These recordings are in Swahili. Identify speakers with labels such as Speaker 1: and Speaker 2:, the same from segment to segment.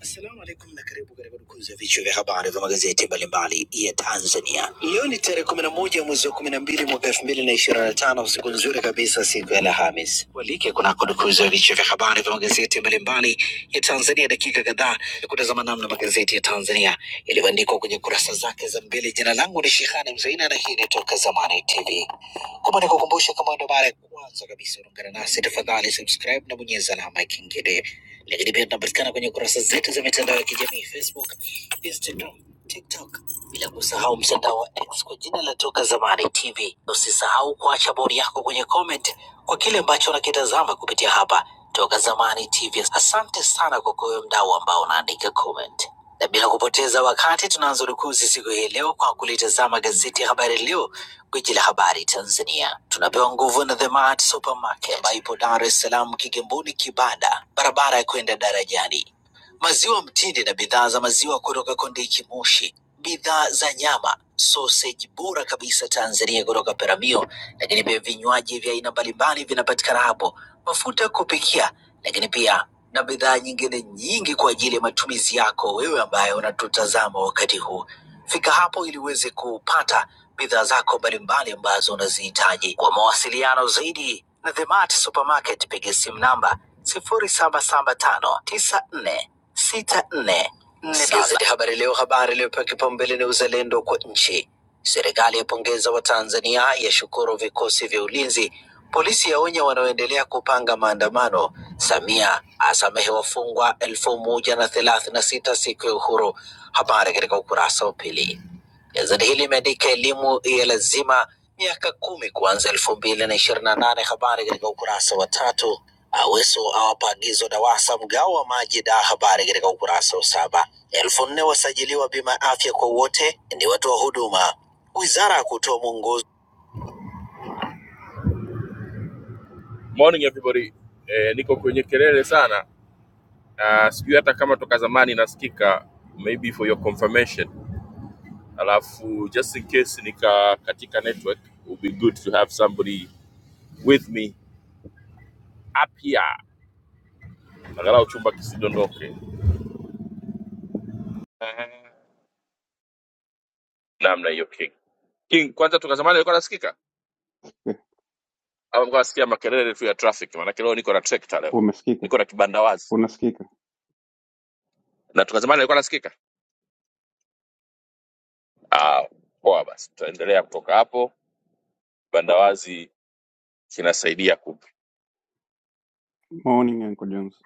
Speaker 1: Assalamu alaikum na karibu katika dukuzi ya vichwa vya habari vya magazeti mbalimbali ya Tanzania. Leo ni tarehe kumi na moja mwezi wa kumi na mbili mwaka elfu mbili na ishirini na tano siku nzuri kabisa, siku ya Alhamis. Walike kunako dukuzi ya vichwa vya habari vya magazeti mbalimbali ya Tanzania, dakika kadhaa ya kutazama namna magazeti ya Tanzania yaliyoandikwa kwenye kurasa zake za mbele. Jina langu ni Shehani Mzaina na hii ni Toka Zamani TV. Kumbe nikukumbusha, kama ndo mara ya kwanza kabisa unaungana nasi, tafadhali subscribe na bonyeza alama ya kengele. Lakini pia tunapatikana kwenye kurasa zetu za mitandao ya kijamii Facebook, Instagram, TikTok, bila kusahau mtandao wa X kwa jina la Toka Zamani TV. Usisahau kuacha bodi yako kwenye comment kwa kile ambacho unakitazama kupitia hapa Toka Zamani TV. Asante sana kwa kuwe mdau ambao unaandika comment na bila kupoteza wakati tunaanza rukuzi siku hii leo kwa kulitazama gazeti ya Habari Leo Gwiji la habari Tanzania tunapewa nguvu na The Mart Supermarket ambayo ipo Dar es Salaam, Kigamboni, Kibada, barabara ya kwenda darajani. Maziwa mtindi na bidhaa za maziwa kutoka Kondiki Moshi, bidhaa za nyama, sausage bora kabisa Tanzania kutoka Peramio lakini pia vinywaji vya aina mbalimbali vinapatikana hapo, mafuta ya kupikia, lakini pia na bidhaa nyingine nyingi kwa ajili ya matumizi yako wewe ambaye unatutazama wakati huu. Fika hapo ili uweze kupata bidhaa zako mbalimbali ambazo unazihitaji. Kwa mawasiliano zaidi na The Mart Supermarket, piga simu namba sifuri saba saba tano tisa nne sita nne Gazeti Habari Leo, habari iliyopewa kipaumbele ni uzalendo kwa nchi. Serikali yapongeza Watanzania, yashukuru vikosi vya ulinzi. Polisi yaonya wanaoendelea kupanga maandamano. Samia asamehe wafungwa elfu moja na thelathini na sita siku ya uhuru. Habari katika ukurasa wa pili. Gazeti hili limeandika elimu ya lazima miaka kumi kuanza elfu mbili na ishirini na nane. Habari katika ukurasa wa tatu. Aweso awapa agizo DAWASA mgao wa maji da. Habari katika ukurasa wa saba. Elfu nne wasajiliwa bima ya afya kwa wote ni watoa huduma. Wizara ya kutoa mwongozo. Morning everybody, eh, niko kwenye kelele sana na sijui hata kama toka zamani nasikika, maybe for your confirmation, alafu just in case nika katika network, it would be good to have somebody with me up here, angalau chumba kisidondoke namna hiyo. King King, kwanza toka zamani alikuwa anasikika
Speaker 2: Eh,
Speaker 1: au mko nasikia makelele tu ya traffic? Maana leo niko na trekta, leo
Speaker 2: umesikika?
Speaker 1: niko na kibandawazi,
Speaker 2: Unasikika?
Speaker 1: na toka zamani alikuwa anasikika. Ah, poa basi, tutaendelea kutoka hapo. Kibandawazi kinasaidia ku
Speaker 2: Morning Uncle Jones.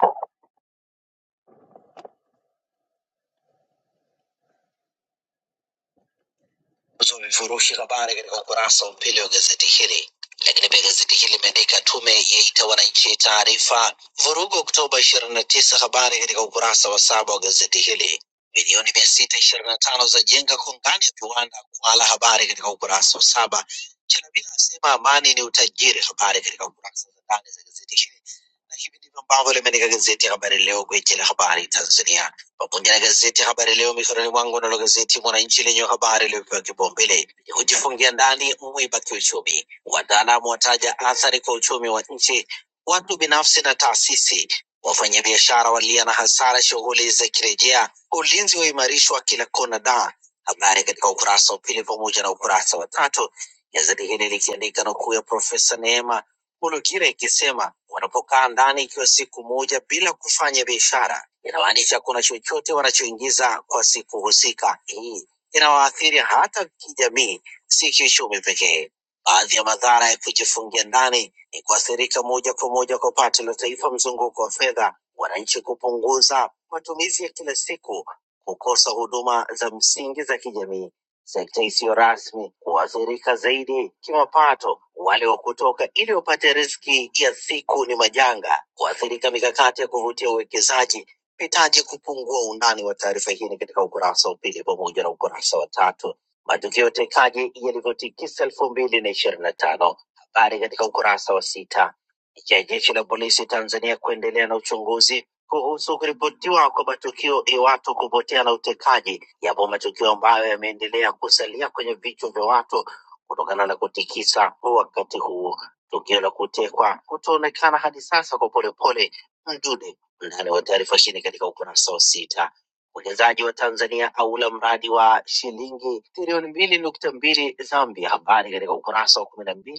Speaker 1: Uzo vifurushi habari katika ukurasa wa pili wa gazeti hili. Lakini pia gazeti hili limeandika tume yaita wananchi taarifa vurugu Oktoba ishirini na tisa, habari katika ukurasa wa saba wa gazeti hili. Milioni mia sita ishirini na tano za jenga kongani ya viwanda Kwala, habari katika ukurasa wa saba. Chalamila asema amani ni utajiri, habari katika ukurasa za ndani za gazeti hili, na hivi ndivyo ambavyo limeandika gazeti ya Habari Leo, gwiji la habari Tanzania pamoja na gazeti Habari Leo mikononi mwangu, nalo gazeti Mwananchi lenye habari iliyopewa kipaumbele ni kujifungia ndani mwiba kiuchumi, wataalamu wataja athari kwa uchumi wa nchi, watu binafsi na taasisi, wafanyabiashara walia na hasara, shughuli za kirejea, ulinzi waimarishwa kila kona da habari katika ukurasa wa pili pamoja na ukurasa wa tatu, gazeti hili likiandika nukuu ya Profesa Neema Mologira ikisema wanapokaa ndani ikiwa siku moja bila kufanya biashara, inamaanisha kuna chochote wanachoingiza kwa siku husika. Hii inawaathiri hata kijamii, si kiuchumi pekee. Baadhi ya madhara ya kujifungia ndani ni kuathirika moja kwa moja kwa pato la taifa, mzunguko wa fedha, wananchi kupunguza matumizi ya kila siku, kukosa huduma za msingi za kijamii. Sekta isiyo rasmi huathirika zaidi kimapato. Wale wa kutoka ili wapate riziki ya siku ni majanga, huathirika mikakati ya kuvutia uwekezaji. Nahitaji kupungua undani wa taarifa hii ni katika ukurasa wa pili pamoja na ukurasa wa tatu. Matukio ya utekaji yalivyotikisa elfu mbili na ishirini na tano. Habari katika ukurasa wa sita. Licha ya jeshi la polisi Tanzania kuendelea na uchunguzi kuhusu kuripotiwa kwa matukio ya watu kupotea na utekaji. Yapo matukio ambayo yameendelea kusalia kwenye vichwa vya watu kutokana na kutikisa wakati huu. Tukio la kutekwa kutoonekana hadi sasa kwa polepole Mdude ndani wa taarifa shini katika ukurasa wa sita. Mwekezaji wa Tanzania aula mradi wa shilingi trilioni mbili nukta mbili Zambia, habari katika ukurasa wa kumi na mbili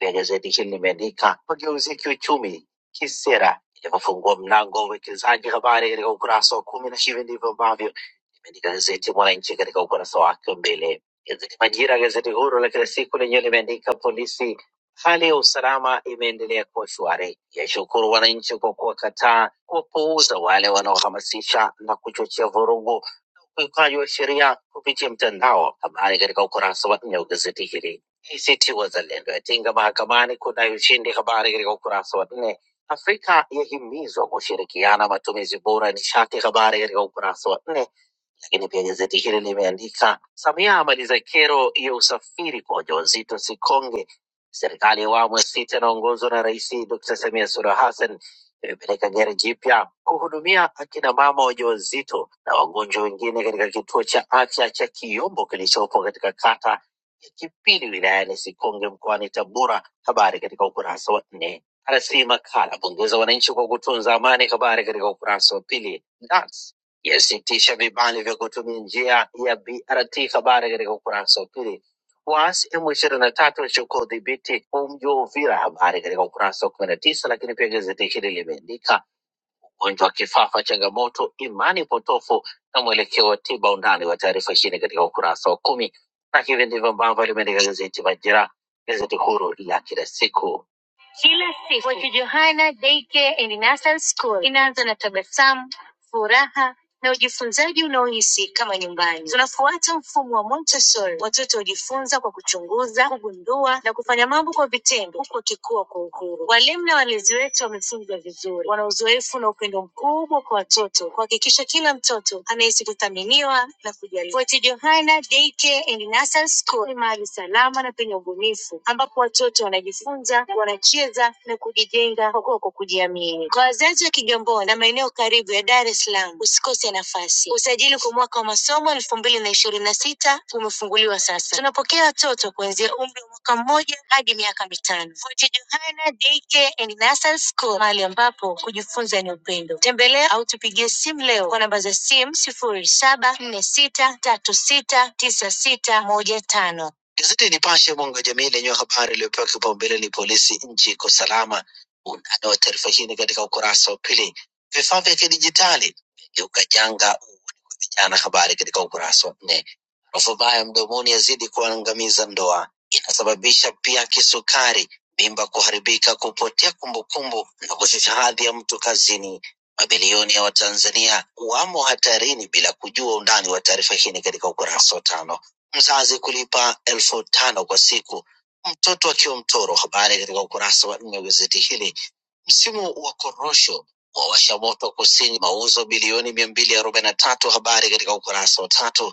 Speaker 1: vya gazeti hili limeandika mageuzi ya kiuchumi kisera inavyofungua mlango wa uwekezaji. Habari katika ukurasa wa kumi, na hivi ndivyo ambavyo limeandika gazeti Mwananchi katika ukurasa wake wa mbele. Gazeti Majira, gazeti huru la kila siku, lenyewe limeandika polisi, hali ya usalama imeendelea kuwa shwari, yashukuru wananchi kwa kuwakataa kuwapuuza wale wanaohamasisha na kuchochea vurugu na ukiukaji wa sheria kupitia mtandao. Habari katika ukurasa wa nne wa gazeti hili. ACT Wazalendo yatinga mahakamani kudai ushindi. Habari katika ukurasa wa nne. Afrika yahimizwa kushirikiana matumizi bora ya nishati. Habari katika ukurasa wa nne lakini pia gazeti hili limeandika Samia amaliza kero ya usafiri kwa wajawazito Sikonge. Serikali ya awamu ya sita inaongozwa na Rais Dr. Samia Suluhu Hassan imepeleka gari jipya kuhudumia akina mama wajawazito na wagonjwa wengine katika kituo cha afya cha Kiyombo kilichopo katika kata ya Kipili wilayani Sikonge mkoani Tabora. Habari katika ukurasa wa nne. RC Makala pongeza wananchi kwa kutunza amani. Habari katika ukurasa wa pili. Nats yasitisha vibali vya kutumia njia ya BRT. Habari katika ukurasa wa pili. Waasi M ishirini na tatu wachukua udhibiti wa mji wa Uvira. Habari katika ukurasa wa kumi na tisa. Lakini pia gazeti hili limeandika ugonjwa wa kifafa, changamoto, imani potofu na mwelekeo wa tiba. Undani wa taarifa chini katika ukurasa wa kumi, na hivi ndivyo ambavyo limeandika gazeti Majira, gazeti huru la kila siku. Kila siku Mwachu Johanna Daycare and Nursery School inaanza na tabasamu furaha na ujifunzaji unaohisi kama nyumbani. Tunafuata mfumo wa Montessori. Watoto hujifunza kwa kuchunguza, kugundua na kufanya mambo kwa vitendo, huku wakikua kwa uhuru. Walimu na walezi wetu wamefunzwa vizuri, wana uzoefu na upendo mkubwa kwa watoto, kuhakikisha kila mtoto anahisi kuthaminiwa na kujali. Fort Johanna Daycare and Nursery School ni mahali salama na penye ubunifu, ambapo watoto wanajifunza, wanacheza na kujijenga huko kwa kujiamini. Kwa wazazi wa Kigamboni na maeneo karibu ya Dar es Salaam, usikose nafasi. Usajili kwa mwaka wa masomo elfu mbili na ishirini na sita umefunguliwa sasa. Tunapokea watoto kuanzia umri wa mwaka mmoja hadi miaka mitano. Fort Johanna Daycare and Nursery School, mahali ambapo kujifunza ni upendo. Tembelea au tupigie simu leo kwa namba za simu sifuri saba nne sita tatu sita tisa sita moja tano. Gazeti ya Nipashe mwanga wa jamii lenye habari iliyopewa kipaumbele ni polisi, nchi iko salama. Undani wa taarifa hii ni katika ukurasa wa pili. Vifaa vya kidijitali vimegeuka janga kwa vijana, habari katika ukurasa wa nne. Harufu mbaya mdomoni yazidi kuangamiza ndoa, inasababisha pia kisukari, mimba kuharibika, kupotea kumbukumbu na kushusha hadhi ya mtu kazini. Mabilioni ya Watanzania wamo hatarini bila kujua. Undani wa taarifa hii ni katika ukurasa wa tano mzazi kulipa elfu tano kwa siku mtoto akiwa mtoro. Habari katika ukurasa wa nne wa gazeti hili. Msimu wa korosho wawasha moto kusini, mauzo bilioni mia mbili arobaini na tatu. Habari katika ukurasa wa tatu.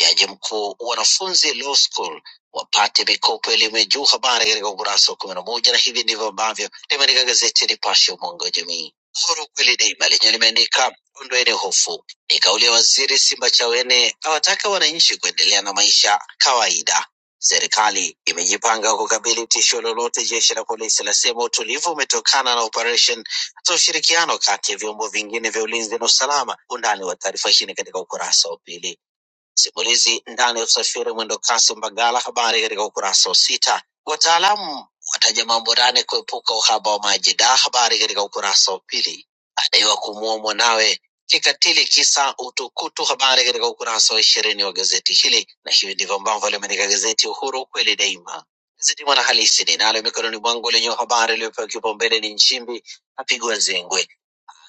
Speaker 1: Jaji mkuu, wanafunzi law school wapate mikopo elimu ya juu. Habari katika ukurasa wa kumi na moja, na hivi ndivyo ambavyo limeandika gazeti ya Nipashe, mwanga wa jamii. Huru kweli daima lenye limeandika ondoeni hofu, ni kauli ya waziri Simbachawene awataka wananchi kuendelea na maisha kawaida. Serikali imejipanga kukabili tisho lolote. Jeshi la polisi lasema utulivu umetokana na operation za ushirikiano kati ya vyombo vingine vya ulinzi na usalama. Undani wa taarifa hii ni katika ukurasa wa pili. Simulizi ndani ya usafiri mwendo kasi Mbagala, habari katika ukurasa wa sita. Wataalamu wataja mambo nane kuepuka uhaba wa maji da, habari katika ukurasa wa pili. Adaiwa kumuua mwanawe kikatili kisa utukutu, habari katika ukurasa wa ishirini wa gazeti hili, na hivi ndivyo ambavyo limeandika gazeti Uhuru, ukweli daima. Gazeti Mwanahalisi ninalo mikononi mwangu lenye habari iliyopewa kipaumbele ni Nchimbi apigwa zengwe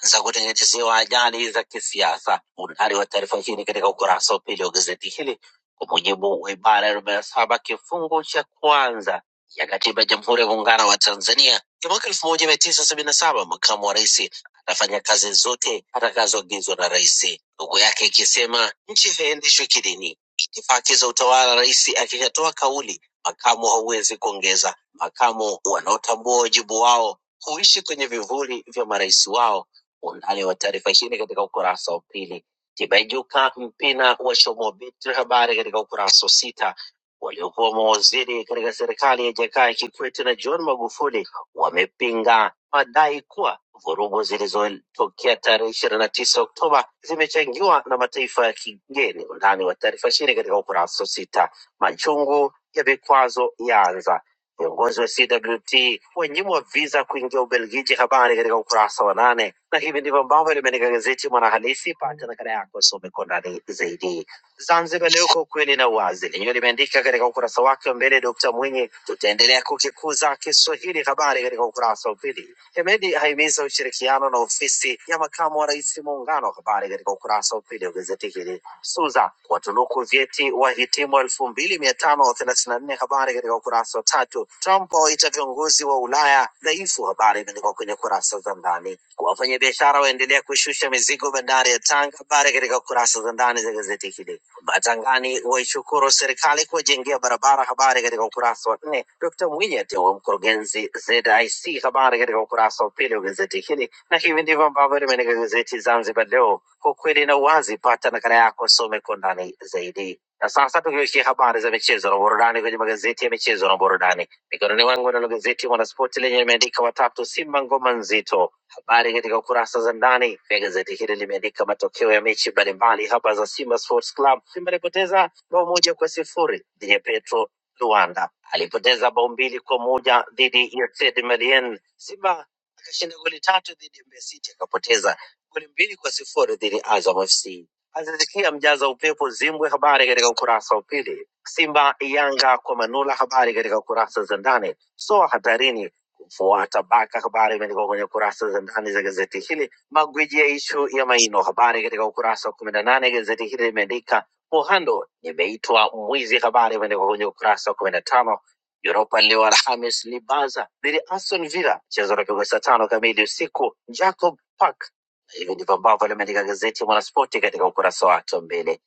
Speaker 1: za kutengenezewa ajali za kisiasa. Undani wa taarifa hii ni katika ukurasa wa pili wa gazeti hili, kwa mujibu wa ibara ya arobaini na saba kifungu cha kwanza ya katiba ya Jamhuri ya Muungano wa Tanzania ya mwaka elfu moja mia tisa sabini na saba makamu wa rais atafanya kazi zote atakazoagizwa na rais, huku yake ikisema nchi haiendeshwi kidini. Itifaki za utawala, rais akishatoa kauli, makamu hauwezi kuongeza. Makamu wanaotambua wajibu wao huishi kwenye vivuli vya marais wao Undani wa taarifa hii ni katika ukurasa wa pili. Tibaijuka Mpina washomobitri habari katika ukurasa wa sita. Waliokuwa mawaziri katika serikali ya Jakaya Kikwete na John Magufuli wamepinga madai kuwa vurugu zilizotokea tarehe ishirini na tisa Oktoba zimechangiwa na mataifa ya kigeni. Undani wa taarifa hii ni katika ukurasa wa sita. Machungu ya vikwazo yaanza Viongozi wa CWT wanyimwa visa kuingia Ubelgiji, habari katika ukurasa wa nane. Na hivi ndivyo ambavyo limeandika gazeti Mwanahalisi. Pata nakala yako, some kwa ndani zaidi. Zanzibar Leo, kwa ukweli na uwazi, lenyewe limeandika katika ukurasa wake wa mbele, Dkt Mwinyi, tutaendelea kukikuza Kiswahili, habari katika ukurasa wa pili. Hemedi ahimiza ushirikiano na ofisi ya makamu wa rais muungano, habari katika ukurasa wa pili wa gazeti hili. SUZA watunuku vyeti wahitimu elfu mbili mia tano thelathini na nne. Habari katika ukurasa wa tatu. Trump awaita viongozi wa Ulaya dhaifu. Habari imeandikwa kwenye kurasa za ndani. Kwa wafanyabiashara waendelea kushusha mizigo bandari ya Tanga. Habari katika kurasa za ndani za gazeti hili. Batangani waishukuru serikali kuwajengea barabara. Habari katika ukurasa wa nne. Dkt Mwinyi ateua mkurugenzi ZIC. Habari katika ukurasa wa pili wa gazeti hili. Na hivi ndivyo ambavyo limeandika gazeti Zanzibar Leo, kwa kweli na uwazi. Pata nakala yako, some kwa undani zaidi. Na sasa tukiwekia habari za michezo na burudani kwenye magazeti ya michezo na burudani, mikononi mwangu nalo gazeti Mwanaspoti lenye limeandika watatu Simba ngoma nzito. Habari katika kurasa za ndani ya gazeti hili limeandika matokeo ya mechi mbalimbali hapa za Simba Sports Club. Simba alipoteza bao moja kwa sifuri dhidi ya Petro Luanda, alipoteza bao mbili kwa moja dhidi ya Stade Malien. Simba Akashinda goli tatu dhidi ya Mbeya City, akapoteza goli mbili kwa sifuri dhidi ya Azam FC. Azizikia mjaza upepo zimbwe, habari katika ukurasa wa pili. Simba Yanga kwa Manula, habari katika kurasa za ndani. Soa hatarini kumfuata Baka, habari imeandikwa kwenye kurasa za ndani za gazeti hili. Magwiji ya ishu ya Maino, habari katika ukurasa wa kumi na nane. Gazeti hili limeandika Muhando nimeitwa mwizi, habari imeandikwa kwenye ukurasa wa 15 Europa leo Alhamis ni Barca dhidi ya Aston Villa, mchezo unapigwa saa tano kamili usiku Jacob Park. Na Hivi ndivyo ambavyo limeandika gazeti ya Mwanaspoti katika ukurasa wake wa mbele.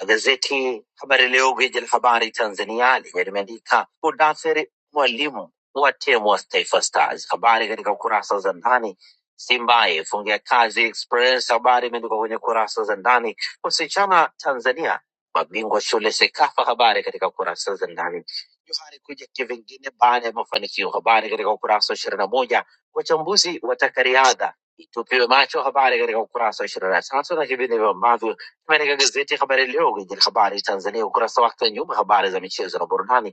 Speaker 1: Na gazeti Habari Leo, gwiji la habari Tanzania, lenye limeandika Mudasiri Mwalimu watemwa Taifa Stars. Habari katika kurasa za ndani. Simba ifungia kazi Express, habari imeandikwa kwenye kurasa za ndani. Wasichana Tanzania mabingwa shule Sekafa, habari katika kurasa za ndani. Johari kuja kivingine baada ya mafanikio, habari katika ukurasa wa ishirini na moja. Wachambuzi wataka riadha itupiwe macho, habari katika ukurasa wa ishirini na tatu na hivi ndivyo ambavyo katika gazeti Habari Leo, gwiji la habari Tanzania, ukurasa wake wa nyuma, habari za michezo na burudani.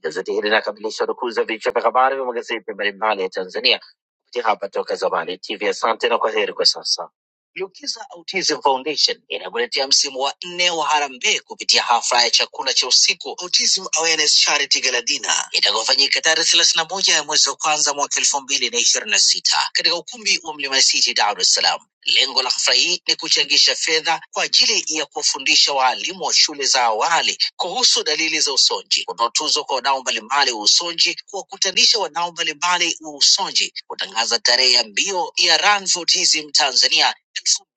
Speaker 1: Gazeti hili linakamilisha udukuzi wa vichwa vya habari vya magazeti mbalimbali ya Tanzania kupitia hapa Toka Zamani TV. Asante na kwa heri kwa sasa. Lukiza Autism Foundation inakuletea msimu wa nne wa harambee kupitia hafla ya chakula cha usiku Autism Awareness Charity Gala Dinner itakayofanyika tarehe thelathini na moja ya mwezi wa kwanza mwaka elfu mbili na ishirini na sita katika ukumbi wa Mlimani City, Dar es Salaam. Lengo la hafla hii ni kuchangisha fedha kwa ajili ya kuwafundisha waalimu wa shule za awali kuhusu dalili za usonji, kutoa tuzo kwa wadau mbalimbali wa usonji, kuwakutanisha wadau mbalimbali wa usonji, kutangaza tarehe ya mbio ya Run for Autism Tanzania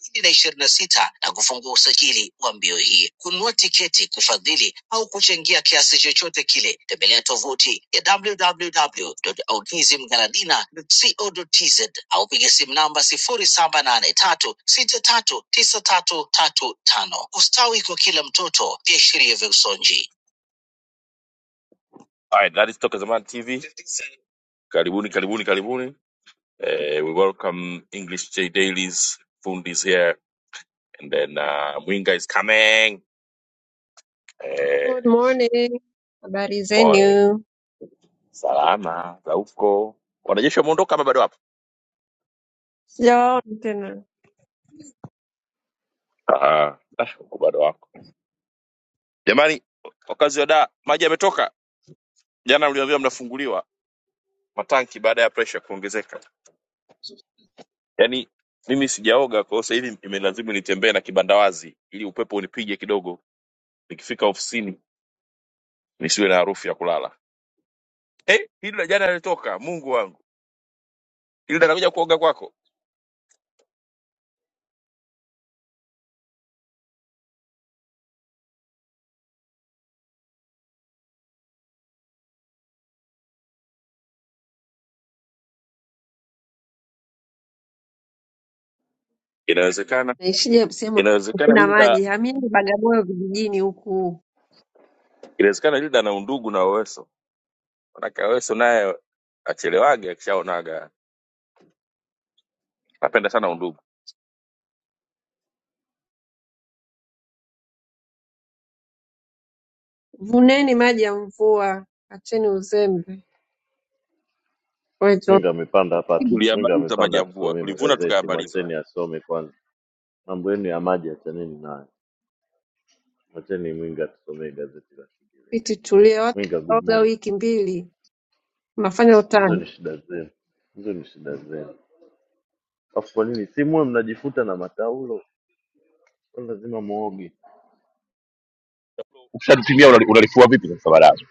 Speaker 1: elfu mbili na ishirini na sita na kufungua usajili wa mbio hii. Kununua tiketi, kufadhili au kuchangia kiasi chochote kile, tembelea tovuti ya www.autismgaladina.co.tz au piga simu namba sifuri saba nane tatu sita tatu tisa tatu tatu tano. Ustawi kwa kila mtoto, viashiria vya usonji. All right, that is Toka Zamani TV. Karibuni, karibuni, karibuni. Uh, we welcome English J Dailies, Fundis here, and then uh, Mwinga is coming.
Speaker 3: Good
Speaker 1: Eh,
Speaker 3: morning. Habari
Speaker 1: pole.
Speaker 3: zenu?
Speaker 1: Salama za huko, wanajeshi wameondoka ama bado wapo?
Speaker 3: Sijawaona tena.
Speaker 1: Ah, ah, huku bado wako. Jamani, wakazi wa Dar, maji yametoka. Jana mliambiwa mnafunguliwa matanki baada ya pressure kuongezeka. Yaani mimi sijaoga, kwa hiyo sasa hivi imelazimu nitembee na kibanda wazi ili upepo unipige kidogo, nikifika ofisini nisiwe na harufu ya kulala. Eh, hili la jana lilitoka, Mungu wangu, hili anakuja kuoga kwako? Inawezekana,
Speaker 3: Naishije kusema
Speaker 1: inawezekana
Speaker 3: kuna
Speaker 1: Hilda,
Speaker 3: maji? Hamini Bagamoyo vijijini huku.
Speaker 1: inawezekana Hilda ana undugu na wewe Manake Aweso naye achelewage akishaonaga. Napenda sana undugu.
Speaker 3: Vuneni maji ya mvua, acheni uzembe. Wetu
Speaker 4: Mwinga amepanda hapa, atu- Mwinga
Speaker 1: Tuliyamaliza maji
Speaker 4: amepanda
Speaker 1: ya mvua,
Speaker 4: atusomee
Speaker 1: tulivuna
Speaker 4: magazeti. Mwacheni
Speaker 1: tukayamaliza.
Speaker 4: asome kwanza, mambo yenu ya maji achaneni nayo, mwacheni Mwinga atusomee gazeti la Kiingereza.
Speaker 3: piti tulia watu
Speaker 4: Mwinga, good
Speaker 3: oga
Speaker 4: morning.
Speaker 3: wiki mbili. Unafanya
Speaker 4: Hizo
Speaker 3: utani.
Speaker 4: ni shida zenu, hizo ni shida zenu. Alafu kwa nini si muwe mnajifuta na mataulo? Kwa lazima muoge
Speaker 1: Ukishatutumia unali- unalifua vipi sasa baadaye?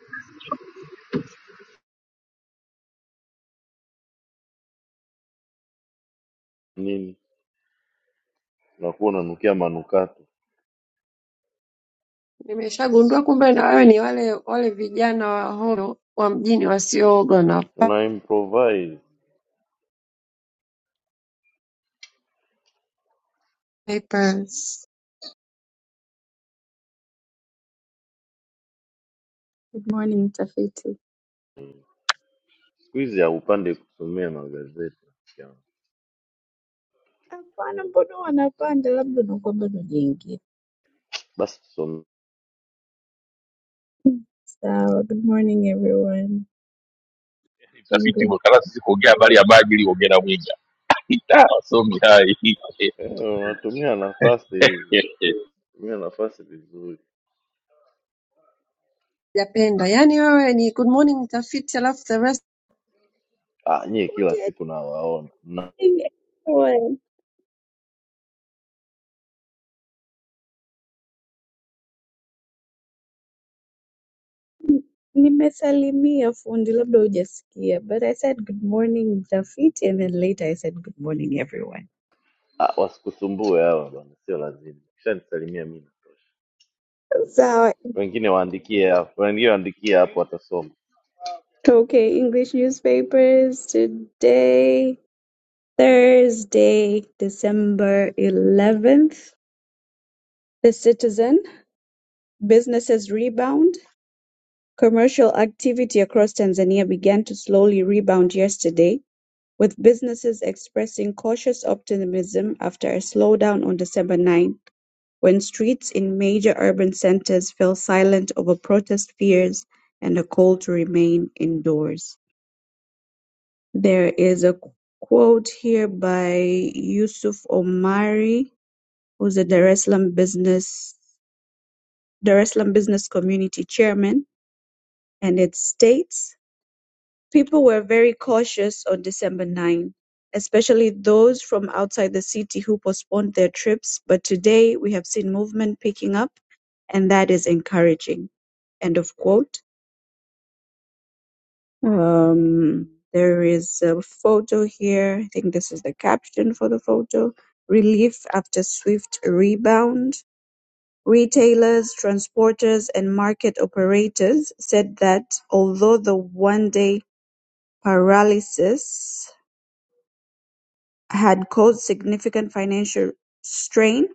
Speaker 4: nini? Unakuwa unanukia manukato,
Speaker 3: Nimeshagundua kumbe na wewe ni wale wale vijana wa horo wa mjini wasiooga na
Speaker 4: una improvise
Speaker 3: papers.
Speaker 5: Good morning mtafiti.
Speaker 4: siku hizi, haupande kusomea magazeti rafiki yangu.
Speaker 5: Hapana, mbona wanapanda? Labda unakuwa bado jingi.
Speaker 4: Basi tusomee,
Speaker 5: Sawa. Good morning everyone.
Speaker 1: Mtafiti
Speaker 5: English.
Speaker 1: Mwakalasi si kuongea habari ya maji ili kuongea na Mwiga. Da, Wasomi hai.
Speaker 4: Eh, unatumia nafasi hivi, tumia nafasi vizuri.
Speaker 3: Japenda. Yaani wewe ni good morning mtafiti alafu the rest
Speaker 4: ah, nyie kila
Speaker 5: Fundi,
Speaker 4: siku nawaona na,
Speaker 5: everyone. N- Nimesalimia fundi, labda hujasikia. But I said good morning mtafiti and then later I said good morning everyone.
Speaker 4: ah, wasikusumbue hao bwana, sio lazima. Kishanisalimia mimi natosha.
Speaker 5: Sawa.
Speaker 4: Wengine waandikie hapo, wengine waandikie hapo, watasoma.
Speaker 5: Okay, English newspapers today, Thursday, December 11th. The Citizen, businesses rebound. Commercial activity across Tanzania began to slowly rebound yesterday, with businesses expressing cautious optimism after a slowdown on December 9, when streets in major urban centers fell silent over protest fears and a call to remain indoors. There is a quote here by Yusuf Omari, who's a Dar es Salaam business Dar es Salaam Business Community Chairman, and it states People were very cautious on December 9, especially those from outside the city who postponed their trips, but today we have seen movement picking up, and that is encouraging. End of quote. Um, there is a photo here. I think this is the caption for the photo. Relief after swift rebound. Retailers, transporters, and market operators said that although the one day paralysis had caused significant financial strain,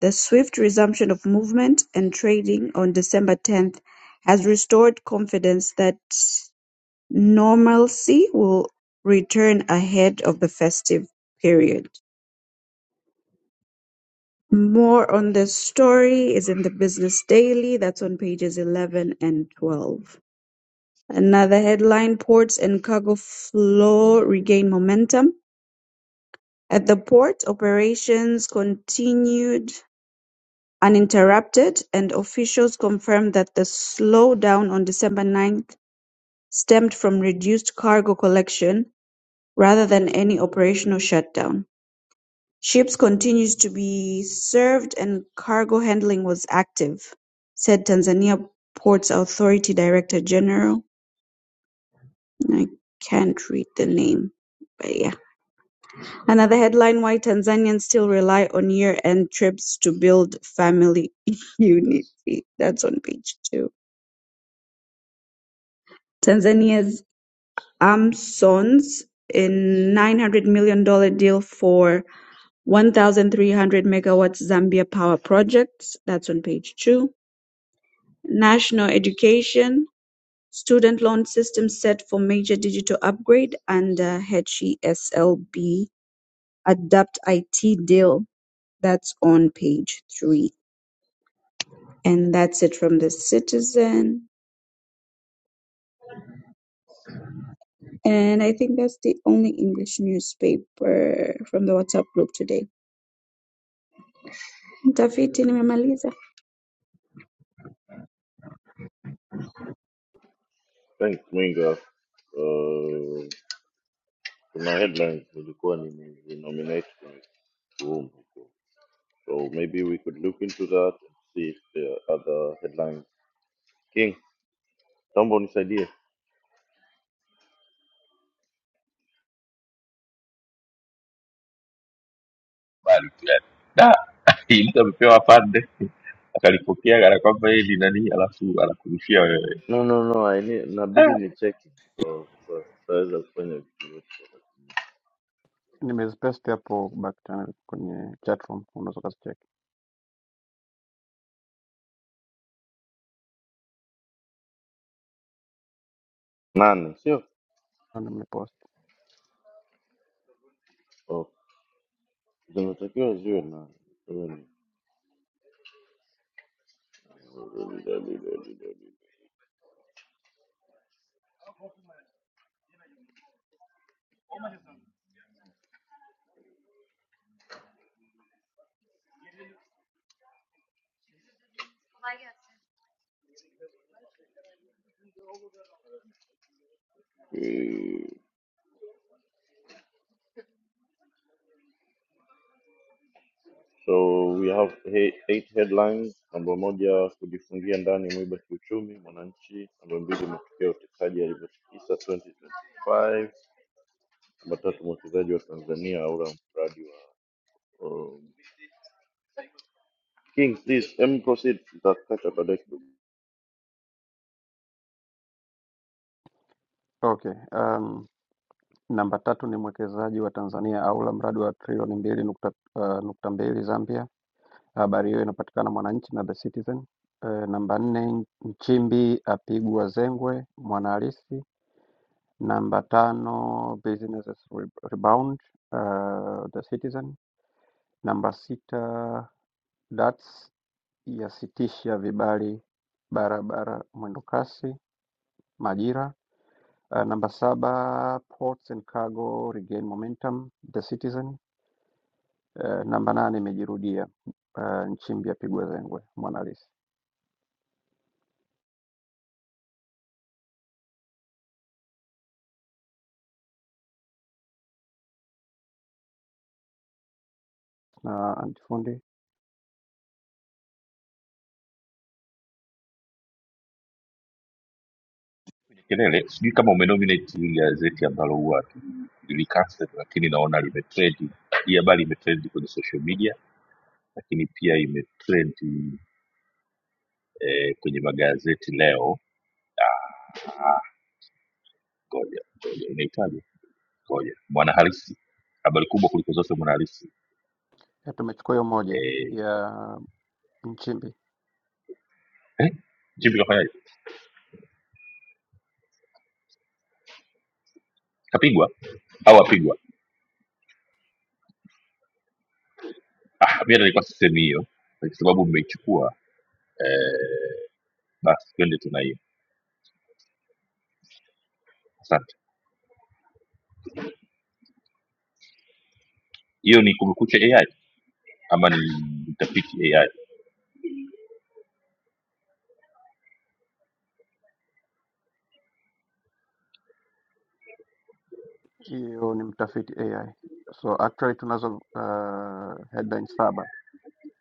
Speaker 5: the swift resumption of movement and trading on December 10th has restored confidence that normalcy will return ahead of the festive period. More on this story is in the Business Daily, that's on pages 11 and 12. Another headline Ports and cargo flow regain momentum. At the port, operations continued Uninterrupted, and officials confirmed that the slowdown on December ninth stemmed from reduced cargo collection rather than any operational shutdown. Ships continued to be served and cargo handling was active, said Tanzania Ports Authority Director General. I can't read the name, but yeah. Another headline Why Tanzanians Still Rely on Year End Trips to Build Family Unity. That's on page two. Tanzania's Amsons in nine hundred million dollar deal for one thousand three hundred megawatts Zambia power projects. That's on page two. National education student loan system set for major digital upgrade under uh, HESLB adapt IT deal. That's on page three. And that's it from the Citizen. And I think that's the only English newspaper from the WhatsApp group today. Mtafiti nimemaliza
Speaker 4: Thanks Mwinga. Uh, kuna headlines nilikuwa nimenominate kwenye room huko, so maybe we could look into that and see if there are other headlines. King, naomba unisaidie.
Speaker 1: Bali tu yani. Hii mtu amepewa pande akalipokea kana kwamba yeye ni nani, alafu anakurusha wewe
Speaker 4: No, no, no, I need, nabidi
Speaker 1: Ah,
Speaker 4: ni cheki so, so, tutaweza kufanya vitu vyote.
Speaker 2: Nimezipaste hapo back channel kwenye chatroom, unaweza ukazicheki.
Speaker 4: Nane, sio?
Speaker 2: Na Nimepost.
Speaker 4: Oh. zinatakiwa ziwe na so we have he- eight headlines namba moja kujifungia ndani mwiba kiuchumi mwananchi namba mbili matukio ya utekaji yalivyotikisa 2025 namba tatu mwekezaji wa tanzania aura mradi wa um, king please let me proceed nitakata baadaye kidogo.
Speaker 2: Okay. Um, namba tatu ni mwekezaji wa Tanzania aula mradi wa trilioni mbili nukta, uh, nukta mbili Zambia. Habari hiyo inapatikana Mwananchi na The Citizen. Uh, namba nne Nchimbi apigwa zengwe Mwanahalisi. Namba tano businesses re- rebound uh, The Citizen. Namba sita DATS yasitisha vibali barabara mwendokasi Majira. Uh, namba saba ports and cargo regain momentum The Citizen. Uh, namba nane imejirudia uh, Nchimbi yapigwa zengwe Mwanahalisi na antifundi.
Speaker 1: kelele. Sijui kama umenominate hili gazeti ambalo huwa lilicancel, lakini naona limetrend. Hii habari imetrend kwenye social media, lakini pia imetrend eh, kwenye magazeti leo. Ngoja ngoja, inaitwaje? Ngoja, Mwanahalisi, habari kubwa kuliko zote Mwanahalisi.
Speaker 2: Ya, tumechukua hiyo moja
Speaker 1: Eh,
Speaker 2: ya Nchimbi,
Speaker 1: eh, Jimmy kafanyaje? Kapigwa au apigwa? Ah, mimi nilikuwa sisemi hiyo kwa sababu mmeichukua eh, Basi twende tuna hiyo. Asante. Hiyo ni kumekucha AI ama ni mtafiti AI?
Speaker 2: hiyo ni mtafiti AI. So actually tunazo uh, headline saba,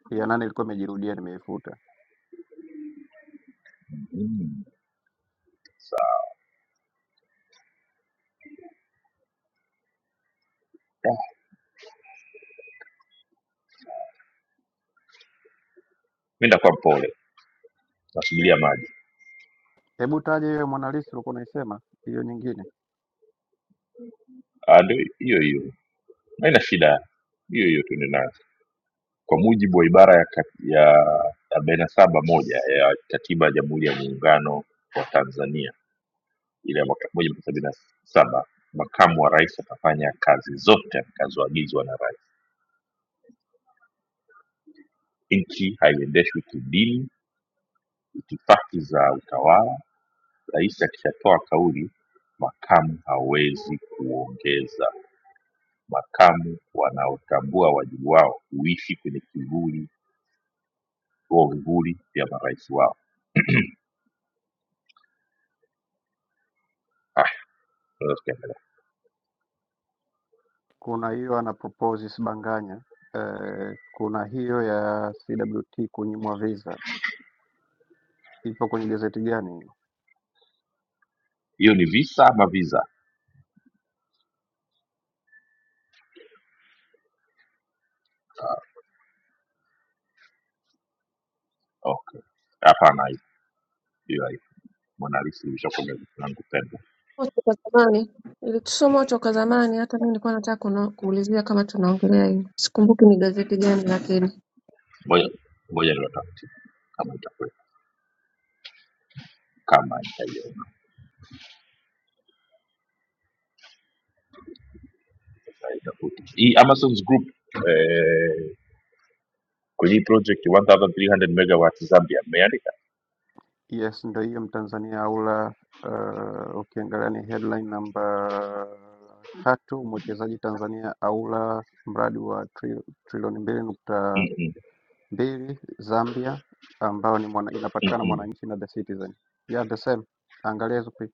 Speaker 2: ya nane ilikuwa imejirudia, nimeifuta.
Speaker 1: Mm, sawa. Ah, Mimi ndakuwa mpole, nasubiria maji.
Speaker 2: Hebu taje hiyo Mwanahalisi ulikuwa unaisema, hiyo nyingine
Speaker 1: Ah, ndio hiyo hiyo, haina shida, hiyo hiyo tuende nayo. Kwa mujibu wa ibara ya kat- ya arobaini na saba moja ya Katiba ya Jamhuri ya Muungano wa Tanzania ile ya mwaka elfu moja mia tisa sabini na saba makamu wa rais atafanya kazi zote atakazoagizwa na rais. Nchi haiendeshwi kidini, itifaki za utawala Rais akishatoa kauli, makamu hawezi kuongeza. Makamu wanaotambua wajibu wao huishi kwenye kivuli huo vivuli vya marais wao. Ah, tunaweza tukaendelea.
Speaker 2: Kuna hiyo anapropose Sibanganya eh, kuna hiyo ya CWT kunyimwa visa, ipo kwenye gazeti gani?
Speaker 1: Hiyo ni visa ama visa? Okay, hapana, hiyo hiyo haipo. Mona Lisa imeshakuwa gazeti langu pendwa.
Speaker 3: Somo toka zamani ilisomwa toka zamani. Hata mimi nilikuwa nataka kuno- kuulizia kama tunaongelea hiyo, sikumbuki ni gazeti gani, lakini
Speaker 1: Ngoja ngoja niwatafute kama itakuwepo, kama itaiona itakuta hii Amazon's Group eh, kwenye hii project 1300 megawatts Zambia mmeandika
Speaker 2: Yes, ndo hiyo Mtanzania aula. Uh, ukiangalia ni headline namba tatu, mwekezaji Tanzania aula mradi wa tri, trilioni mbili nukta
Speaker 1: Mm, mm,
Speaker 2: mbili Zambia ambao ni mwana,
Speaker 1: mm,
Speaker 2: inapatikana
Speaker 1: mm.
Speaker 2: Mwananchi na The Citizen. Yeah, the same. Angalia hizo picha.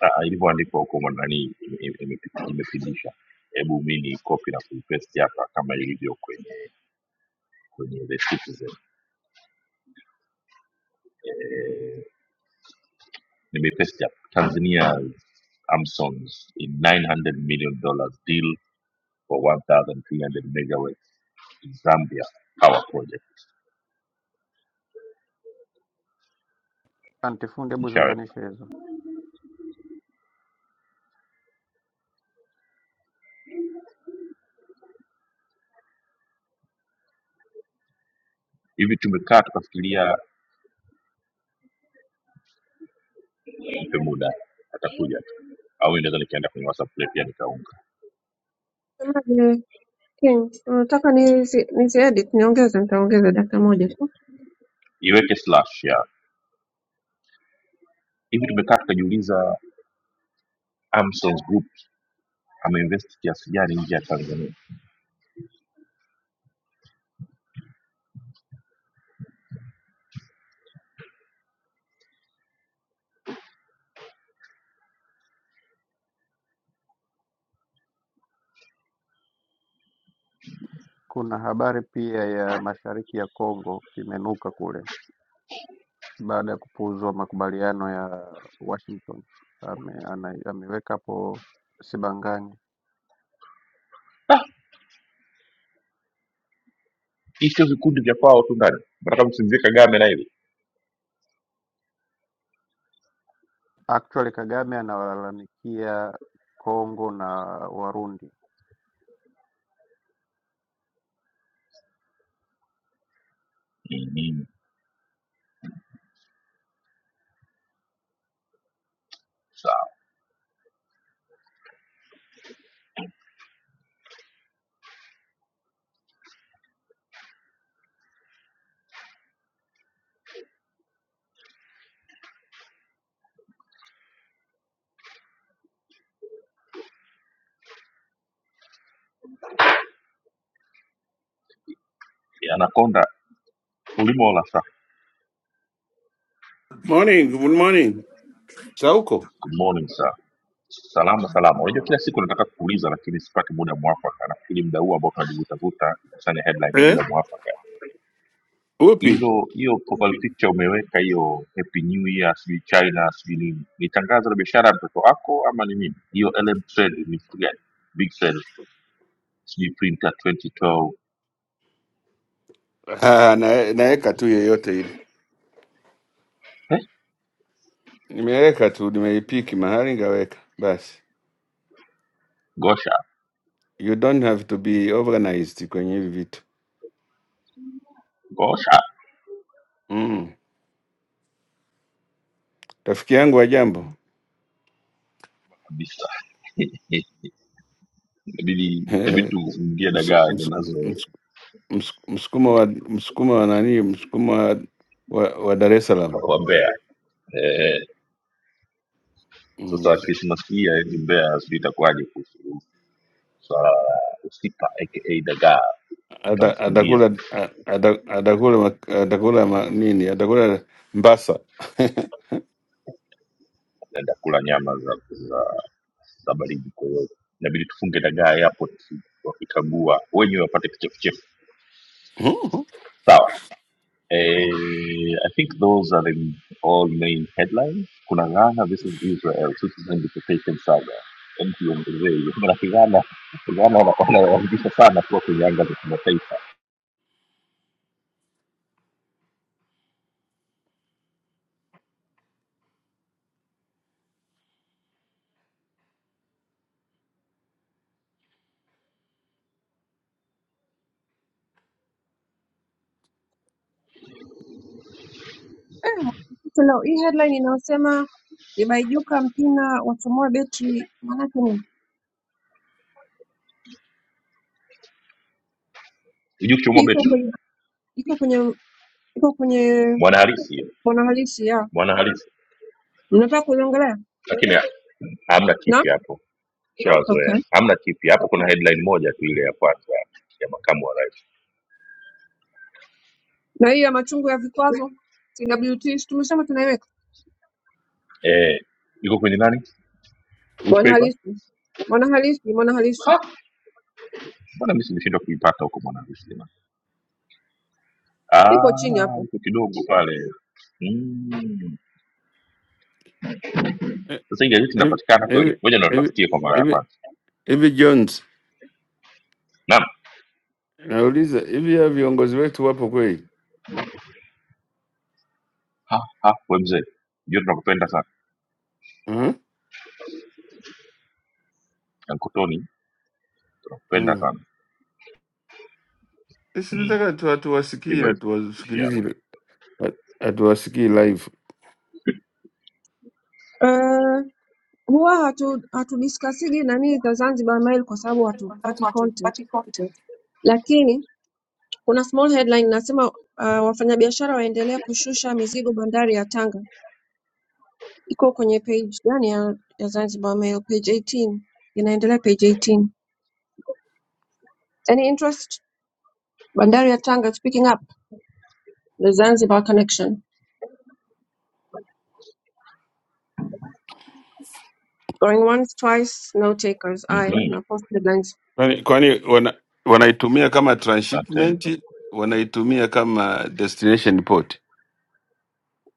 Speaker 1: Ah, ilivyoandikwa huko ndani imepindisha. Hebu mi ni copy na kuipaste hapa kama ilivyo kwenye kwenye The Citizen. Eh, nimeipaste hapa. Tanzania's Amson's in 900 million dollars deal for 1300 megawatts in Zambia power project.
Speaker 2: Antifundi, hebu
Speaker 1: Nishaweka.
Speaker 2: ziunganishe hizo.
Speaker 1: Hivi tumekaa tukafikiria, nipe muda atakuja tu. Au inaweza nikaenda kwenye WhatsApp pia nikaunga.
Speaker 3: Semaje, King, unataka nizi nizi edit niongeze? Nitaongeza dakika moja tu.
Speaker 1: Iweke slash ya. Hivi tumekaa tukajiuliza Amson's Group ameinvest kiasi gani nje ya tanzania
Speaker 2: Kuna habari pia ya Mashariki ya Kongo kimenuka kule baada ya kupuuzwa makubaliano ya Washington. Ame, ana, ameweka hapo Sibangani.
Speaker 1: hii sio vikundi vya kwao tu ndani nataka msimzie kagame na hivi
Speaker 2: Actually Kagame anawalalamikia Kongo na Warundi.
Speaker 1: ni nini sawa Ya anakonda ulimola sa
Speaker 6: Morning, good morning. Sauko
Speaker 1: good morning sir salama salama unajua kila siku nataka kuuliza lakini sipati muda mwafaka nafikiri muda huu ambao tunajivutavuta sana headline ni
Speaker 6: Eh?
Speaker 1: muda mwafaka
Speaker 6: upi?
Speaker 1: hilo hiyo profile picture umeweka hiyo happy new year sijui china sijui nini ni tangazo la biashara ya mtoto wako ama ni nini hiyo lm trade ni kitu gani big sale sijui printer 2012
Speaker 6: Ah, na, naweka tu yeyote ile,
Speaker 1: eh?
Speaker 6: nimeweka tu, nimeipiki mahali ngaweka basi.
Speaker 1: gosha
Speaker 6: You don't have to be organized kwenye hivi vitu
Speaker 1: gosha
Speaker 6: mm. Rafiki yangu wa jambo
Speaker 1: kabisa inabidi inabidi tuingie
Speaker 6: Msu-
Speaker 1: dagaa
Speaker 6: msu- msu-
Speaker 1: zinazowambea
Speaker 6: msu- msukumo wa msukumo wa nani, msukumo wa, wa, wa Dar es Salaam
Speaker 1: eh, sasa
Speaker 6: mm.
Speaker 1: krismas hii aendi mbea sijui itakuwaje kuhusu swala la usipa aka dagaa
Speaker 6: Ata-
Speaker 1: tutamfungia
Speaker 6: atakula a- ata- atakula mak- atakula ma- nini, atakula mbasa
Speaker 1: naenda kula nyama za za, za baridi kwa hiyo inabidi tufunge dagaa yapo tu wakikagua wenyewe wapate kichefuchefu sawa Eh,
Speaker 6: Mm.
Speaker 1: I think those are the all main headlines. Kuna Ghana versus Israel, citizen deportation saga. Hem, tuongezee hiyo. Maanake Ghana Ghana wana- wanawaangusha sana kuwa kwenye anga za kimataifa.
Speaker 3: Eh, mwanamke leo hii headline inayosema Ibaijuka Mpina wachomoa betri, maanake ni
Speaker 1: Sijui kuchomoa
Speaker 3: iko
Speaker 1: beti
Speaker 3: kwenye iko kwenye iko kwenye
Speaker 1: mwanahalisi hiyo
Speaker 3: mwanahalisi ya
Speaker 1: mwanahalisi,
Speaker 3: mnataka kuiongelea
Speaker 1: lakini ha- hamna
Speaker 3: na
Speaker 1: kipi hapo, shawazoea.
Speaker 3: okay,
Speaker 1: Hamna kipi hapo, kuna headline moja tu ile ya kwanza ya makamu wa rais
Speaker 3: na hii ya machungu ya vikwazo CWT, si tumesema tunaiweka
Speaker 1: eh, iko kwenye nani, which paper?
Speaker 3: Mwanahalisi, mwanahalisi, mwanahalisi
Speaker 1: Ha, mbona mimi nimeshindwa kuipata huko mwanahalisi.
Speaker 3: ipo chini
Speaker 1: Ah,
Speaker 3: hapo.
Speaker 1: iko kidogo pale. Mm. Sasa hii gazeti
Speaker 6: Hivi
Speaker 1: linapatikana kweli?
Speaker 6: hivi-
Speaker 1: Ngoja
Speaker 6: hivi-
Speaker 1: natafutie kwa mara ya
Speaker 6: hivi-
Speaker 1: kwanza.
Speaker 6: hivi Jones,
Speaker 1: Naam.
Speaker 6: nauliza hivi ya viongozi wetu wapo kweli?
Speaker 1: Ha, ha, we mzee. Ndio tunakupenda sana.
Speaker 6: Mhm.
Speaker 1: Ankotoni, tunakupenda
Speaker 6: Mm.
Speaker 1: sana.
Speaker 6: Sisi
Speaker 1: Mm.
Speaker 6: nataka tu hatuwasikii,
Speaker 1: Hivyo hivyo. Ishia.
Speaker 6: hatuwasikilizi, hatuwasikii live.
Speaker 3: Eh, huwa hatu hatudiskasigi nani za Zanzibar Mail kwa sababu hatupati content, lakini kuna small headline nasema uh, wafanyabiashara waendelea kushusha mizigo bandari ya Tanga. Iko kwenye page yani ya, ya Zanzibar Mail page 18 inaendelea page 18. Any interest? Bandari ya Tanga is picking up the Zanzibar connection. Going once, twice, no takers. Aya,
Speaker 1: Mhm.
Speaker 3: na post headlines.
Speaker 6: Kwani kwani wana wanaitumia kama
Speaker 1: Asante.
Speaker 6: transshipment, wanaitumia kama destination port.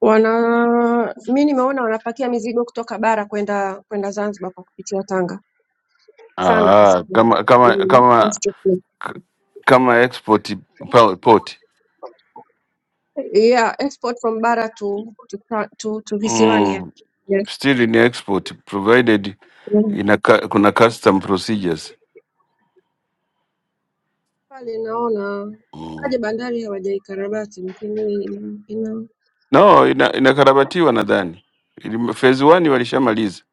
Speaker 3: Wana mi nimeona wanapakia mizigo kutoka bara kwenda kwenda Zanzibar kwa kupitia Tanga sana kwa
Speaker 6: Ah,
Speaker 3: sababu
Speaker 6: kama kama
Speaker 3: mm,
Speaker 6: kama
Speaker 3: transportation.
Speaker 6: kama export pa- port.
Speaker 3: yeah, export from bara to to ta- to, to visiwani yeah.
Speaker 6: Mm.
Speaker 3: Yes.
Speaker 6: Still ni export provided
Speaker 3: Mm.
Speaker 6: ina cu- kuna custom procedures.
Speaker 3: Pale naona
Speaker 6: Hmm.
Speaker 3: kaja bandari hawajaikarabati lakini ina ina
Speaker 6: No, ina, inakarabatiwa nadhani. Ili- Phase one walishamaliza.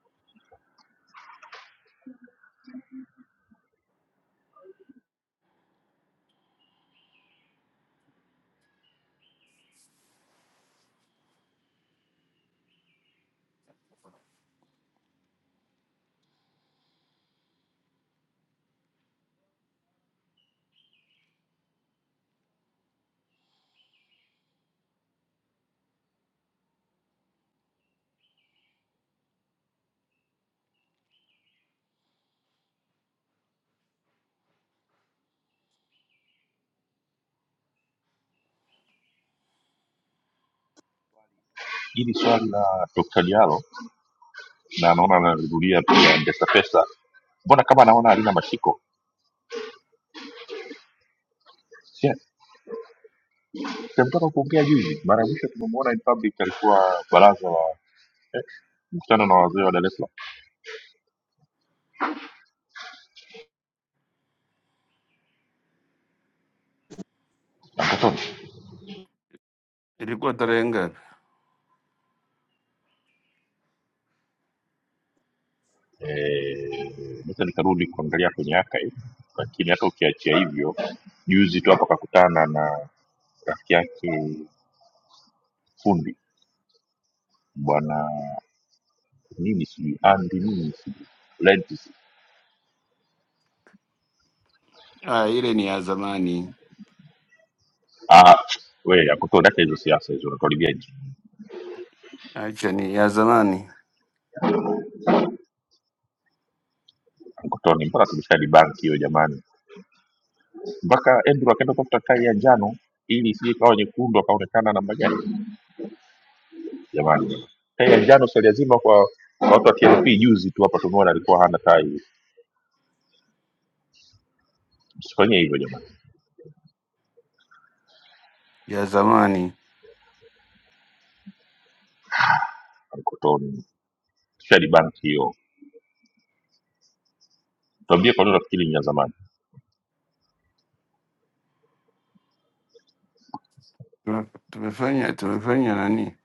Speaker 1: Hili swali la Dr. Diallo na naona analirudia pia Ndesa Pesa. Mbona kama anaona halina mashiko? Sia. Tumetoka kuongea juzi. Mara ya mwisho tumemwona in public alikuwa baraza la eh, mkutano na wazee wa Dar es Salaam.
Speaker 6: Ilikuwa tarehe ngapi?
Speaker 1: eh, naweza nikarudi kuangalia kwenye archive lakini hata ukiachia hivyo juzi tu hapa kakutana na rafiki yake fundi bwana nini sijui andi nini sijui lentis
Speaker 6: Ah, ile ni ya zamani.
Speaker 1: ah, we akutondaka hizo siasa hizo unatuharibia nchi
Speaker 6: Acha ni ya zamani,
Speaker 1: akutoni mpaka tumeshadi banki hiyo jamani mpaka endru akaenda kutafuta kai ya njano ili isije ikawa nyekundu akaonekana namba gani jamani tai ya njano si lazima kwa kwa watu wa TLP juzi tu hapa tumeona alikuwa hana tai msifanyie hivyo jamani
Speaker 6: ya zamani.
Speaker 1: mkotoni speshali banki hiyo tuambie kwa nini unafikiri ni ya zamani
Speaker 6: Tume- Tumefanya tumefanya nani?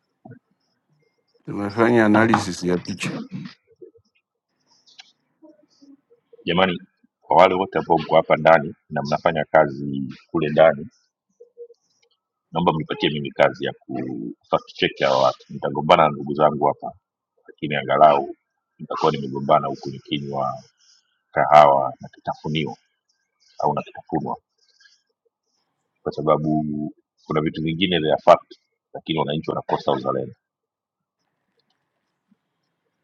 Speaker 6: Tumefanya analysis ya picha
Speaker 1: jamani kwa wale wote ambao mko hapa ndani na mnafanya kazi kule ndani naomba mnipatie mimi kazi ya kufakicheki hawa watu nitagombana na ndugu zangu hapa lakini angalau nitakuwa nimegombana huku nikinywa kahawa na kitafunio au na kitafunwa kwa sababu kuna vitu vingine vya fact lakini wananchi wanakosa uzalendo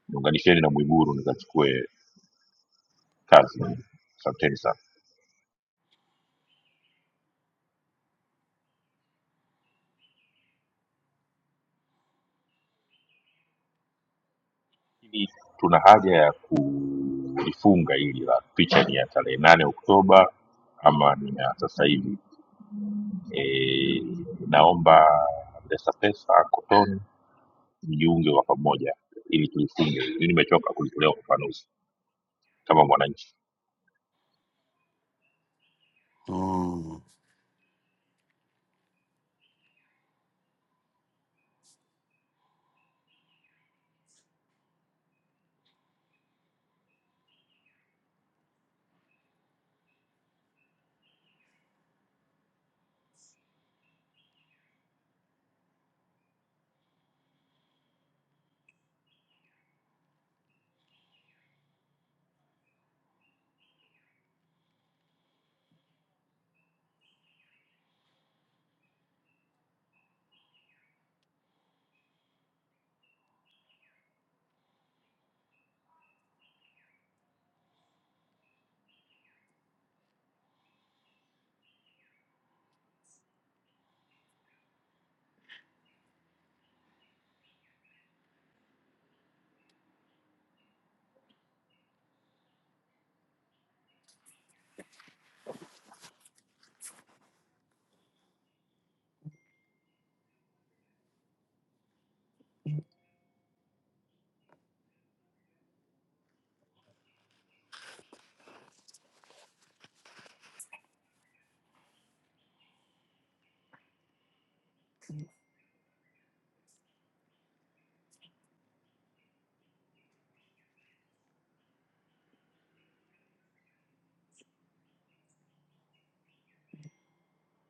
Speaker 1: niunganisheni na mwiguru nikachukue kazi asanteni sana Hili tuna haja ya kulifunga hili la picha ni ya tarehe nane Oktoba ama ni ya sasa hivi. E, naomba pesa pesa Kotoni mjiunge kwa pamoja ili tulifunge. Mimi nimechoka kulitolea ufafanuzi kama mwananchi.
Speaker 6: mm.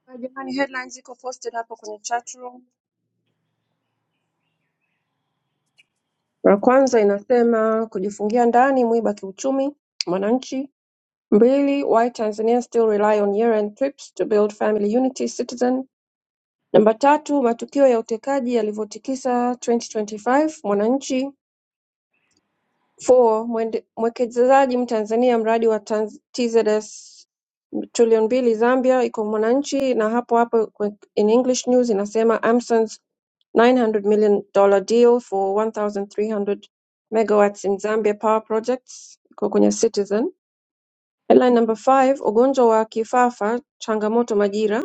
Speaker 3: Ah, jamani, headlines ziko posted hapo kwenye chat room. Ya kwanza inasema kujifungia ndani mwiba kiuchumi mwananchi Mbili why Tanzanians still rely on year-end trips to build family unity Citizen Namba tatu matukio ya utekaji yalivyotikisa 2025 Mwananchi 4 mwende- mwekezaji Mtanzania mradi wa Tanz- TZS trilioni mbili Zambia iko Mwananchi na hapo hapo kwe- in English news inasema Amson's 900 million dollar deal for 1300 megawatts in Zambia power projects iko kwenye Citizen Headline number five Ugonjwa wa kifafa changamoto Majira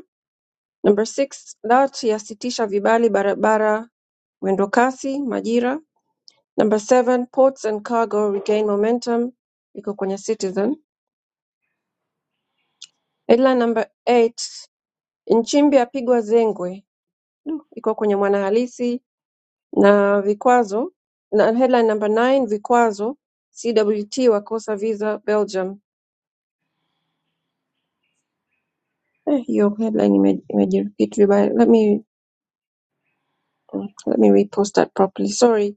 Speaker 3: number six DART yasitisha vibali barabara mwendokasi Majira number seven Ports and cargo regain momentum iko kwenye Citizen headline number eight Nchimbi apigwa zengwe Du, iko kwenye Mwanahalisi na vikwazo na headline number nine Vikwazo CWT wakosa visa Belgium. Eh, hiyo headline ime- imejirepeat vibaya. Let me let me repost that properly. Sorry.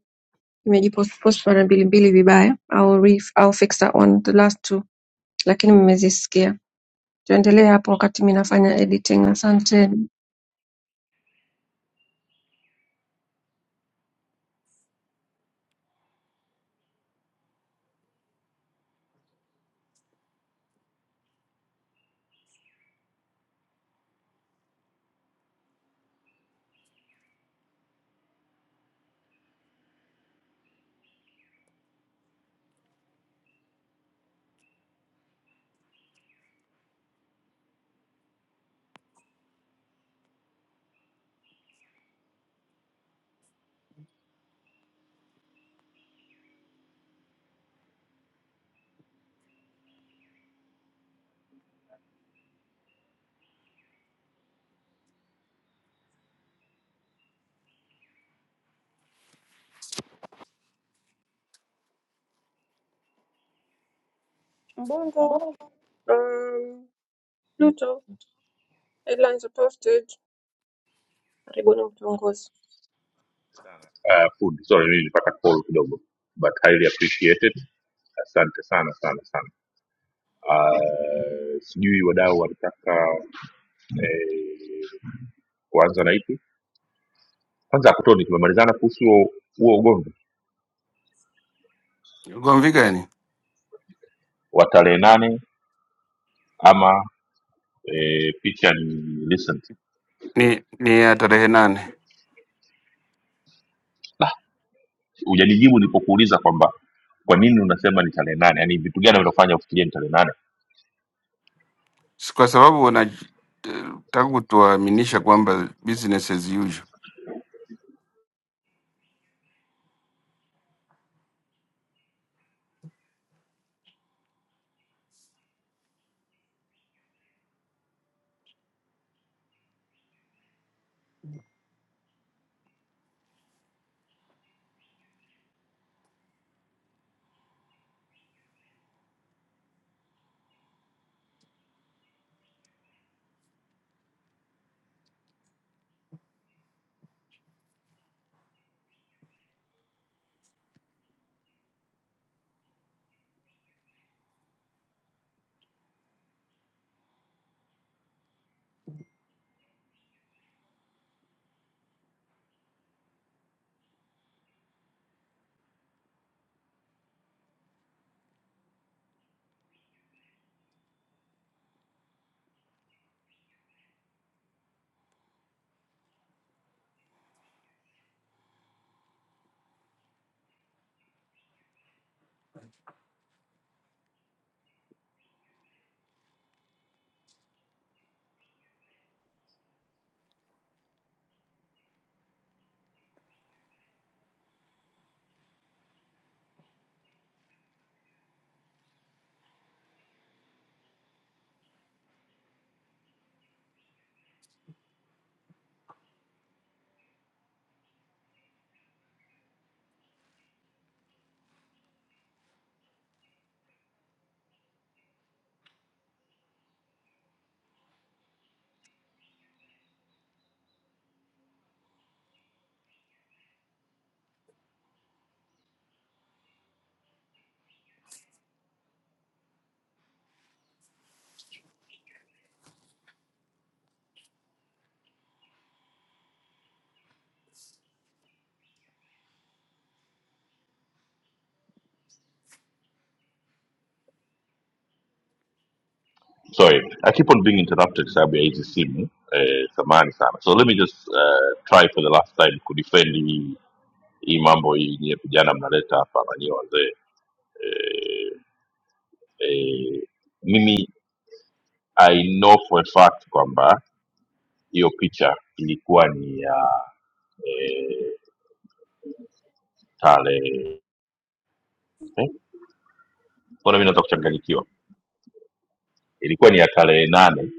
Speaker 3: Mmejipostwa na Mbilimbili vibaya au ref au Fixer on the last two lakini mmezisikia tuendelee hapo wakati mi nafanya editing asanteni mbongo um, pluto headlines are posted karibuni mtongozi
Speaker 1: Uh, food sorry, mimi nilipata call kidogo but highly appreciated. Asante sana sana sana. Uh, sijui wadau wanataka eh, kuanza na ipi kwanza. Kotoni, tumemalizana kuhusu huo huo ugomvi
Speaker 6: Ugomvi gani?
Speaker 1: wa tarehe nane ama e, picha ni recent
Speaker 6: Ni ni ya tarehe nane,
Speaker 1: hujanijibu nilipokuuliza kwamba kwa nini unasema ni tarehe nane yani vitu gani vinafanya ufikirie ni tarehe nane
Speaker 6: Si kwa sababu wanataka kutuaminisha kwamba business as usual.
Speaker 1: sorry i keep on being interrupted sababu ya hizi simu eh, samani sana so let me just uh, try for the last time kudefend hii hii mambo hii nyie vijana mnaleta hapa na nyie wazee eh, eh, mimi i know for a fact kwamba hiyo picha ilikuwa ni ya eh, tarehe eh, Mbona mi naweza kuchanganyikiwa? Ilikuwa ni ya tarehe nane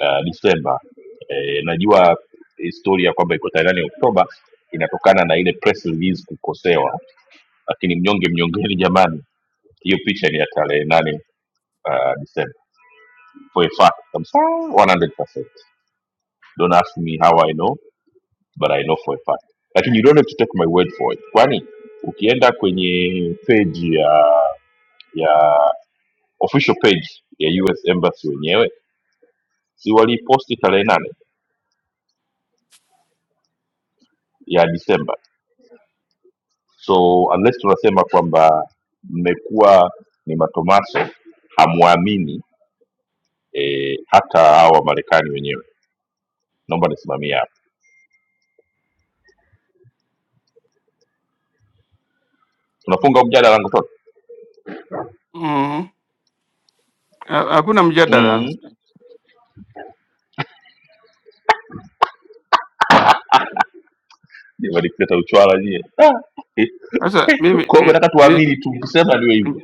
Speaker 1: uh, Disemba. E, najua historia kwamba iko tarehe nane Oktoba inatokana na ile press release kukosewa, lakini mnyonge mnyongeni, jamani, hiyo picha ni ya tarehe nane uh, Disemba for a fact kabisa 100%. Don't ask me how I know but I know for a fact, lakini you don't have to take my word for it, kwani ukienda kwenye page ya ya official page ya US Embassy wenyewe si waliiposti tarehe nane ya Disemba. So unless tunasema kwamba mmekuwa ni matomaso, hamwamini e, hata hawa Marekani wenyewe. Naomba nisimamie hapa, tunafunga huu mjadala langu toto
Speaker 6: Mm. Ha- Hakuna mjadala.
Speaker 1: mm. Nimeleta uchwala nyie Ah.
Speaker 6: Sasa mimi,
Speaker 1: kwa hiyo nataka
Speaker 6: mimi,
Speaker 1: tuamini tu, mkisema niwe hivyo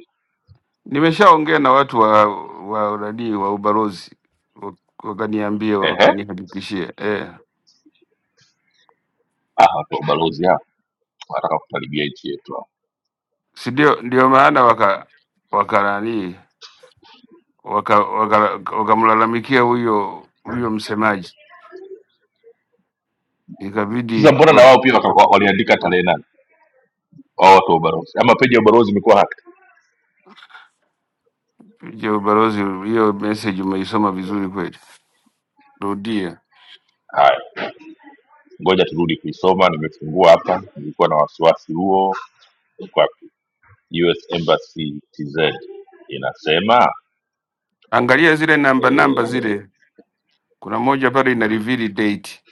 Speaker 6: Nimeshaongea na watu wa wa nani wa ubalozi wa- wakaniambia,
Speaker 1: ehe.
Speaker 6: wakanihakikishia eh,
Speaker 1: Ah, watu wa balozi hao wanataka kutaribia nchi yetu hao.
Speaker 6: si ndio? Ndio maana waka waka nani waka wakamlalamikia waka wakamlalamikia huyo huyo msemaji,
Speaker 1: Sasa
Speaker 6: ikabidi
Speaker 1: mbona na wao pia waka- waliandika tarehe nane wao watu wa balozi, ama peji ya balozi imekuwa hacked?
Speaker 6: wapige ubalozi. Hiyo message umeisoma vizuri kweli, rudia,
Speaker 1: Haya. ngoja turudi kuisoma nimefungua hapa nilikuwa na wasiwasi huo Iko wapi? us embassy tz inasema
Speaker 6: angalia zile namba namba
Speaker 1: eh,
Speaker 6: zile, kuna moja pale ina reveal date,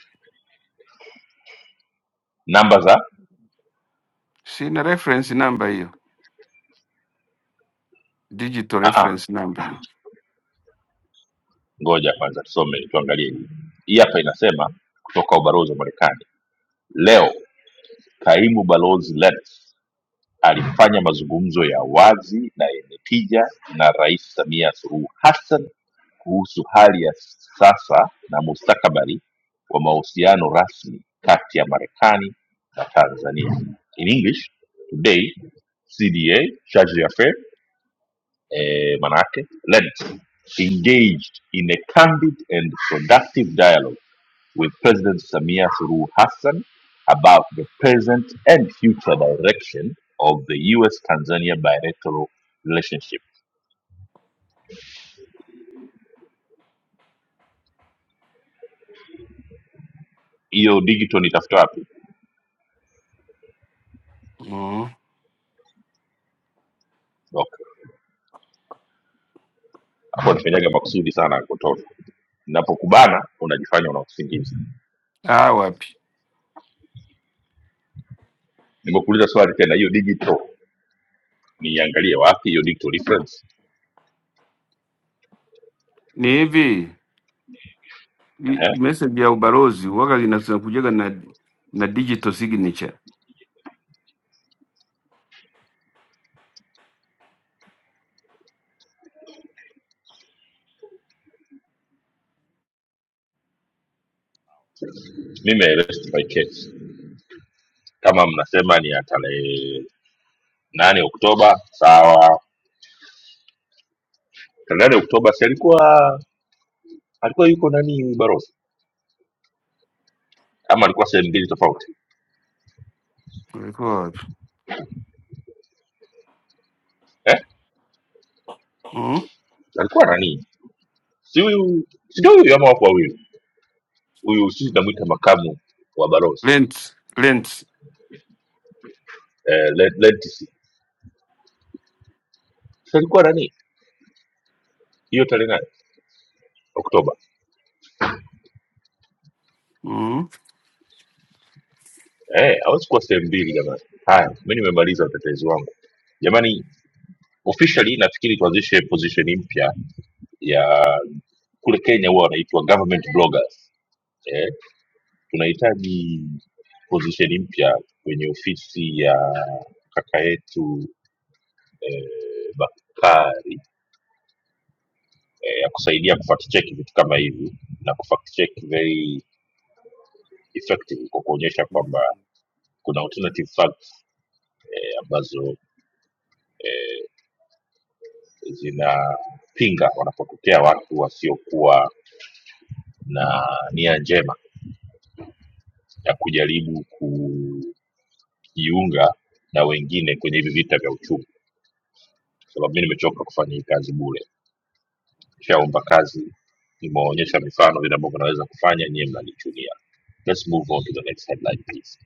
Speaker 1: namba za
Speaker 6: sina reference number hiyo, digital
Speaker 1: ah, ah,
Speaker 6: reference number
Speaker 1: ngoja kwanza tusome tuangalie hii Hii hapa inasema kutoka ubalozi wa marekani leo kaimu balozi Lenz Alifanya mazungumzo ya wazi na yenye tija na Rais Samia Suluhu Hassan kuhusu hali ya sasa na mustakabali wa mahusiano rasmi kati ya Marekani na Tanzania. In English, today CDA charge d'affaires eh, manake led engaged in a candid and productive dialogue with President Samia Suluhu Hassan about the present and future direction of the US Tanzania bilateral relationship. Hiyo digital nitafuta wapi?
Speaker 6: mm.
Speaker 1: Okay. Hapo nifanyaga makusudi sana kutoka. Ninapokubana unajifanya una usingizi.
Speaker 6: Ah, wapi
Speaker 1: Nimekuuliza swali tena, hiyo digital niangalie wapi hiyo digital reference?
Speaker 6: ni hivi hii
Speaker 1: Eh?
Speaker 6: message ya ubalozi waga lina- zinakujaga na na digital signature.
Speaker 1: Mimi I rest my case. Kama mnasema ni ya tarehe nane Oktoba, sawa. Tarehe nane Oktoba si alikuwa alikuwa yuko nani balozi? ama alikuwa sehemu mbili tofauti
Speaker 6: Ilikuwa wapi?
Speaker 1: eh?
Speaker 6: Mm.
Speaker 1: alikuwa nani si huyu sijui huyu ama wako wawili huyu sisi namwita makamu wa balozi
Speaker 6: Lent, lent.
Speaker 1: eh, Len- Lentisi. Si alikuwa nani hiyo tarehe nane oktoba
Speaker 6: Mm.
Speaker 1: eh, hawezi kuwa sehemu mbili jamani haya mi nimemaliza utetezi wangu jamani officially nafikiri tuanzishe position mpya ya kule kenya huwa wanaitwa government bloggers eh, tunahitaji position mpya kwenye ofisi ya kaka yetu eh, Bakari eh, ya kusaidia kufact check vitu kama hivi na kufact check very effective kwa kuonyesha kwamba kuna alternative facts eh, ambazo zinapinga wanapotokea watu wasiokuwa na nia njema ya kujaribu kujiunga na wengine kwenye hivi vita vya uchumi kwa sababu mi nimechoka kufanya hii kazi bure nishaomba kazi nimewaonyesha mifano vile ambavyo naweza kufanya nyie mnanichunia let's move on to the next headline please.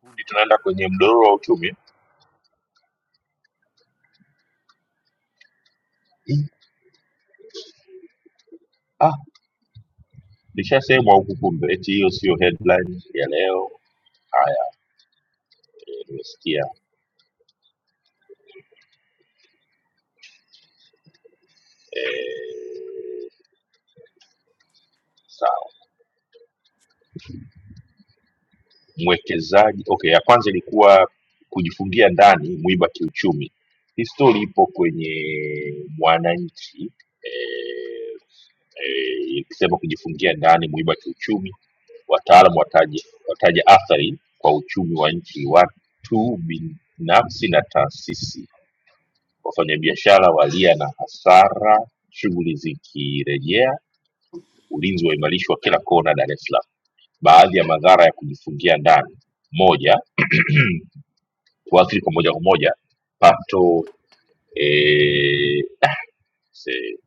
Speaker 1: Kundi tunaenda kwenye mdororo wa uchumi Ah, nishasema huku kumbe, eti hiyo sio headline ya leo. Haya, eh, nimesikia. Eh, sawa, mwekezaji. Okay, ya kwanza ilikuwa kujifungia ndani, mwiba kiuchumi. Hii story ipo kwenye Mwananchi eh, eh, ikisema kujifungia ndani, mwiba kiuchumi. Wataalamu wataja, wataja athari kwa uchumi wa nchi, watu binafsi na taasisi. Wafanyabiashara walia na hasara, shughuli zikirejea, ulinzi waimarishwa kila kona Dar es Salaam. Baadhi ya madhara ya kujifungia ndani: moja, kuathiri kwa moja kwa moja pato eh, ah, se-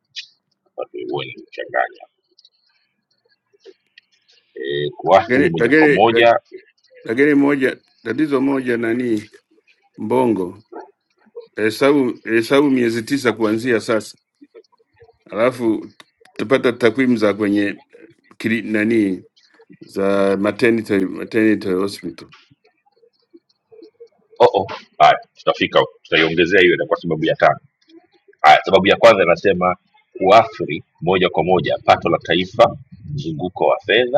Speaker 1: pato huwa nimechanganya eh, kuathiri
Speaker 6: Lakini
Speaker 1: moja kwa
Speaker 6: lakini
Speaker 1: moja
Speaker 6: lakini moja tatizo moja nani mbongo hesabu hesabu miezi tisa kuanzia sasa, alafu tupata takwimu za kwenye kili, nani za maternity, maternity hospital
Speaker 1: oh, oh. Haya, tutafika huko. tutaiongezea hiyo itakuwa sababu ya tano. Haya, sababu ya kwanza inasema kuathiri moja kwa moja pato la taifa, mzunguko wa fedha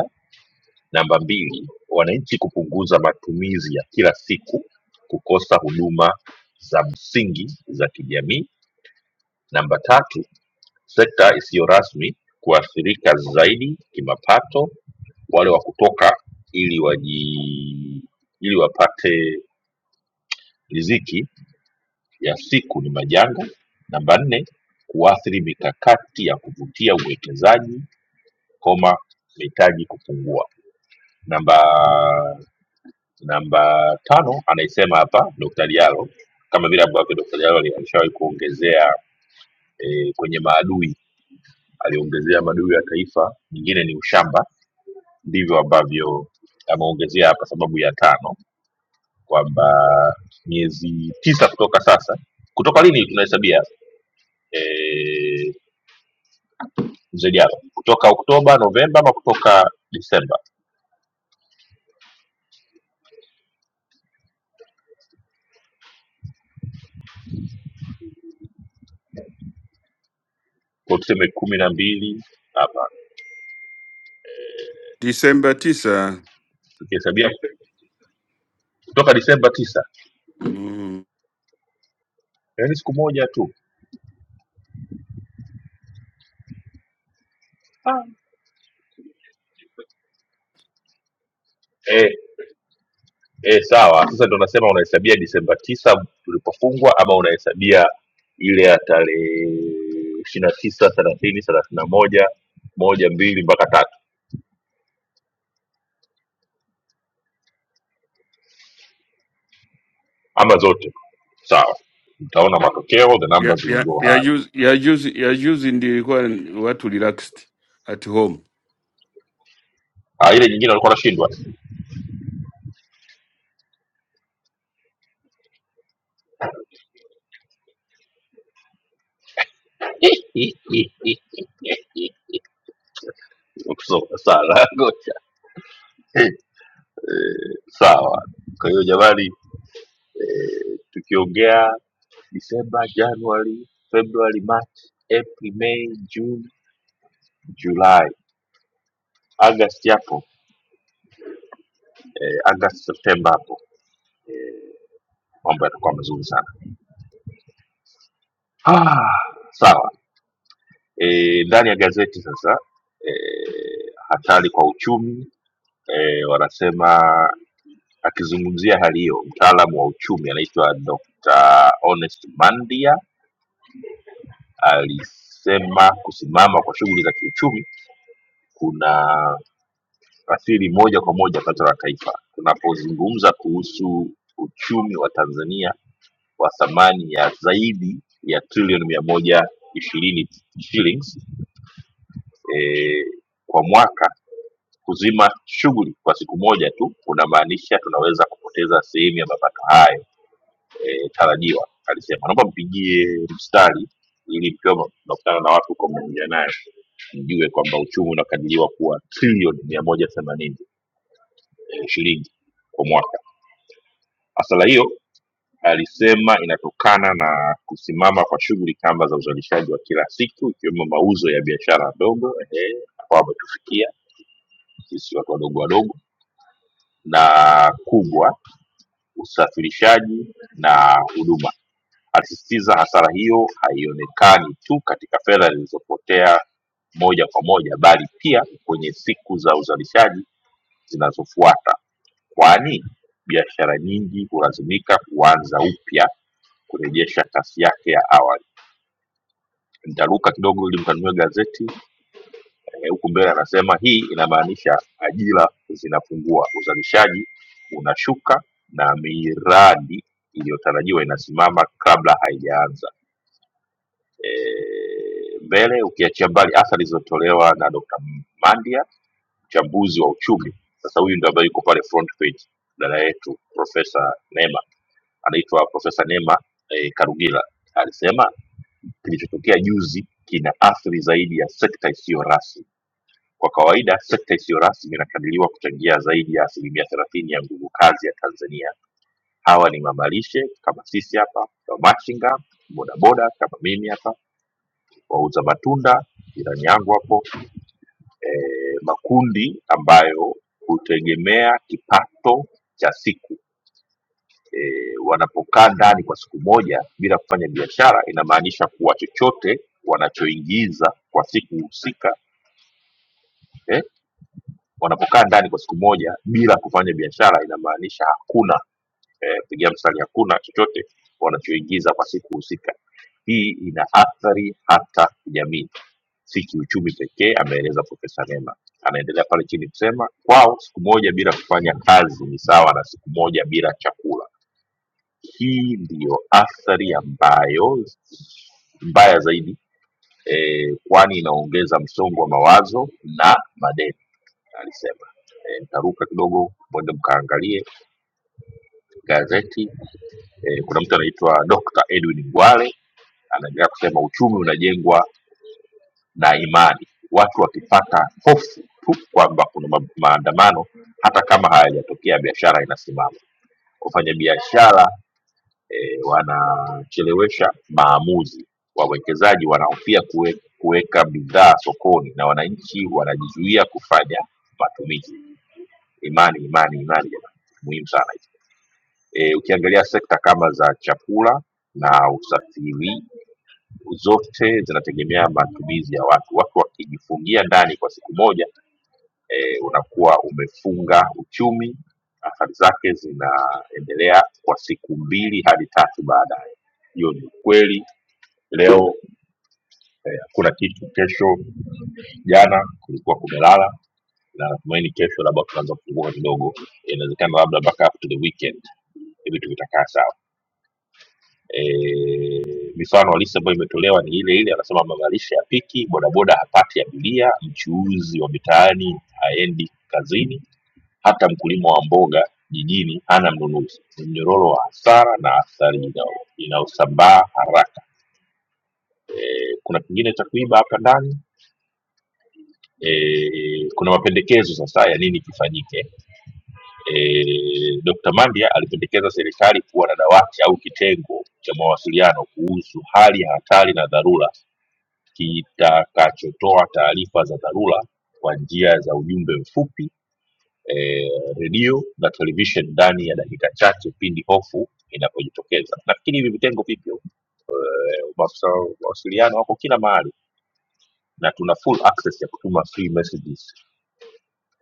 Speaker 1: Namba mbili, wananchi kupunguza matumizi ya kila siku, kukosa huduma za msingi za kijamii. Namba tatu, sekta isiyo rasmi kuathirika zaidi kimapato, wale wa kutoka ili waji ili wapate riziki ya siku ni majanga. Namba nne, kuathiri mikakati ya kuvutia uwekezaji, koma mitaji kupungua. Namba Namba tano anaisema hapa Dr. Diallo, kama vile ambavyo Dr. Diallo ali- alishawahi kuongezea e, kwenye maadui, aliongezea maadui ya taifa, nyingine ni ushamba, ndivyo ambavyo ameongezea hapa sababu ya tano kwamba miezi tisa kutoka sasa, kutoka lini tunahesabia e, mzee Diallo? Kutoka Oktoba, Novemba ama kutoka Disemba? Kwa tuseme kumi na mbili hapa
Speaker 6: Disemba tisa.
Speaker 1: tukihesabia kutoka Disemba tisa,
Speaker 6: Mm.
Speaker 1: yaani siku moja tu Ah, e, eh, sawa. Sasa ndo nasema unahesabia Disemba tisa tulipofungwa ama unahesabia ile ya tarehe ishirini na tisa thelathini thelathini na moja moja mbili mpaka tatu ama zote sawa, utaona matokeo, the
Speaker 6: ya
Speaker 1: numbers will
Speaker 6: ya
Speaker 1: go
Speaker 6: ya
Speaker 1: high.
Speaker 6: juzi ya juzi ya juzi ndio ilikuwa watu relaxed at home.
Speaker 1: Ah, ile nyingine alikuwa anashindwa kusoma sana ngoja eh, sawa. Kwa hiyo jamani, eh, tukiongea Disemba, Januari, Februari, March, April, May, June, July, August yapo eh, Agosti Septemba hapo eh, mambo yatakuwa mazuri sana ah, sawa eh, ndani ya gazeti sasa eh, hatari kwa uchumi eh, wanasema akizungumzia hali hiyo mtaalamu wa uchumi anaitwa Dr. Honest Mandia alisema kusimama kwa shughuli za kiuchumi kuna athiri moja kwa moja pato la taifa tunapozungumza kuhusu uchumi wa Tanzania wa thamani ya zaidi ya trilioni mia moja ishirini shillings eh, kwa mwaka kuzima shughuli kwa siku moja tu kunamaanisha tunaweza kupoteza sehemu ya mapato hayo eh, tarajiwa alisema naomba mpigie mstari ili mkiwa mnakutana na watu huko mnaongea naye mjue kwamba uchumi unakadiriwa kuwa trilioni mia moja themanini eh, shilingi kwa mwaka. Hasara hiyo alisema inatokana na kusimama kwa shughuli kamba za uzalishaji wa kila siku ikiwemo mauzo ya biashara ndogo eh, ambao ametufikia sisi watu wadogo wadogo na kubwa usafirishaji na huduma alisisitiza hasara hiyo haionekani tu katika fedha zilizopotea moja kwa moja bali pia kwenye siku za uzalishaji zinazofuata kwani biashara nyingi hulazimika kuanza upya kurejesha kasi yake ya awali nitaruka kidogo ili mkanunue gazeti eh, huku E, mbele anasema hii inamaanisha ajira zinapungua uzalishaji unashuka na miradi iliyotarajiwa inasimama kabla haijaanza eh, mbele ukiachia mbali athari zilizotolewa na dr mandia mchambuzi wa uchumi sasa huyu ndio ambaye yuko pale front page dada yetu profesa nema anaitwa profesa nema eh, karugila alisema kilichotokea juzi kina athiri zaidi ya sekta isiyo rasmi Kwa kawaida sekta isiyo rasmi inakadiriwa kuchangia zaidi ya asilimia thelathini ya nguvu kazi ya Tanzania. Hawa ni mama lishe kama sisi hapa, wamachinga, bodaboda kama mimi hapa, wauza matunda jirani yangu hapo, eh, makundi ambayo hutegemea kipato cha siku e, wanapokaa ndani kwa siku moja bila kufanya biashara inamaanisha kuwa chochote wanachoingiza kwa siku husika eh, wanapokaa ndani kwa siku moja bila kufanya biashara inamaanisha hakuna eh, pigia mstari hakuna chochote wanachoingiza kwa siku husika hii ina athari hata kijamii si kiuchumi pekee ameeleza profesa nema anaendelea pale chini kusema kwao siku moja bila kufanya kazi ni sawa na siku moja bila chakula hii ndiyo athari ambayo mbaya zaidi eh, kwani inaongeza msongo wa mawazo na madeni alisema. E, nitaruka kidogo mwende mkaangalie gazeti e, kuna mtu anaitwa Dr. Edwin Ngwale anaendelea kusema uchumi unajengwa na imani, watu wakipata hofu tu kwamba kuna ma- maandamano hata kama hayajatokea, biashara inasimama. Wafanyabiashara e, wanachelewesha maamuzi, wawekezaji wanahofia kuwe, kuweka bidhaa sokoni na wananchi wanajizuia kufanya matumizi. Imani, imani, imani, jamani, muhimu sana. E, ukiangalia sekta kama za chakula na usafiri zote zinategemea matumizi ya watu. Watu wakijifungia ndani kwa siku moja e, unakuwa umefunga uchumi, athari zake zinaendelea kwa siku mbili hadi tatu baadaye. Hiyo ni ukweli. Leo eh, hakuna kitu, kesho jana kulikuwa kumelala, na natumaini kesho labda tunaanza kufunguka kidogo, inawezekana labda mpaka up to the weekend eh, vitu vitakaa sawa. e, mifano halisi ambayo imetolewa ni ile ile anasema mamalisha ya piki bodaboda hapati abiria mchuuzi wa mitaani haendi kazini hata mkulima wa mboga jijini hana mnunuzi ni mnyororo wa hasara na athari inao- inayosambaa haraka e, kuna kingine cha kuiba hapa ndani e, kuna mapendekezo sasa ya nini kifanyike e, Dr. Mandia alipendekeza serikali kuwa na dawati au kitengo cha mawasiliano kuhusu hali ya hatari na dharura kitakachotoa taarifa za dharura kwa njia za ujumbe mfupi eh, redio na television ndani ya dakika chache pindi hofu inapojitokeza nafikiri hivi vitengo vipya eh, maafisa wa mawasiliano wako kila mahali na tuna full access ya kutuma free messages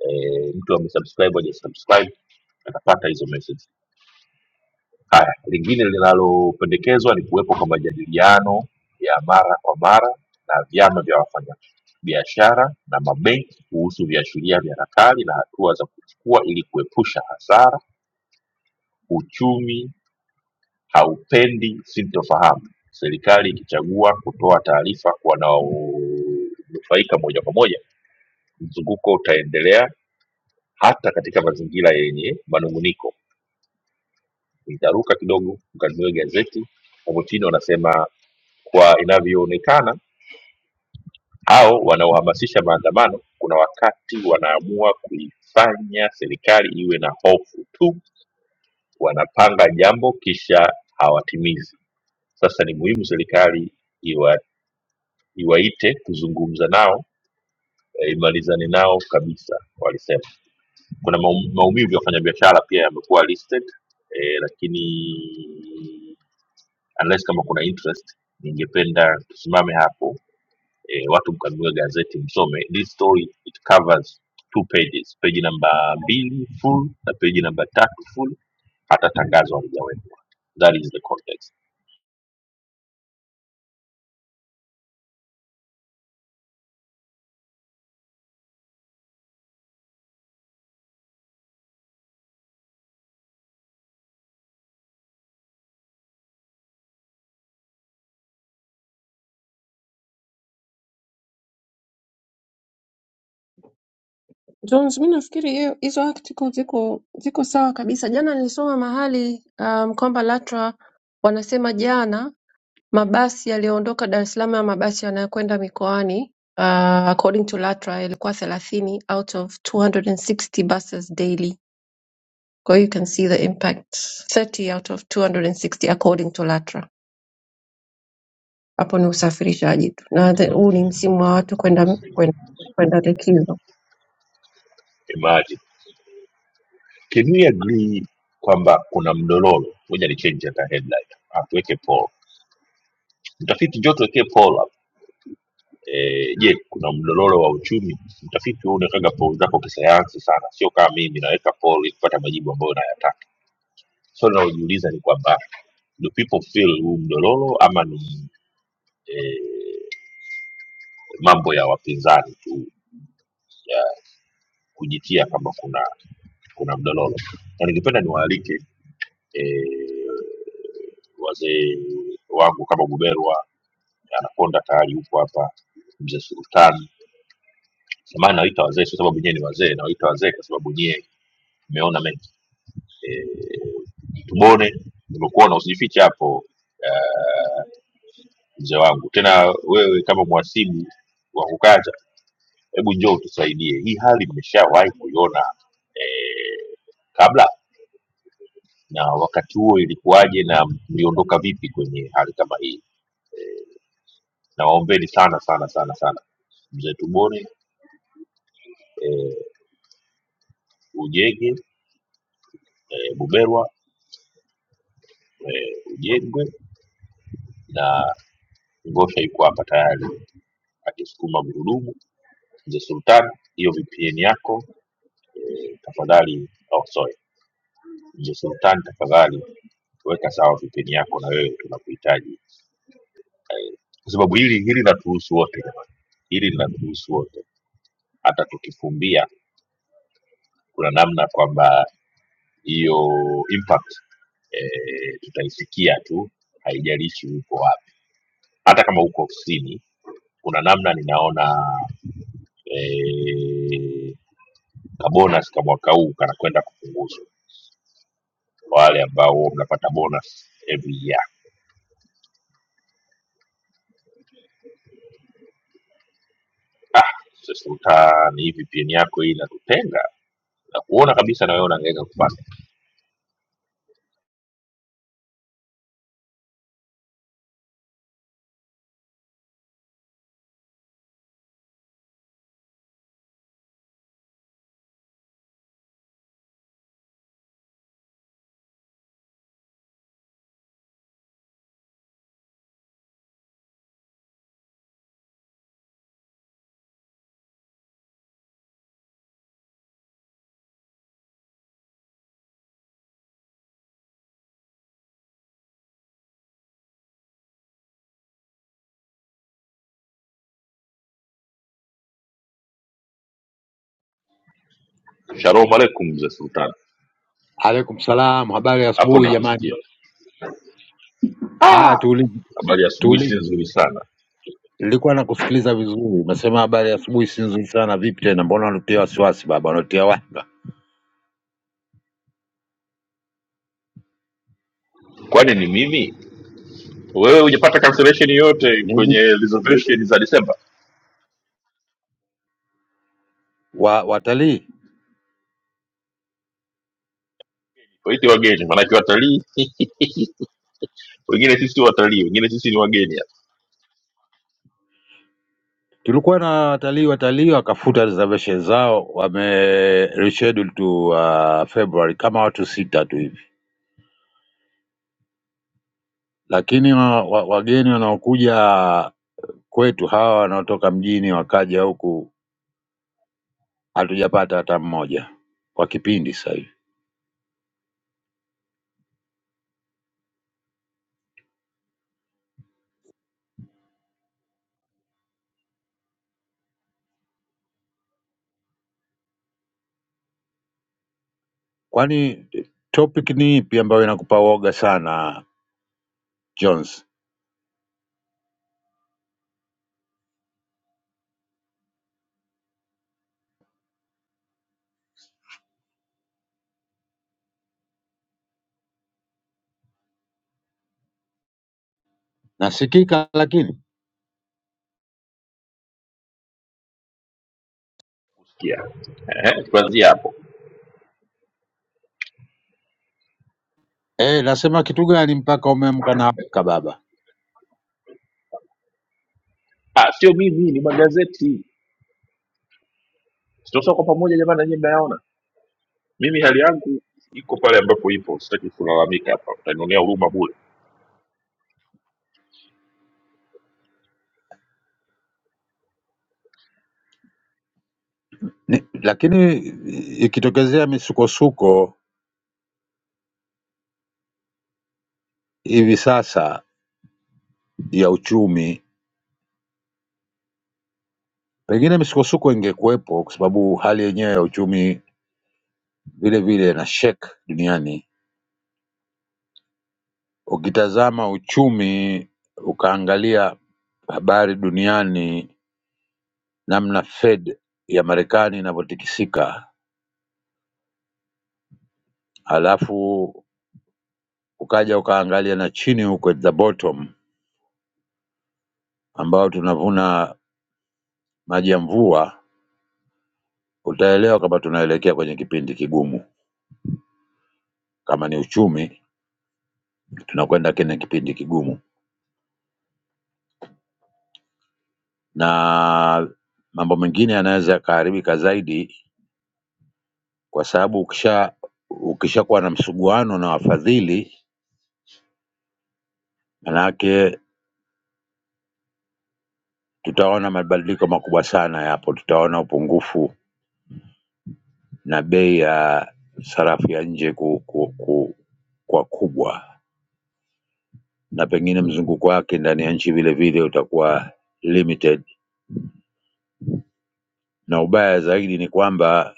Speaker 1: eh, mtu amesubscribe hajasubscribe atapata hizo messages Haya, lingine linalopendekezwa ni kuwepo kwa majadiliano ya mara kwa mara na vyama vya wafanyabiashara na mabenki kuhusu viashiria vya nakali na hatua za kuchukua ili kuepusha hasara. Uchumi haupendi sintofahamu, serikali ikichagua kutoa taarifa kwa wanaonufaika moja kwa moja, mzunguko utaendelea hata katika mazingira yenye manunguniko. Nitaruka kidogo ukanunue gazeti hapo chini wanasema kwa inavyoonekana hao wanaohamasisha maandamano kuna wakati wanaamua kuifanya serikali iwe na hofu tu wanapanga jambo kisha hawatimizi sasa ni muhimu serikali iwa, iwaite kuzungumza nao eh, imalizane nao kabisa walisema kuna maum- maumivu ya wafanyabiashara pia yamekuwa listed eh, lakini unless kama kuna interest ningependa tusimame hapo e, watu mkanunue gazeti msome this story it covers two pages peji namba mbili full na peji namba tatu full hata tangazo halijawekwa that is the context
Speaker 3: Jones, mi nafikiri hiyo- hizo article ziko ziko sawa kabisa. Jana nilisoma mahali um, kwamba LATRA wanasema jana mabasi yaliyoondoka dar es salaam na mabasi yanayokwenda mikoani uh, according to latra yalikuwa thelathini out of 260 buses daily kwa hiyo you can see the impact 30 out of 260 according to latra hapo ni usafirishaji tu na the- huu ni msimu wa watu kwenda kwenda kwenda likizo
Speaker 1: imagine can we agree kwamba kuna mdororo moja ni change hata headline atuweke poll mtafiti njo tuwekee poll hapo Eh, je kuna mdororo wa uchumi mtafiti wewe unawekaga poll zako kisayansi sana sio kama mimi naweka poll ili kupata majibu ambayo nayataka Swali linalojiuliza ni kwamba do people feel huu mdororo ama ni eh, mambo ya wapinzani tu ya kujitia kama kuna kuna mdororo na ningependa niwaalike eh, wazee wangu kama Buberwa Anakonda tayari yupo hapa, mzee Sultani. Samahani, nawaita wazee sio sababu nyie ni wazee, nawaita wazee kwa sababu nyie mmeona mengi. E, tubone, nimekuona usijifiche hapo. eh, mzee wangu tena wewe kama mwasibu wa kukacha hebu njoo utusaidie hii hali mmeshawahi kuiona eh, kabla na wakati huo ilikuwaje na mliondoka vipi kwenye hali kama hii na waombeni sana sana sana sana mzee tubone eh, ujenge eh, buberwa eh, ujengwe na ngosha yuko hapa tayari akisukuma gurudumu mzee sultan hiyo vpn yako eh, tafadhali aosoe Mzee Sultani, tafadhali weka sawa VPN yako, na wewe tunakuhitaji eh, kwa sababu hili hili linatuhusu wote jamani, hili linatuhusu wote. Hata tukifumbia, kuna namna kwamba hiyo impact eh, tutaisikia tu, haijalishi uko wapi, hata kama uko ofisini. Kuna namna ninaona eh, ka bonus ka mwaka huu kanakwenda kupunguzwa kwa wale ambao huwa mnapata bonus every year ah, sasa uta ni VPN yako hii inakutenga na kuona kabisa na wewe unangeka kupata. Shalom aleikum mzee Sultan,
Speaker 7: Alaikum salam, habari ya
Speaker 1: hapo
Speaker 7: asubuhi jamani.
Speaker 1: nakusikia.
Speaker 7: Haya, tuulize
Speaker 1: Habari ya asubuhi si
Speaker 7: tuulize.
Speaker 1: nzuri sana.
Speaker 7: Nilikuwa nakusikiliza vizuri, umesema habari ya asubuhi si nzuri sana. Vipi tena, mbona unatia wasiwasi baba, unatia wanga
Speaker 1: Kwani ni mimi? Wewe hujapata cancellation yoyote kwenye
Speaker 7: nini?
Speaker 1: reservation za Disemba?
Speaker 7: Wa, watalii
Speaker 1: Waite wageni, maanake watalii wengine sisi sio watalii, wengine sisi ni wageni. hapa.
Speaker 7: tulikuwa na watalii, watalii wakafuta reservation zao, wame reschedule to uh, February kama watu sita tu hivi, lakini wa, wa, wageni wanaokuja kwetu hawa wanaotoka mjini wakaja huku hatujapata hata mmoja kwa kipindi sasa hivi. Kwani eh, topic ni ipi ambayo inakupa woga sana Jones? Nasikika lakini
Speaker 1: Yeah. Ehe, Tuanzie hapo.
Speaker 7: eh, nasema kitu gani mpaka umeamka na amka baba
Speaker 1: Ah, sio mimi, ni magazeti. Tunasoma kwa pamoja jamani, na nyinyi mnayaona. Mimi hali yangu iko pale ambapo ipo, sitaki kulalamika hapa, utanionea huruma bure
Speaker 7: ni, lakini ikitokezea misukosuko hivi sasa ya uchumi, pengine misukosuko ingekuwepo kwa sababu hali yenyewe ya uchumi vile vile ina shake duniani. Ukitazama uchumi ukaangalia habari duniani, namna Fed ya Marekani inavyotikisika halafu ukaja ukaangalia na chini huko at the bottom ambao tunavuna maji ya mvua, utaelewa kwamba tunaelekea kwenye kipindi kigumu. Kama ni uchumi, tunakwenda kwenye kipindi kigumu, na mambo mengine yanaweza yakaharibika zaidi, kwa sababu ukisha ukishakuwa na msuguano na wafadhili, manake tutaona mabadiliko makubwa sana yapo. Tutaona upungufu na bei ya sarafu ya nje ku, ku, ku, kwa kubwa na pengine mzunguko wake ndani ya nchi vile vile utakuwa limited, na ubaya zaidi ni kwamba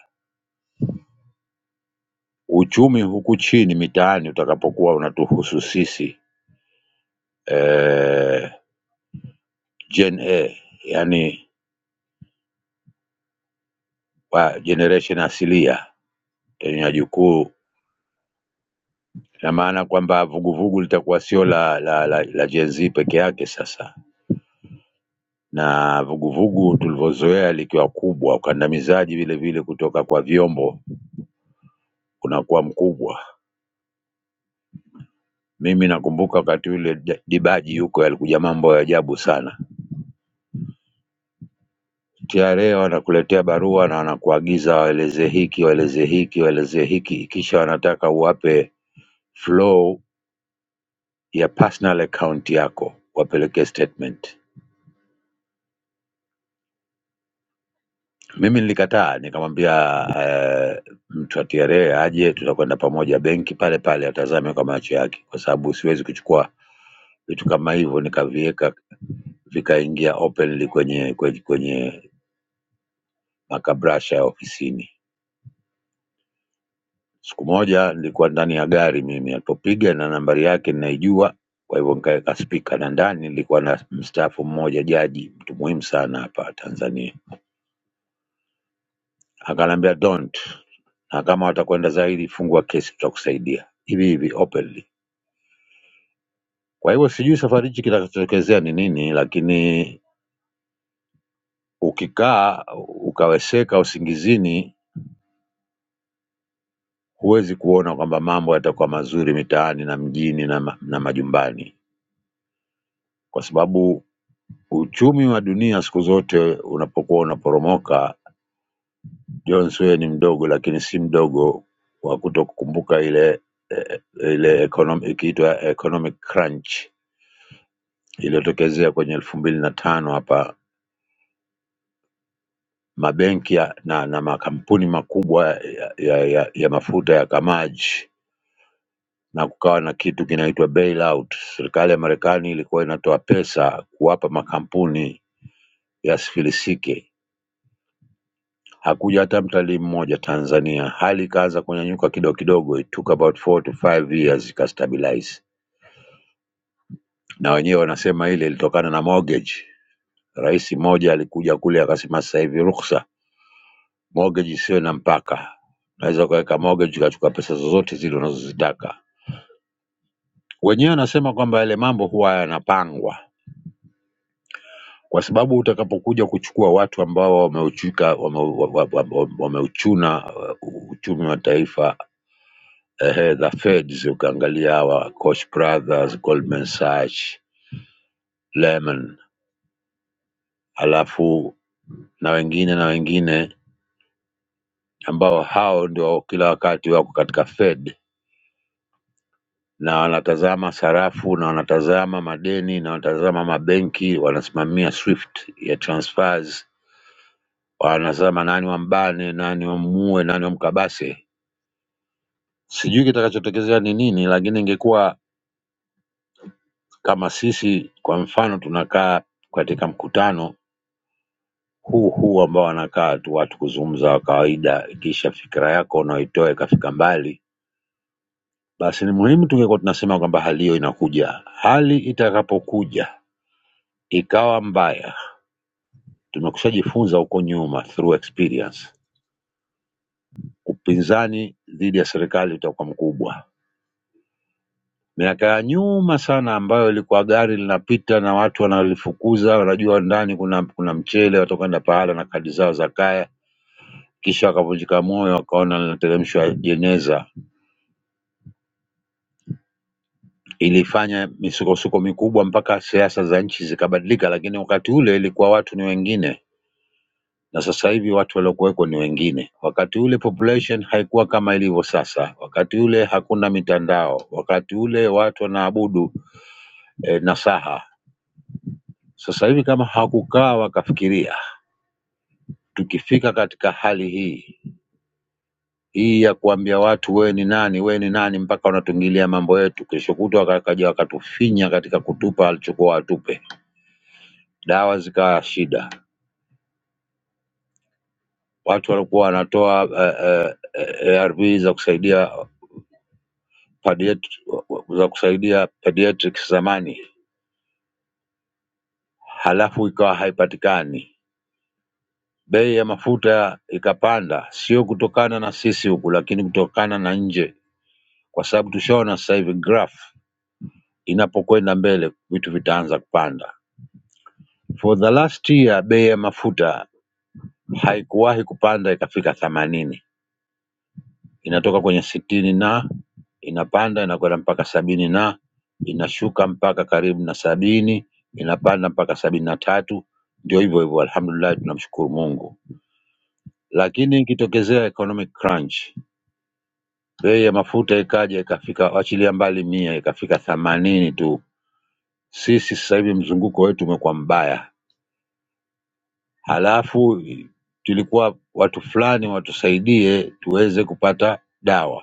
Speaker 7: uchumi huku chini mitaani utakapokuwa unatuhusu sisi eh, Gen A, yani wa generation asilia yenye jukuu, ina maana kwamba vuguvugu litakuwa sio la, la, la, la Gen Z peke yake sasa na vuguvugu tulivyozoea likiwa kubwa, ukandamizaji vile vile kutoka kwa vyombo unakuwa mkubwa. Mimi nakumbuka wakati ule D- Dibaji yuko yalikuja mambo ya ajabu sana. TRA wanakuletea barua na wanakuagiza waeleze hiki, waeleze hiki, waeleze hiki, kisha wanataka uwape flow ya personal account yako wapeleke statement. Mimi nilikataa, nikamwambia eh, mtu wa TRA aje, tutakwenda pamoja benki pale pale, atazame kwa macho yake, kwa sababu siwezi kuchukua vitu kama hivyo nikaviweka vikaingia openly kwenye kwenye, kwenye makabrasha ya ofisini. Siku moja nilikuwa ndani ya gari mimi, alipopiga na nambari yake ninaijua, kwa hivyo nikaweka spika, na ndani nilikuwa na mstaafu mmoja, jaji, mtu muhimu sana hapa Tanzania. Akaniambia don't, na kama watakwenda zaidi, fungua kesi, tutakusaidia hivi hivi openly. Kwa hivyo sijui safari hichi kitakachotokezea ni nini, lakini ukikaa ukaweseka usingizini, huwezi kuona kwamba mambo yatakuwa mazuri mitaani na mjini na, ma- na majumbani kwa sababu Uchumi wa dunia siku zote unapokuwa unaporomoka, Jones wewe ni mdogo, lakini si mdogo wa kuto kukumbuka ile eh, ile econom- ikiitwa economic crunch iliyotokezea kwenye elfu mbili na tano hapa. Mabenki ya- na, na makampuni makubwa ya, ya, ya, ya mafuta yakamaji na kukawa na kitu kinaitwa bailout. Serikali ya Marekani ilikuwa inatoa pesa kuwapa makampuni yasifilisike Hakuja hata mtalii mmoja Tanzania. Hali ikaanza kunyanyuka kidogo kidogo, it took about 4 to 5 years ikastabilize, na wenyewe wanasema ile ilitokana na mortgage. Rais mmoja alikuja kule akasema, sasa hivi ruhusa mortgage isiwe na mpaka, unaweza ukaweka mortgage ukachukua pesa zozote zile unazozitaka. Wenyewe anasema kwamba yale mambo huwa yanapangwa kwa sababu utakapokuja kuchukua watu ambao wameuchuka wameuchuna wame, wame, wame wameuchuna, uh, uchumi wa taifa ehe, the Feds, ukaangalia hawa Koch Brothers, Goldman Sachs, Lehman, alafu na wengine na wengine ambao hao ndio kila wakati wako katika Fed na wanatazama sarafu na wanatazama madeni na wanatazama mabenki, wanasimamia Swift ya transfers, wanasema nani wambane, nani wamuue, nani wamkabase. Sijui kitakachotokezea ni nini, lakini ingekuwa kama sisi kwa mfano tunakaa katika mkutano huu huu ambao wanakaa tu watu kuzungumza wa kawaida, kisha fikira yako unaoitoa ikafika mbali, basi ni muhimu tungekuwa tunasema kwamba hali hiyo inakuja. Hali itakapokuja ikawa mbaya, tumekushajifunza huko nyuma through experience, upinzani dhidi ya serikali utakuwa mkubwa. Miaka ya nyuma sana, ambayo ilikuwa gari linapita na watu wanalifukuza, wanajua ndani kuna kuna mchele, watakwenda pahala na kadi zao za kaya, kisha wakavunjika moyo, wakaona linateremshwa jeneza ilifanya misukosuko mikubwa mpaka siasa za nchi zikabadilika, lakini wakati ule ilikuwa watu ni wengine na sasa hivi watu waliokuweko ni wengine. Wakati ule population haikuwa kama ilivyo sasa, wakati ule hakuna mitandao, wakati ule watu wanaabudu eh, nasaha. Sasa hivi kama hakukaa wakafikiria, tukifika katika hali hii hii ya kuambia watu we ni nani, we ni nani, mpaka wanatungilia mambo yetu, kesho kutwa wakaja wakatufinya katika kutupa alichokuwa watupe, dawa zikawa shida. watu walikuwa wanatoa eh, eh, ARV za kusaidia pediat- za kusaidia pediatrics zamani, halafu ikawa haipatikani. Bei ya mafuta ikapanda, sio kutokana na sisi huku, lakini kutokana na nje, kwa sababu tushaona sasa hivi graph inapokwenda mbele vitu vitaanza kupanda. For the last year bei ya mafuta haikuwahi kupanda ikafika 80 inatoka kwenye sitini na inapanda inakwenda mpaka sabini na inashuka mpaka karibu na sabini inapanda mpaka sabini na tatu ndio hivyo hivyo alhamdulillah tunamshukuru mungu lakini ikitokezea economic crunch bei ya mafuta ikaja ikafika achilia mbali mia ikafika themanini tu sisi sasa hivi mzunguko wetu umekuwa mbaya halafu tulikuwa watu fulani watusaidie tuweze kupata dawa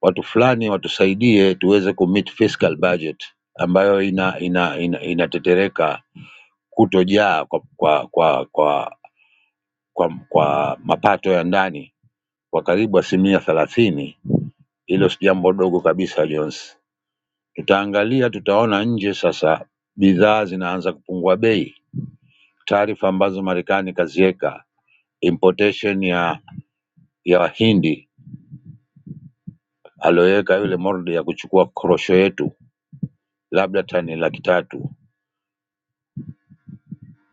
Speaker 7: watu fulani watusaidie tuweze kumeet fiscal budget ambayo ina ina ina inatetereka kutojaa kwa kwa kwa kwa, kwa, kwa mapato ya ndani kwa karibu asilimia thelathini. Hilo si jambo dogo kabisa Jones. Tutaangalia, tutaona nje sasa, bidhaa zinaanza kupungua bei, taarifa ambazo Marekani kaziweka importation ya ya Wahindi aliyoweka yule Mordi ya kuchukua korosho yetu labda tani laki tatu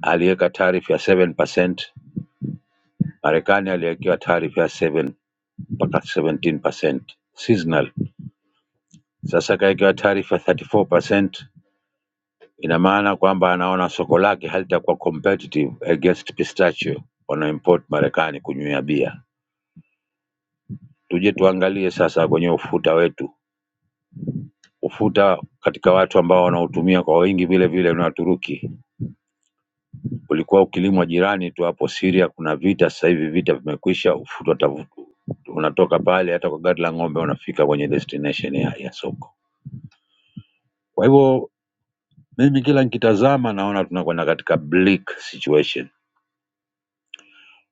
Speaker 7: aliweka tarifu ya 7%, Marekani aliwekewa tarifu ya 7 mpaka 17% seasonal. Sasa kawekewa tarifu ya 34%, ina maana kwamba anaona soko lake halitakuwa competitive against pistachio wanaoimport Marekani kunywea bia. Tuje tuangalie sasa kwenye ufuta wetu, ufuta katika watu ambao wanautumia kwa wingi vile vile ni Waturuki Ulikuwa ukilimwa jirani tu hapo Syria, kuna vita sasa hivi, vita vimekwisha, ufuta utavu- unatoka pale, hata kwa gari la ng'ombe unafika kwenye destination ya, ya soko. Kwa hivyo mimi kila nikitazama naona tunakwenda katika bleak situation,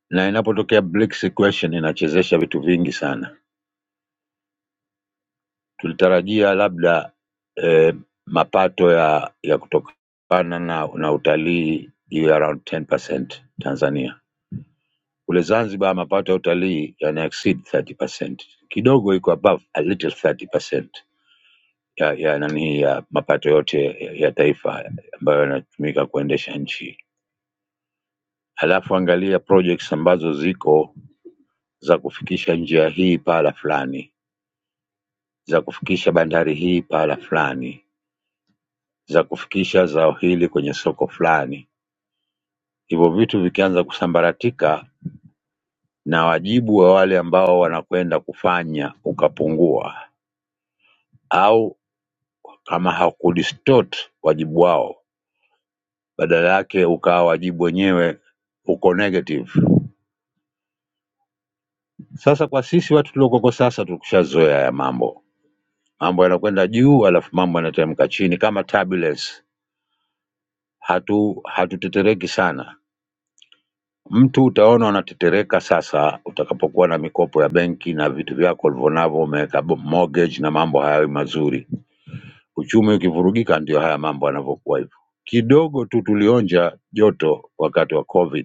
Speaker 7: na inapotokea bleak situation inachezesha vitu vingi sana. Tulitarajia labda eh, mapato ya ya kutokana na, na utalii iwe around 10% Tanzania Kule Zanzibar mapato ya utalii yana exceed 30%. Kidogo iko above a little 30% ya ya nani ya mapato yote ya ya taifa ambayo yanatumika kuendesha nchi. Halafu angalia projects ambazo ziko za kufikisha njia hii pahala fulani, za kufikisha bandari hii pahala fulani, za kufikisha zao hili kwenye soko fulani. Hivyo vitu vikianza kusambaratika na wajibu wa wale ambao wanakwenda kufanya ukapungua, au kama hakudistort wajibu wao badala yake ukawa wajibu wenyewe uko negative. Sasa kwa sisi watu tuliokoko sasa tukushazoea ya mambo, mambo yanakwenda juu alafu mambo yanateremka chini kama turbulence. Hatu hatutetereki sana. Mtu utaona unatetereka sasa utakapokuwa na mikopo ya benki na vitu vyako ulivyonavyo, umeweka bo- mortgage na mambo hayawi mazuri. Uchumi ukivurugika, ndio haya mambo yanavyokuwa hivyo. Kidogo tu tulionja joto wakati wa COVID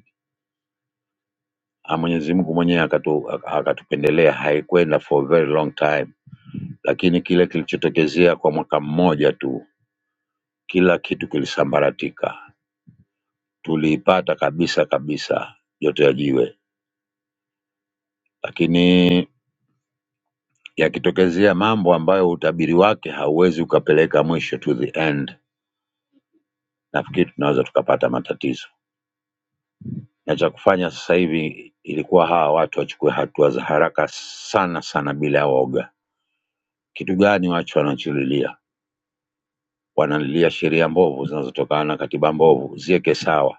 Speaker 7: Ah, Mwenyezi Mungu mwenyewe akatu, akatupendelea, haikwenda for a very long time, lakini kile kilichotokezea kwa mwaka mmoja tu, kila kitu kilisambaratika. Tuliipata kabisa kabisa joto ya jiwe, lakini yakitokezea mambo ambayo utabiri wake hauwezi ukapeleka mwisho to the end, nafikiri tunaweza tukapata matatizo, na cha kufanya sasa hivi ilikuwa hawa watu wachukue hatua za haraka sana sana bila ya woga. Kitu gani wacho wanacholilia? wanalilia sheria mbovu zinazotokana na katiba mbovu ziweke sawa.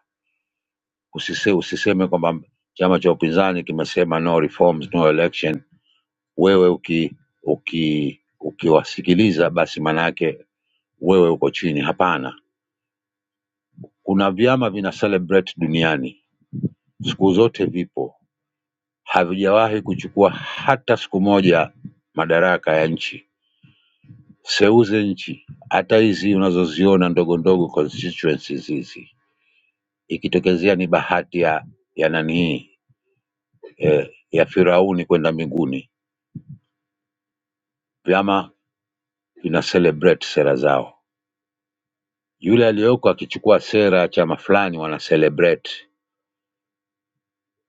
Speaker 7: Usise, usiseme kwamba chama cha upinzani kimesema no reforms, no election. Wewe uki, uki, ukiwasikiliza basi maanayake wewe uko chini. Hapana, kuna vyama vina celebrate duniani siku zote, vipo havijawahi kuchukua hata siku moja madaraka ya nchi. Seuze nchi, hata hizi unazoziona ndogo ndogo constituencies hizi ikitokezea ni bahati ya ya nani eh, ya Firauni kwenda mbinguni, vyama vina celebrate sera zao. Yule aliyoko akichukua sera ya chama fulani, wana celebrate,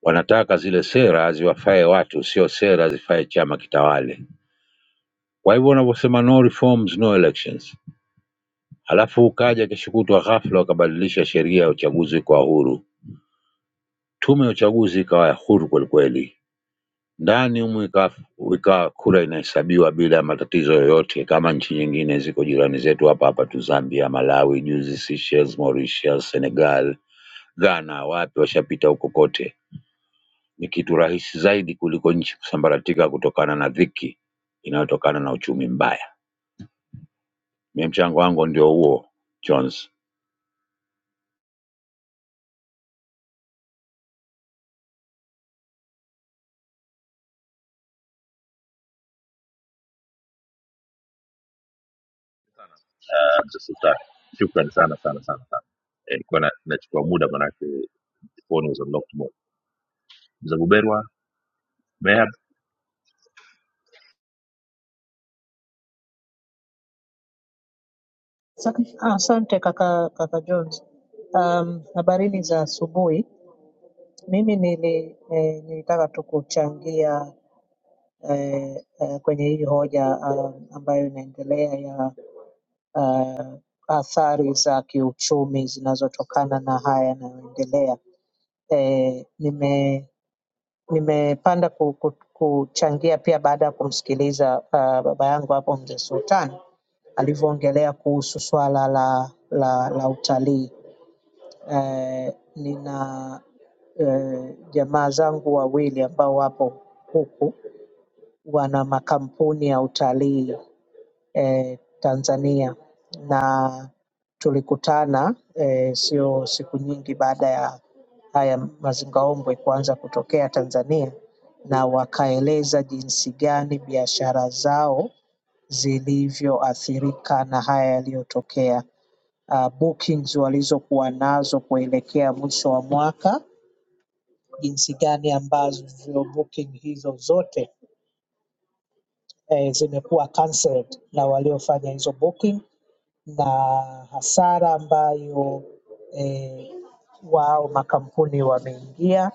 Speaker 7: wanataka zile sera ziwafae watu, sio sera zifae chama kitawale. Kwa hivyo wanavyosema no reforms, no elections, halafu ukaja kesho kutwa ghafla wakabadilisha sheria ya uchaguzi kwa huru, tume ya uchaguzi ikawa ya huru kwelikweli ndani humu ikawa ikawa kura inahesabiwa bila matatizo yoyote, kama nchi nyingine ziko jirani zetu hapa hapa tu, Zambia, Malawi, juzi Seychelles, Mauritius, Senegal, Ghana, wapi washapita huko kote. Ni kitu rahisi zaidi kuliko nchi kusambaratika kutokana na dhiki inayotokana na uchumi mbaya. Mie mchango wangu ndio huo, Jones.
Speaker 1: answer sultani shukran sana sana sana sana eh, kwa na, nachukua muda manake the phone was unlocked mode mzee buberwa mehab
Speaker 8: Ah, Asante kaka, kaka Jones. Um, habarini za asubuhi. Mimi nili, eh, nilitaka tu kuchangia eh, eh, kwenye hii hoja um, ambayo inaendelea ya athari za kiuchumi zinazotokana na haya yanayoendelea. Eh, nime nimepanda ku, ku, kuchangia pia baada ya kumsikiliza uh, baba yangu hapo mzee Sultan alivyoongelea kuhusu swala la la, la utalii Eh, nina eh, jamaa zangu wawili ambao wapo huku wana makampuni ya utalii eh, Tanzania na tulikutana eh, sio siku nyingi baada ya haya mazingaombwe kuanza kutokea Tanzania na wakaeleza jinsi gani biashara zao zilivyoathirika na haya yaliyotokea, uh, bookings walizokuwa nazo kuelekea mwisho wa mwaka jinsi gani ambavyo booking hizo zote eh, zimekuwa cancelled na waliofanya hizo booking na hasara ambayo eh, wao makampuni wameingia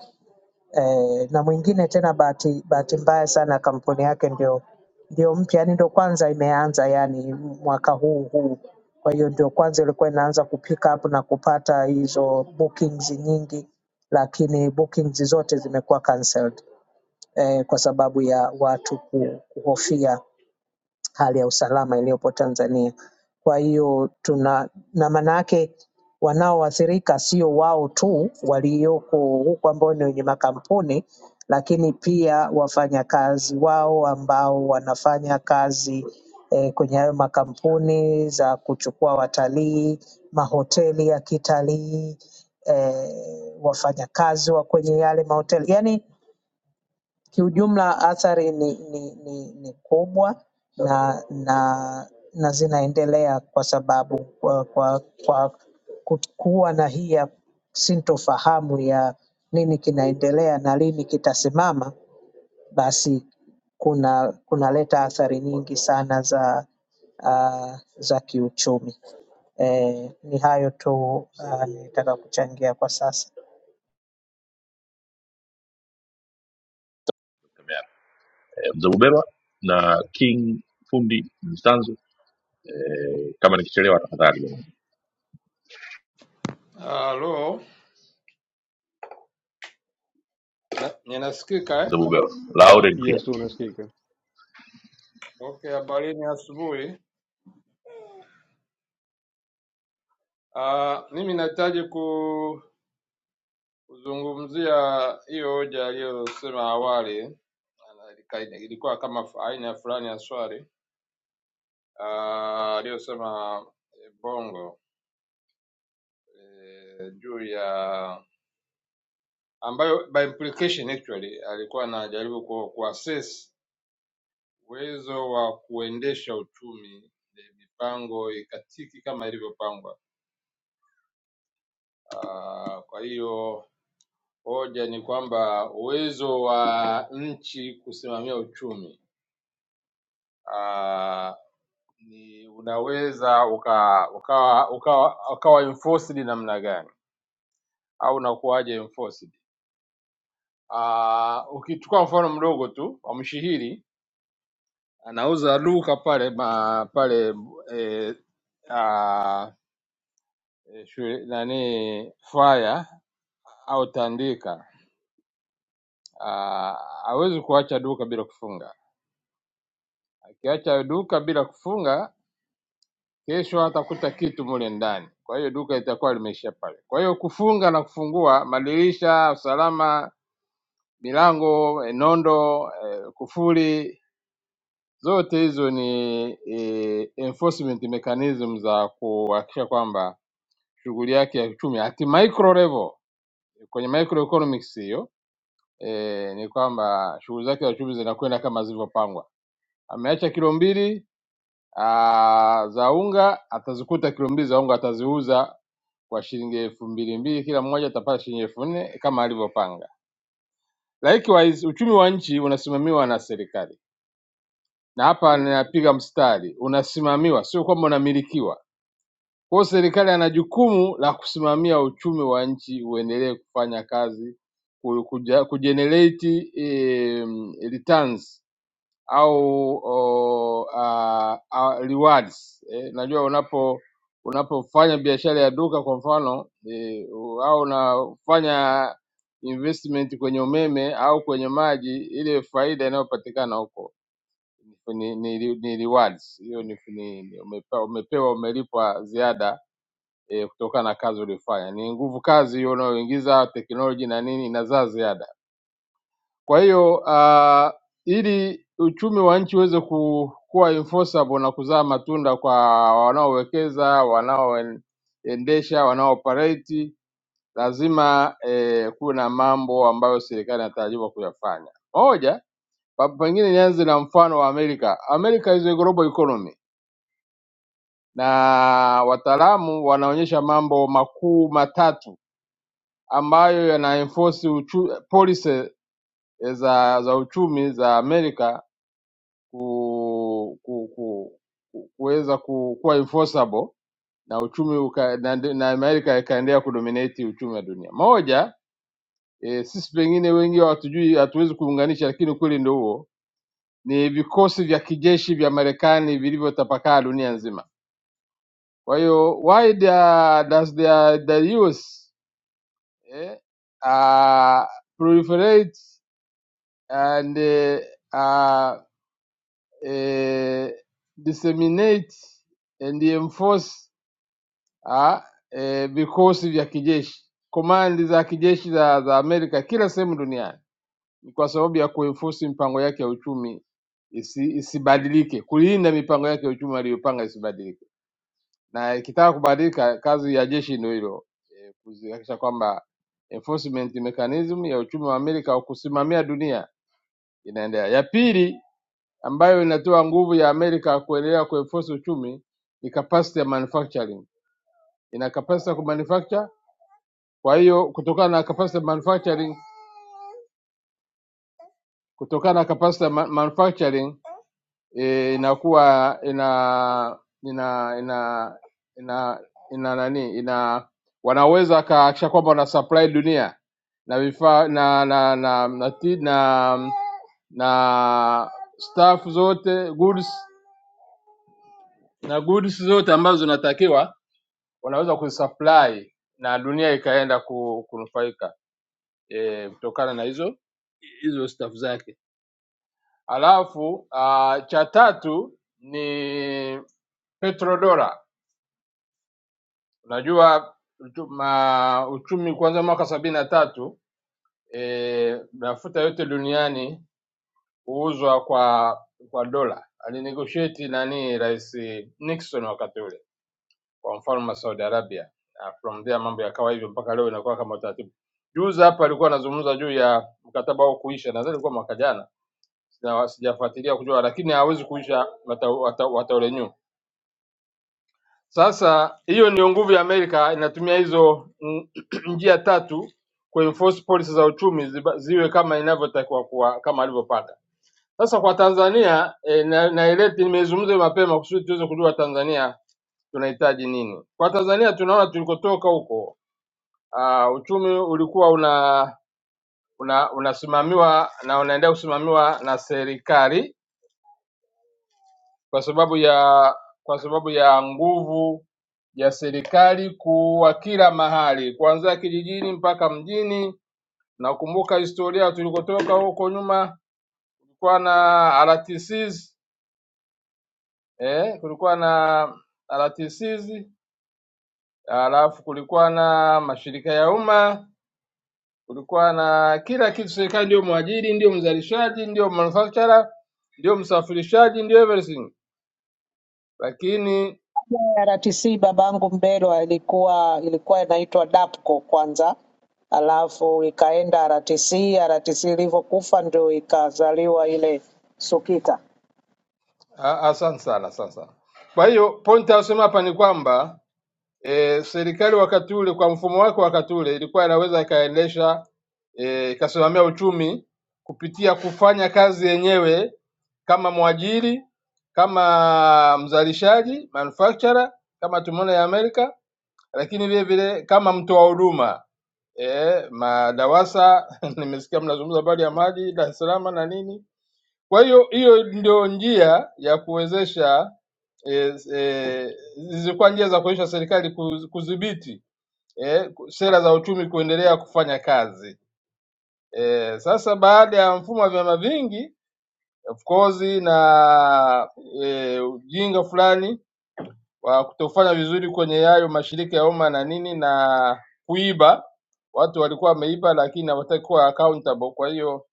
Speaker 8: eh, na mwingine tena bahati bahati mbaya sana kampuni yake ndio ndio mpya yani ndio kwanza imeanza yani mwaka huu huu kwa hiyo ndio kwanza ilikuwa inaanza kupick up na kupata hizo bookings nyingi lakini bookings zote zimekuwa cancelled eh, kwa sababu ya watu ku- kuhofia hali ya usalama iliyopo Tanzania. Kwa hiyo tuna na maana yake wanaoathirika sio wao tu walioko huku ambao ni wenye makampuni, lakini pia wafanyakazi wao ambao wanafanya kazi eh, kwenye hayo makampuni za kuchukua watalii, mahoteli ya kitalii eh, wafanyakazi wa kwenye yale mahoteli yani Kiujumla athari ni, ni, ni, ni kubwa na, na, na zinaendelea kwa sababu kwa, kwa, kwa ku- kuwa na hii ya sintofahamu ya nini kinaendelea na lini kitasimama, basi kuna kunaleta athari nyingi sana za uh, za kiuchumi. Eh, ni hayo tu uh, nilitaka kuchangia kwa sasa.
Speaker 1: eh, mzee buberwa na king fundi mstanzu eh, kama nikichelewa tafadhali
Speaker 9: Halo, na- ninasikika eh?
Speaker 1: mzee buberwa loud and clear
Speaker 2: Yes, unasikika.
Speaker 9: Okay, habarini asubuhi. Ah, mimi nahitaji ku- kuzungumzia hiyo hoja aliyosema awali, Na- ilika- ilikuwa kama fu- aina fulani ya swali Ah, aliyosema eh, Bongo eh, juu ya ambayo by implication actually alikuwa anajaribu ku- kuassess uwezo wa kuendesha uchumi eh, mipango ikatiki kama ilivyopangwa. Ah, Kwa hiyo hoja ni kwamba uwezo wa nchi kusimamia uchumi ah, ni unaweza uka, ukawa, ukawa, ukawa enforced namna gani au unakuwaje enforced? Ah, ukichukua mfano mdogo tu wa mshihiri anauza duka pale ma, pale eh, ah, eh, shule, nani faya au tandika ah, hawezi uh, kuacha duka bila kufunga Ukiacha duka bila kufunga, kesho hatakuta kitu mule ndani. Kwa hiyo duka litakuwa limeishia pale. Kwa hiyo kufunga na kufungua madirisha, usalama, milango, eh, nondo, eh, kufuli, zote hizo ni eh, enforcement mechanism za kuhakikisha kwamba shughuli yake ya uchumi at micro level, kwenye microeconomics hiyo eh, ni kwamba shughuli zake za uchumi zinakwenda kama zilivyopangwa. Ameacha kilo mbili Ah, za unga atazikuta kilo mbili za unga ataziuza kwa shilingi elfu mbili mbili kila mmoja atapata shilingi elfu nne kama alivyopanga. Likewise, uchumi wa nchi unasimamiwa na serikali, na hapa ninapiga mstari, unasimamiwa, sio kwamba unamilikiwa. Kwa hiyo serikali ana jukumu la kusimamia uchumi wa nchi uendelee kufanya kazi, ku- kuja- kugenerate eh, returns au o, a, a, rewards. Eh, najua unapo unapofanya biashara ya duka kwa mfano eh, au unafanya investment kwenye umeme au kwenye maji, ile faida inayopatikana huko ni, ni, ni, ni rewards. Hiyo ni, ni ni- umepewa, umepewa umelipwa ziada eh, kutokana na kazi uliyofanya. Ni nguvu kazi hiyo unayoingiza, teknoloji na nini inazaa ziada. Kwa hiyo uh, ili uchumi wa nchi uweze ku- kuwa enforceable na kuzaa matunda kwa wanaowekeza, wanaoendesha, wanaooperate, lazima eh, kuwe na mambo ambayo serikali inatarajiwa kuyafanya. Moja, pa- pengine nianze na mfano wa Amerika. Amerika is a global economy na wataalamu wanaonyesha mambo makuu matatu ambayo yanaenforce uchu, policy za, za uchumi za Amerika ku, ku, ku, ku- kuweza ku, kuwa enforceable na uchumi uka, na, na Amerika ikaendelea kudominate uchumi wa dunia. Moja e, sisi pengine wengi hatujui, hatuwezi kuunganisha, lakini ukweli ndio huo, ni vikosi vya kijeshi vya Marekani vilivyotapakaa dunia nzima. Kwa hiyo why the, does the, the US eh, uh, proliferate and eh, uh, eh, disseminate and enforce ah, e, vikosi vya kijeshi, komandi za kijeshi za, za Amerika kila sehemu duniani, ni kwa sababu ya kuenforce mipango yake ya uchumi isi, isibadilike, kulinda mipango yake ya uchumi aliyopanga isibadilike, na ikitaka kubadilika, kazi ya jeshi ndio hilo e, kuzihakikisha kwamba enforcement mechanism ya uchumi wa Amerika au kusimamia dunia inaendelea. Ya pili ambayo inatoa nguvu ya Amerika kuendelea kuenforce uchumi ni capacity ya manufacturing, ina capacity ya kumanufacture Kwa hiyo kutokana na capacitor manufacturing kutokana na capacitor ma manufacturing eh, inakuwa ina ina ina ina ina nani ina wanaweza kahakisha kwamba wana supply dunia na vifaa na na na na, ti- na, na staff zote goods na goods zote ambazo zinatakiwa wanaweza kuzisupply na dunia ikaenda ku- kunufaika eh, kutokana e, na hizo hizo staff zake. Alafu ah, cha tatu ni petrodora. Unajua uchu- ma, uchumi kuanzia mwaka sabini na tatu e, mafuta yote duniani huuzwa kwa kwa dola. Alinegotiate nani Rais Nixon wakati ule kwa mfalme wa Saudi Arabia, na from there mambo yakawa hivyo mpaka leo inakuwa kama utaratibu. Juzi hapa alikuwa anazungumza juu ya mkataba huo kuisha, nadhani ilikuwa mwaka jana, sija- sijafuatilia kujua, lakini hawezi kuisha, wataurenew Sasa hiyo ndiyo nguvu ya Amerika, inatumia hizo mm, njia tatu kuenforce policy za uchumi ziba- ziwe kama inavyotakiwa kuwa kama alivyopanga. Sasa kwa Tanzania e, na, naileti nimezungumza mapema kusudi tuweze kujua Tanzania tunahitaji nini. Kwa Tanzania tunaona tulikotoka huko, uh, uchumi ulikuwa una, una unasimamiwa na unaendelea kusimamiwa na serikali kwa sababu ya kwa sababu ya nguvu ya serikali kuwa kila mahali, kuanzia kijijini mpaka mjini. Nakumbuka historia tulikotoka huko nyuma, kulikuwa na RTCs eh, kulikuwa na RTCs, alafu kulikuwa na mashirika ya umma, kulikuwa na kila kitu. Serikali ndio mwajiri, ndio mzalishaji, ndio manufacturer, ndio msafirishaji, ndio everything, lakini
Speaker 8: ya RTC babangu Mbelwa ilikuwa ilikuwa inaitwa DAPCO kwanza, alafu ikaenda RTC. RTC ilivyokufa ndio ikazaliwa ile SUKITA.
Speaker 9: Ah, ah, Asante sana, asante sana. Kwa hiyo pointi asema hapa ni kwamba e, serikali wakati ule kwa mfumo wake wakati ule ilikuwa inaweza ikaendesha eh, ikasimamia uchumi kupitia kufanya kazi yenyewe kama mwajiri, kama mzalishaji manufacturer, kama tumeona ya Amerika, lakini vile vile kama mtoa huduma e, madawasa. Nimesikia mnazungumza habari ya maji Dar es Salaam na nini kwa hiyo hiyo ndio njia ya kuwezesha eh, eh, zilikuwa njia za kuwezesha serikali ku- kudhibiti eh, ku- sera za uchumi kuendelea kufanya kazi. Eh, sasa baada ya mfumo wa vyama vingi of course na eh, ujinga fulani wa kutofanya vizuri kwenye hayo mashirika ya umma na nini na kuiba, watu walikuwa wameiba, lakini hawataki kuwa accountable, kwa hiyo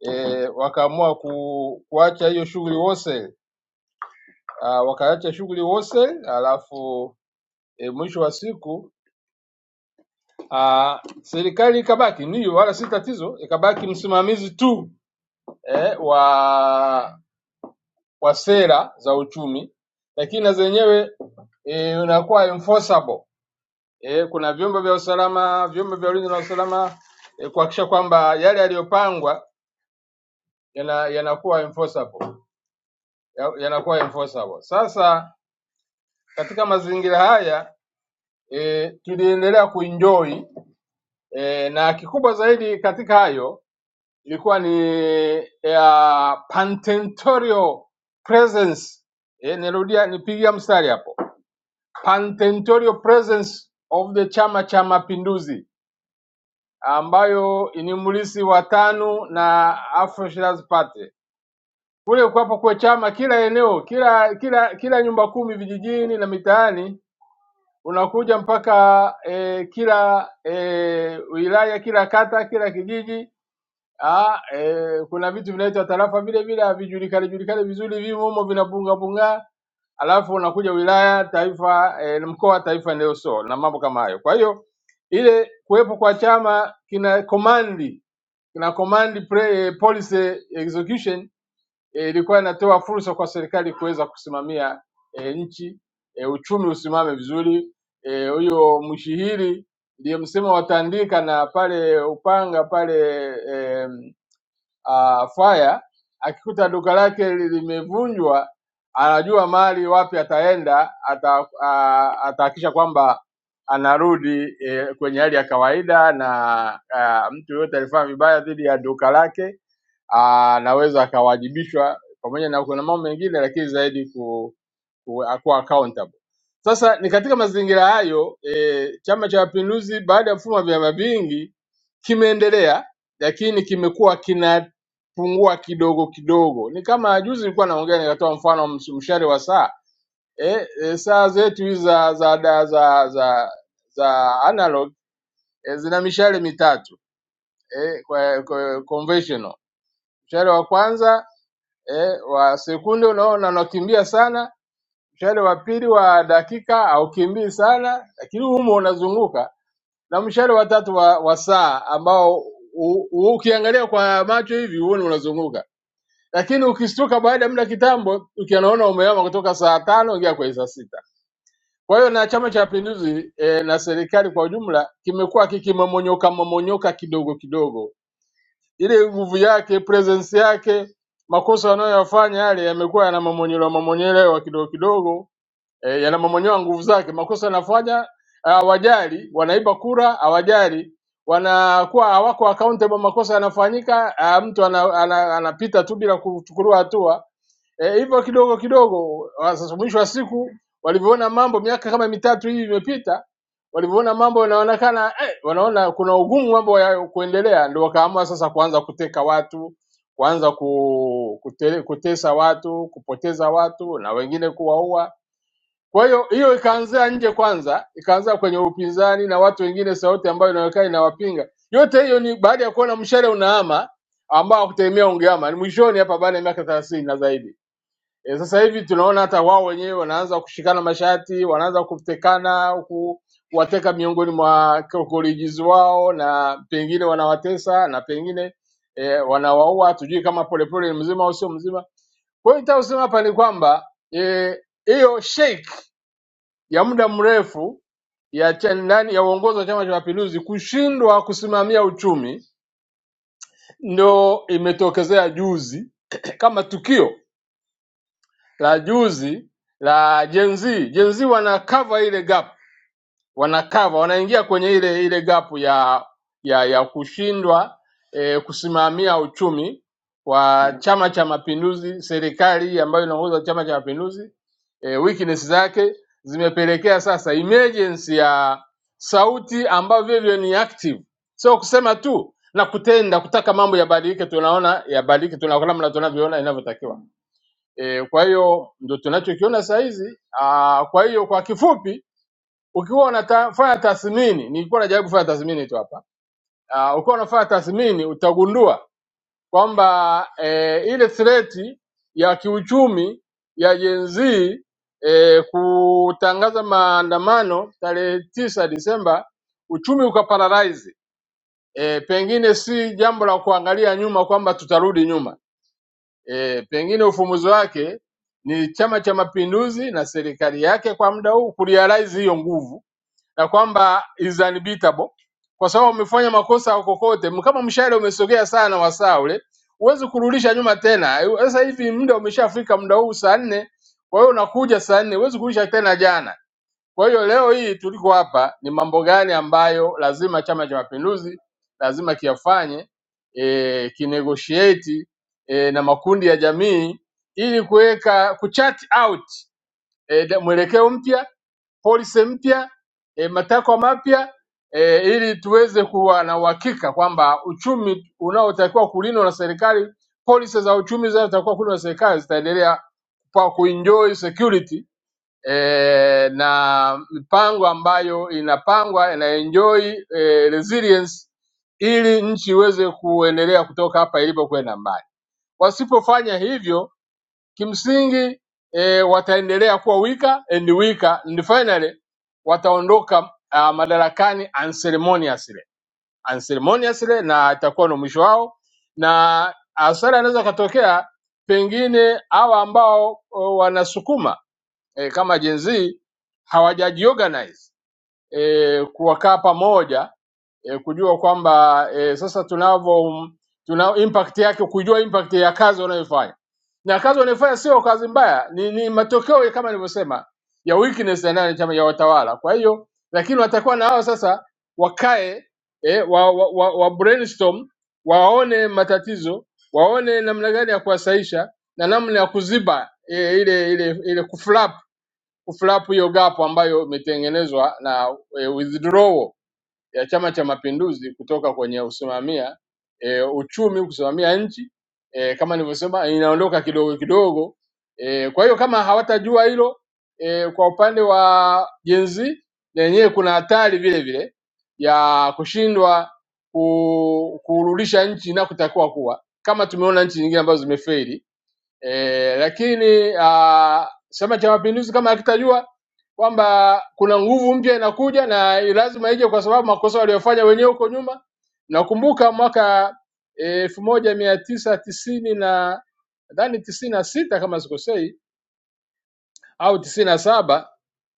Speaker 9: eh, wakaamua ku, kuacha hiyo shughuli wholesale ah, wakaacha shughuli wose, alafu e, mwisho wa siku ah, serikali ikabaki ni wala si tatizo, ikabaki msimamizi tu eh, wa wa sera za uchumi, lakini na zenyewe eh, unakuwa enforceable eh, kuna vyombo vya usalama, vyombo vya ulinzi na usalama eh, kuhakikisha kwamba yale yaliyopangwa yana- yanakuwa enforceable ya- yanakuwa enforceable. Sasa katika mazingira haya e, tuliendelea kuenjoy e, na kikubwa zaidi katika hayo ilikuwa ni e, ya Pantentorial presence e, nirudia nipigia mstari hapo Pantentorial presence of the Chama cha Mapinduzi ambayo ni mlisi wa TANU na Afro Shirazi Party kule kwapo kwa chama kila eneo kila kila kila nyumba kumi vijijini na mitaani unakuja mpaka e, kila e, wilaya kila kata kila kijiji Ah, eh, kuna vitu vinaitwa tarafa vile vile havijulikani julikani vizuri, vimo humo vinabunga bunga, alafu unakuja wilaya, taifa, eh, mkoa, taifa ndio so na mambo kama hayo. Kwa hiyo ile kuwepo kwa chama kina komandi kina command pre, eh, policy execution eh, ilikuwa inatoa fursa kwa serikali kuweza kusimamia eh, nchi eh, uchumi usimame vizuri. Eh, Huyo mshihiri ndiye msema wataandika na pale Upanga pale eh, uh, fire, akikuta duka lake li- limevunjwa, anajua mali wapi ataenda, ata, uh, atahakisha kwamba anarudi eh, kwenye hali ya kawaida, na uh, mtu yoyote alifanya vibaya dhidi ya duka lake ah, anaweza uh, akawajibishwa, pamoja na kuna mambo mengine, lakini zaidi ku, ku, kuwa accountable. Sasa ni katika mazingira hayo e, Chama cha Mapinduzi baada ya mfumo wa vyama vingi kimeendelea, lakini kimekuwa kina pungua kidogo kidogo. Ni kama juzi nilikuwa naongea nikatoa mfano ms- mshale wa saa eh, eh, saa zetu hizi za za za za, za, za analog eh, zina mishale mitatu eh, kwa, kwa conventional. Mshale wa kwanza eh, wa sekunde unaona unakimbia sana, mshale wa pili wa dakika haukimbii sana, lakini humo unazunguka, na mshale wa tatu wa, wa saa ambao u, u, ukiangalia kwa macho hivi huoni unazunguka lakini ukistuka baada ya muda kitambo, ukianaona umehama kutoka saa tano ingia kwenye saa sita. Kwa hiyo na Chama cha Mapinduzi e, na serikali kwa ujumla kimekuwa kikimamonyoka mamonyoka kidogo kidogo, ile nguvu yake, presence yake, makosa wanayoyafanya yale yamekuwa yana mamonyelewa mamonyolewa kidogo kidogo eh, yanamomonyoa nguvu zake. Makosa yanafanya ah, hawajali, wanaiba kura hawajali, wanakuwa hawako accountable. Makosa yanafanyika, ah, mtu ana, ana, anapita tu bila kuchukuliwa hatua eh, hivyo kidogo kidogo. ah, Sasa mwisho wa siku walivyoona mambo, miaka kama mitatu hii imepita, walivyoona mambo yanaonekana eh, wanaona kuna ugumu mambo ya kuendelea, ndio wakaamua sasa kuanza kuteka watu kuanza ku, kutele, kutesa watu, kupoteza watu na wengine kuwaua kwa hiyo hiyo ikaanzia nje kwanza, ikaanza kwenye upinzani na watu wengine, sauti ambayo inaonekana inawapinga. Yote hiyo ni baada ya kuona mshale unahama ambao hakutegemea ungeama, ni mwishoni hapa baada ya miaka thelathini na zaidi. E, sasa hivi tunaona hata wao wenyewe wanaanza kushikana mashati, wanaanza kutekana ku kuwateka miongoni mwa kolijizi wao, na pengine wanawatesa na pengine e, wanawaua. Hatujui kama Polepole ni mzima au sio mzima. Kwa hiyo nitaka kusema hapa ni kwamba eh, hiyo e, ya muda mrefu ya cha- ndani ya uongozi wa Chama cha Mapinduzi kushindwa kusimamia uchumi ndo imetokezea juzi kama tukio la juzi la Gen Z. Gen Z wana cover ile gap wanakava wanaingia kwenye ile ile gap ya ya ya kushindwa e, kusimamia uchumi wa Chama cha Mapinduzi, serikali ambayo inaongoza Chama cha Mapinduzi e, weakness zake zimepelekea sasa emergence ya sauti ambayo vivyo ni active, sio kusema tu na kutenda, kutaka mambo yabadilike. Tunaona yabadilike, tunaona namna tunavyoona inavyotakiwa. E, kwa hiyo ndio tunachokiona saa hizi. Ah, Kwa hiyo kwa kifupi ukiwa unafanya tathmini, nilikuwa najaribu kufanya tathmini tu hapa. Uh, ukiwa unafanya tathmini utagundua kwamba eh, ile threat ya kiuchumi ya Gen Z eh, kutangaza maandamano tarehe tisa Disemba, uchumi ukaparalyze. Eh, pengine si jambo la kuangalia nyuma kwamba tutarudi nyuma. Eh, pengine ufumbuzi wake ni Chama cha Mapinduzi na serikali yake kwa muda huu kurealize hiyo nguvu na kwamba is unbeatable kwa sababu umefanya makosa kokote, kama mshale umesogea sana wasaa ule, huwezi kurudisha nyuma tena. Sasa hivi muda umeshafika, muda huu saa nne, kwa hiyo unakuja saa nne, huwezi kurudisha tena jana. Kwa hiyo leo hii tuliko hapa, ni mambo gani ambayo lazima Chama cha Mapinduzi lazima kiyafanye, e, kinegotiate e, na makundi ya jamii ili kuweka kuchat out e, de- mwelekeo mpya, policy mpya, e, matakwa mapya e, ili tuweze kuwa na uhakika kwamba uchumi unaotakiwa kulindwa na serikali, policy za uchumi zinazotakiwa kulindwa na serikali zitaendelea kwa kuenjoy security e, na mipango ambayo inapangwa ina enjoy e, resilience ili nchi iweze kuendelea kutoka hapa ilipokwenda mbali. Wasipofanya hivyo Kimsingi eh, wataendelea kuwa weaker and weaker and finally wataondoka uh, madarakani unceremoniously unceremoniously, na itakuwa ndo mwisho wao, na hasara inaweza katokea pengine hawa ambao oh, wanasukuma eh, kama Gen Z hawajajiorganize e, kuwakaa pamoja e, kujua kwamba e, sasa tunavyo tuna impact yake, kujua impact ya kazi wanayofanya na kazi wanayofanya sio kazi mbaya, ni, ni matokeo ya kama nilivyosema ya weakness ya nani chama ya watawala. Kwa hiyo lakini watakuwa na hao sasa wakae e, wa, wa, wa, wa brainstorm, waone matatizo, waone namna gani ya kuwasaisha na namna ya kuziba e, ile ile ile kuflap kuflap hiyo gap ambayo imetengenezwa na e, withdrawal ya Chama cha Mapinduzi kutoka kwenye usimamia e, uchumi kusimamia nchi e, kama nilivyosema inaondoka kidogo kidogo. E, kwa hiyo kama hawatajua hilo e, kwa upande wa Gen Z lenyewe kuna hatari vile vile ya kushindwa ku- kurudisha nchi inakotakiwa kuwa, kama tumeona nchi nyingine ambazo zimefeli e, lakini ah, Chama cha Mapinduzi kama hakitajua kwamba kuna nguvu mpya inakuja na lazima ije, kwa sababu makosa waliofanya wenyewe huko nyuma. Nakumbuka mwaka eh, elfu moja mia tisa tisini na nadhani tisini na sita kama sikosei au tisini na saba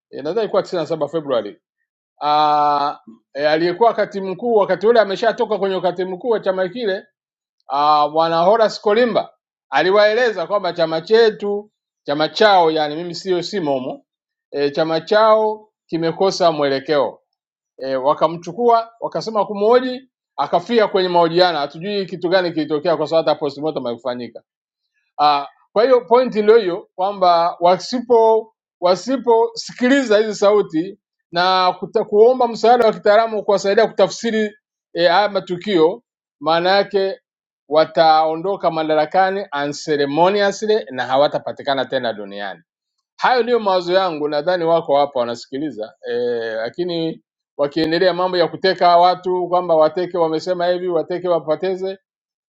Speaker 9: e, nadhani ilikuwa tisini na saba Februari Ah, e, aliyekuwa katibu mkuu wakati ule ameshatoka kwenye ukatibu mkuu wa chama kile ah, bwana Horace Kolimba aliwaeleza kwamba chama chetu chama chao, yani mimi sio simo humo e, chama chao kimekosa mwelekeo e, wakamchukua wakasema kumhoji akafia kwenye mahojiano, hatujui kitu gani kilitokea kwa sababu hata postmortem haikufanyika. Ah, Kwa hiyo pointi ndio hiyo kwamba wasipo wasiposikiliza hizi sauti na kuta, kuomba msaada wa kitaalamu kuwasaidia kutafsiri eh, haya matukio, maana yake wataondoka madarakani unceremoniously na hawatapatikana tena duniani. Hayo ndiyo mawazo yangu, nadhani wako hapa wanasikiliza eh, lakini wakiendelea mambo ya kuteka watu kwamba wateke, wamesema hivi, wateke wapoteze,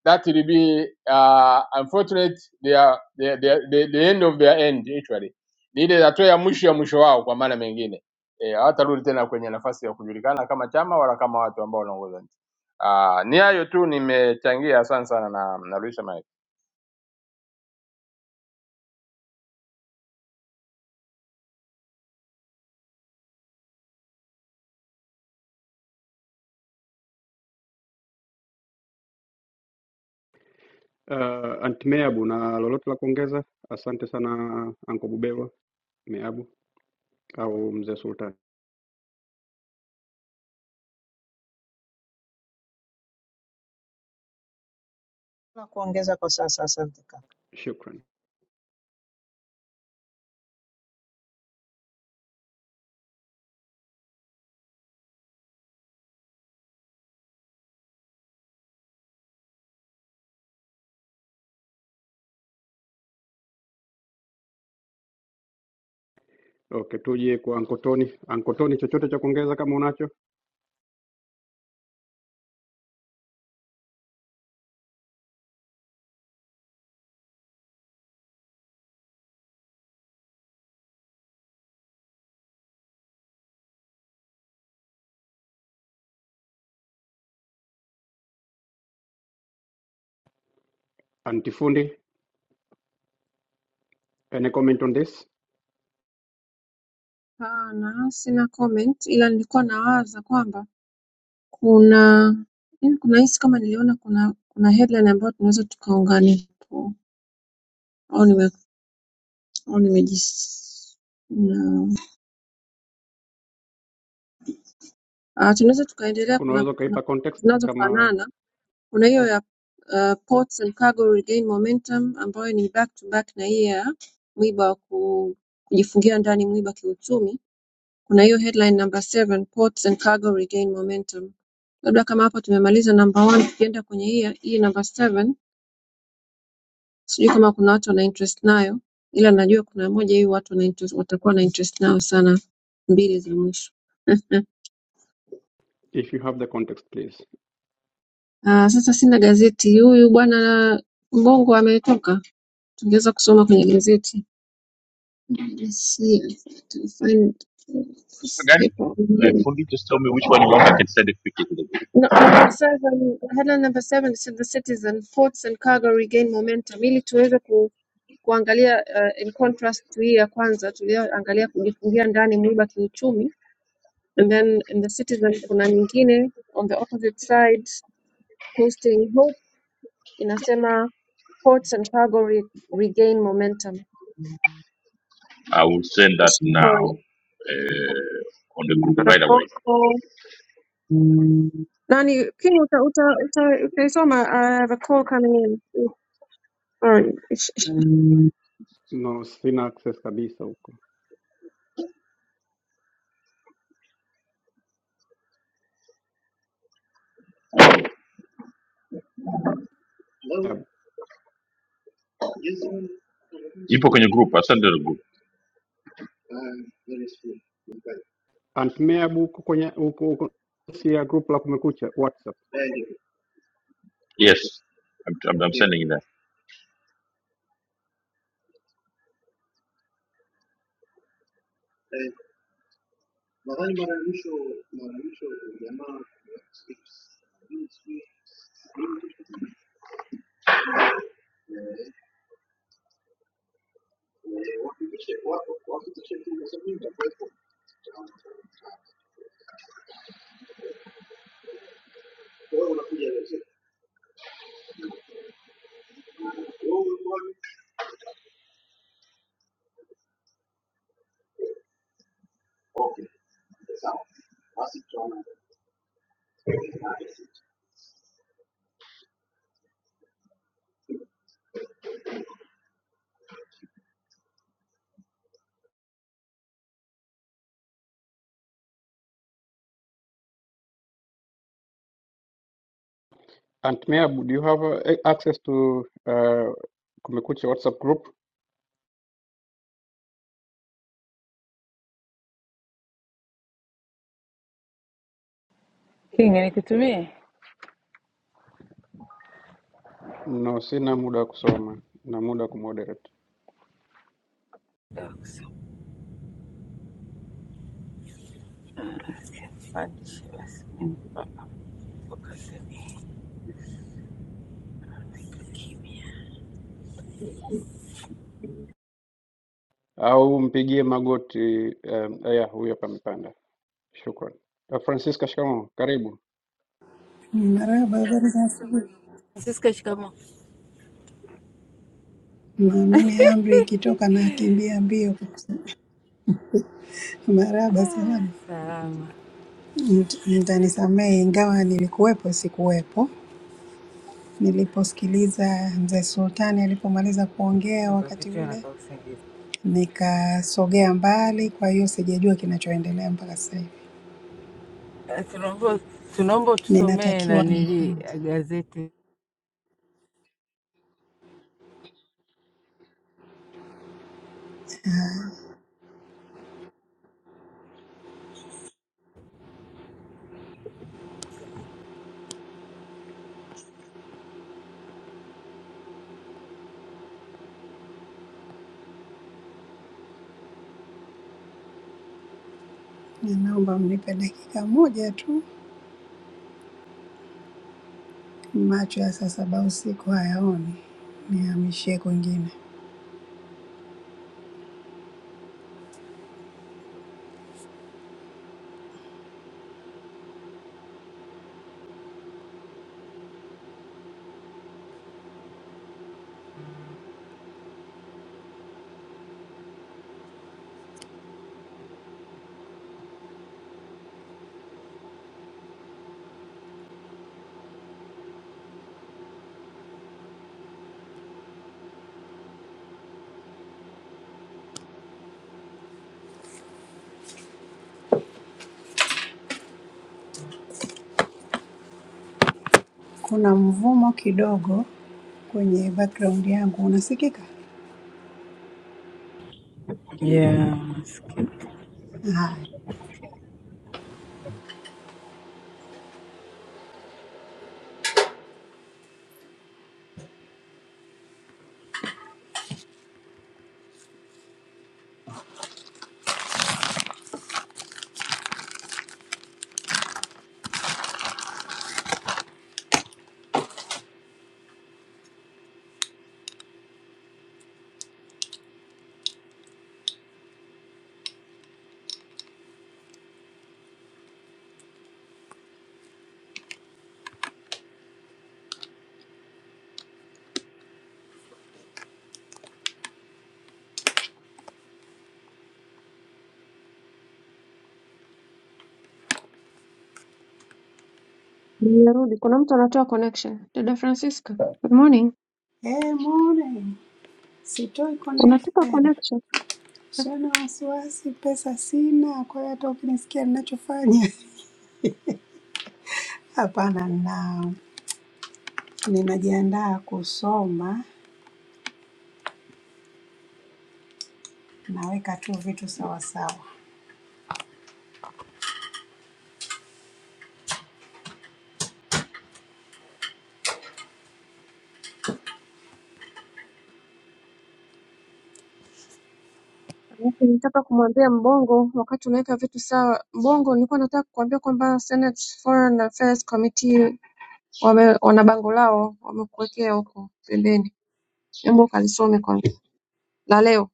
Speaker 9: that will be uh, unfortunate their, their, their, the, the end of their end actually, ni ile hatua ya mwisho ya mwisho wao kwa maana mengine eh, hawatarudi tena kwenye nafasi ya kujulikana kama chama wala kama watu ambao wanaongoza nchi. Uh, ni hayo tu nimechangia, asante sana na narudisha mic.
Speaker 2: Uh, Aunt Meabu, na lolote la kuongeza? Asante sana Anko Buberwa Meabu au Mzee Sultan,
Speaker 8: Na kuongeza kwa sasa, asante.
Speaker 2: shukran. Okay, tuje kwa Ankotoni. Ankotoni, chochote cha kuongeza kama unacho? Antifundi, any comment on this?
Speaker 3: Hapana, sina comment, ila nilikuwa nawaza kwamba kuna yaani kuna hisi kama niliona kuna kuna headline ambayo tunaweza tukaunganisha au au nimejis na ah, tunaweza tukaendelea kuna
Speaker 2: Unaweza
Speaker 3: kuna
Speaker 2: ukaipa context kama
Speaker 3: zinazofanana kuna hiyo ya uh, ports and cargo regain momentum ambayo ni back to back na hii ya mwiba wa ku- kujifungia ndani mwiba kiuchumi kuna hiyo headline number 7 ports and cargo regain momentum labda kama hapo tumemaliza number 1 tukienda kwenye hii ya- hii number 7 sijui kama kuna watu wana interest nayo ila najua kuna moja hii watu wana interest, watakuwa na interest nayo sana mbili za mwisho
Speaker 2: if you have the context please.
Speaker 3: Ah, sasa sina gazeti. Huyu bwana Mbongo ametoka, tungeweza kusoma kwenye gazeti. Let's see if I can find this
Speaker 1: gani
Speaker 3: paper.
Speaker 1: eh, fundi just tell me which one you want i can send it quickly to the group
Speaker 3: No, number seven, headline number seven said the citizen ports and cargo regain momentum. Ili tuweze ku, kuangalia uh, in contrast to hii ya kwanza tulioangalia kujifungia ndani mwiba kiuchumi, and then in the citizen kuna nyingine on the opposite side posting inasema Ports and cargo re regain momentum.
Speaker 1: i will send that now
Speaker 3: Sorry.
Speaker 1: on the group right away
Speaker 3: Rapopo. Nani King uta, uta, uta, utaisoma I have a call coming in. Sorry.
Speaker 2: No, sina access kabisa huko. Yeah.
Speaker 1: ipo kwenye group i send it to the group
Speaker 2: Aunt Meabu huko kwenye huko huko si ya group la Kumekucha WhatsApp.
Speaker 1: yes i'm, I'm, I'm sending it there
Speaker 2: Aunt Meabu, do you have uh, access to uh, Kumekucha WhatsApp group?
Speaker 10: Kinga nikutumie
Speaker 2: No, sina muda wa kusoma na muda wa kumoderate. Au mpigie magoti um, aya huyo hapa amepanda. Shukran. Uh, Francisca, shikamoo. Karibu.
Speaker 11: Maraba habari asubuhi.
Speaker 10: Francisca, shikamoo.
Speaker 11: Na mimi amri ikitoka nakimbia mbio. Maraba salama.
Speaker 10: Salama.
Speaker 11: Mt- Mtanisamehe ingawa nilikuwepo sikuwepo. Niliposikiliza mzee Sultani alipomaliza kuongea wakati
Speaker 10: Ukapitiwa na
Speaker 11: ule
Speaker 10: kausingizi.
Speaker 11: nikasogea mbali, kwa hiyo sijajua kinachoendelea mpaka sasa hivi.
Speaker 10: Eh, Tunaomba tunaomba utusomee
Speaker 11: Ninatakiwa
Speaker 10: nanili
Speaker 11: nifunge.
Speaker 10: gazeti
Speaker 11: Ninaomba mnipe dakika moja tu, macho ya saa saba usiku hayaoni, nihamishie kwingine. Kuna mvumo kidogo kwenye background yangu, unasikika?
Speaker 10: ya msikiti.
Speaker 11: Haya.
Speaker 3: Nimerudi. Kuna mtu anatoa connection. Dada Francisca. Good morning.
Speaker 11: Hey, morning. Sitoi
Speaker 3: Unatupa
Speaker 11: connection,
Speaker 3: connection.
Speaker 11: sio na wasiwasi, pesa sina, kwa hiyo hata ukinisikia ninachofanya hapana, na ninajiandaa kusoma, naweka tu vitu sawa sawa.
Speaker 3: Alafu Nitaka kumwambia Mbongo wakati unaweka vitu sawa. Mbongo nilikuwa nataka kukuambia kwamba Senate Foreign Affairs Committee wame, wana bango lao wamekuwekea huko pembeni. Hebu ukalisome kwanza la leo.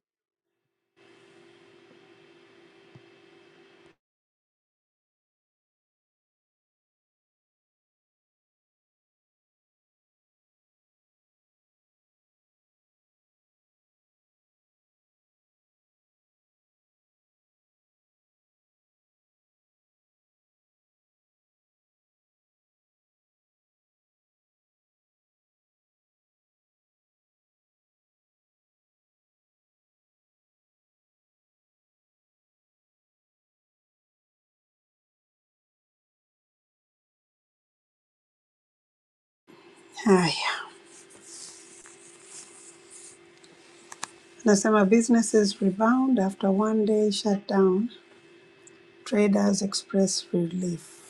Speaker 11: Haya, nasema businesses rebound after one day shutdown, traders express relief.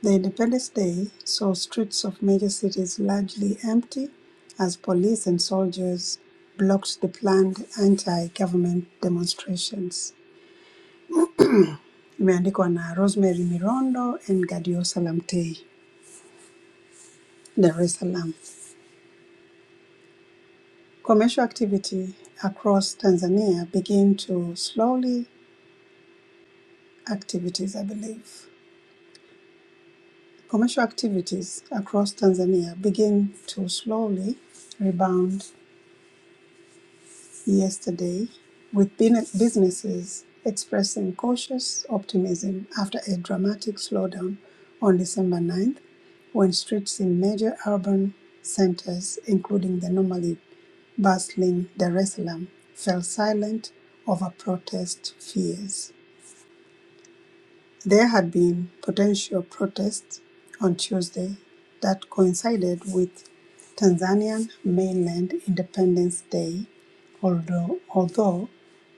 Speaker 11: The Independence Day saw streets of major cities largely empty as police and soldiers blocked the planned anti-government demonstrations. Imeandikwa na Rosemary Mirondo and Gadio Salamtei, Dar es Salaam. Commercial activity across Tanzania began to slowly activities, I believe. Commercial activities across Tanzania begin to slowly rebound yesterday with businesses expressing cautious optimism after a dramatic slowdown on December ninth, when streets in major urban centers, including the normally bustling Dar es Salaam, fell silent over protest fears. There had been potential protests on Tuesday that coincided with Tanzanian mainland Independence Day, although although,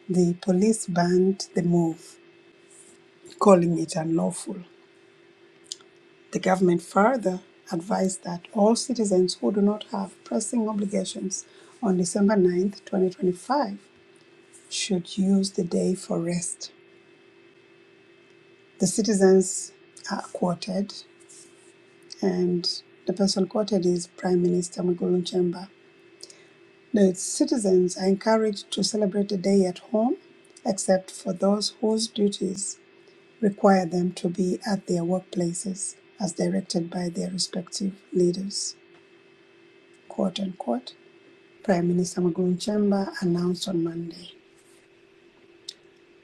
Speaker 11: the police banned the move, calling it unlawful. The government further advised that all citizens who do not have pressing obligations on December 9, 2025, should use the day for rest. The citizens are quoted, and the person quoted is Prime Minister Mwigulu Nchemba. The citizens are encouraged to celebrate the day at home, except for those whose duties require them to be at their workplaces as directed by their respective leaders. Quote unquote. Prime Minister Magun Chemba announced on Monday.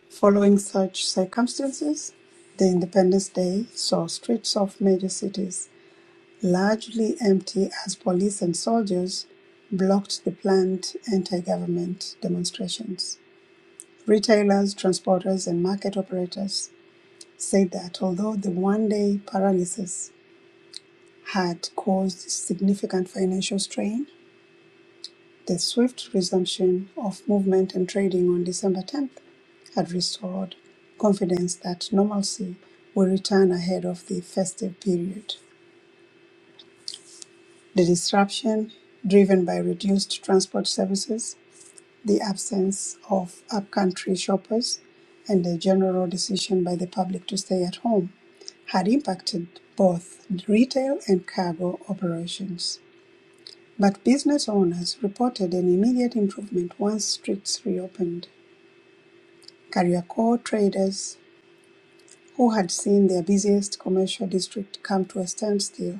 Speaker 11: Following such circumstances, the Independence Day saw streets of major cities largely empty as police and soldiers blocked the planned anti government demonstrations. Retailers, transporters, and market operators said that although the one day paralysis had caused significant financial strain, the swift resumption of movement and trading on December 10th had restored confidence that normalcy would return ahead of the festive period. The disruption, driven by reduced transport services, the absence of upcountry shoppers, and the general decision by the public to stay at home, had impacted both retail and cargo operations. But business owners reported an immediate improvement once streets reopened. Kariakor traders, who had seen their busiest commercial district come to a standstill,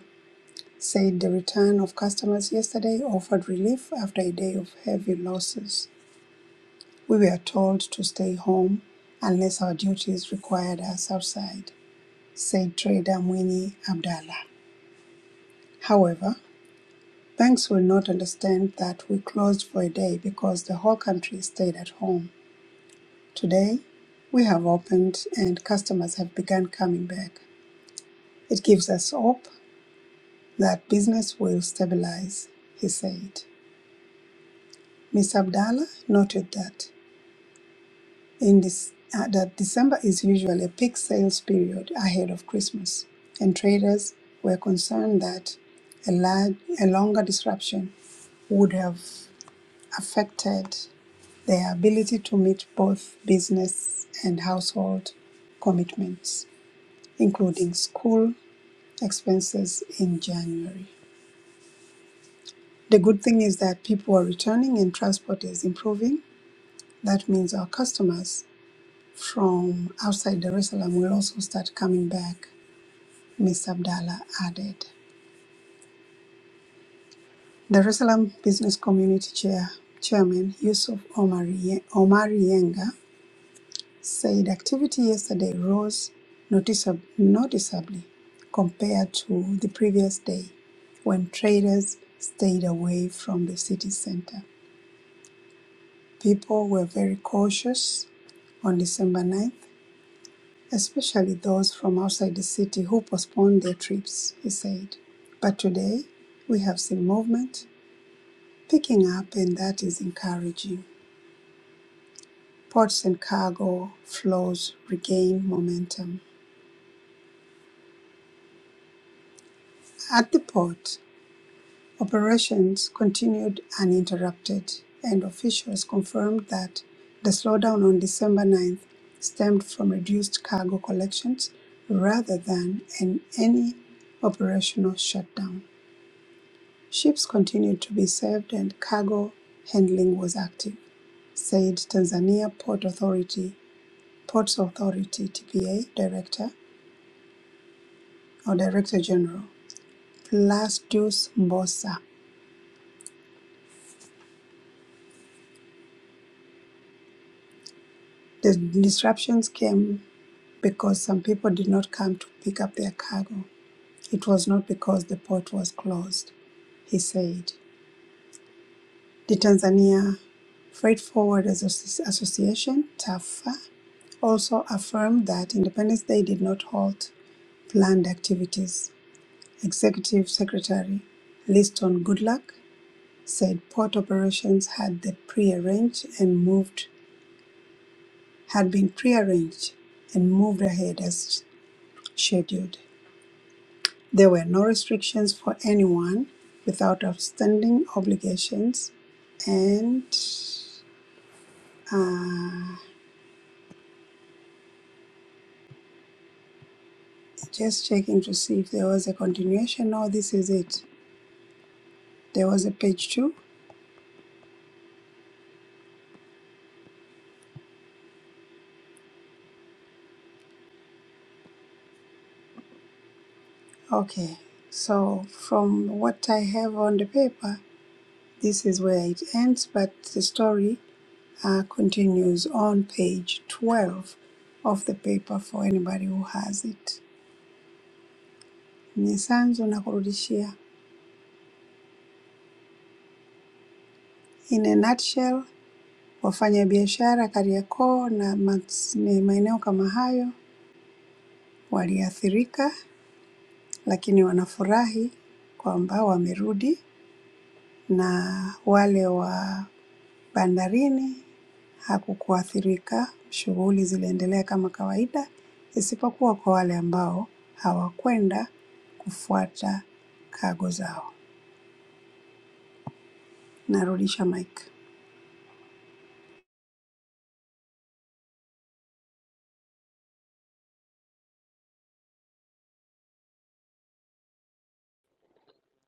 Speaker 11: said the return of customers yesterday offered relief after a day of heavy losses. We were told to stay home unless our duties required us outside, said trader Mwini Abdallah. However, banks will not understand that we closed for a day because the whole country stayed at home. Today, we have opened and customers have begun coming back. It gives us hope that business will stabilize, he said. Ms. Abdallah noted that in this uh, that December is usually a peak sales period ahead of Christmas, and traders were concerned that a, large, a longer disruption would have affected their ability to meet both business and household commitments, including school expenses in January. The good thing is that people are returning and transport is improving. That means our customers from outside Dar es Salaam will also start coming back, Mr. Abdallah added. Dar es Salaam Business Community Chair, Chairman Yusuf Omari, Omari Yenga said activity yesterday rose noticeab- noticeably compared to the previous day when traders stayed away from the city center. People were very cautious on December 9th, especially those from outside the city who postponed their trips, he said. But today, we have seen movement picking up, and that is encouraging. Ports and cargo flows regain momentum. At the port, Operations continued uninterrupted, and officials confirmed that the slowdown on December 9th stemmed from reduced cargo collections rather than an any operational shutdown. Ships continued to be served and cargo handling was active, said Tanzania Port Authority Ports Authority TPA Director or Director General Plasdus Mbosa. The disruptions came because some people did not come to pick up their cargo. It was not because the port was closed, he said. The Tanzania Freight Forwarders Association, TAFA, also affirmed that Independence Day did not halt planned activities. Executive Secretary Liston Goodluck said port operations had the prearranged and moved had been prearranged and moved ahead as scheduled. There were no restrictions for anyone without outstanding obligations. And uh, just checking to see if there was a continuation. No, this is it. There was a page two. Okay. So, from what I have on the paper, this is where it ends, but the story uh, continues on page 12 of the paper for anybody who has it. Nisanzu nakurudishia. In a nutshell, Wafanyabiashara Kariakoo na mas- ni maeneo kama hayo waliathirika, lakini wanafurahi kwamba wamerudi, na wale wa bandarini hakukuathirika, shughuli ziliendelea kama kawaida, isipokuwa kwa wale ambao hawakwenda kufuata cargo zao. Narudisha mic.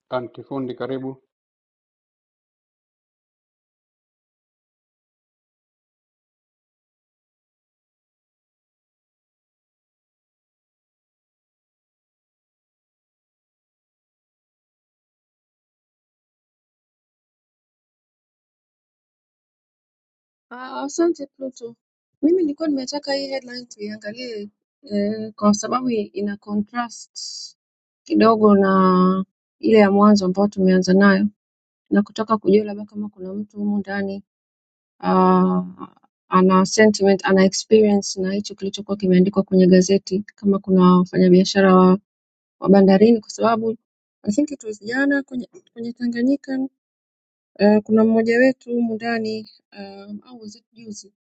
Speaker 2: Antifundi, karibu.
Speaker 3: Ah, Asante Pluto. Mimi nilikuwa nimetaka hii headline tuiangalie eh, kwa sababu i- ina contrast kidogo na ile ya mwanzo ambayo tumeanza nayo na kutaka kujua labda kama kuna mtu humu ndani ah, ana sentiment, ana experience na hicho kilichokuwa kimeandikwa kwenye gazeti, kama kuna wafanyabiashara wa, wa bandarini, kwa sababu I think it was jana kwenye, kwenye Tanganyika Eh, kuna mmoja wetu humu ndani um, au was it juzi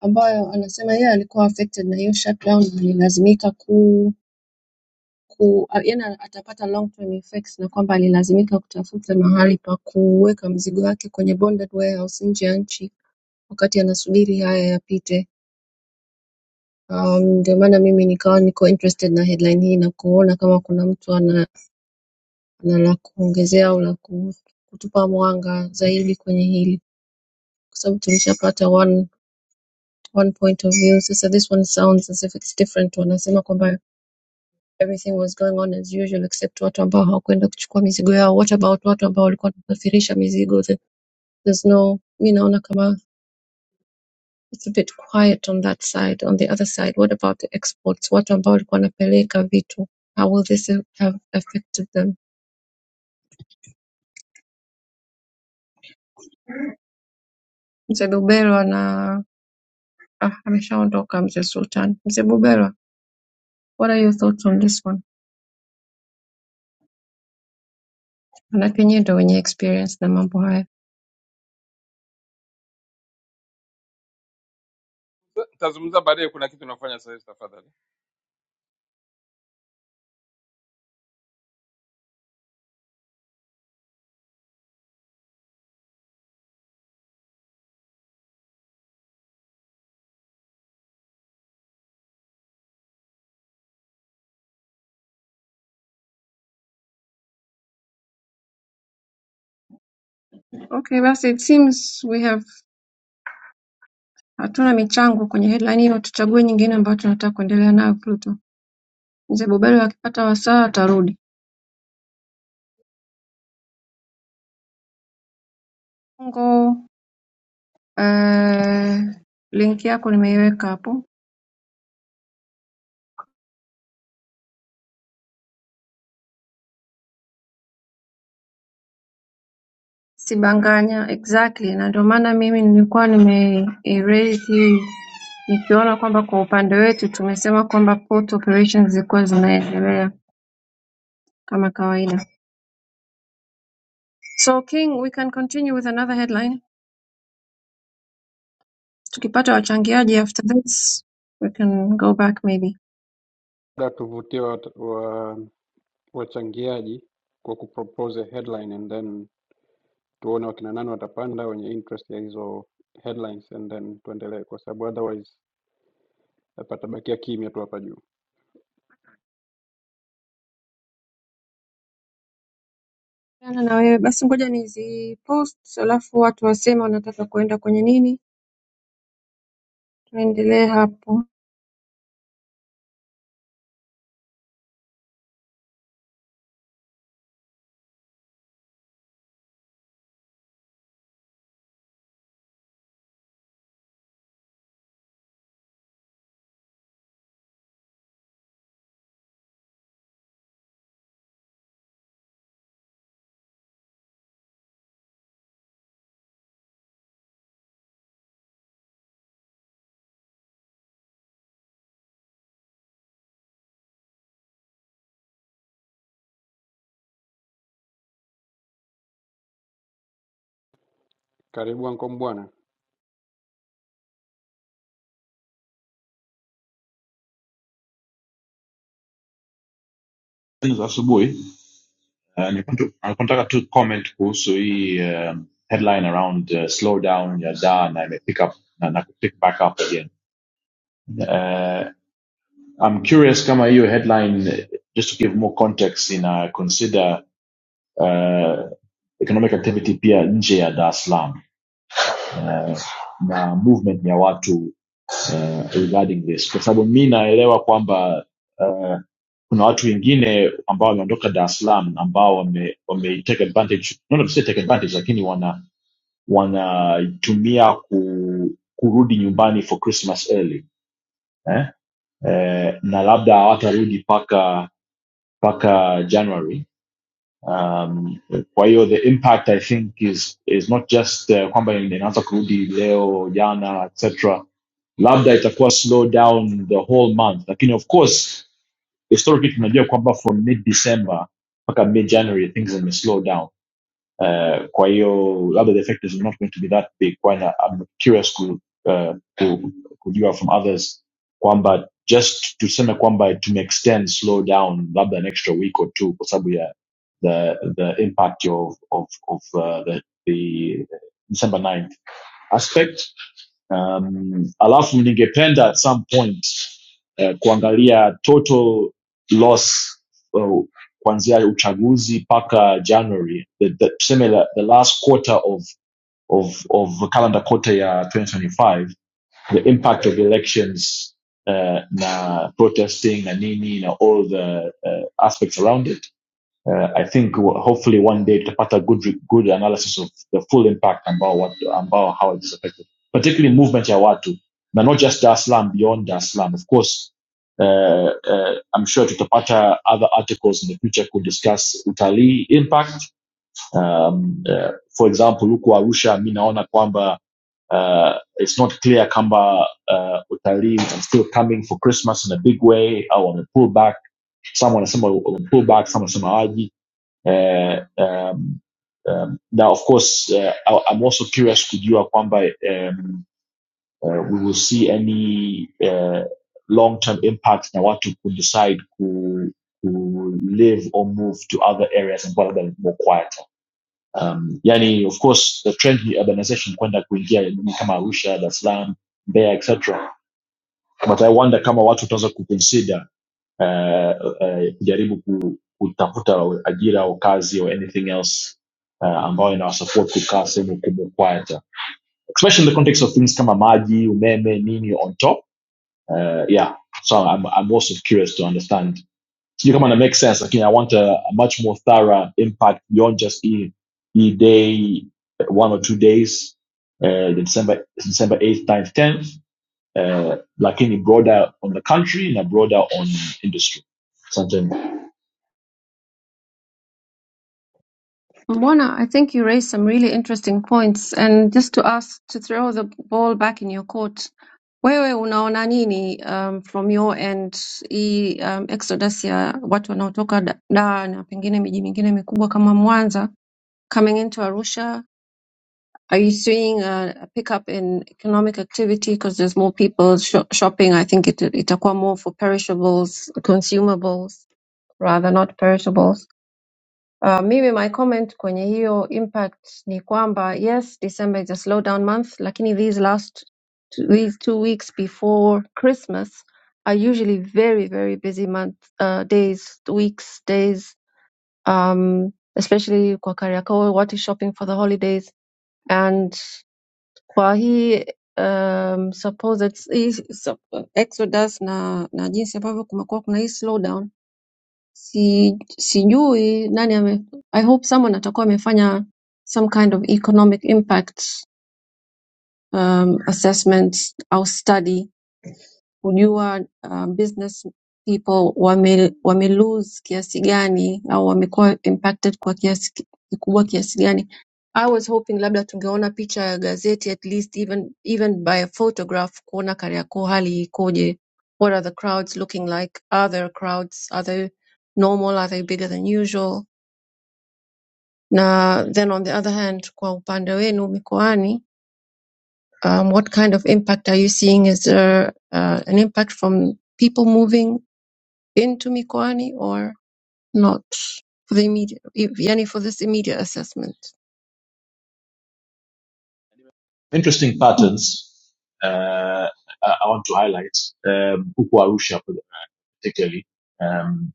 Speaker 3: ambayo anasema yeye alikuwa affected na hiyo shutdown alilazimika ku, ku a- yani atapata long term effects na kwamba alilazimika kutafuta mahali pa kuweka mzigo wake kwenye bonded warehouse nje ya nchi wakati anasubiri haya yapite. Um, ndio maana mimi nikawa niko interested na headline hii na kuona kama kuna mtu ana, ana la kuongezea au la ku- kutupa mwanga zaidi kwenye hili kwa sababu tulishapata one point of view. Sasa this one sounds as if it's different. Wanasema kwamba everything was going on as usual except watu ambao hawakwenda kuchukua mizigo yao. What about watu ambao walikuwa wanasafirisha mizigo? The- There's no, mi naona kama it's a bit quiet on that side. On the other side, what about the exports? Watu ambao walikuwa wanapeleka vitu, how will this have affected them? Mzee Buberwa na ah, ameshaondoka mzee Sultan. Mzee Buberwa, what are your thoughts on this one? Manake nyie ndo wenye experience na mambo haya.
Speaker 9: Nitazungumza baadaye, kuna kitu nafanya sasa hivi, tafadhali.
Speaker 3: Okay, basi it seems we have hatuna michango kwenye headline hiyo tuchague nyingine ambayo tunataka kuendelea nayo pluto mzee bobelo akipata wasaa atarudi ngo eh, link yako nimeiweka hapo sibanganya exactly na ndio maana mimi nilikuwa nime erase hii nikiona kwamba kwa upande wetu tumesema kwamba port operations zilikuwa zinaendelea kama kawaida so king we can continue with another headline tukipata wachangiaji after this we can go back maybe
Speaker 2: Da tuvutie wa, wachangiaji kwa kupropose a headline and then tuone wakina nani watapanda wenye interest ya hizo headlines and then tuendelee kwa sababu otherwise patabakia kimya tu hapa juu
Speaker 3: Kulingana na wewe basi ngoja nizipost alafu watu waseme wanataka kuenda kwenye nini tuendelee hapo
Speaker 2: karibu anko mbwana
Speaker 12: za asubuhi uh, nilikuwa tu- nilikuwa nataka tu comment kuhusu hii um, headline around uh, slowdown ya da na ime pick up na, na pick back up again uh, I'm curious kama hiyo headline just to give more context ina consider uh, economic activity pia nje ya Dar es Salaam uh, na movement ya watu uh, regarding this kwa sababu mi naelewa kwamba uh, kuna watu wengine ambao wameondoka Dar es Salaam ambao wame, wame take advantage not to say take advantage lakini wana wanaitumia ku, kurudi nyumbani for Christmas early eh? Eh, na labda hawatarudi paka paka January Um, kwa hiyo the impact I think is is not just uh, kwamba in- inaanza kurudi leo jana etc. Labda itakuwa slow down the whole month, lakini of course historically tunajua kwamba from mid December mpaka mid January things zime slow down Uh, kwa hiyo labda the effect is not going to be that big Why not? I'm curious ku, uh, ku, kujua from others kwamba just tuseme kwamba to make extend slow down labda an extra week or two kwa sababu ya the the impact of of, of uh, the, the December ninth aspect um, alafu ningependa at some point eh, kuangalia total loss uh, kuanzia uchaguzi paka january the, the, tuseme the last quarter of, of, of calendar quarter ya 2025 the impact of elections uh, na protesting na nini na all the uh, aspects around it uh, I think hopefully one day tutapata good re- good analysis of the full impact ambao watu, ambao how it is affected, particularly movement ya watu na not just Dar es Salaam, beyond Dar es Salaam. Of course, uh, uh, I'm sure tutapata other articles in the future could discuss utalii impact. Um, uh, for example, huku Arusha mi naona kwamba uh, it's not clear kamba uh, utalii is still coming for Christmas in a big way au wame pull back. Some wanasema wame pull back, some wanasema hawaji uh, um, um, now, of course, uh, I, I'm also curious kujua kwamba um, uh, we will see any uh, long-term impact na watu could decide ku, ku live or move to other areas and labda ni more quieter. Um, yani, of course, the trend ni urbanization kwenda kuingia miji kama Arusha, Dar es Salaam, Mbeya, etc. But I wonder kama watu wataweza kuconsider eh, eh, kujaribu ku, kutafuta ajira au kazi or anything else eh, ambayo inawasupport kukaa sehemu kubwa quiet especially in the context of things kama maji umeme nini on top Uh, yeah so I'm, I'm also curious to understand sijui kama na make sense lakini I want a, a much more thorough impact beyond just hii hii day one or two days Uh, December December 8th ninth, 10th Uh, eh, lakini broader on the country and a broader on industry something.
Speaker 3: mbona i think you raised some really interesting points and just to ask to throw the ball back in your court wewe unaona nini um, from your end hii um, exodus ya watu wanaotoka da, Dar na pengine miji mingine mikubwa kama mwanza coming into arusha Are you seeing a, a pickup in economic activity because there's more people sho- shopping? I think it itakuwa more for perishables, consumables rather not perishables. Uh, mimi my comment kwenye hiyo impact ni kwamba yes, December is a slowdown month, lakini these last two, these two weeks before Christmas are usually very very busy month uh, days, weeks, days. Um, especially kwa Kariakoo, what is shopping for the holidays? and. kwa hii um, supposed, hii sup- exodus na, na jinsi ambavyo kumekuwa kuna hii slowdown si, sijui nani ame, I hope someone atakuwa amefanya some kind of economic impact um, assessment au study kujua uh, business people wame, wame lose kiasi gani au wamekuwa impacted kwa kiasi ki- kikubwa kiasi gani. I was hoping labda tungeona picha ya gazeti at least even, even by a photograph kuona Kariakoo hali ikoje, what are the crowds looking like, are there crowds, are they normal, are they bigger than usual? Na then on the other hand, kwa upande wenu mikoani, um, what kind of impact are you seeing? Is there uh, an impact from people moving? into mikoani or not for the immediate if, yani for this immediate assessment
Speaker 12: interesting patterns uh, I want to highlight um, huku Arusha particularly. Um,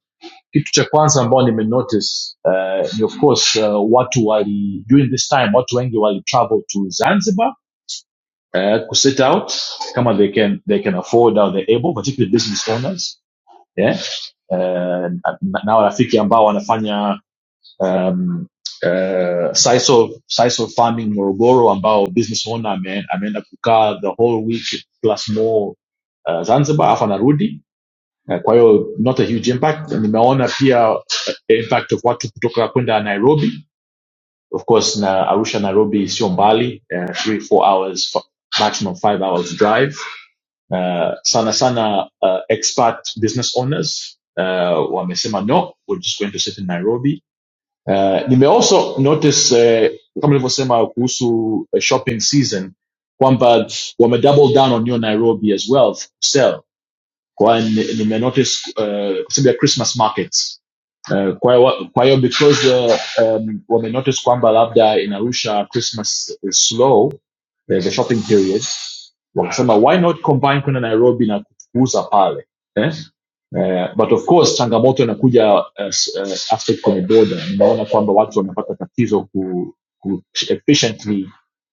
Speaker 12: kitu cha kwanza ambao nimenotice uh, ni of course uh, watu wali during this time watu wengi wali travel to Zanzibar uh, ku sit out kama they can they can afford or they're able particularly business owners yeah uh, na na- na ambao wanafanya um, uh, Saiso, Saiso Farming Morogoro ambao business owner ame, ameenda kukaa the whole week plus more uh, Zanzibar afa anarudi uh, kwa hiyo not a huge impact. Nimeona pia uh, impact of watu kutoka kwenda Nairobi of course na Arusha Nairobi sio mbali uh, three four hours fi- maximum five hours drive uh, sana sana uh, expat business owners uh, wamesema no we're just going to sit in Nairobi uh, you may also notice uh, kama nilivyosema kuhusu uh, shopping season kwamba wame double down on your Nairobi as well sell kwa hiyo ni- nimenotice uh, kwa sababu ya christmas markets uh, kwa hiyo wa- kwa hiyo because uh, um, wamenotice kwamba labda inarusha christmas is slow eh, the shopping period wakasema why not combine kwenda nairobi na kuuza pale eh? Eh, but of course changamoto inakuja uh, uh, aspect kwenye border. Nimeona kwamba watu wamepata tatizo ku, ku efficiently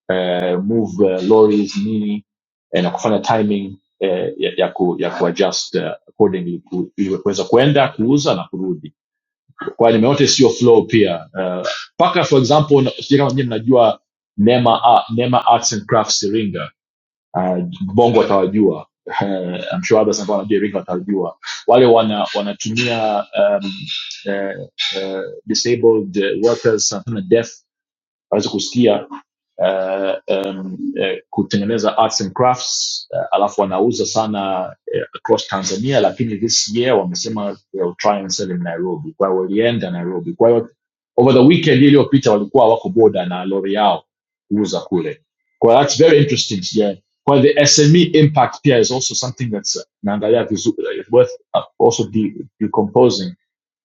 Speaker 12: eh, move eh, lorries nini eh, na kufanya timing eh, ya, ya, ku, ya kuadjust eh, accordingly ku- ili kuweza kuenda kuuza na kurudi kwa hiyo nimeota sio flow pia Eh, mpaka for example na- sijui kama nyie mnajua nema, Ar- nema arts and crafts iringa uh, bongo watawajua Eh, I'm sure others ambao wanajua iringa watawajua wale wana wanatumia um, eh, eh, disabled eh, workers sana deaf waweze kusikia eh, em, eh, kutengeneza arts and crafts eh, alafu wanauza sana eh, across tanzania lakini this year wamesema they'll try and sell in nairobi kwa hiyo walienda nairobi kwa hiyo over the weekend iliyopita walikuwa wako boda na lori yao kuuza kule kwa hiyo that's very interesting yeah. kwa hiyo the sme impact pia is also something that's uh, naangalia vizuri worth uh, also de decomposing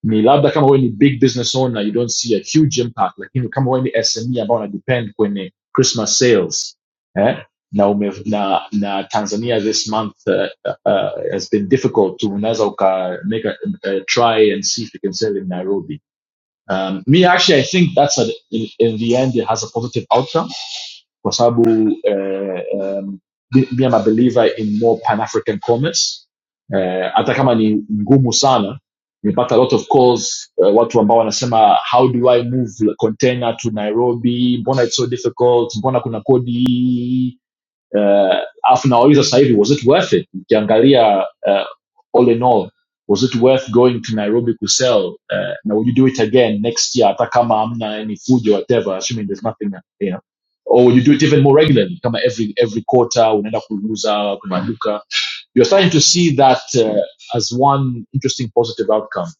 Speaker 12: ni labda kama wewe ni big business owner you don't see a huge impact lakini kama wewe ni sme ambao unadepend kwenye christmas sales eh? na, ume, na na tanzania this month uh, uh, has been difficult to unaweza uka make a, a try and see if you can sell in nairobi um, me actually i think that's a, in, in the end it has a positive outcome kwa sababu eh, um, mi mi am a believer in more pan african commerce eh, hata kama ni ngumu sana nimepata a lot of calls eh, watu ambao wanasema how do i move container to nairobi mbona it's so difficult mbona kuna kodi hii uh, Alafu nauliza sasa hivi, was it worth it? Ukiangalia uh, all in all, was it worth going to Nairobi kusell? Uh, now would you do it again next year? Hata kama hamna any food or whatever, assuming there's nothing, you know. Or would you do it even more regularly? Kama every every quarter unaenda kuuza kuna duka. You're starting to see that uh, as one interesting positive outcome.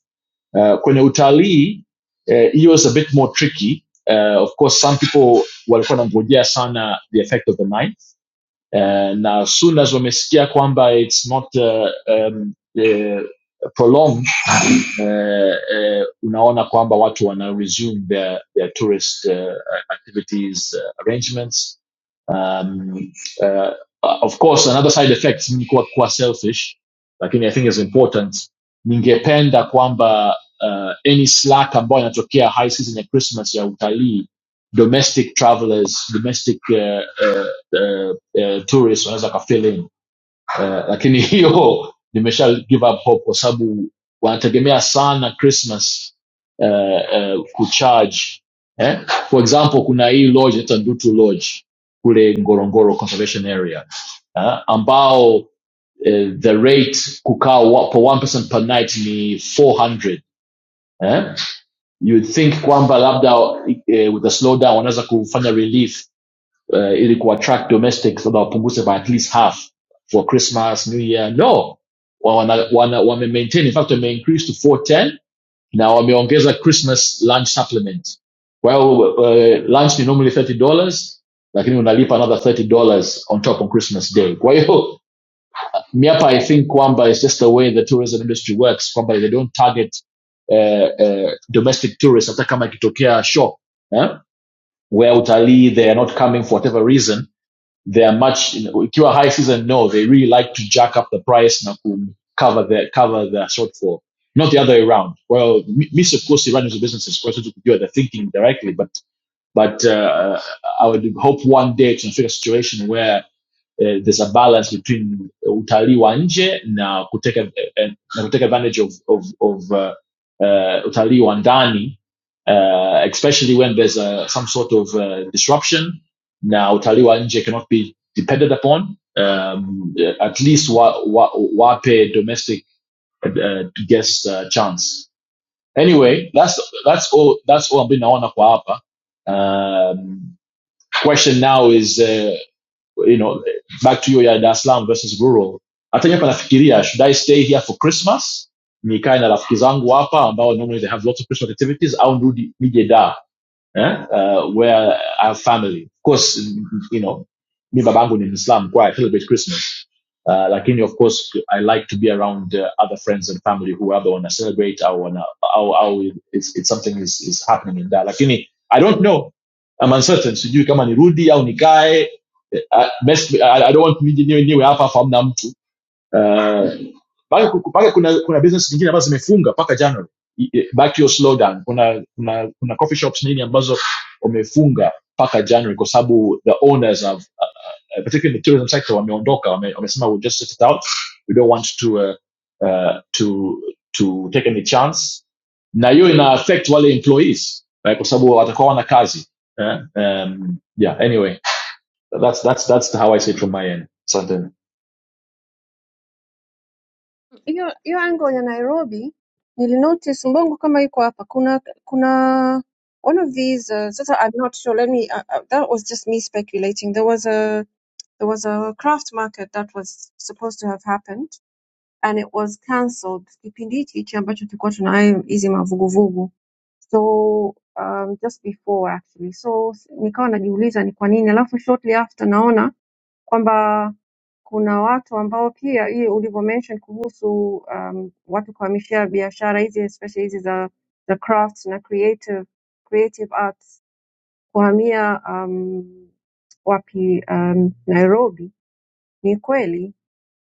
Speaker 12: Uh, kwenye utalii uh, hiyo uh, is a bit more tricky. Uh, of course some people walikuwa wanangojea sana the effect of the nine Eh, na as soon as wamesikia kwamba it's not uh, um, uh, prolonged eh, eh, unaona kwamba watu wana resume their, their tourist eh, activities eh, arrangements um, eh, of course another side effect mimi kuwa, kuwa selfish lakini i think is important ningependa kwamba uh, any slack ambayo inatokea high season ya christmas ya utalii domestic travelers domestic uh, uh, uh, uh, tourists wanaweza ka fill in uh, lakini hiyo nimesha give up hope kwa sababu wanategemea sana christmas uh, uh, kucharge eh? for example kuna hii lodge inaitwa ndutu lodge kule ngorongoro conservation area uh, ambao uh, the rate kukaa wa- for one person per night ni 400 eh? you'd think kwamba labda uh, with the slowdown wanaweza kufanya relief uh, ili kuattract domestics labda wapunguze by at least half for christmas new year no Wa- wana, wana, wame maintain in fact wame increase to 410 na wameongeza christmas lunch supplement Well, uh, lunch ni normally 30 dollars lakini unalipa another 30 dollars on top on christmas day kwa hiyo miapa i think kwamba is just the way the tourism industry works kwamba they don't target uh, uh, domestic tourists hata kama ikitokea shock eh? where utalii they are not coming for whatever reason they are much you know, ikiwa high season no they really like to jack up the price na ku cover the cover the shortfall not the other way around well miss of course running the runners of businesses kwa sababu they're thinking directly but but uh, i would hope one day to figure a situation where eh, there's a balance between utalii wa nje na kuteka, eh, na kuteka advantage of, of, of uh, uh, utalii wa ndani uh, especially when there's uh, some sort of uh, disruption Now utalii wa nje cannot be depended upon um, at least wa, wa, wape domestic uh, guest uh, chance anyway that's that's all that's all I'm ambayo naona on hapa um, question now is uh, you know back to hiyo ya Dar es Salaam versus rural hata nyewe panafikiria should I stay here for Christmas nikae na rafiki zangu hapa ambao normally they have lots of Christmas activities au nirudi nije da eh? uh, where I have family of course you know mi babangu ni Muislam kwa I celebrate Christmas Uh, lakini of course I like to be around uh, other friends and family who labda wana celebrate au wana au, au it's, it's something is, is happening in that, lakini I don't know, I'm uncertain, sijui kama nirudi au nikae. Uh, best, I, I don't want nije niwe niwe hapa hapa hamna mtu uh, mpaka ku- mpaka kuna kuna business nyingine ambazo zimefunga mpaka January. I- i- Back to your slowdown, kuna kuna kuna coffee shops nini ambazo wamefunga mpaka January kwa sababu the owners have uh, particularly in the tourism sector wameondoka wame- wamesema we'll just sit it out we don't want to uh, uh, to to take any chance na hiyo ina affect wale employees eh, kwa sababu watakuwa wana kazi eh? um, yeah anyway that's that's that's how i say it from my end asante
Speaker 3: hiyo hiyo angle ya Nairobi nilinotice Mbongo kama iko hapa kuna kuna one of these uh, sasa I'm not sure let me uh, uh, that was just me speculating there was a there was a craft market that was supposed to have happened and it was cancelled kipindi hichi hichi ambacho tulikuwa tunayo hizi mavuguvugu so um, just before actually so s- nikawa najiuliza ni kwa nini alafu shortly after naona kwamba kuna watu ambao pia hii ulivyo mention kuhusu um, watu kuhamishia biashara hizi especially hizi za za crafts na creative creative arts kuhamia um, wapi um, Nairobi ni kweli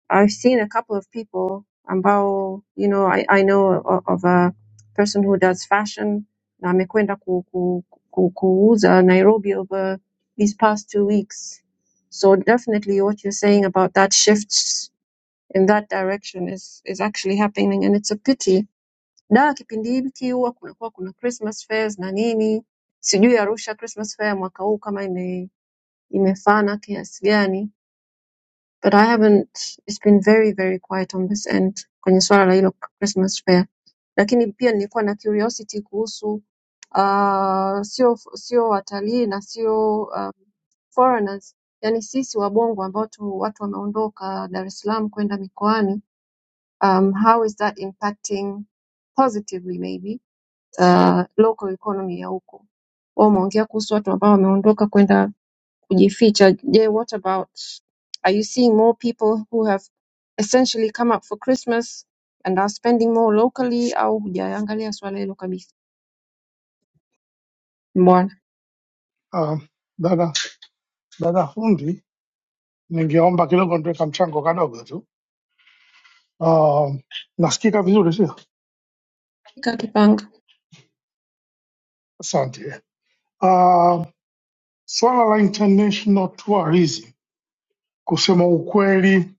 Speaker 3: I've seen a couple of people ambao you know I, I know of, of a person who does fashion na amekwenda ku, ku, ku, kuuza Nairobi over these past two weeks. So definitely what you're saying about that shift in that direction is, is actually happening and it's a pity. Da kipindi hiki huwa kunakuwa kuna Christmas fairs na nini. Sijui Arusha Christmas fair mwaka huu kama ime, imefana kiasi gani But I haven't, it's been very very quiet on this end kwenye swala la hilo Christmas fair, lakini pia nilikuwa na curiosity kuhusu uh, sio sio watalii na sio um, foreigners, yani sisi wabongo ambao tu watu wameondoka Dar es Salaam kwenda mikoani um, how is that impacting positively maybe uh, local economy ya huko. Wao Umeongea kuhusu watu ambao wameondoka kwenda kujificha. Je, what about are you seeing more people who have essentially come up for Christmas and are spending more locally au hujaangalia swala hilo kabisa? Mbwana.
Speaker 13: Um, dada dada fundi, ningeomba kidogo nitaweka mchango kadogo tu. Um, nasikika vizuri sio?
Speaker 3: Kaka Kipanga.
Speaker 13: Asante. Um, swala la international tourism kusema ukweli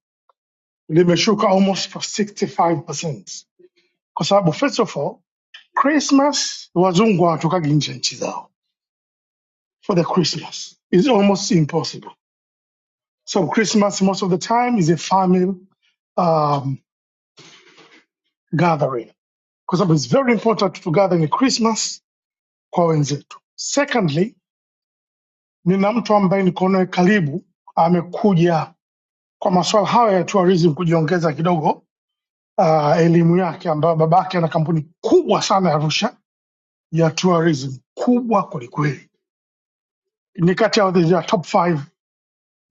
Speaker 13: limeshuka almost for 65% kwa sababu first of all Christmas wazungu hawatokagi nje ya nchi zao for the Christmas is almost impossible. So Christmas most of the time is a family um, gathering kwa sababu it's very important to gather in Christmas kwa wenzetu. Secondly, nina mtu ambaye niko naye karibu amekuja kwa masuala haya ya tourism kujiongeza kidogo uh, elimu yake, ambayo babake ana kampuni kubwa sana ya Arusha ya tourism, kubwa kwelikweli, ni kati ya the top five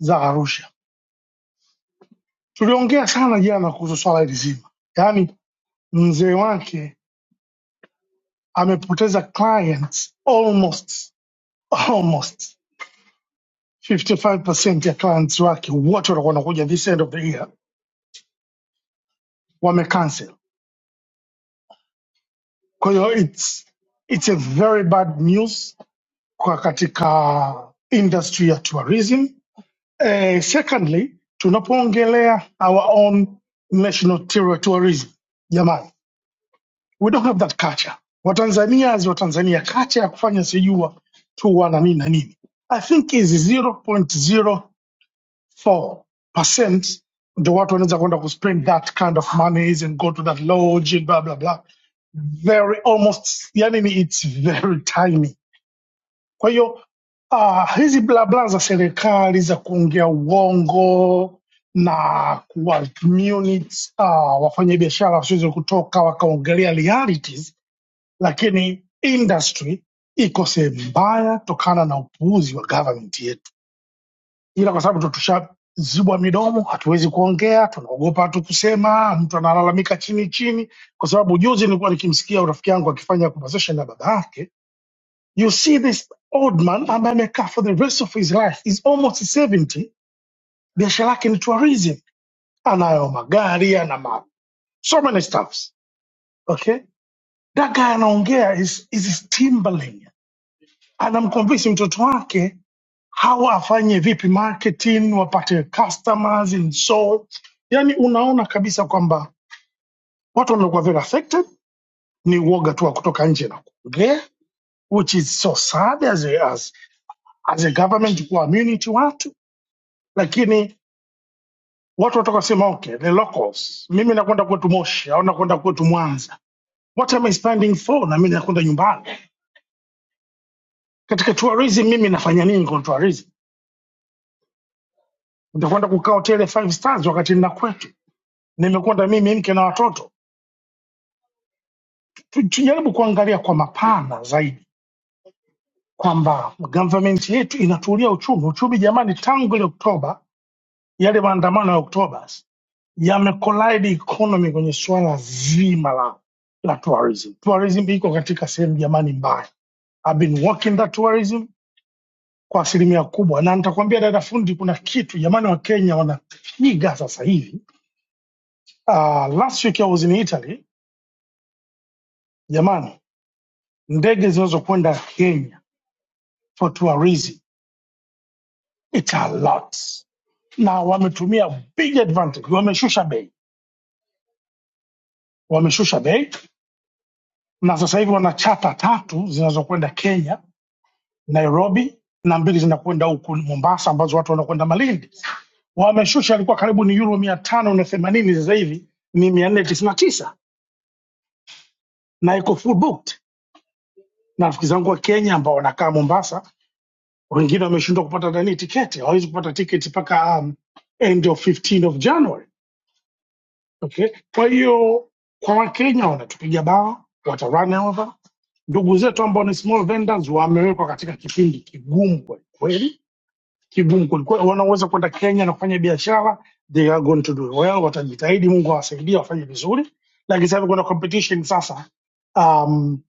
Speaker 13: za Arusha. Tuliongea sana jana kuhusu swala hili zima, yaani mzee wake amepoteza clients almost almost 55% ya clients wake wote watakuwa wanakuja this end of the year wame cancel. Kwa hiyo it's, it's a very bad news kwa katika industry ya tourism. Eh, secondly, tunapoongelea our own national tour- tourism, jamani, we don't have that culture. Watanzania as Watanzania, culture ya kufanya sijua tu na nini na nini, I think is 0.04% ndio watu wanaweza kwenda kuspend that kind of monies and go to that lodge and blah blah blah very almost yani ni it's very tiny kwa hiyo uh, hizi blabla za serikali za kuongea uongo na kuwamute uh, wafanyabiashara wasiweze kutoka wakaongelea realities lakini industry iko sehemu mbaya tokana na upuuzi wa government yetu ila kwa sababu ndo tushazibwa midomo, hatuwezi kuongea, tunaogopa tu kusema, mtu analalamika chini chini. Kwa sababu juzi nilikuwa nikimsikia rafiki yangu akifanya conversation na baba yake, you see this old man ambaye amekaa for the rest of his life is almost 70, biashara yake ni tourism, anayo magari, ana ma so many stuffs. Okay, that guy anaongea is is stimbling, anamconvince mtoto wake hawa afanye vipi marketing wapate customers and so yani unaona kabisa kwamba watu wanaokuwa very affected ni uoga tu wa kutoka nje na kuongea which is so sad as a, as, as a government kuwa immunity watu lakini watu watoka sema okay the locals mimi nakwenda kwetu moshi au nakwenda kwetu mwanza what am i spending for na mimi nakwenda nyumbani katika tourism mimi nafanya nini kwa tourism nitakwenda kukaa hoteli five stars wakati nina kwetu nimekwenda mimi mke na watoto tujaribu kuangalia kwa mapana zaidi kwamba government yetu inatulia uchumi. Uchumi jamani, tangu ile Oktoba, yale maandamano ya Oktoba yamekolide economy kwenye suala zima la, la tourism. Tourism iko katika sehemu jamani mbaya. I've been working that tourism kwa asilimia kubwa, na nitakwambia dada fundi, kuna kitu jamani, Wakenya wanapiga sasa hivi. Uh, last week I was in Italy, jamani, ndege zinazokwenda Kenya for tourism It's a lot. Na wametumia big advantage, wameshusha bei, wameshusha bei na sasa hivi wana chata tatu zinazokwenda Kenya, Nairobi na mbili zinakwenda huku Mombasa ambazo watu wanakwenda Malindi. Wameshusha, alikuwa karibu ni euro mia tano na themanini, sasa hivi ni mia nne tisini na tisa na iko full booked. Na rafiki zangu wa Kenya ambao wanakaa Mombasa, wengine wameshindwa kupata nani tiketi, hawawezi kupata tiketi mpaka um, end of 15 of January Okay. Kwa hiyo kwa Wakenya wanatupiga bao, wata run over. Ndugu zetu ambao ni small vendors wamewekwa katika kipindi kigumu kweli kweli, kigumu kweli kweli. Wanaweza kwenda Kenya na kufanya biashara, they are going to do well, watajitahidi, Mungu awasaidie wafanye vizuri. Lakini sasa hivi kuna competition sasa um,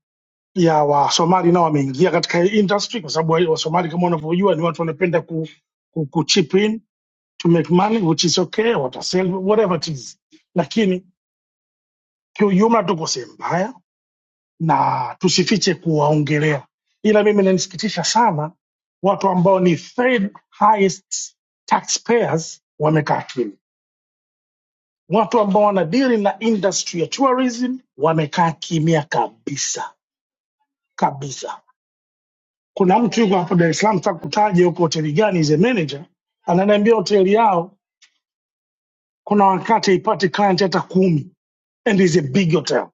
Speaker 13: ya Wasomali nao wameingia katika hii industry, kwa sababu wa- Wasomali kama unavyojua ni watu wanapenda ku, ku, ku chip in to make money which is okay, watasell whatever it is, lakini Kiujumla tuko sehemu mbaya na tusifiche kuwaongelea, ila mimi inanisikitisha sana watu ambao ni third highest taxpayers wamekaa kimya. Watu ambao wanadili na industry ya tourism wamekaa kimya kabisa kabisa. Kuna mtu yuko hapo Dar es Salaam, takutaja huko hoteli gani, is a manager, ananiambia hoteli yao kuna wakati haipati client hata kumi, and is a big hotel,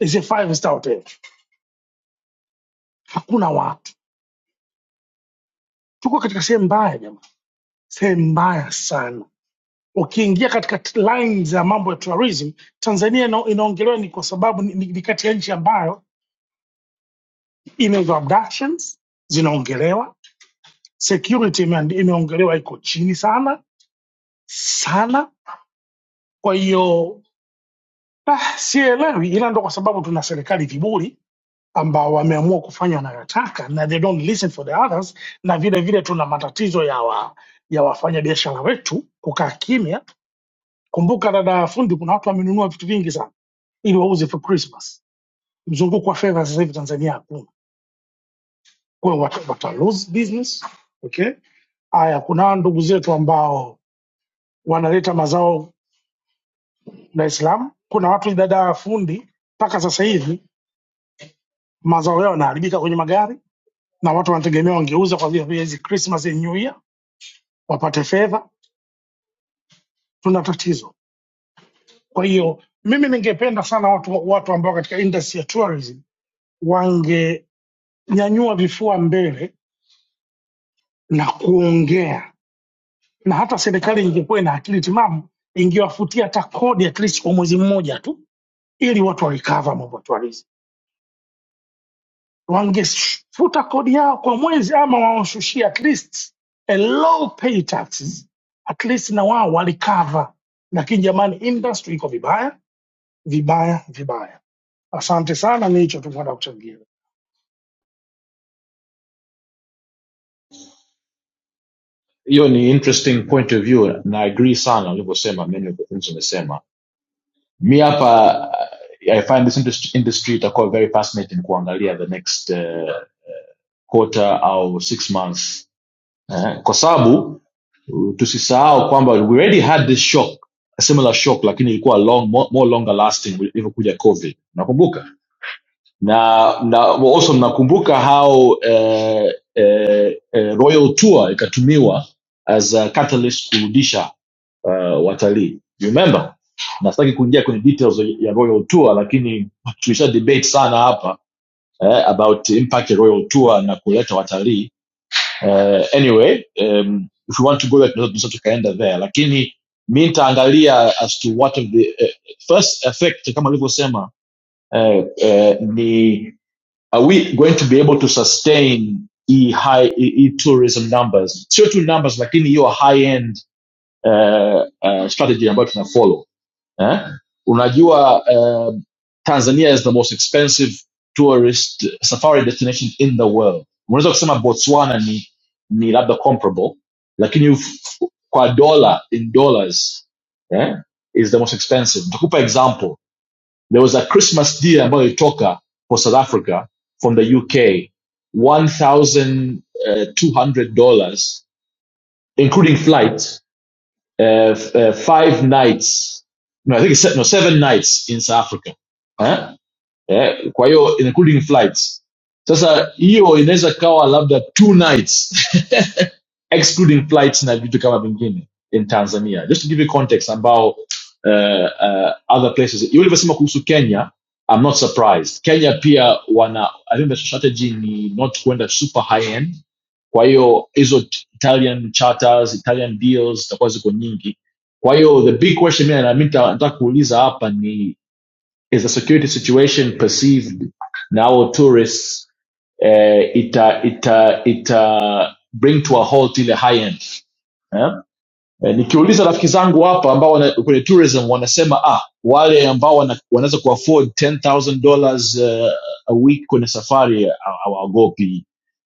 Speaker 13: is a five star hotel, hakuna watu. Tuko katika sehemu mbaya jamani sehemu mbaya sana. Ukiingia katika t- line za mambo ya terrorism, Tanzania ina- inaongelewa ni kwa sababu ni, ni ni kati ya nchi ambayo ina hizo abductions zinaongelewa, security ime- imeongelewa iko chini sana sana. Kwa hiyo ah, sielewi, ila ndo kwa sababu tuna serikali viburi ambao wameamua kufanya wanayotaka na they don't listen for the others, na vile vile tuna matatizo ya wa, ya wafanyabiashara wetu kukaa kimya. Kumbuka dada fundi, kuna watu wamenunua vitu vingi sana ili wauze for Christmas. Mzunguko wa fedha sasa hivi Tanzania hakuna, kwa hiyo wata, wata lose business okay. Haya, kuna ndugu zetu ambao wanaleta mazao Dar es Salaam. Kuna watu dada fundi mpaka sasa hivi mazao yao yanaharibika kwenye magari, na watu wanategemea wangeuza kwa vile vile hizi Christmas and New Year wapate fedha. Tuna tatizo. Kwa hiyo mimi ningependa sana watu, watu ambao katika industry ya tourism wangenyanyua vifua mbele na kuongea na hata serikali ingekuwa ina akili timamu ingewafutia hata kodi at least kwa mwezi mmoja tu ili watu warecover mabotwarizi wangefuta kodi yao kwa mwezi ama waoshushie at least a low pay taxes at least na wao warecover lakini jamani industry iko vibaya vibaya vibaya asante sana ni hicho tu kwenda kuchangia
Speaker 12: hiyo ni interesting point of view na agree sana ulivyosema many of the things umesema mi hapa uh, i find this industry, industry itakuwa very fascinating kuangalia the next uh, quarter au six months eh? kwa sababu Mm, tusisahau kwamba we already had this shock a similar shock lakini ilikuwa long more, more longer lasting ilivyokuja covid nakumbuka na na also nakumbuka how eh, eh, eh, royal tour ikatumiwa as a catalyst kurudisha uh, watalii You remember na sitaki kuingia kwenye details ya royal tour lakini tulisha debate sana hapa eh, about impact ya royal tour na kuleta watalii uh, anyway um, if you want to go there tunaweza tunaweza tukaenda there lakini mi nitaangalia as to what of the uh, first effect kama alivyosema uh, uh, ni are we going to be able to sustain e high e e tourism numbers sio tu numbers lakini hiyo high end uh, uh, strategy ambayo tuna follow eh? unajua uh, tanzania is the most expensive tourist safari destination in the world unaweza kusema botswana ni, ni labda comparable lakini f- kwa dollar in dollars eh, is the most expensive nitakupa example there was a christmas deal ambayo ilitoka for south africa from the uk $1200 including flight uh, uh, five nights. No, I think it's no seven nights in South Africa. Huh? eh, kwa hiyo including flights sasa hiyo inaweza kawa labda two nights excluding flights na vitu kama vingine in tanzania just to give you context ambao uh, uh, other places hiyo ulivyosema kuhusu kenya i'm not surprised kenya pia wana i think the strategy ni not kwenda super high end kwa hiyo hizo italian charters italian deals zitakuwa ziko nyingi kwa hiyo the big question mimi na mimi nita- nataka kuuliza hapa ni is the security situation perceived now tourists uh, it uh, it uh, it uh, bring to a halt in the high end. Yeah? E, nikiuliza rafiki zangu hapa ambao wana, kwenye tourism wanasema ah, wale ambao wana, wanaweza kuafford $10,000 eh, a week kwenye safari haw- hawaogopi,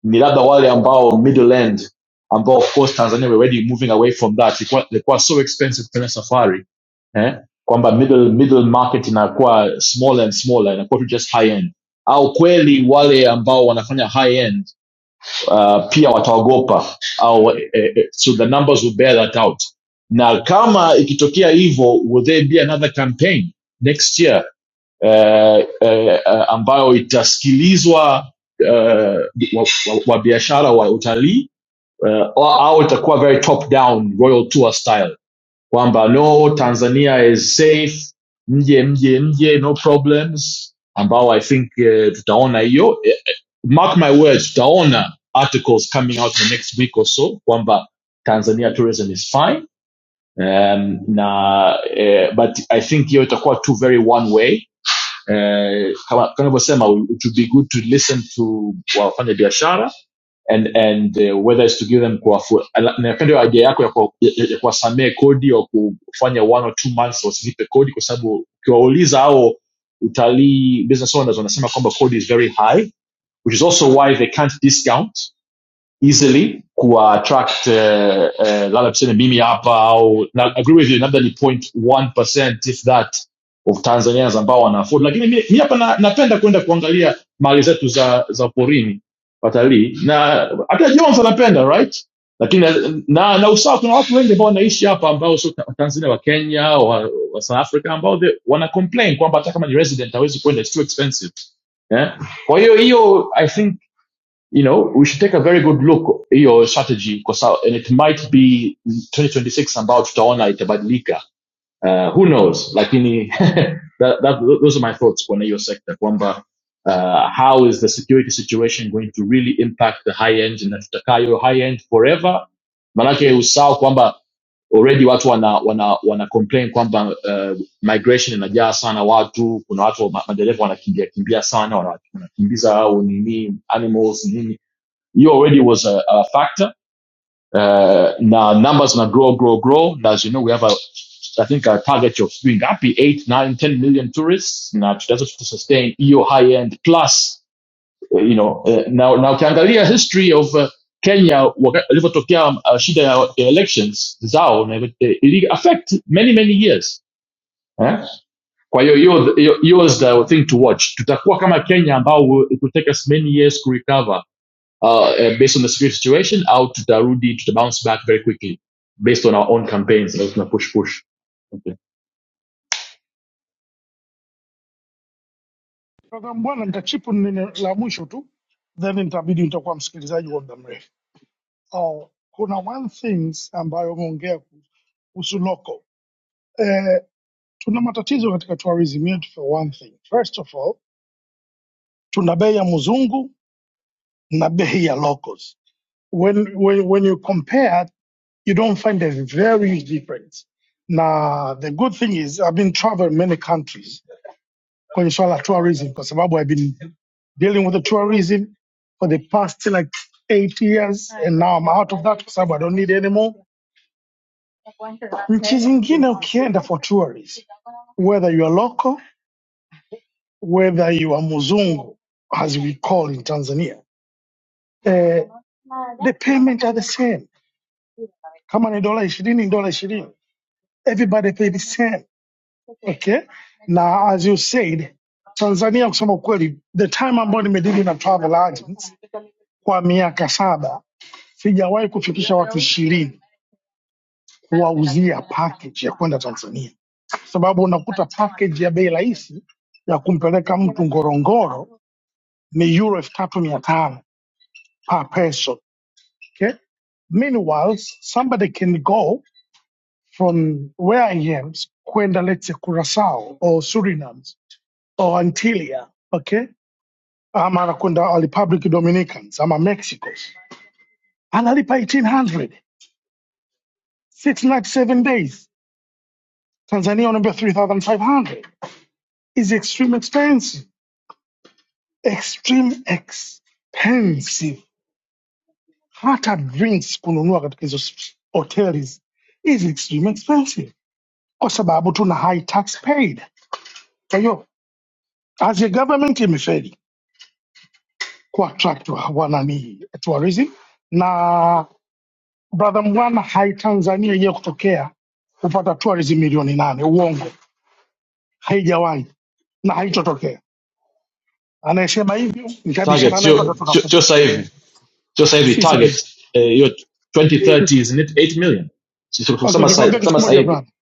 Speaker 12: ni labda wale ambao middle end ambao of course Tanzania we're already moving away from that, ilikuwa ilikuwa so expensive kwenye safari eh, kwamba middle middle market inakuwa smaller and smaller, inakuwa tu just high end, au kweli wale ambao wanafanya high end uh, pia wataogopa au eh, eh, eh, so the numbers will bear that out na kama ikitokea hivyo will there be another campaign next year uh, uh, ambayo itasikilizwa uh, wa, wa, wa biashara wa utalii uh, au itakuwa very top down royal tour style kwamba no tanzania is safe mje mje mje no problems ambao i think uh, tutaona hiyo eh, mark my words, utaona articles coming out in the next week or so kwamba Tanzania tourism is fine. Um, na eh, but I think hiyo itakuwa too very one way. Uh. kama tunavyosema it would be good to listen to wafanya biashara and and eh, whether it's to give them kuwafu ala- napenda hiyo idea yako ya kuwa- ya- ya- ya kodi au kufanya one or two months wasilipe kodi kwa sababu ukiwauliza hao utalii business owners wanasema kwamba kodi is very high which is also why they can't discount easily kuattract uh, uh, labda tuseme mimi hapa au na agree with you labda ni 0.1% if that of tanzanians ambao wana afford lakini mi mi hapa na, napenda kwenda kuangalia mali zetu za za porini watalii na hata jones anapenda right lakini na, na, na usawa kuna watu wengi ambao wanaishi hapa ambao sio ta- tanzania wa kenya wa, wa south africa ambao they- wana complain kwamba hata kama ni resident hawezi kwenda it's too expensive eh? yeah? kwa hiyo hiyo i think you know, we should take a very good look at your strategy because and it might be 2026 about tutaona itabadilika. Uh, who knows? Lakini that, that those are my thoughts on your sector kwamba uh, how is the security situation going to really impact the high end and tutakaa high end forever? Maanake usahau kwamba already watu wana wana wana complain kwamba uh, migration inajaa sana watu, kuna watu ma- madereva wanakimbia kimbia sana, wana- wanakimbiza au nini animals nini you already was a, a factor. Uh, now numbers now grow, grow, grow. As you know, we have a, I think a target of being up eight, nine, ten million tourists. Now, that's to sustain EU high end plus, uh, you know, uh, now, now ukiangalia history of uh, Kenya waka- ilivyotokea uh, shida ya ya elections zao na ili affect many many years eh? kwa hiyo hiyo hiyo hiyo is the thing to watch tutakuwa kama Kenya ambao it will take us many years to recover uh, uh, based on the security situation out to tutarudi to bounce back very quickly based on our own campaigns ambazo tuna push push okay.
Speaker 13: Kaka bwana nitachipu neno la mwisho tu then nitabidi nitakuwa msikilizaji wa muda mrefu oh, kuna one things ambayo umeongea Usuloko. Eh, tuna matatizo katika tourism yetu for one thing. First of all, tuna bei ya mzungu na bei ya locals. When, when, when you compare, you don't find a very huge difference. Now the good thing is I've been traveling many countries kwenye swala la tourism kwa sababu I've been dealing with the tourism for the past like eight years and now I'm out of that kwa sababu I don't need it anymore. Nchi zingine ukienda for tourism, whether you are local whether you are Muzungu, as we call in Tanzania, uh, the payment are the same. Kama ni dola ishirini, dola ishirini. Everybody pay the same. Okay? Now, as you said, Tanzania kusema kweli, the time ambayo nimedili na travel agents kwa miaka saba, sijawahi kufikisha watu ishirini kuwauzia package ya kwenda Tanzania, sababu unakuta package ya bei rahisi ya kumpeleka mtu Ngorongoro ni euro elfu tatu mia tano per person. Okay. Meanwhile, somebody can go from where I am, kwenda let's say Curacao or Suriname or Antigua, okay, ama anakwenda Republic Dominicans ama Mexicos, analipa 1800 six nights, seven days. Tanzania unaambia 3500 is extreme expensive, extreme expensive. Hata drinks kununua katika hizo hotels is extreme expensive kwa sababu tuna high tax paid. Kwa hiyo as a government imefeli ku attract wa- wanani tourism, na brother Mwana, hai Tanzania ije kutokea kupata tourism milioni nane, uongo, haijawahi na haitotokea. Anayesema hivyo
Speaker 12: target
Speaker 13: nikabishana naye
Speaker 12: sio
Speaker 13: mpaka
Speaker 12: sio sio
Speaker 13: tunakufa,
Speaker 12: sasa hivi sio sasa hivi
Speaker 13: si sahihi.
Speaker 12: target eh, hiyo 2030 isn't it 8 million Sisi
Speaker 13: Okay,
Speaker 12: kusema sasa
Speaker 13: nikwambia kitu
Speaker 12: kusema
Speaker 13: kimoja
Speaker 12: hivi
Speaker 13: brother.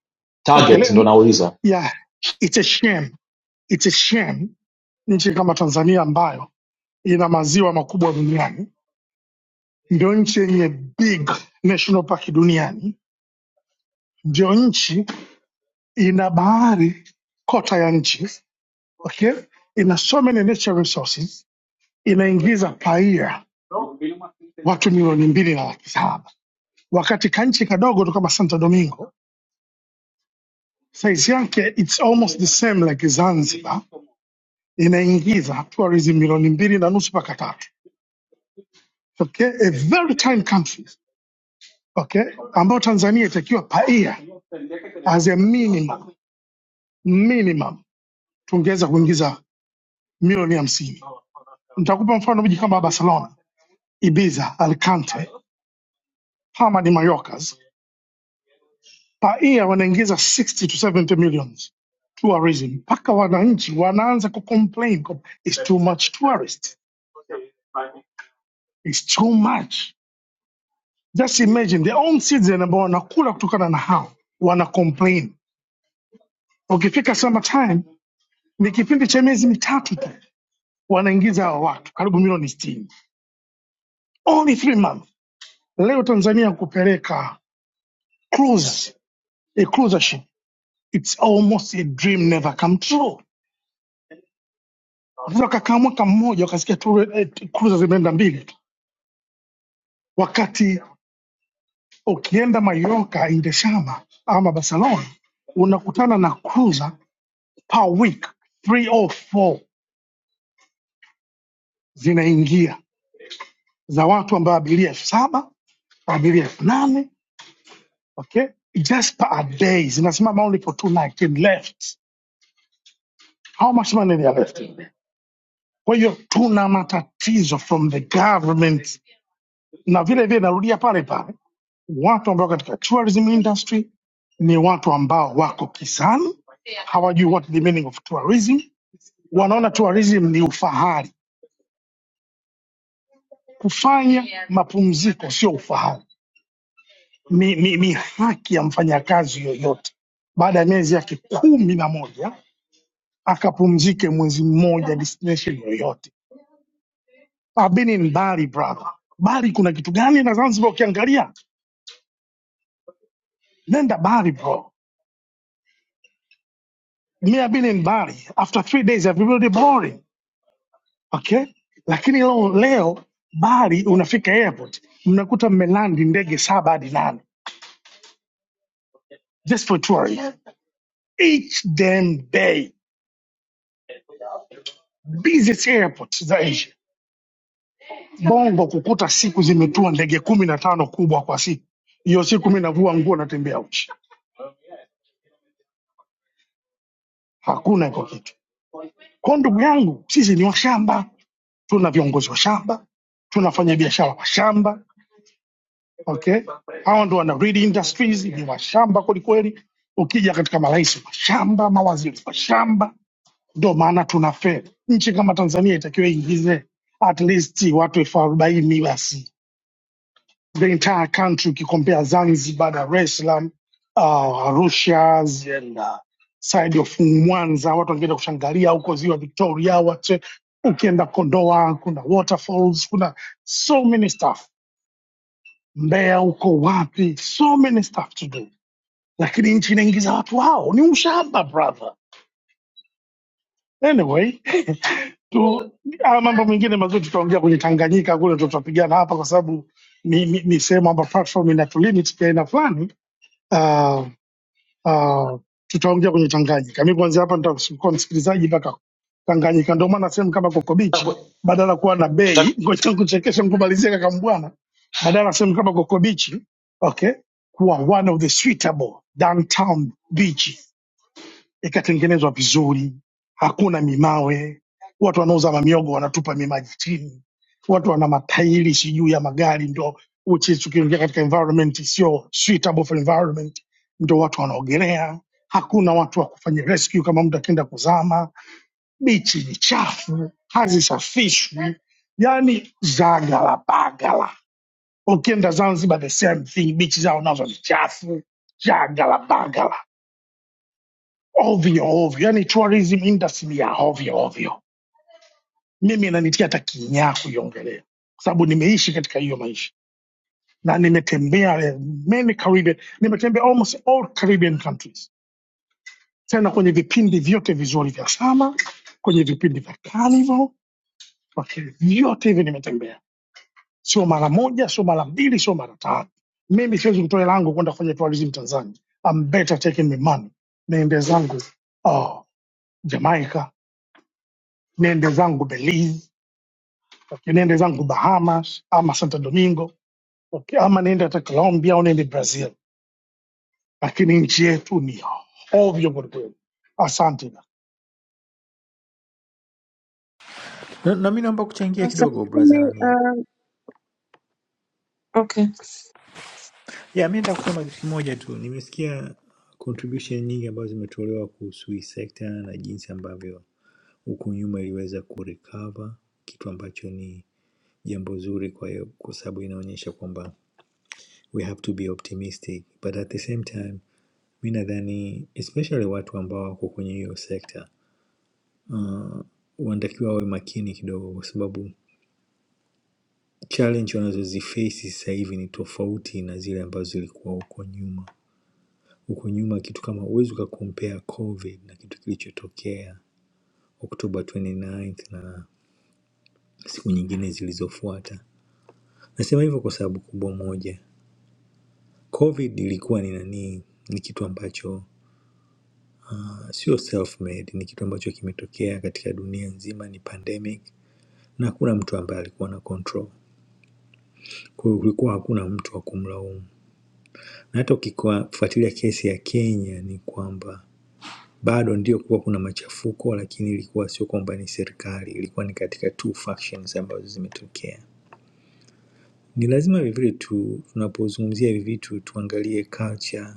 Speaker 13: Okay,
Speaker 12: target ndo
Speaker 13: le,
Speaker 12: nauliza
Speaker 13: yeah, it's a shame. It's a shame nchi kama Tanzania ambayo ina maziwa makubwa duniani ndio nchi yenye big national park duniani, ndio nchi ina bahari kota ya nchi okay? ina so many natural resources, inaingiza paia watu milioni mbili na laki saba wakati kanchi kadogo tu kama Santo Domingo size yake it's almost the same like Zanzibar inaingiza tourism milioni mbili na nusu mpaka tatu okay? a very tiny country okay? ambayo Tanzania itakiwa paia as a minimum minimum tungeweza kuingiza milioni hamsini. Nitakupa mfano miji kama Barcelona, Ibiza, Alicante, Palma de Mallorcas per year wanaingiza 60 to 70 millions tourism, mpaka wananchi wanaanza ku complain kwa- it's too much tourist, it's too much. Just imagine their own citizen ambao wanakula kutokana na hao wana complain. Ukifika summertime ni kipindi cha miezi mitatu tu wanaingiza hao watu karibu milioni 60 only three months Leo Tanzania kupeleka cruise, a cruiser ship. It's almost a dream never come true. Watoto wakakaa mwaka mmoja wakasikia tu eh, cruiser zimeenda mbili tu, wakati ukienda Mallorca, Indeshama ama Barcelona unakutana na cruiser per week three or four zinaingia za watu ambao abiria elfu saba abiria elfu nane okay? just per a day zinasimama only for two nights and left. How much money they are left? Kwa hiyo tuna matatizo from the government, na vile vile narudia pale pale, watu ambao katika tourism industry ni watu ambao wako kisani, hawajui what the meaning of tourism. Wanaona tourism ni ufahari. Kufanya mapumziko sio ufahari, ni, ni, ni haki ya mfanyakazi yoyote. Baada ya miezi yake kumi na moja akapumzike mwezi mmoja destination yoyote. I've been in Bali brother. Bali kuna kitu gani na Zanzibar ukiangalia? nenda bali bro mia mbili ni bali after three days everybody boring okay lakini leo, leo bali unafika airport mnakuta mmelandi ndege saba hadi nane just for touring each damn day busiest airport za asia bongo kukuta siku zimetua ndege kumi na tano kubwa kwa siku hiyo siku mi navua nguo natembea uchi hakuna iko kitu kwao ndugu yangu sisi ni washamba tuna viongozi wa shamba tunafanya biashara wa shamba okay? Hao ndo wana read industries, ni washamba kwelikweli. Ukija katika marais washamba, mawaziri washamba, ndo maana tuna feli. Nchi kama Tanzania itakiwa iingize at least watu elfu arobaini basi, the entire country ukikompea Zanzibar, Dar es Salaam, uh, Arusha and uh, side of Mwanza, watu wangeenda kushangalia huko ziwa Victoria, watu ukienda Kondoa kuna waterfalls, kuna so many stuff Mbeya uko wapi? So many stuff to do, lakini nchi inaingiza watu wao, ni ushamba brother. Anyway, tu haya mambo mengine mazuri tutaongea kwenye Tanganyika kule, ndo tutapigana hapa, kwa sababu ni, ni, ni sehemu ambayo platform ina tulimit pia aina fulani. Ah, uh, tutaongea kwenye Tanganyika. Mimi kuanzia hapa nitakuwa msikilizaji mpaka Tanganyika. Ndio maana sehemu kama Coco Beach
Speaker 12: nataka
Speaker 13: badala ya kuwa na
Speaker 12: nataka
Speaker 13: bei, ngoja nikuchekeshe nikumalizie kaka Mbwana, badala ya sehemu kama Coco Beach okay, kuwa one of the suitable downtown beach ikatengenezwa vizuri, hakuna mimawe. Watu wanauza mamiogo wanatupa mimaji chini, watu wana matairi sijui ya magari, ndo which is tukiingia katika environment sio suitable for environment, ndo watu wanaogelea. Hakuna watu wa kufanya rescue kama mtu akienda kuzama. Bichi ni chafu, hazisafishwi, yani zagalabagala. Ukienda Zanzibar the same thing, bichi zao nazo ni chafu, zagalabagala ovyo ovyo, yani tourism industry ya ovyo ovyo. Mimi inanitia hata kinyaa kuiongelea, kwa sababu nimeishi katika hiyo maisha na nimetembea eh, many Caribbean, nimetembea almost all Caribbean countries, tena kwenye vipindi vyote vizuri vya sama, kwenye vipindi vya carnival, okay, vyote hivi nimetembea, sio mara moja, sio mara mbili, sio mara tatu. Mimi siwezi kutoa hela yangu kwenda kufanya tourism Tanzania. I'm better taking my money, niende zangu oh, Jamaica, niende zangu Belize okay, niende zangu Bahamas ama Santo Domingo okay, ama niende hata Colombia au niende Brazil, lakini nchi yetu ni ovyo kwelikweli. Asante
Speaker 14: Na, na mi naomba kuchangia
Speaker 3: Sasa
Speaker 14: kidogo braza
Speaker 3: hivi,
Speaker 14: nani hapo.
Speaker 3: uh, Okay.
Speaker 14: Ya, mi nataka kusema kitu kimoja tu. Nimesikia contribution nyingi ambazo zimetolewa kuhusu hii sekta na jinsi ambavyo huku nyuma iliweza kurecover, kitu ambacho ni jambo zuri, kwa hiyo kwa sababu inaonyesha kwamba we have to be optimistic but at the same time mi nadhani especially watu ambao wako kwenye hiyo sekta uh, wanatakiwa wawe makini kidogo, kwa sababu challenge wanazozifesi sasa hivi ni tofauti na zile ambazo zilikuwa huko nyuma. Huko nyuma kitu kama huwezi ukakompea COVID na kitu kilichotokea Oktoba 29 na tisa na siku nyingine zilizofuata. Nasema hivyo kwa sababu kubwa moja. COVID ilikuwa ni nani? Ni kitu ambacho uh, sio self made, ni kitu ambacho kimetokea katika dunia nzima, ni pandemic na hakuna mtu ambaye alikuwa na control. Kwa hiyo kulikuwa hakuna mtu wa kumlaumu. Na hata ukifuatilia kesi ya Kenya ni kwamba bado ndio kuwa kuna machafuko, lakini ilikuwa sio kwamba ni serikali, ilikuwa ni katika two factions ambazo zimetokea. Ni lazima vivile tu tunapozungumzia hivi vitu tuangalie culture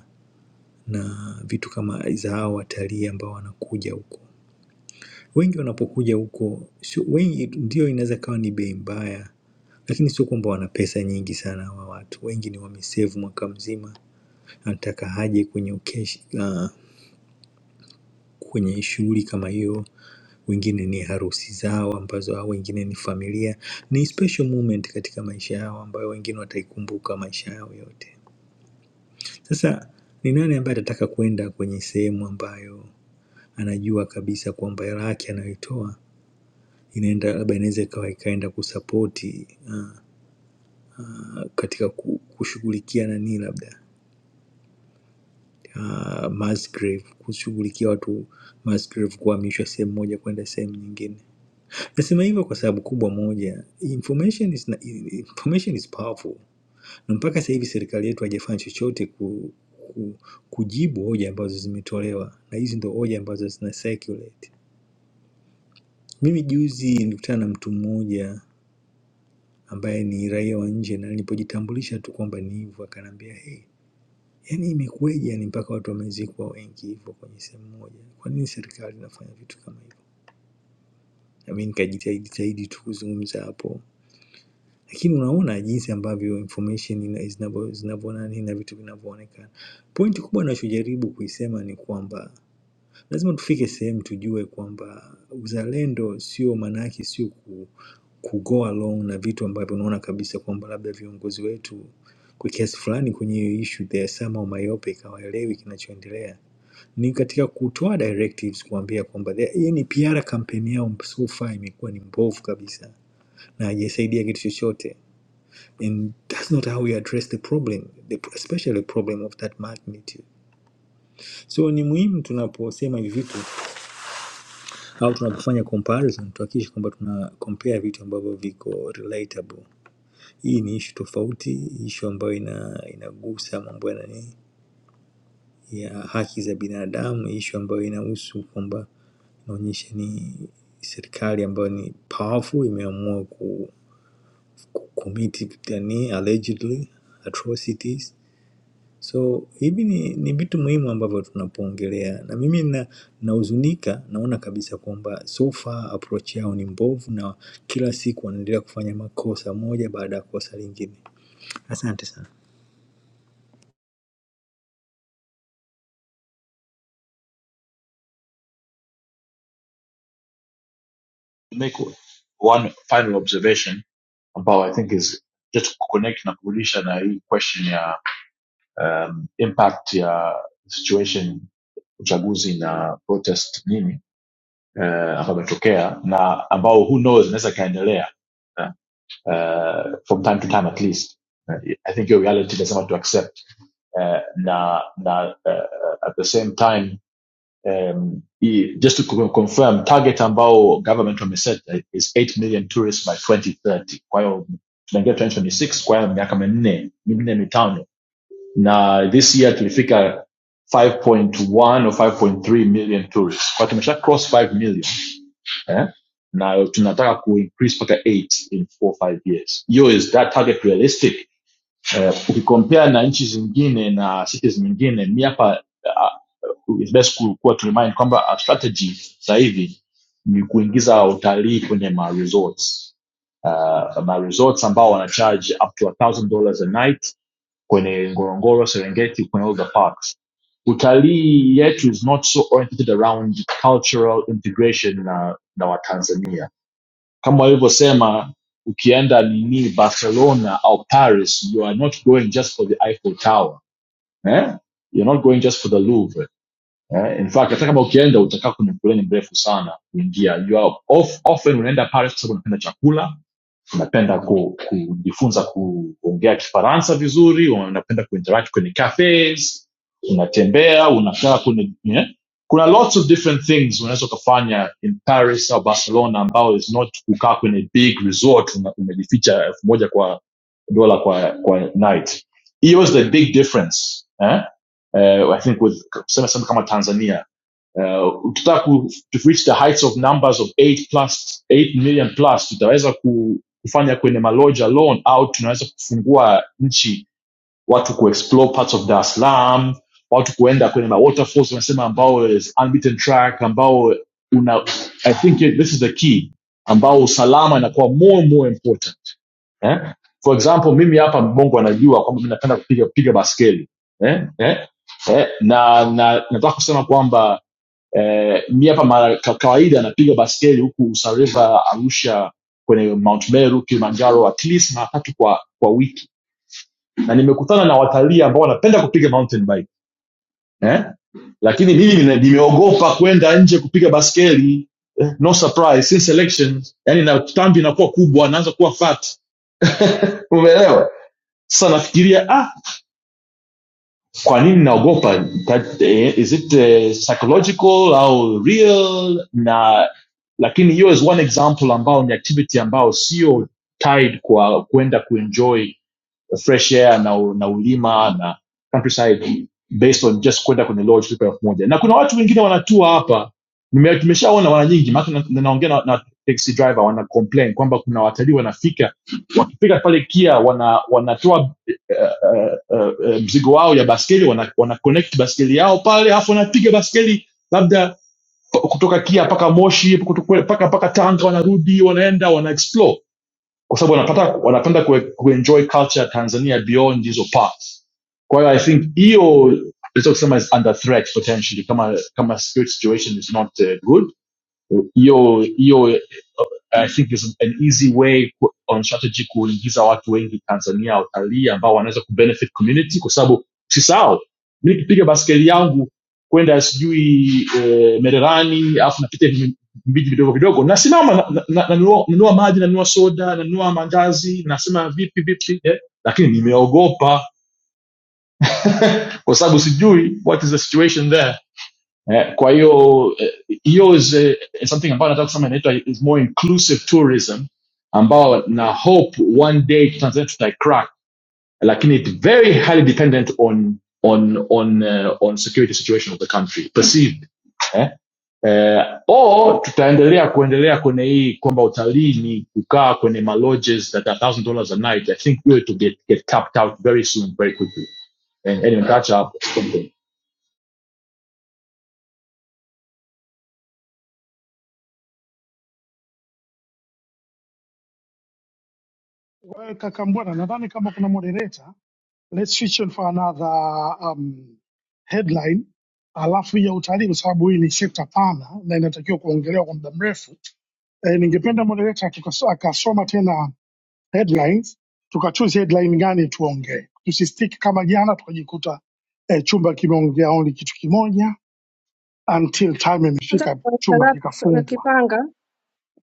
Speaker 14: na vitu kama za hao watalii ambao wanakuja huko. Wengi wanapokuja huko sio wengi, ndio inaweza kawa ni bei mbaya, lakini sio kwamba wana pesa nyingi sana hawa watu. Wengi ni wamesevu mwaka mzima, anataka haje kwenye occasion, uh, kwenye shughuli kama hiyo wengine ni harusi zao ambazo au wengine ni familia ni special moment katika maisha yao ambayo wengine wataikumbuka maisha yao yote sasa ni nani ambaye atataka kwenda kwenye sehemu ambayo anajua kabisa kwamba hela yake anayoitoa inaenda labda inaweza ikawa ikaenda kusapoti uh, katika ku- kushughulikia nani labda uh, mass grave kushughulikia watu mass grave kuhamishwa sehemu moja kwenda sehemu nyingine Nasema hivyo kwa sababu kubwa moja, information is, information is powerful, na mpaka sasa hivi serikali yetu haijafanya chochote ku, ku, kujibu hoja ambazo zimetolewa, na hizi ndo hoja ambazo zina circulate. Mimi juzi nilikutana na mtu mmoja ambaye ni raia wa nje, na nilipojitambulisha tu kwamba ni hivyo, akaniambia hey, yani imekuweje yani mpaka watu wamezikwa wengi hivyo kwenye sehemu moja? Kwa nini serikali inafanya vitu kama hivyo? Na mimi nikajitahidi jitahidi tu kuzungumza hapo Lakini unaona jinsi ambavyo information ina- zinavyo zinavyo nani na vitu vinavyoonekana. Pointi kubwa ninachojaribu kuisema ni kwamba lazima tufike sehemu tujue kwamba uzalendo sio maana yake sio ku, ku go along na vitu ambavyo unaona kabisa kwamba labda viongozi wetu kwa kiasi fulani kwenye hiyo issue they are somehow myopic, hawaelewi kinachoendelea ni katika kutoa directives kuambia kwamba they- hii ni PR kampeni yao so far imekuwa ni mbovu kabisa na haijasaidia kitu chochote and that's not how we address the problem the, especially a problem of that magnitude so ni muhimu tunaposema hivi vitu au tunapofanya comparison tuhakikishe kwamba tuna compare vitu ambavyo viko relatable hii ni ishu tofauti ishu ambayo ina inagusa mambo ya nani ya haki za binadamu ishu ambayo inahusu kwamba inaonyesha ni serikali ambayo ni powerful imeamua ku, ku commit yani allegedly atrocities So hivi ni, ni vitu muhimu ambavyo tunapoongelea, na mimi na, nahuzunika, na naona kabisa kwamba so far approach yao ni mbovu, na kila siku wanaendelea kufanya makosa moja baada ya kosa lingine. Asante sana.
Speaker 12: make one final observation about, i think is just connect na kurudisha na hii question ya um, impact ya situation uchaguzi na protest nini uh, ambayo imetokea na ambao who knows inaweza ikaendelea eh, uh, from time to time at least Eh, i think your reality doesn't want to accept uh, na na uh, at the same time um, just to confirm target ambao government wameset uh, is 8 million tourists by 2030 kwa hiyo tunaingia 2026 kwa hiyo miaka minne minne mitano na this year tulifika 5.1 or 5.3 million tourists kwa hiyo tumesha cross 5 million eh? na tunataka kuincrease mpaka 8 in 4-5 years hiyo is that target realistic eh, ukicompare na nchi zingine na cities nyingine mi hapa uh, it's best ku- kuwa to remind kwamba our strategy sasa hivi ni kuingiza utalii kwenye ma resorts uh, ma resorts ambao wana charge up to a thousand dollars a night kwenye ngorongoro serengeti kwenye all the parks utalii yetu is not so oriented around cultural integration na na watanzania kama walivyosema ukienda nini barcelona au paris you are not going just for the eiffel tower eh? you're not going just for the louvre Eh, in fact hata kama ukienda utakaa kwenye foleni mrefu sana kuingia you are off, often unaenda pale kwa sababu unapenda chakula unapenda ku, kujifunza ku, kuongea kifaransa vizuri unapenda kuinteract kwenye cafes unatembea unakaa kwenye yeah? kuna lots of different things unaweza ukafanya in paris au barcelona ambao is not kukaa kwenye big resort una- umejificha elfu moja kwa dola kwa, kwa night hiyo is the big difference Eh? uh, I think with kusema sema kama Tanzania uh, ukitaka ku, to reach the heights of numbers of 8 plus 8 million plus tutaweza ku, kufanya kwenye maloja alone au tunaweza kufungua nchi watu kuexplore parts of Dar es Salaam watu kuenda kwenye ma waterfalls wanasema ambao is unbeaten track ambao una I think this is the key ambao usalama inakuwa more and more important eh? for example mimi hapa mbongo anajua kwamba mi napenda kupiga piga baskeli eh? Eh? Eh? na na nataka kusema kwamba eh, mi hapa mara ka- kawaida napiga baskeli huku usareva arusha kwenye mount meru kilimanjaro at least mara tatu kwa kwa wiki na nimekutana na watalii ambao wanapenda kupiga mountain bike eh? lakini mimi nime- nimeogopa kwenda nje kupiga baskeli eh? no surprise since elections yani na tambi inakuwa kubwa naanza kuwa fat umeelewa sasa nafikiria ah, kwa nini naogopa? That, eh, Is it eh, psychological au real? Na lakini hiyo is one example ambao ni activity ambao sio tied kwa kwenda kuenjoy fresh air na, u- na ulima na countryside based on just kwenda kwenye lodge kulipa elfu moja na kuna watu wengine wanatua hapa Nime- tumeshaona wana nyingi maana na- na- naongea na, na taxi driver wana complain kwamba kuna watalii wanafika wakifika pale kia wana wanatoa uh, uh, uh, mzigo wao ya baskeli wana, wana connect baskeli yao pale alafu wanapiga baskeli labda kutoka kia mpaka moshi kutoka- mpaka mpaka tanga wanarudi wanaenda wana explore kwa sababu wanapata wanapenda kue- kuenjoy culture ya tanzania beyond hizo parts kwa hiyo i think hiyo naweza kusema is under threat potentially kama kama security situation is not uh, good hiyo hiyo eh, I think is an easy way ku- on strategy kuingiza watu wengi Tanzania watalii ambao wanaweza kubenefit community, kwa sababu usisahau mi nikipiga baskeli yangu kwenda sijui eh, Mererani alafu napita hivi vijiji vidogo vidogo, nasimama na- na- na- nanunua nanunua maji, nanunua soda, nanunua mandazi, nasema vipi vipi eh? Lakini nimeogopa kwa sababu sijui what is the situation there Eh, kwa hiyo eh, hiyo is eh, something ambayo nataka kusema inaitwa is more inclusive tourism ambao na hope one day Tanzania tutaicrack lakini it very highly dependent on on on uh, on security situation of the country perceived eh? Eh, or tutaendelea kuendelea kwenye hii kwamba utalii ni kukaa kwenye malodges that are one thousand dollars a night i think we're to get, get tapped out very soon very quickly and anyway catch up
Speaker 13: Wewe kaka Mbwana, nadhani kama kuna moderator, let's switch on for another um, headline alafu ya utalii, kwa sababu hii ni sekta pana na inatakiwa kuongelewa kwa muda mrefu. E, ningependa moderator tukaso- akasoma tena headlines tukachoose headline gani tuongee, tusistiki kama jana tukajikuta eh, chumba kimeongea only kitu kimoja until time
Speaker 3: nataka
Speaker 13: imefika
Speaker 3: kuwasha
Speaker 13: chumba
Speaker 3: lap- so- ya
Speaker 13: kikafungwa.
Speaker 3: Kipanga,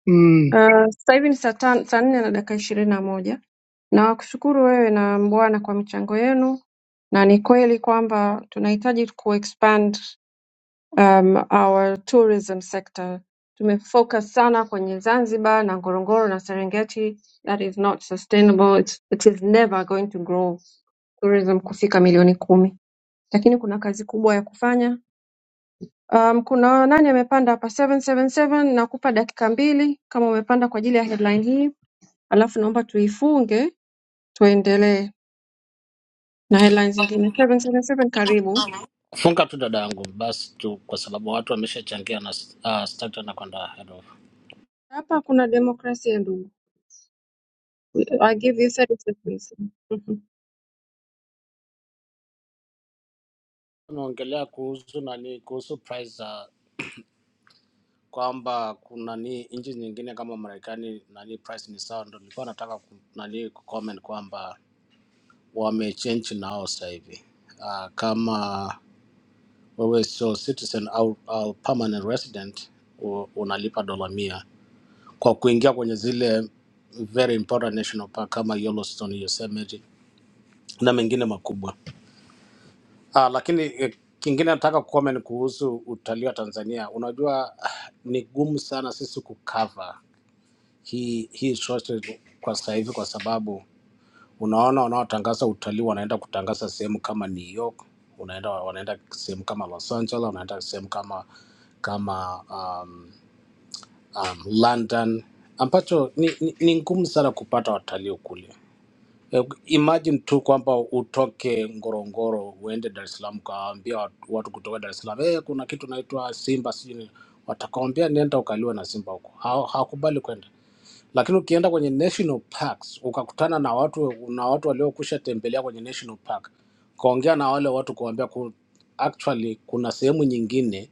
Speaker 13: Mm,
Speaker 3: uh, sasa hivi ni saa tan- saa nne na dakika ishirini na moja. Nawakushukuru wewe na Mbwana kwa michango yenu, na ni kweli kwamba tunahitaji kuexpand um, our tourism sector. Tumefocus sana kwenye Zanzibar na Ngorongoro na Serengeti. That is not sustainable. It's, it is never going to grow tourism kufika milioni kumi, lakini kuna kazi kubwa ya kufanya. Um, kuna nani amepanda hapa 777 nakupa dakika mbili kama umepanda kwa ajili ya headline hii, alafu naomba tuifunge tuendelee na headlines zingine. 777 karibu.
Speaker 15: Funga tu dada yangu basi tu, kwa sababu watu wameshachangia na uh, starter na kwenda head off.
Speaker 3: Hapa kuna demokrasia ndugu. I give you 30 seconds.
Speaker 15: Tunaongelea kuhusu nani, kuhusu price za kwamba kuna ni nchi nyingine kama Marekani nani price ni sawa, ndo nilikuwa nataka ku- nani kucomment kwamba wamechange nao sasa hivi uh, kama wewe sio citizen au, au permanent resident u- unalipa dola mia kwa kuingia kwenye zile very important national park kama Yellowstone, Yosemite na mengine makubwa Ah, lakini eh, kingine nataka kucomment kuhusu utalii wa Tanzania. Unajua ah, ni gumu sana sisi kucover hii hii shortage kwa sasa hivi, kwa sababu unaona wanaotangaza utalii wanaenda kutangaza sehemu kama New York, unaenda wanaenda sehemu kama Los Angeles, wanaenda sehemu kama kama um, um, London ambacho ni, ni, ni ngumu sana kupata watalii kule. Eh, Imagine tu kwamba utoke Ngorongoro uende Dar es Salaam, ukawaambia watu watu kutoka Dar es Salaam, eh, kuna kitu naitwa Simba sijui nini." watakwambia nenda ukaliwa na simba huko, Ha- hawakubali kwenda. Lakini ukienda kwenye national parks ukakutana na watu na watu waliokusha tembelea kwenye national park, ukaongea na wale watu kuambia ku, actually kuna sehemu nyingine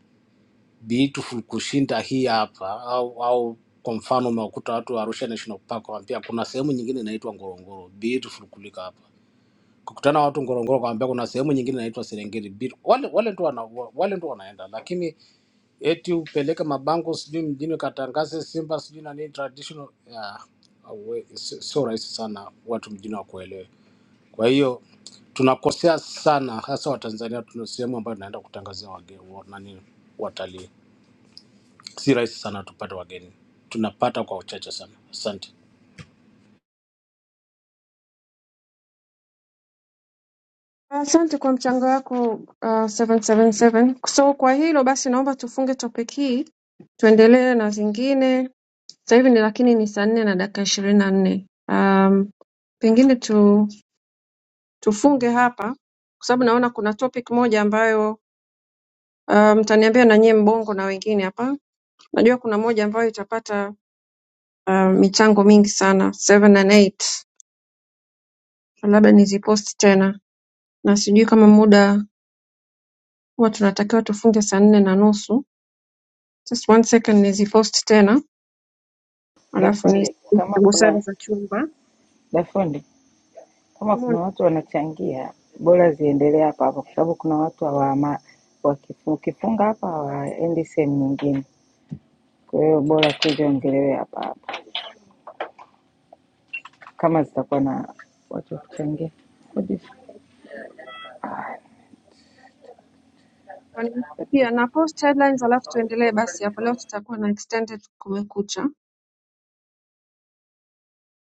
Speaker 15: beautiful kushinda hii hapa, au, au kwa mfano umekuta watu wa Arusha National Park waambia kuna sehemu nyingine inaitwa Ngorongoro beautiful kuliko hapa kukutana na watu Ngorongoro kwambia kuna sehemu nyingine inaitwa Serengeti Beach. Wale wale tu wana, wale tu wanaenda, lakini eti upeleke mabango sijui mjini ukatangaze Simba sijui na nini traditional yeah, awe- si- sio rahisi sana watu mjini wakuelewe. Kwa hiyo tunakosea sana, hasa Watanzania, tuna sehemu ambayo tunaenda kutangazia wageni wa- nani, watalii. Si rahisi sana tupate wageni, tunapata kwa uchache sana. Asante.
Speaker 3: Asante kwa mchango wako uh, 777. So kwa hilo basi naomba tufunge topic hii tuendelee na zingine. Sasa hivi ni lakini ni saa nne na dakika ishirini na nne. Um, pengine tu, tufunge hapa kwa sababu naona kuna topic moja ambayo uh, mtaniambia na nyie mbongo na wengine hapa. Najua kuna moja ambayo itapata uh, michango mingi sana 7 and 8. Labda niziposti tena na sijui kama muda huwa tunatakiwa tufunge saa nne na nusu Just one second nizipost tena alafu ni
Speaker 10: Dafundi, kama
Speaker 3: busara
Speaker 10: kuna
Speaker 3: za chumba.
Speaker 10: Dafundi, kama kuna watu wanachangia, bora ziendelee hapa hapa, kwa sababu kuna watu hawama wakifu- ukifunga hapa hawaendi sehemu nyingine. Kwa hiyo bora tuziongelewe hapa hapa. kama zitakuwa na watu wa kuchangia.
Speaker 3: Pia na post headlines alafu tuendelee basi hapo. Leo tutakuwa na extended kumekucha,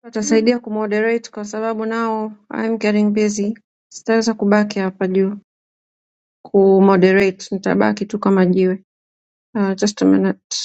Speaker 3: watasaidia kumoderate kwa sababu nao I'm getting busy, sitaweza kubaki hapa juu kumoderate, nitabaki tu kama jiwe. Uh, just a minute.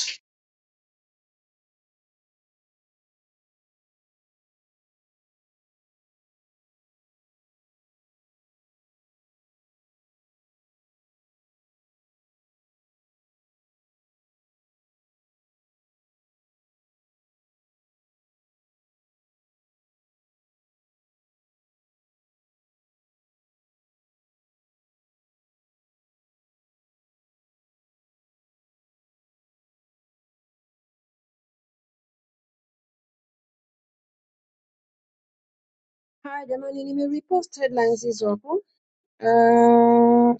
Speaker 3: Haya jamani, nimerepost headlines hizo hapo. Uh,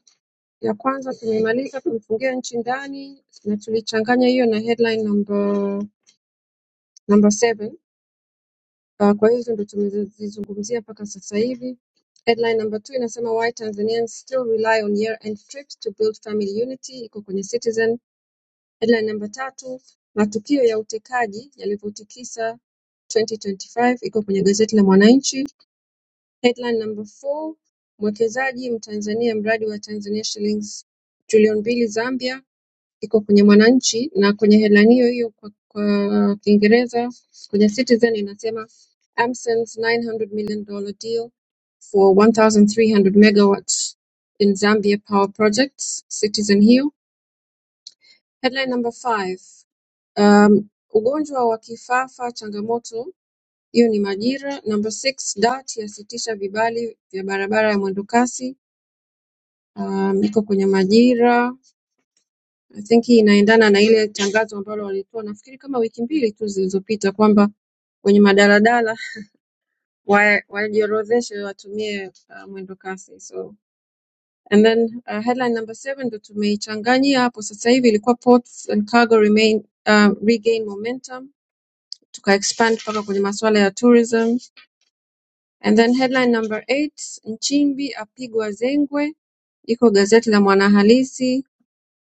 Speaker 3: ya kwanza tumemaliza kumfungia nchi ndani na tulichanganya hiyo na headline number number seven. Uh, kwa hizo ndo tumezizungumzia mpaka sasa hivi. Headline number two inasema why Tanzanians still rely on year end trips to build family unity, iko kwenye Citizen. Headline number tatu, matukio ya utekaji yalivyotikisa 2025, iko kwenye gazeti la Mwananchi. Headline number four, mwekezaji mtanzania mradi wa Tanzania shillings trilioni mbili Zambia iko kwenye Mwananchi na kwenye Hela hiyo hiyo kwa, kwa Kiingereza kwenye Citizen inasema AmSen's 900 million dollar deal for 1300 megawatts in Zambia power projects Citizen hiyo headline number 5 um, ugonjwa wa kifafa changamoto hiyo ni Majira number 6 DART yasitisha vibali vya barabara ya mwendokasi um, iko kwenye Majira I think hii inaendana na ile tangazo ambalo walitoa nafikiri kama wiki mbili tu zilizopita kwamba wenye madaladala wa- wajiorodheshe watumie uh, mwendo kasi. So and then uh, headline number seven ndo tumeichanganyia hapo sasa hivi ilikuwa ports and cargo remain uh, regain momentum tuka expand mpaka kwenye masuala ya tourism and then headline number eight Nchimbi apigwa zengwe iko gazeti la Mwanahalisi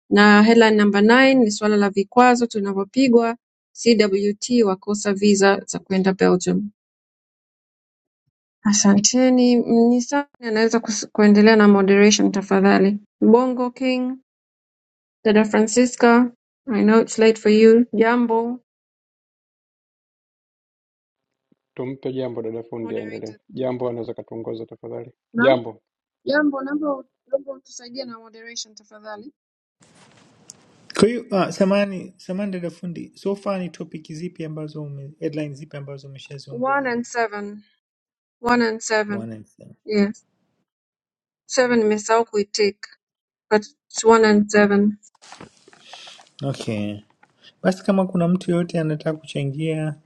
Speaker 3: na headline number nine ni suala la vikwazo tunavyopigwa CWT wakosa visa za kwenda Belgium. Asanteni. Mnisa anaweza kus- kuendelea na moderation tafadhali. Bongo King, dada Francisca, I know it's late for you. Jambo
Speaker 2: tumpe jambo dada fundi aendelee
Speaker 3: moderator.
Speaker 2: jambo anaweza katuongoza tafadhali
Speaker 3: Naam.
Speaker 2: jambo
Speaker 3: Jambo, naomba u- naomba utusaidie na moderation tafadhali.
Speaker 14: Kwa hiyo ah, samani samani dada fundi, so far ni topic zipi ambazo ume, headline zipi ambazo
Speaker 3: One
Speaker 14: umeshaziongelea?
Speaker 3: and seven. One and seven.
Speaker 14: One and seven.
Speaker 3: Yes. Seven nimesahau kuitik, but it's one and seven.
Speaker 14: Okay, basi kama kuna mtu yoyote anataka kuchangia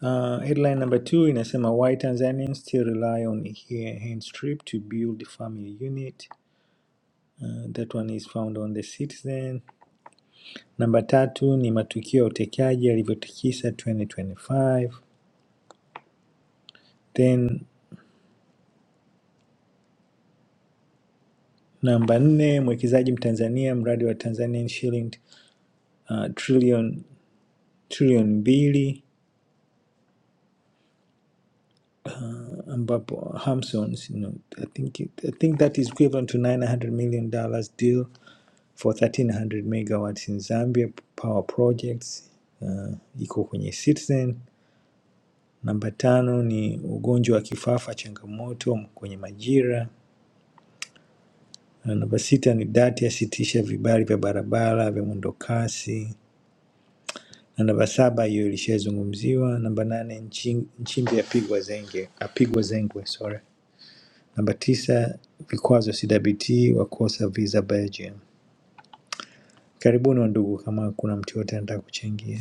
Speaker 14: Uh, headline number two inasema why Tanzanians still rely on he- hand strip to build family unit. Uh, that one is found on the Citizen. Namba tatu ni matukio ya utekaji yalivyotikisa 2025. Then namba nne mwekezaji mtanzania mradi wa Tanzanian shilling uh, trillion trillion mbili uh, ambapo Hamsons you know, I think it, I think that is equivalent to 900 million dollars deal for 1300 megawatts in Zambia power projects uh, iko kwenye Citizen. Namba tano ni ugonjwa wa kifafa, changamoto kwenye majira. Na namba sita ni dati yasitisha vibali vya barabara vya mwendokasi. Na namba saba hiyo ilishazungumziwa. Namba nane nchi, Nchimbi apigwa zenge, apigwa zengwe sorry. Namba tisa vikwazo CWT wakosa visa Belgium. Karibuni wandugu, kama kuna mtu yote anataka kuchangia.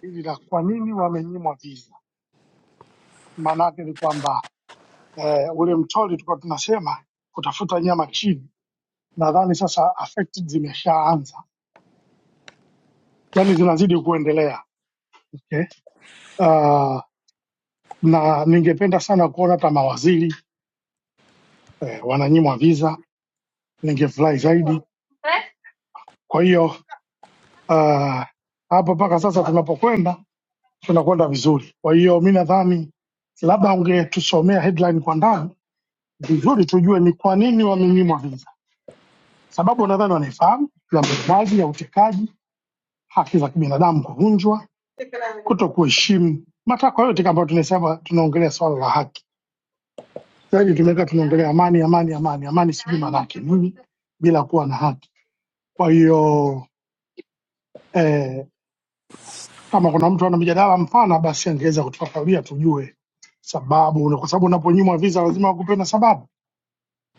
Speaker 13: hili la kwa nini wamenyimwa visa, maana yake ni kwamba eh, ule mtori tulikuwa tunasema kutafuta nyama chini, nadhani sasa affect zimeshaanza, yani zinazidi kuendelea okay. Uh, na ningependa sana kuona hata mawaziri eh, wananyimwa visa, ningefurahi zaidi. Kwa hiyo Ah, hapo mpaka sasa tunapokwenda tunakwenda vizuri. Kwa hiyo mi nadhani labda ungetusomea headline kwa ndani vizuri, tujue ni kwa nini wamenyimwa visa. Sababu nadhani wanaifahamu ya mauaji ya utekaji, haki za kibinadamu kuvunjwa, kuto kuheshimu matakwa yote, kama tunasema tunaongelea swala la haki zaidi, tumeweka tunaongelea amani, amani, amani, amani, sijui maana yake nini bila kuwa na haki. Kwa hiyo eh, Kama kuna mtu ana mjadala mpana, basi angeweza kutufafanulia tujue sababu, na kwa sababu unaponyimwa visa lazima wakupe na sababu,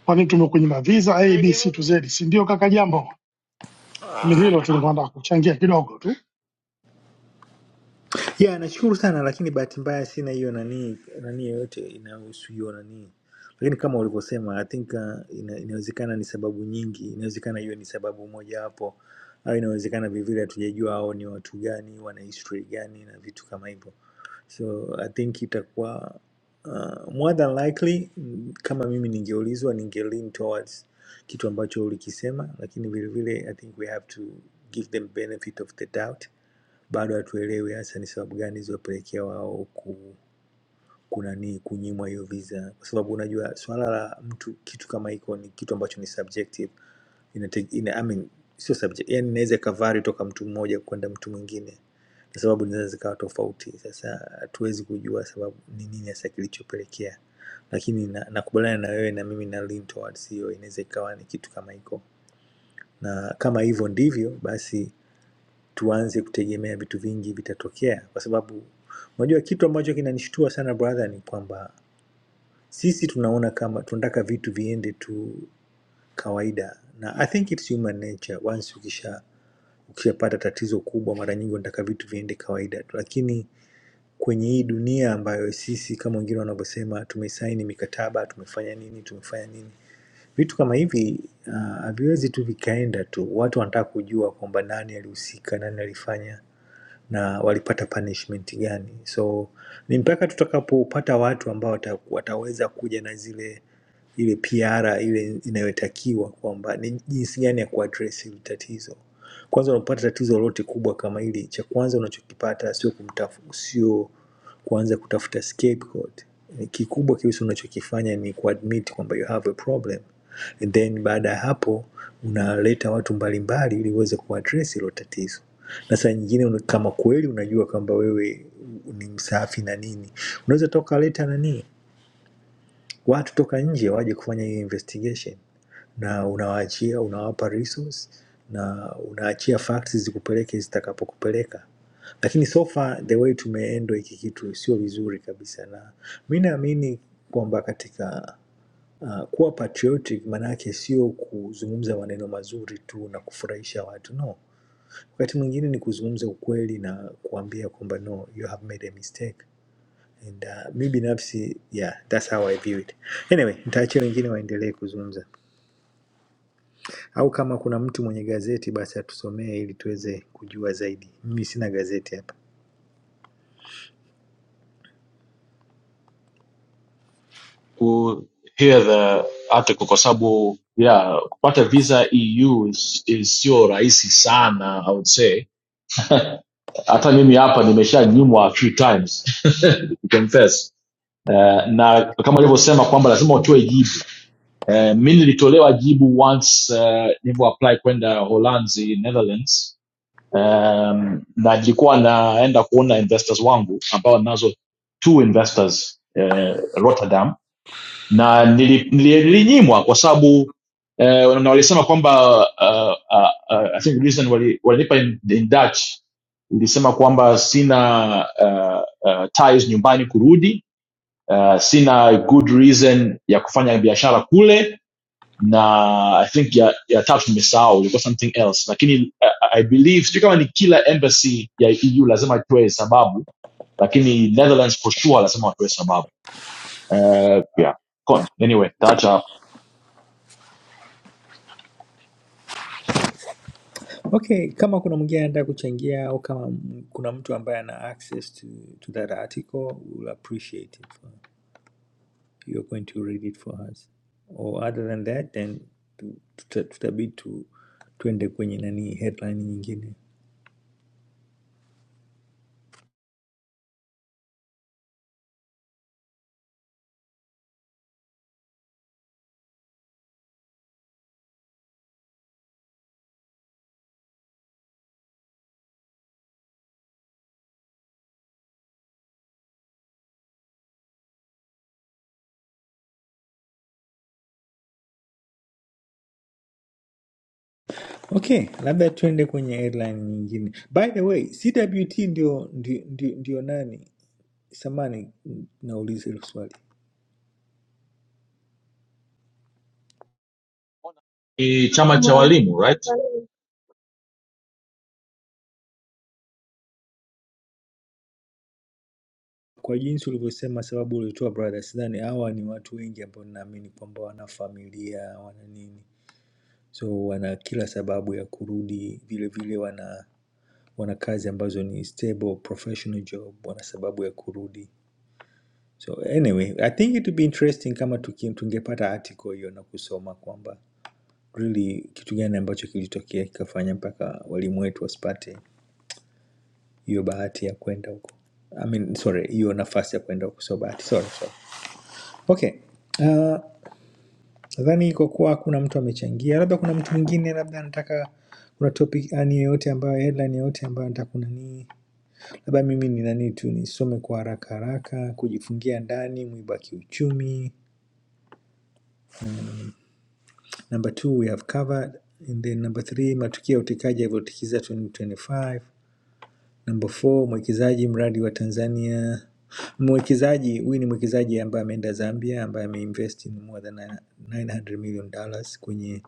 Speaker 13: kwa nini tumekunyima visa A, B, C to Z, si ndio? Kaka Jambo, ni hilo tulikuwa nataka kuchangia kidogo tu.
Speaker 14: yeah nashukuru sana lakini bahati mbaya sina hiyo nani nani yoyote inayohusu hiyo nani lakini kama ulivyosema i think uh, ina, inawezekana ni sababu nyingi inawezekana hiyo ni sababu mojawapo au inawezekana vivile hatujajua hao ni watu gani wana history gani na vitu kama hivyo so i think itakuwa uh, more than likely mm, kama mimi ningeulizwa ninge lean towards kitu ambacho ulikisema lakini vilevile i think we have to give them benefit of the doubt bado hatuelewi hasa ni sababu gani zilizopelekea wao ku kunani kunyimwa hiyo visa, kwa sababu unajua swala la mtu kitu kama hiko ni kitu ambacho ni subjective, inate, ina, I mean, sio subject, yani inaweza ikavari toka mtu mmoja kwenda mtu mwingine, na sababu zinaweza zikawa tofauti. Sasa hatuwezi kujua sababu ni nini hasa kilichopelekea, lakini na- nakubaliana na na wewe na mimi na lean towards hiyo, inaweza ikawa ni kitu kama hiko, na kama hivyo ndivyo basi tuanze kutegemea vitu vingi vitatokea, kwa sababu unajua kitu ambacho kinanishtua sana brother ni kwamba sisi tunaona kama tunataka vitu viende tu kawaida, na I think it's human nature. Once ukisha ukishapata tatizo kubwa, mara nyingi unataka vitu viende kawaida tu, lakini kwenye hii dunia ambayo sisi kama wengine wanavyosema tumesaini mikataba, tumefanya nini, tumefanya nini, vitu kama hivi ah, haviwezi uh, tu vikaenda tu. Watu wanataka kujua kwamba nani alihusika, nani alifanya na walipata punishment gani. So ni mpaka tutakapopata watu ambao wata- wataweza kuja na zile ile PR ile inayotakiwa kwamba ni jinsi gani ya kuaddress hili tatizo. Kwanza unapopata tatizo lolote kubwa kama hili, cha kwanza unachokipata sio kumtafu, sio kuanza kutafuta scapegoat. Kikubwa kabisa unachokifanya ni kuadmit kwamba you have a problem, and then baada ya hapo unaleta watu mbalimbali ili uweze kuaddress hilo tatizo. Na saa nyingine una- kama kweli unajua kwamba wewe ni msafi na nini, unaweza toka leta nani watu toka nje waje kufanya hiyo investigation na unawaachia unawapa resource na unaachia facts zikupeleke zitakapokupeleka lakini so far the way tumeendwa hiki kitu sio vizuri kabisa na mi naamini kwamba katika uh, kuwa patriotic maanaake sio kuzungumza maneno mazuri tu na kufurahisha watu no wakati mwingine ni kuzungumza ukweli na kuambia kwamba no you have made a mistake And, uh, mi binafsi yeah, that's how I view it. Anyway, nitaachia wengine waendelee kuzungumza, au kama kuna mtu mwenye gazeti basi atusomee ili tuweze kujua zaidi. Mimi sina gazeti hapa.
Speaker 12: to hear the article kwa sababu yeah kupata visa eu is, is sio rahisi sana i would say hata mimi hapa nimeshanyimwa a few times to confess uh, na kama alivyosema kwamba lazima utoe jibu uh, mi nilitolewa jibu once uh, nilivyo apply kwenda holanzi netherlands um, na nilikuwa naenda kuona investors wangu ambao nazo two investors uh, rotterdam na nili- nilinyimwa kwa sababu eh, na walisema kwamba uh, uh, uh, I think reason wali- walinipa in, in Dutch ilisema kwamba sina uh, uh, ties nyumbani kurudi uh, sina good reason ya kufanya biashara kule na i think ya, ya tatu nimesahau ilikuwa something else lakini uh, i believe sijui kama ni kila embassy ya eu lazima itoe sababu lakini netherlands for sure lazima watoe sababu uh, yeah. Con, anyway that's a
Speaker 14: Okay, kama kuna mwingine anataka kuchangia au kama m- kuna mtu ambaye ana access to, to that article, we'll appreciate it. For, you're going to read it for us. Or other than that, then tutabidi tu, tuta- tutabidi tu, tuende kwenye nani headline nyingine. Okay, labda tuende kwenye airline nyingine. By the way, CWT ndio, ndio, ndio, ndio nani? Samani, nauliza hilo swali
Speaker 12: ni chama cha walimu right
Speaker 14: kwa jinsi ulivyosema, sababu ulitoa brother, sidhani hawa ni watu wengi ambao naamini kwamba wana familia wana nini, so wana kila sababu ya kurudi. Vile vile wana wana kazi ambazo ni stable professional job, wana sababu ya kurudi. So anyway, I think it would be interesting kama tuki- tungepata article hiyo na kusoma kwamba really kitu gani ambacho kilitokea kikafanya mpaka walimu wetu wasipate hiyo bahati ya kwenda huko I mean, sorry hiyo nafasi ya kwenda huko sio bahati sorry, sorry. okay uh, nadhani kwa kuwa hakuna mtu amechangia labda kuna mtu mwingine labda anataka kuna topic ani yoyote ambayo headline yoyote ambayo nataka kunanii labda mimi ni nani tu nisome kwa haraka haraka kujifungia ndani mwiba kiuchumi number two we have covered and then number three matukio ya utekaji yalivyotikiza 2025 Number four, mwekezaji mradi wa Tanzania. Mwekezaji huyu ni mwekezaji ambaye ameenda Zambia, ambaye ameinvest in more than 900 million dollars kwenye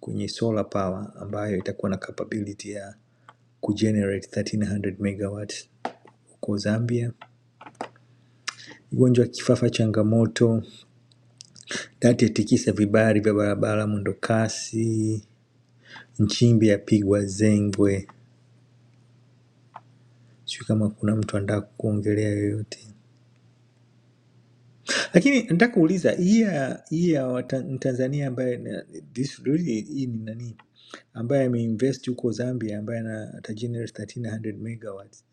Speaker 14: kwenye solar power ambayo itakuwa na capability ya kugenerate 1300 megawatts huko Zambia. Ugonjwa wa kifafa changamoto, dati yatikisa vibari vya barabara mwendokasi, Nchimbi yapigwa zengwe. Sijui kama kuna mtu anataka kuongelea yoyote. Lakini nataka kuuliza hii ya hii ya wata- Mtanzania ambaye na- this really hii ni nani ambaye ameinvest huko Zambia ambaye ana atagenerate 1300 megawatts.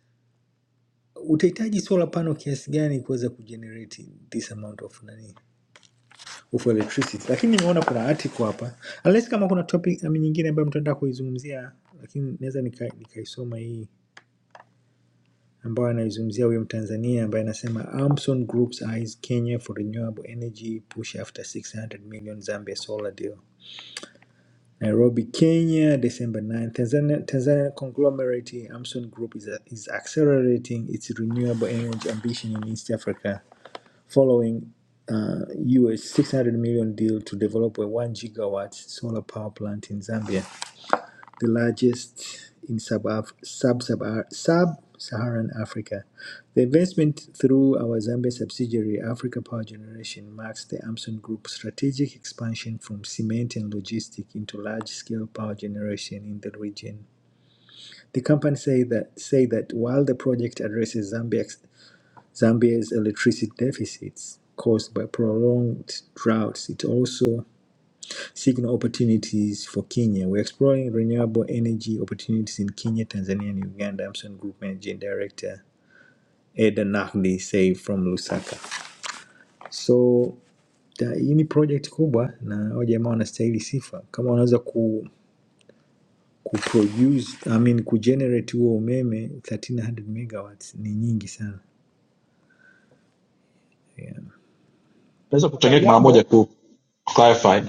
Speaker 14: Utahitaji solar panel kiasi gani kuweza kugenerate this amount of nani of electricity? Lakini nimeona kuna article hapa, unless kama kuna topic um, nyingine ambayo mtaenda kuizungumzia, lakini naweza nika- nikaisoma hii ambayo anaizungumzia huyo Mtanzania ambaye anasema Amson Group's eyes Kenya for renewable energy push after 600 million Zambia solar deal. Nairobi, Kenya, December 9. Tanzania, Tanzania conglomerate Amson Group is, is accelerating its renewable energy ambition in East Africa following uh, US 600 million deal to develop a 1 gigawatt solar power plant in Zambia. the largest in sub-Af- sub sub-Saharan Africa. The investment through our Zambia subsidiary, Africa Power Generation, marks the Amson Group's strategic expansion from cement and logistics into large-scale power generation in the region. The company say that say that while the project addresses Zambia's Zambia's electricity deficits caused by prolonged droughts, it also Signal opportunities for Kenya. We're exploring renewable energy opportunities in Kenya, Tanzania, and Uganda. Amson Group Managing Director Eda Nahdi Say from Lusaka. So ta- hii ni project kubwa na hao jamaa wanastahili sifa kama wanaweza ku kuproduce I mean kugenerate huo umeme 1300 megawatts ni nyingi sana yeah.
Speaker 12: naweza
Speaker 13: Kaka
Speaker 12: kuchangia mara moja
Speaker 13: Jambo,
Speaker 12: ku clarify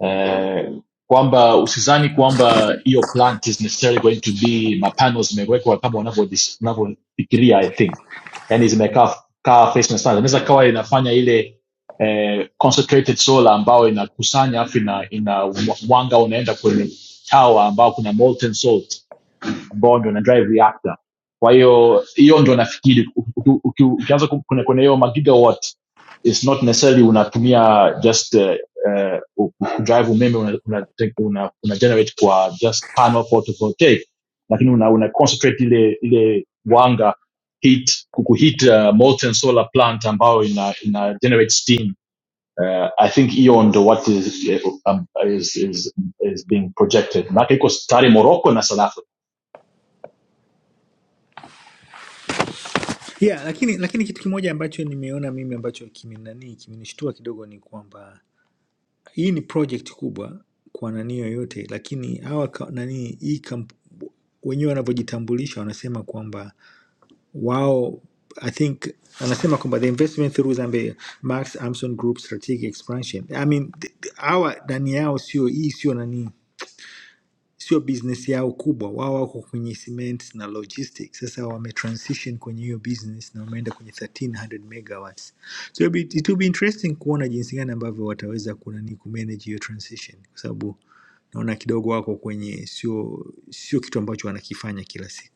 Speaker 12: eh, kwamba usizani kwamba hiyo plant is necessarily going to be mapano zimewekwa kama wanavyo- wanavyofikiria i think yani zimekaa kaa face na sana inaweza kawa inafanya ile eh, concentrated solar ambayo inakusanya afu ina, ina mwanga unaenda kwenye tawa ambao kuna molten salt bond na drive reactor kwa hiyo hiyo ndo nafikiri uki- uki- ukianza ku- kwenye kwenye hiyo magigawatt it's not necessarily unatumia just uh, uh, drive umeme una, una, una, una generate kwa just panel photovoltaic lakini una, una concentrate ile ile wanga heat kukuheat uh, molten solar plant ambayo ina, ina generate steam uh, i think hiyo ndo what is, eh, um, is, is, is being projected maake iko tayari morocco na south africa
Speaker 14: Yeah, lakini lakini kitu kimoja ambacho nimeona mimi ambacho kimenani kimenishtua kidogo ni kwamba Hii ni project kubwa kwa nani yoyote, lakini hawa ka- nani hii kamp, wenyewe wanavyojitambulisha wanasema kwamba wao I think anasema kwamba the investment through Zambia Max Amson Group strategic expansion. I mean th- th- hawa nani yao sio hii sio nani sio business yao kubwa, wao wako kwenye cement na logistics. Sasa wametransition kwenye hiyo business na wameenda kwenye 1300 megawatts. So it'll be, it will be interesting kuona jinsi gani ambavyo wataweza kunani kumanage hiyo transition, kwa sababu naona kidogo wako kwenye sio sio kitu ambacho wanakifanya kila siku.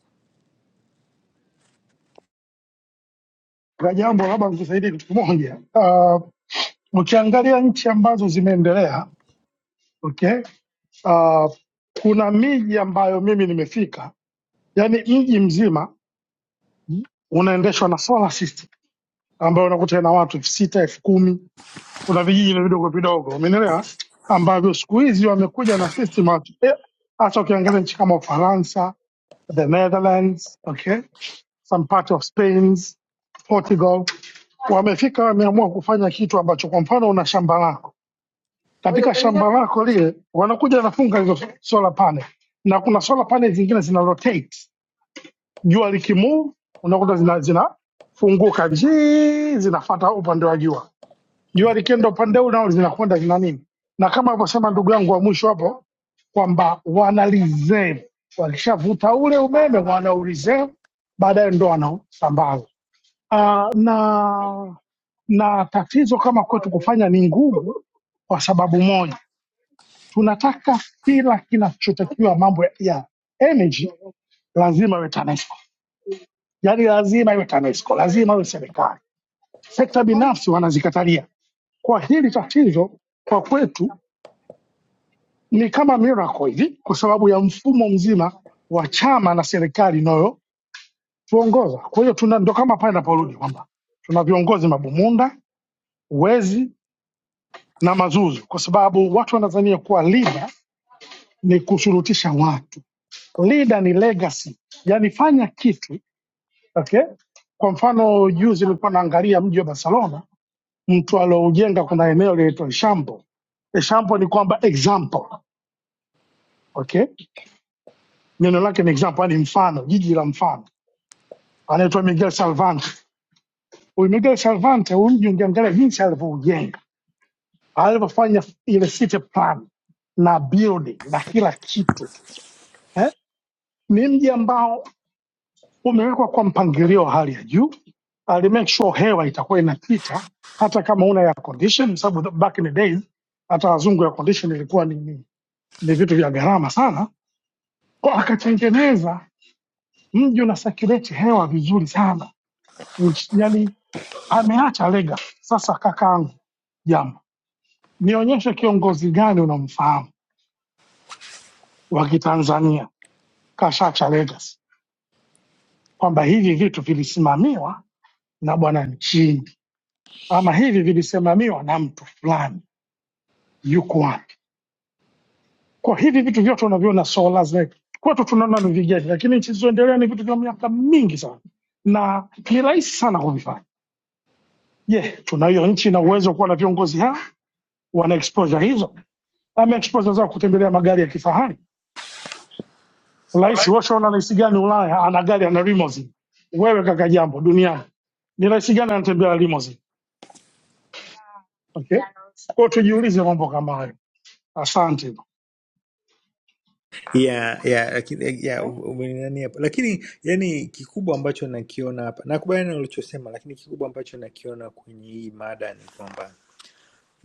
Speaker 13: kaka Jambo, labda mtusaidie kitu kimoja. Uh, ukiangalia nchi ambazo zimeendelea okay, uh, kuna miji ambayo mimi nimefika, yani mji mzima mm, unaendeshwa na solar system ambayo unakuta ina watu elfu sita elfu kumi kuna vijiji vidogo vidogo, umeelewa, ambavyo siku hizi wamekuja na system ya- eh, hata ukiangalia nchi kama Ufaransa, the Netherlands, okay, some part of Spain, Portugal, wamefika wameamua kufanya kitu ambacho, kwa mfano, una shamba lako, katika shamba lako lile wanakuja wanafunga hizo solar panel, na kuna solar panel zingine zina rotate, jua likimove unakuta zina zinafunguka jii, zinafuata upande wa jua jua likienda upande huu nao linakwenda lina nini, na kama alivyosema ndugu yangu wa mwisho hapo kwamba wana reserve, walishavuta ule umeme wana reserve, baadaye ndo wanasambaza. Uh, na na tatizo kama kwetu kufanya ni ngumu, kwa sababu moja, tunataka kila kinachotakiwa mambo ya ya energy lazima iwe TANESCO, yaani lazima iwe TANESCO, lazima iwe serikali. Sekta binafsi wanazikatalia. Kwa hili tatizo kwa kwetu ni kama miracle hivi kwa sababu ya mfumo mzima wa chama na serikali inayotuongoza. Kwa hiyo tuna ndo kama pale naporudi kwamba tuna viongozi mabumunda, wezi na mazuzu, kwa sababu watu wanadhania kuwa leader ni kushurutisha watu. Leader ni legacy, yani fanya kitu okay. Kwa mfano juzi nilikuwa naangalia mji wa Barcelona, mtu alioujenga, kuna eneo linaitwa Eixample. Eixample ni kwamba example, okay, neno lake ni example, yani mfano, jiji la mfano anaitwa Miguel Salvante. Huyu Miguel Salvante, huyu mji ungeangalia jinsi alivyoujenga, alivyofanya ile city plan na building na kila kitu eh? Ni mji ambao umewekwa kwa mpangilio wa hali ya juu. Ali make sure hewa itakuwa inapita hata kama una air condition, kwa sababu back in the days hata wazungu air condition ilikuwa ni, ni, ni vitu vya gharama sana. Kwa akatengeneza mji una circulate hewa vizuri sana, yaani ameacha lega. Sasa kakaangu, jambo, nionyeshe kiongozi gani unamfahamu wa Kitanzania kashaacha legacy, kwamba hivi vitu vilisimamiwa na bwana Nchimbi ama hivi vilisimamiwa na mtu fulani, yuko wapi? Kwa hivi vitu vyote unaviona solar zetu kwetu tunaona ni vigeni, lakini nchi zilizoendelea ni vitu vya miaka mingi sana na ni rahisi sana kuvifanya. Je, tuna hiyo nchi na uwezo wa kuwa na viongozi hao wana exposure hizo? Ame exposure zao kutembelea magari ya kifahari Rais Rushwa ana rais gani Ulaya ana gari ana limousine? Wewe kaka jambo duniani ni rais gani anatembea na limousine? Okay, kwa hiyo tujiulize mambo kama hayo. Asante.
Speaker 14: Yeah, yeah, lakini yeah,
Speaker 13: Eh,
Speaker 14: umenani hapo, lakini yani kikubwa ambacho nakiona hapa, nakubaliana na ulichosema, lakini kikubwa ambacho nakiona kwenye hii mada ni kwamba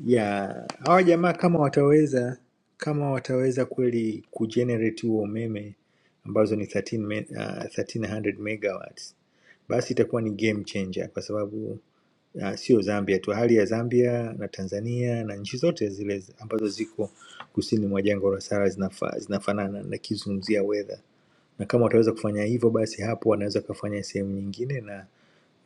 Speaker 14: ya hawa jamaa kama wataweza kama wataweza kweli kugenerate huo umeme ambazo ni 13 me, uh, 1300 megawatts basi itakuwa ni game changer kwa sababu uh, sio Zambia tu, hali ya Zambia na Tanzania na nchi zote zile zi- ambazo ziko kusini mwa jangwa la Sahara zinafa, zinafanana na kizungumzia weather, na kama wataweza kufanya hivyo, basi hapo wanaweza kufanya sehemu nyingine na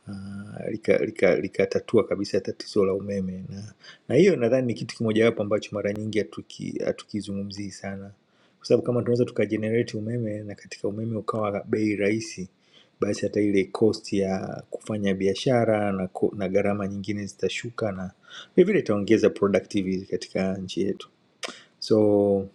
Speaker 14: ah, lika lika likatatua kabisa tatizo la umeme na na hiyo nadhani ni kitu kimojawapo ambacho mara nyingi hatuki- hatukizungumzii sana kwa sababu kama tunaweza tukajenerate umeme na katika umeme ukawa bei rahisi basi hata ile cost ya kufanya biashara na, ko- na gharama nyingine zitashuka na vilevile itaongeza productivity katika nchi yetu so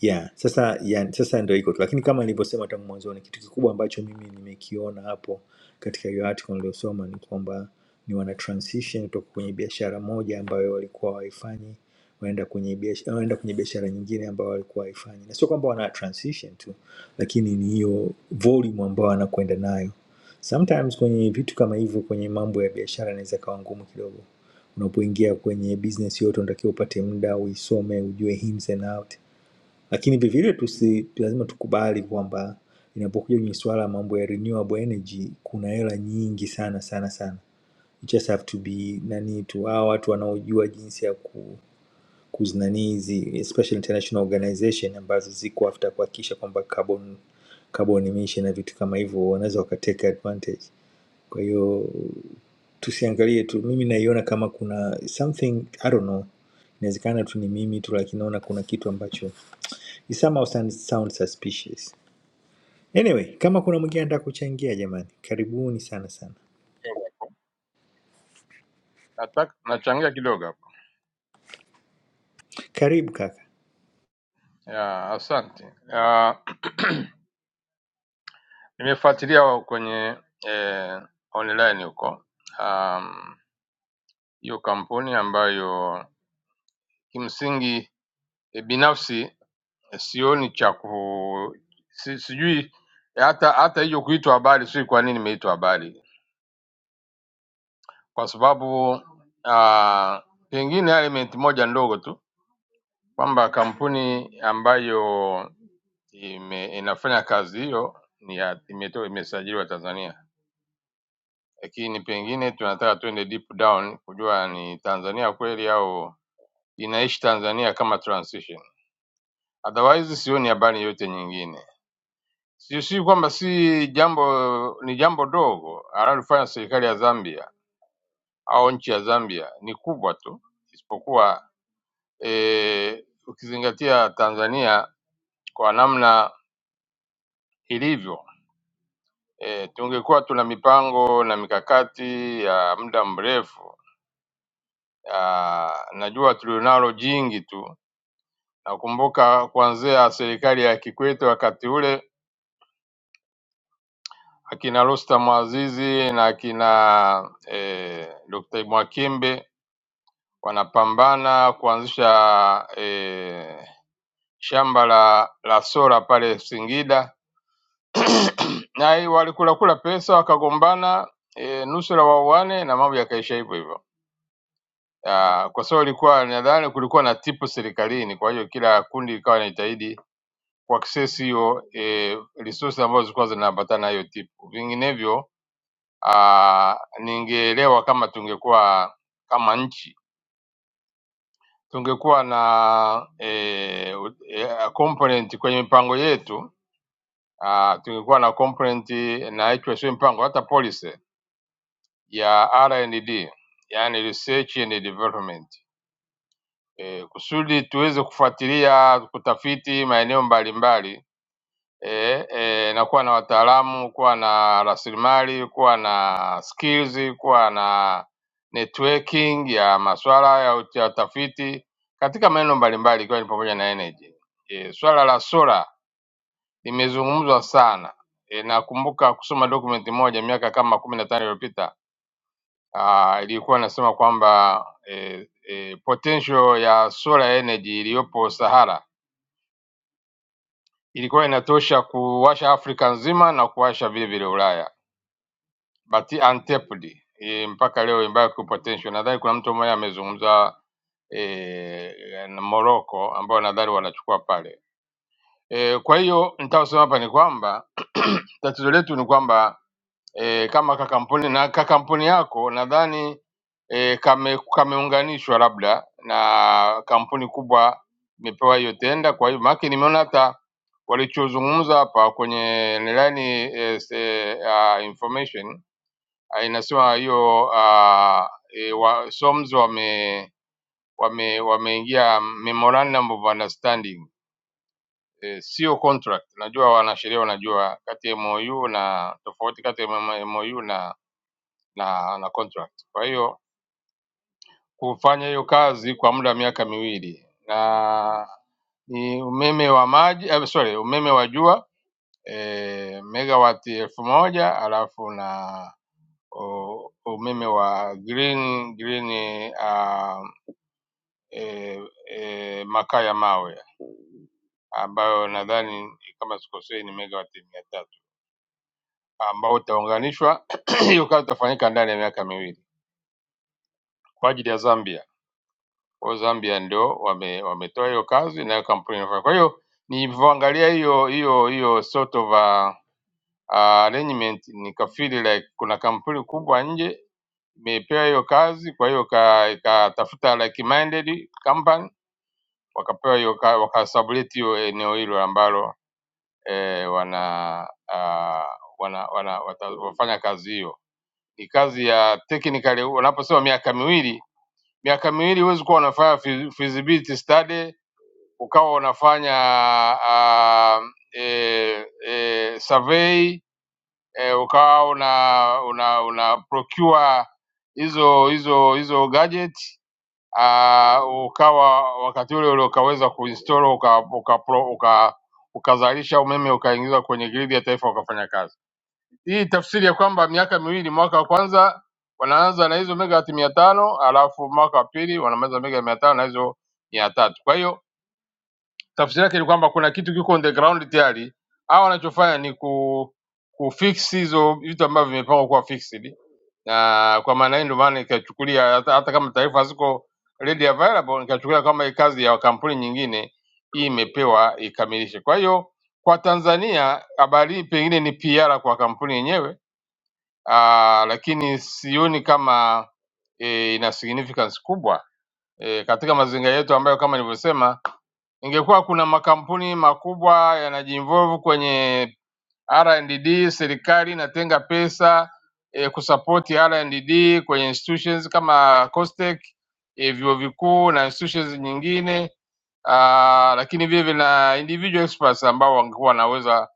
Speaker 14: Yeah, sasa ya, sasa ndio iko tu, lakini kama nilivyosema tangu mwanzoni, kitu kikubwa ambacho mimi nimekiona hapo katika hiyo article niliyosoma ni kwamba ni wana transition kutoka kwenye biashara moja ambayo walikuwa waifanyi waenda kwenye biashara waenda kwenye biashara nyingine ambayo walikuwa waifanyi, na sio kwamba wana transition tu, lakini ni hiyo volume ambayo wanakwenda nayo. Sometimes kwenye vitu kama hivyo, kwenye mambo ya biashara inaweza kawa ngumu kidogo. Unapoingia kwenye business yote, unatakiwa upate muda uisome, ujue ins and out lakini vilevile tusi lazima tukubali kwamba inapokuja kwenye swala la mambo ya renewable energy kuna hela nyingi sana sana sana. You just have to be nani tu hawa watu wanaojua jinsi ya ku kuzinani hizi especially international organization ambazo ziko after kuhakikisha kwamba carbon carbon emission na vitu kama hivyo wanaweza wakateka advantage. Kwa hiyo tusiangalie tu, mimi naiona kama kuna something I don't know, inawezekana tu ni mimi tu, lakini naona kuna kitu ambacho It somehow sound- sounds suspicious. Anyway, kama kuna mwingine anataka kuchangia jamani, karibuni sana sana.
Speaker 9: Nataka nachangia kidogo hapo.
Speaker 14: Karibu kaka.
Speaker 9: Ya, asante. Ya, nimefuatilia kwenye eh, online huko. Um, hiyo kampuni ambayo kimsingi eh, binafsi eh, sioni cha ku si, sijui e, hata hata hiyo kuitwa habari, sijui kwa nini imeitwa habari, kwa sababu uh, pengine element moja ndogo tu kwamba kampuni ambayo ime, inafanya kazi hiyo ni ya- imetoka imesajiliwa Tanzania, lakini pengine tunataka twende deep down kujua ni Tanzania kweli au inaishi Tanzania kama transition. otherwise sioni habari yote nyingine. Si si kwamba si jambo, ni jambo dogo analofanya serikali ya Zambia au nchi ya Zambia ni kubwa tu, isipokuwa e, ukizingatia Tanzania kwa namna ilivyo e, tungekuwa tuna mipango na mikakati ya muda mrefu ya, najua tulionalo jingi tu. Nakumbuka kuanzia serikali ya Kikwete wakati ule akina Rostam Aziz na akina eh, Dr. Mwakembe wanapambana kuanzisha eh, shamba la, la sola pale Singida na hii walikula kula pesa wakagombana e, nusura wauane na mambo yakaisha hivyo hivyo. Ah, Kwa sababu ilikuwa nadhani kulikuwa na tipu serikalini, kwa hiyo kila kundi likawa linajitahidi kuaccess hiyo e, resources ambazo zilikuwa zinaambatana na hiyo tipu, vinginevyo ah, ningeelewa kama tungekuwa kama nchi tungekuwa na e, e, component kwenye mipango yetu ah, tungekuwa na component na hicho sio mpango, hata policy ya R&D, yani research and development e, kusudi tuweze kufuatilia kutafiti maeneo mbalimbali eh, eh, na kuwa na wataalamu, kuwa na rasilimali, kuwa na skills, kuwa na networking ya masuala ya ut- ya utafiti katika maeneo mbalimbali ikiwa ni pamoja na energy. E, swala la sola limezungumzwa sana. E, nakumbuka kusoma document moja miaka kama kumi na tano iliyopita ah, ilikuwa inasema kwamba e, e, potential ya solar energy iliyopo Sahara ilikuwa inatosha kuwasha Afrika nzima na kuwasha vile vile Ulaya but untapped eh, mpaka leo imebaki ku potential. Nadhani kuna mtu mmoja amezungumza eh, na Morocco ambao nadhani wanachukua pale eh, kwa hiyo nitaosema hapa ni kwamba tatizo letu ni kwamba eh, kama kakampuni na kakampuni yako nadhani eh, kame kameunganishwa labda na kampuni kubwa imepewa hiyo tenda. Kwa hiyo maana nimeona hata walichozungumza hapa kwenye nilani eh, se- ah, information Ah, inasema hiyo uh, e, wa, SOMS wame wame wameingia memorandum of understanding eh, sio contract. Najua wanasheria wanajua kati ya MOU na tofauti kati ya M- MOU na na, na contract. Kwa hiyo kufanya hiyo kazi kwa muda wa miaka miwili na ni umeme wa maji eh, sorry, umeme wa jua eh, megawati elfu moja alafu na u- umeme wa green green uh, e, e, makaa ya mawe ambayo nadhani kama sikosei ni megawati mia tatu ambao utaunganishwa hiyo kazi itafanyika ndani ya miaka miwili kwa ajili ya Zambia. Kwa hiyo Zambia ndio wame, wametoa hiyo kazi nayo kampuni inafanya. Kwa hiyo nilivyoangalia hiyo hiyo hiyo sort of a, a arrangement nikafeel like kuna kampuni kubwa nje imepewa hiyo kazi, kwa hiyo ka- ikatafuta like minded company wakapewa hiyo ka- wakasublet hiyo eneo hilo ambalo eh, wana, uh, wana wana wata- wafanya kazi hiyo. Ni kazi ya technically, unaposema miaka miwili miaka miwili huwezi kuwa unafanya fi- feasibility study ukawa unafanya uh, e, e, survey e, ukawa una, una, una procure hizo hizo hizo gadget uh, ukawa wakati ule ule ukaweza kuinstall uka, uka, uka, uka, ukazalisha umeme ukaingiza kwenye gridi ya taifa ukafanya kazi. Hii tafsiri ya kwamba miaka miwili, mwaka wa kwanza wanaanza na hizo megawati mia tano alafu mwaka wa pili wanamaliza mega mia tano na hizo mia tatu. Kwa hiyo tafsiri yake ni kwamba kuna kitu kiko on the ground tayari, au wanachofanya ni ku kufix hizo vitu ambavyo vimepangwa kuwa fixed, na kwa maana hiyo ndio maana nikachukulia hata, hata kama taarifa haziko ready available, nikachukulia kama hii kazi ya kampuni nyingine hii imepewa ikamilishe. Kwa hiyo kwa Tanzania habari hii pengine ni PR kwa kampuni yenyewe Ah, lakini sioni kama e, ina significance kubwa e, katika mazingira yetu ambayo kama nilivyosema, ingekuwa kuna makampuni makubwa yanajiinvolve kwenye R&D serikali inatenga pesa e, kusapoti R&D kwenye institutions kama COSTECH e, vyuo vikuu na institutions nyingine ah, lakini vile vile na individual experts ambao wangekuwa wanaweza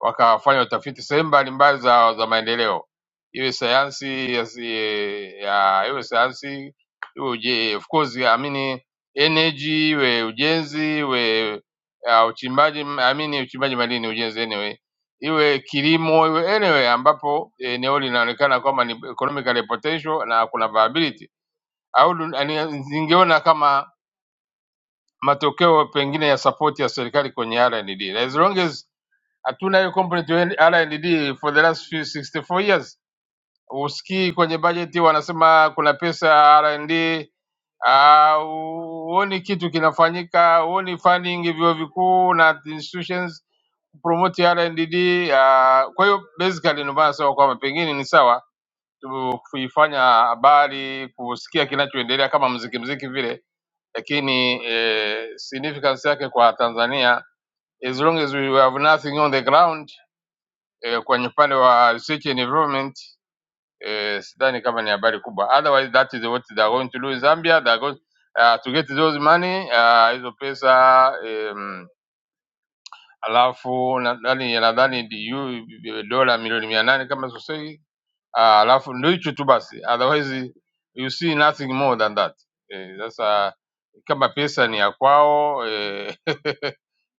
Speaker 9: wakafanya utafiti sehemu mbalimbali za, za maendeleo, iwe sayansi ya, si- e, ya iwe sayansi iwe uje, of course I mean energy, iwe ujenzi, iwe ah, uchimbaji m- I mean uchimbaji madini, ujenzi anyway iwe kilimo, iwe anyway, ambapo eneo linaonekana kwamba ni economically potential na kuna viability, au dun- ani- zingeona kama matokeo pengine ya support ya serikali kwenye R&D. As long as hatuna hiyo component ya R&D for the last few 64 years, usikii kwenye bajeti wanasema kuna pesa ya R&D au huoni kitu kinafanyika, huoni funding vyuo vikuu na institutions promote ya RNDD. Uh, kwa hiyo basically ndio maana nasema kwamba pengine ni sawa tu kuifanya habari kusikia kinachoendelea kama mziki mziki vile, lakini eh, significance yake kwa Tanzania as long as we have nothing on the ground eh, kwenye upande wa research and development eh, sidhani kama ni habari kubwa. Otherwise that is what they are going to do in Zambia they are going uh, to get those money uh, hizo pesa um, alafu nadhani nadhani DU dola milioni mia nane kama sosei, Ah, alafu ndio hicho tu basi, otherwise you see nothing more than that. Eh, Sasa kama pesa ni ya kwao eh,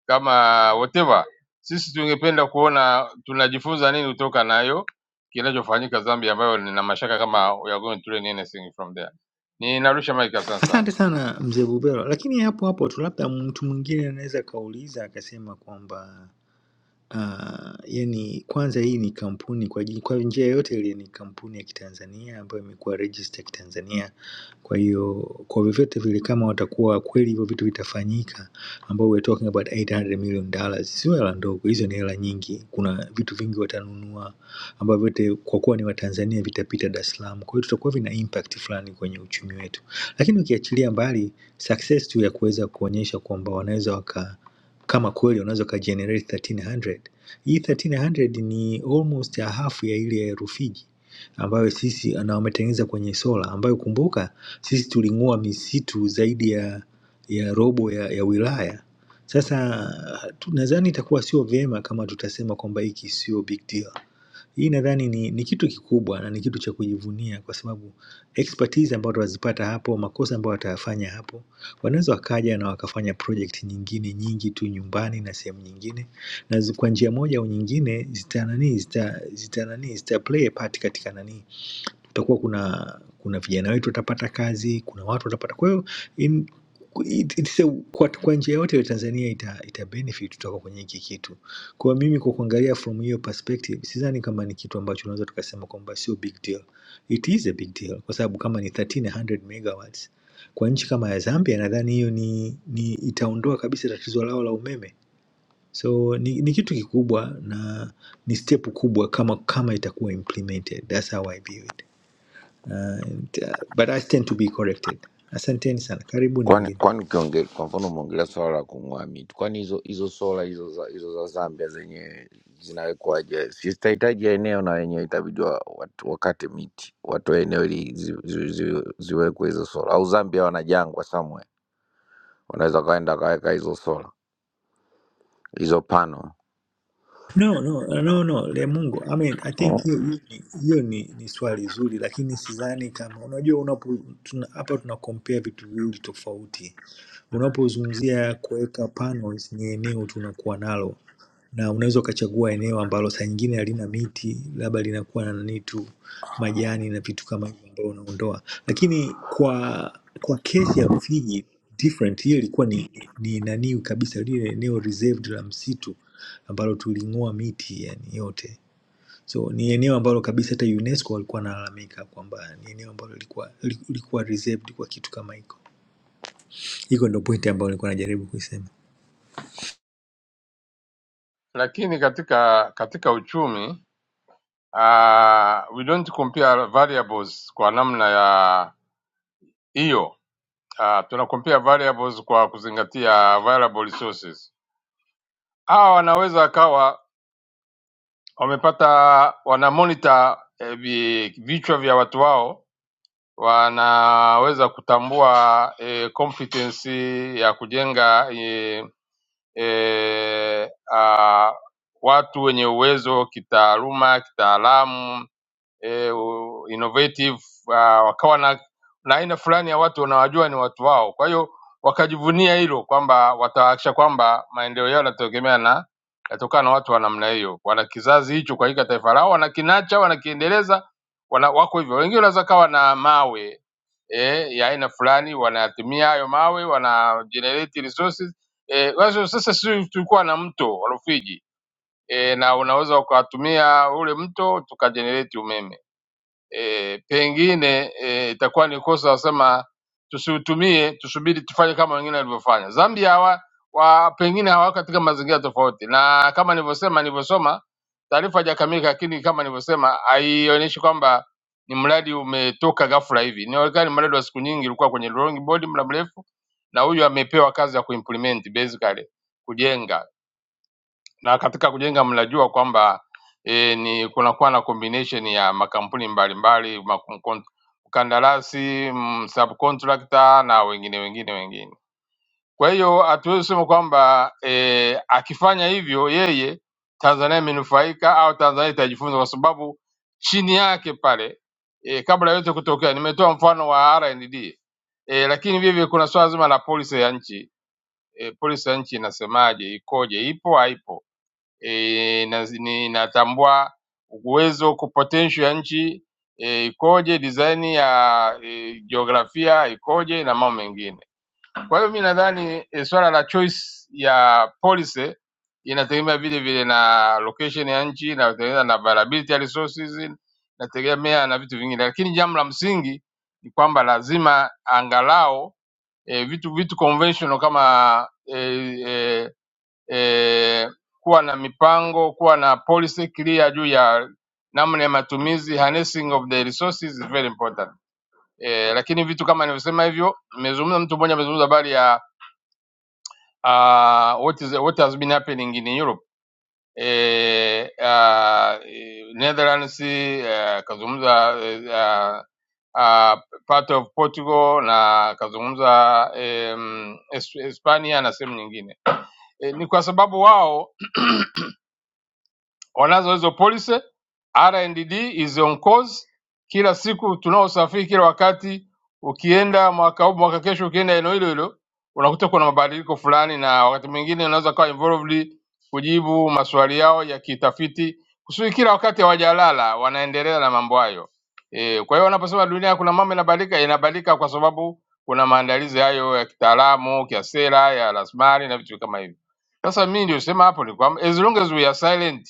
Speaker 9: kama whatever, sisi tungependa kuona tunajifunza nini kutoka nayo kinachofanyika Zambia, ambayo nina mashaka kama we are going to learn anything from there. Ninarusha mic, asante sana.
Speaker 14: Asante sana mzee Bubero, lakini hapo hapo tu labda mtu mwingine anaweza akauliza akasema kwamba yaani kwanza hii ni kampuni kwa ji- kwa njia yoyote ile ni kampuni ya Kitanzania ambayo imekuwa register ya Kitanzania. Kwa hiyo kwa vyovyote vile kama watakuwa kweli hivyo vitu vitafanyika ambao we're talking about 800 million dollars, sio hela ndogo, hizo ni hela nyingi. Kuna vitu vingi watanunua ambavyo vyote kwa kuwa ni Watanzania vitapita Dar es Salaam. Kwa hiyo tutakuwa vina impact fulani kwenye uchumi wetu, lakini ukiachilia mbali success tu ya kuweza kuonyesha kwamba wanaweza waka kama kweli unaweza ukagenerate 1300 hii 1300 ni almost ya hafu ya ile ya Rufiji ambayo sisi na wametengeneza kwenye sola, ambayo kumbuka sisi tuling'oa misitu zaidi ya ya robo ya, ya wilaya. Sasa tu- nadhani itakuwa sio vyema kama tutasema kwamba hiki sio big deal. Hii nadhani ni, ni kitu kikubwa na ni kitu cha kujivunia kwa sababu expertise ambayo watazipata hapo, makosa ambayo watayafanya hapo, wanaweza wakaja na wakafanya project nyingine nyingi tu nyumbani na sehemu nyingine, na zi- kwa njia moja au nyingine zita nani zita, zita nani zita play a part katika nani kutakuwa kuna kuna vijana wetu watapata kazi, kuna watu watapata. Kwa hiyo in- it- it's a- kwa, kwa njia yote ile Tanzania ita, ita benefit kutoka kwenye hiki kitu. Kwa hiyo mimi kwa kuangalia from hiyo perspective, sidhani kama ni kitu ambacho unaweza tukasema kwamba sio big deal. It is a big deal kwa sababu kama ni 1300 megawatts kwa nchi kama ya Zambia, nadhani hiyo ni, ni itaondoa kabisa tatizo lao la umeme. So ni, ni kitu kikubwa na ni step kubwa kama kama itakuwa implemented. That's how I view it. Uh, and, uh, but I tend to be corrected. Asanteni sana, karibuni
Speaker 16: kwani
Speaker 14: wengine.
Speaker 16: kwani ukiongea kwa mfano umeongelea swala la kung'oa miti kwani hizo hizo sola hizo za, hizo za zambia zenye zinawekwaje si zitahitaji eneo na wenyewe itabidi wa- wat- wakate miti watoe eneo ili zi, zi, zi, ziwekwe hizo sola au zambia wana jangwa somewhere wanaweza wakaenda wakaweka hizo sola hizo pano
Speaker 14: No, no, no, no, le Mungu. I mean, I
Speaker 16: Mm.
Speaker 14: think hiyo hiyo ni, hiyo ni, ni swali zuri, lakini sidhani kama unajua, unapo tuna, hapa tuna compare vitu viwili tofauti. Unapozungumzia kuweka panels, ni eneo tunakuwa nalo na unaweza ukachagua eneo ambalo saa nyingine halina miti, labda linakuwa na nani tu majani na vitu kama hivyo ambao unaondoa, lakini kwa kwa kesi ya Rufiji different, hiyo ilikuwa ni, ni nani kabisa, lile eneo reserved la msitu ambalo tuling'oa miti yani yote. So ni eneo ambalo kabisa hata UNESCO walikuwa wanalalamika kwamba ni eneo ambalo lilikuwa lilikuwa reserved kwa kitu kama hiko. Hiko ndo pointi ambayo nilikuwa najaribu kuisema.
Speaker 9: Lakini katika katika uchumi uh, we don't compare variables kwa namna ya hiyo. Uh, tuna compare variables kwa kuzingatia variable sources. Hawa wanaweza wakawa wamepata wana monitor eh, vi- vichwa vya watu wao, wanaweza kutambua eh, competency ya kujenga eh, eh, ah, watu wenye uwezo kitaaluma, kitaalamu eh, u- innovative uh, wakawa na, na aina fulani ya watu wanawajua ni watu wao. Kwa hiyo wakajivunia hilo kwamba watahakisha kwamba maendeleo yao yanategemea na yatokana na watu wa namna hiyo, wana kizazi hicho kwa katika taifa lao, wanakinacha, wanakiendeleza, wana, wako hivyo. Wengine wanaweza kawa na mawe eh, ya aina fulani, wanayatumia hayo mawe, wana generate resources eh, wazo sasa sisi tulikuwa na mto wa Rufiji eh, na unaweza ukatumia ule mto tukajenerate umeme e, pengine e, itakuwa ni kosa wasema tusiutumie, tusubiri tufanye kama wengine walivyofanya. Zambia hawa, wa, pengine hawako katika mazingira tofauti, na kama nilivyosema, nilivyosoma taarifa hajakamilika, lakini kama nilivyosema haionyeshi kwamba ni mradi umetoka ghafla hivi. Inaonekana ni mradi wa siku nyingi, ulikuwa kwenye drawing board muda mrefu, na huyu amepewa kazi ya kuimplement basically kujenga na katika kujenga mnajua kwamba e, ni kunakuwa na combination ya makampuni mbalimbali makum- kon- mkandarasi mm, subcontractor na wengine wengine wengine. Kwa hiyo hatuwezi kusema kwamba e, akifanya hivyo yeye Tanzania imenufaika au Tanzania itajifunza, kwa sababu chini yake pale e, kabla yote kutokea, nimetoa mfano wa R&D e, lakini vile vile kuna swala zima la policy ya nchi e, policy ya nchi inasemaje, ikoje, ipo haipo eh, na- ni- inatambua uwezo ku potential ya nchi eh, ikoje, design ya eh, jiografia ikoje na mambo mengine. Kwa hiyo mi nadhani eh, swala la choice ya policy inategemea vile vile na location ya nchi, inategemea na availability ya resources, inategemea na vitu vingine, lakini jambo la msingi ni kwamba lazima angalau e, vitu vitu conventional kama e, e, e, kuwa na mipango, kuwa na policy clear juu ya namna ya matumizi, harnessing of the resources is very important e, lakini vitu kama nilivyosema hivyo, nimezungumza mtu mmoja amezungumza habari ya uh, what is what has been happening in Europe e, uh, Netherlands eh, akazungumza uh, uh, part of Portugal na akazungumza um, Hispania na sehemu nyingine e, ni kwa sababu wao wanazo hizo policy. R&D is on course, kila siku tunaosafiri, kila wakati ukienda mwaka huu mwaka kesho, ukienda eneo hilo hilo unakuta kuna mabadiliko fulani, na wakati mwingine unaweza kuwa involved kujibu maswali yao ya kitafiti, kusudi kila wakati hawajalala, wanaendelea na mambo hayo. E, kwa hiyo wanaposema dunia kuna mambo inabadilika, inabadilika kwa sababu kuna maandalizi hayo ya kitaalamu, ya sera, ya rasilimali na vitu kama hivyo. Sasa mimi ndio sema hapo ni kwamba as long as we are silent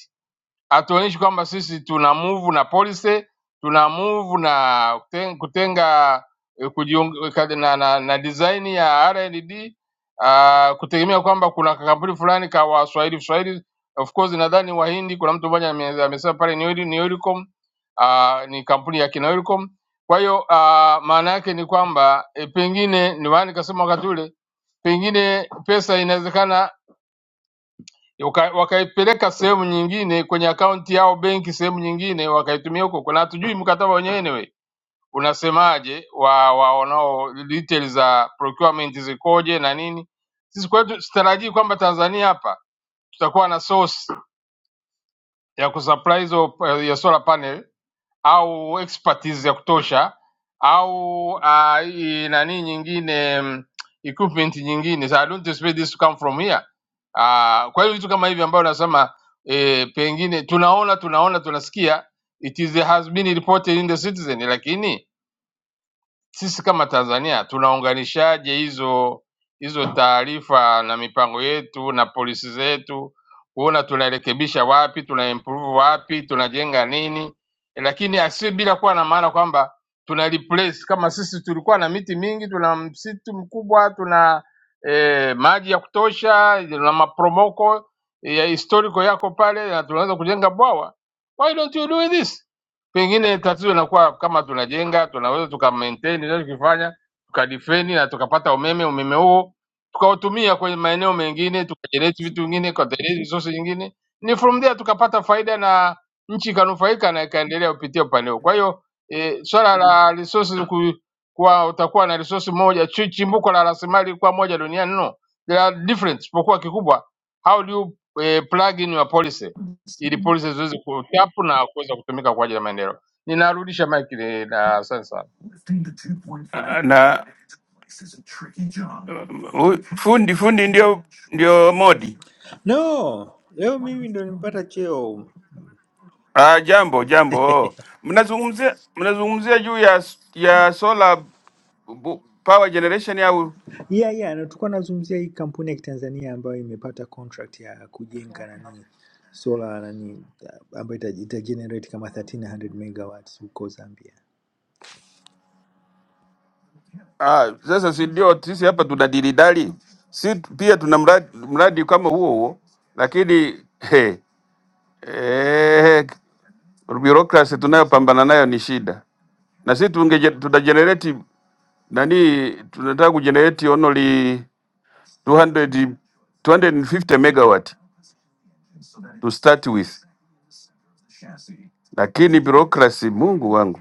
Speaker 9: hatuonyeshi kwamba sisi tuna move na policy, tuna move na kuten- kutenga eh, kujiung- kad- na, na, na design ya R&D uh, kutegemea kwamba kuna kampuni fulani ka Waswahili Swahili, of course nadhani Wahindi, kuna mtu mmoja ame- amesema pale ni Oil- ni Oilcom, uh, ni kampuni ya kina Oilcom. Kwa hiyo uh, maana yake ni kwamba e, pengine ndio maana nikasema wakati ule pengine pesa inawezekana waka- wakaipeleka sehemu nyingine kwenye akaunti yao benki sehemu nyingine wakaitumia huko kuna hatujui mkataba wenyewe anyway unasemaje wa wa- wanao details za procurement zikoje na nini sisi kwetu sitarajii kwamba Tanzania hapa tutakuwa na source ya kusupply hizo eh, ya solar panel au expertise ya kutosha au uh, nani nyingine mm, equipment nyingine so I don't expect this to come from here uh, kwa hiyo vitu kama hivi ambayo nasema eh, pengine tunaona tunaona tunasikia it is has been reported in the citizen lakini sisi kama Tanzania tunaunganishaje hizo hizo taarifa na mipango yetu na polisi zetu, kuona tunarekebisha wapi, tuna improve wapi, tunajenga nini, lakini asi bila kuwa na maana kwamba tuna replace kama sisi tulikuwa na miti mingi, tuna msitu mkubwa, tuna eh, maji ya kutosha, tuna maporomoko ya historical yako pale, na tunaweza kujenga bwawa. Why don't you do this? Pengine tatizo linakuwa kama tunajenga, tunaweza tuka maintain tunachokifanya, tukadifeni na tukapata umeme, umeme huo tukautumia kwenye maeneo mengine, tukajenerate vitu vingine, tukajenerate resource nyingine, ni from there tukapata faida na nchi ikanufaika na ikaendelea kupitia upande huo. Kwa hiyo e, swala la resources ku, kuwa utakuwa na resource moja chi- chimbuko la rasilimali kuwa moja duniani no, there are different, isipokuwa kikubwa how do you eh, plug in your policy ili polisi ziweze kuchapu na kuweza kutumika kwa ajili ya maendeleo. Ninarudisha mic ile na asante sana.
Speaker 6: Ah, na mm, hu- fundi fundi ndio ndio modi.
Speaker 14: No, leo mimi ndo nimepata cheo.
Speaker 6: Ah, jambo jambo, mnazungumzia mnazungumzia juu ya s- ya solar bu- power generation au
Speaker 14: Yeah, yeah, na tulikuwa nazungumzia hii kampuni ya Kitanzania ambayo imepata contract ya kujenga nani solar nani ah, ambayo ita, ita generate kama 1300 megawatts huko Zambia.
Speaker 6: ah, sasa si ndio sisi hapa tunadilidali, si t- pia tuna mradi, mradi kama huo huo, lakini he, eh, bureaucracy tunayopambana nayo ni shida, na sisi tungeje- tuta nani tunataka kujenerate only 200 250 megawatt to start with, lakini bureaucracy, Mungu wangu,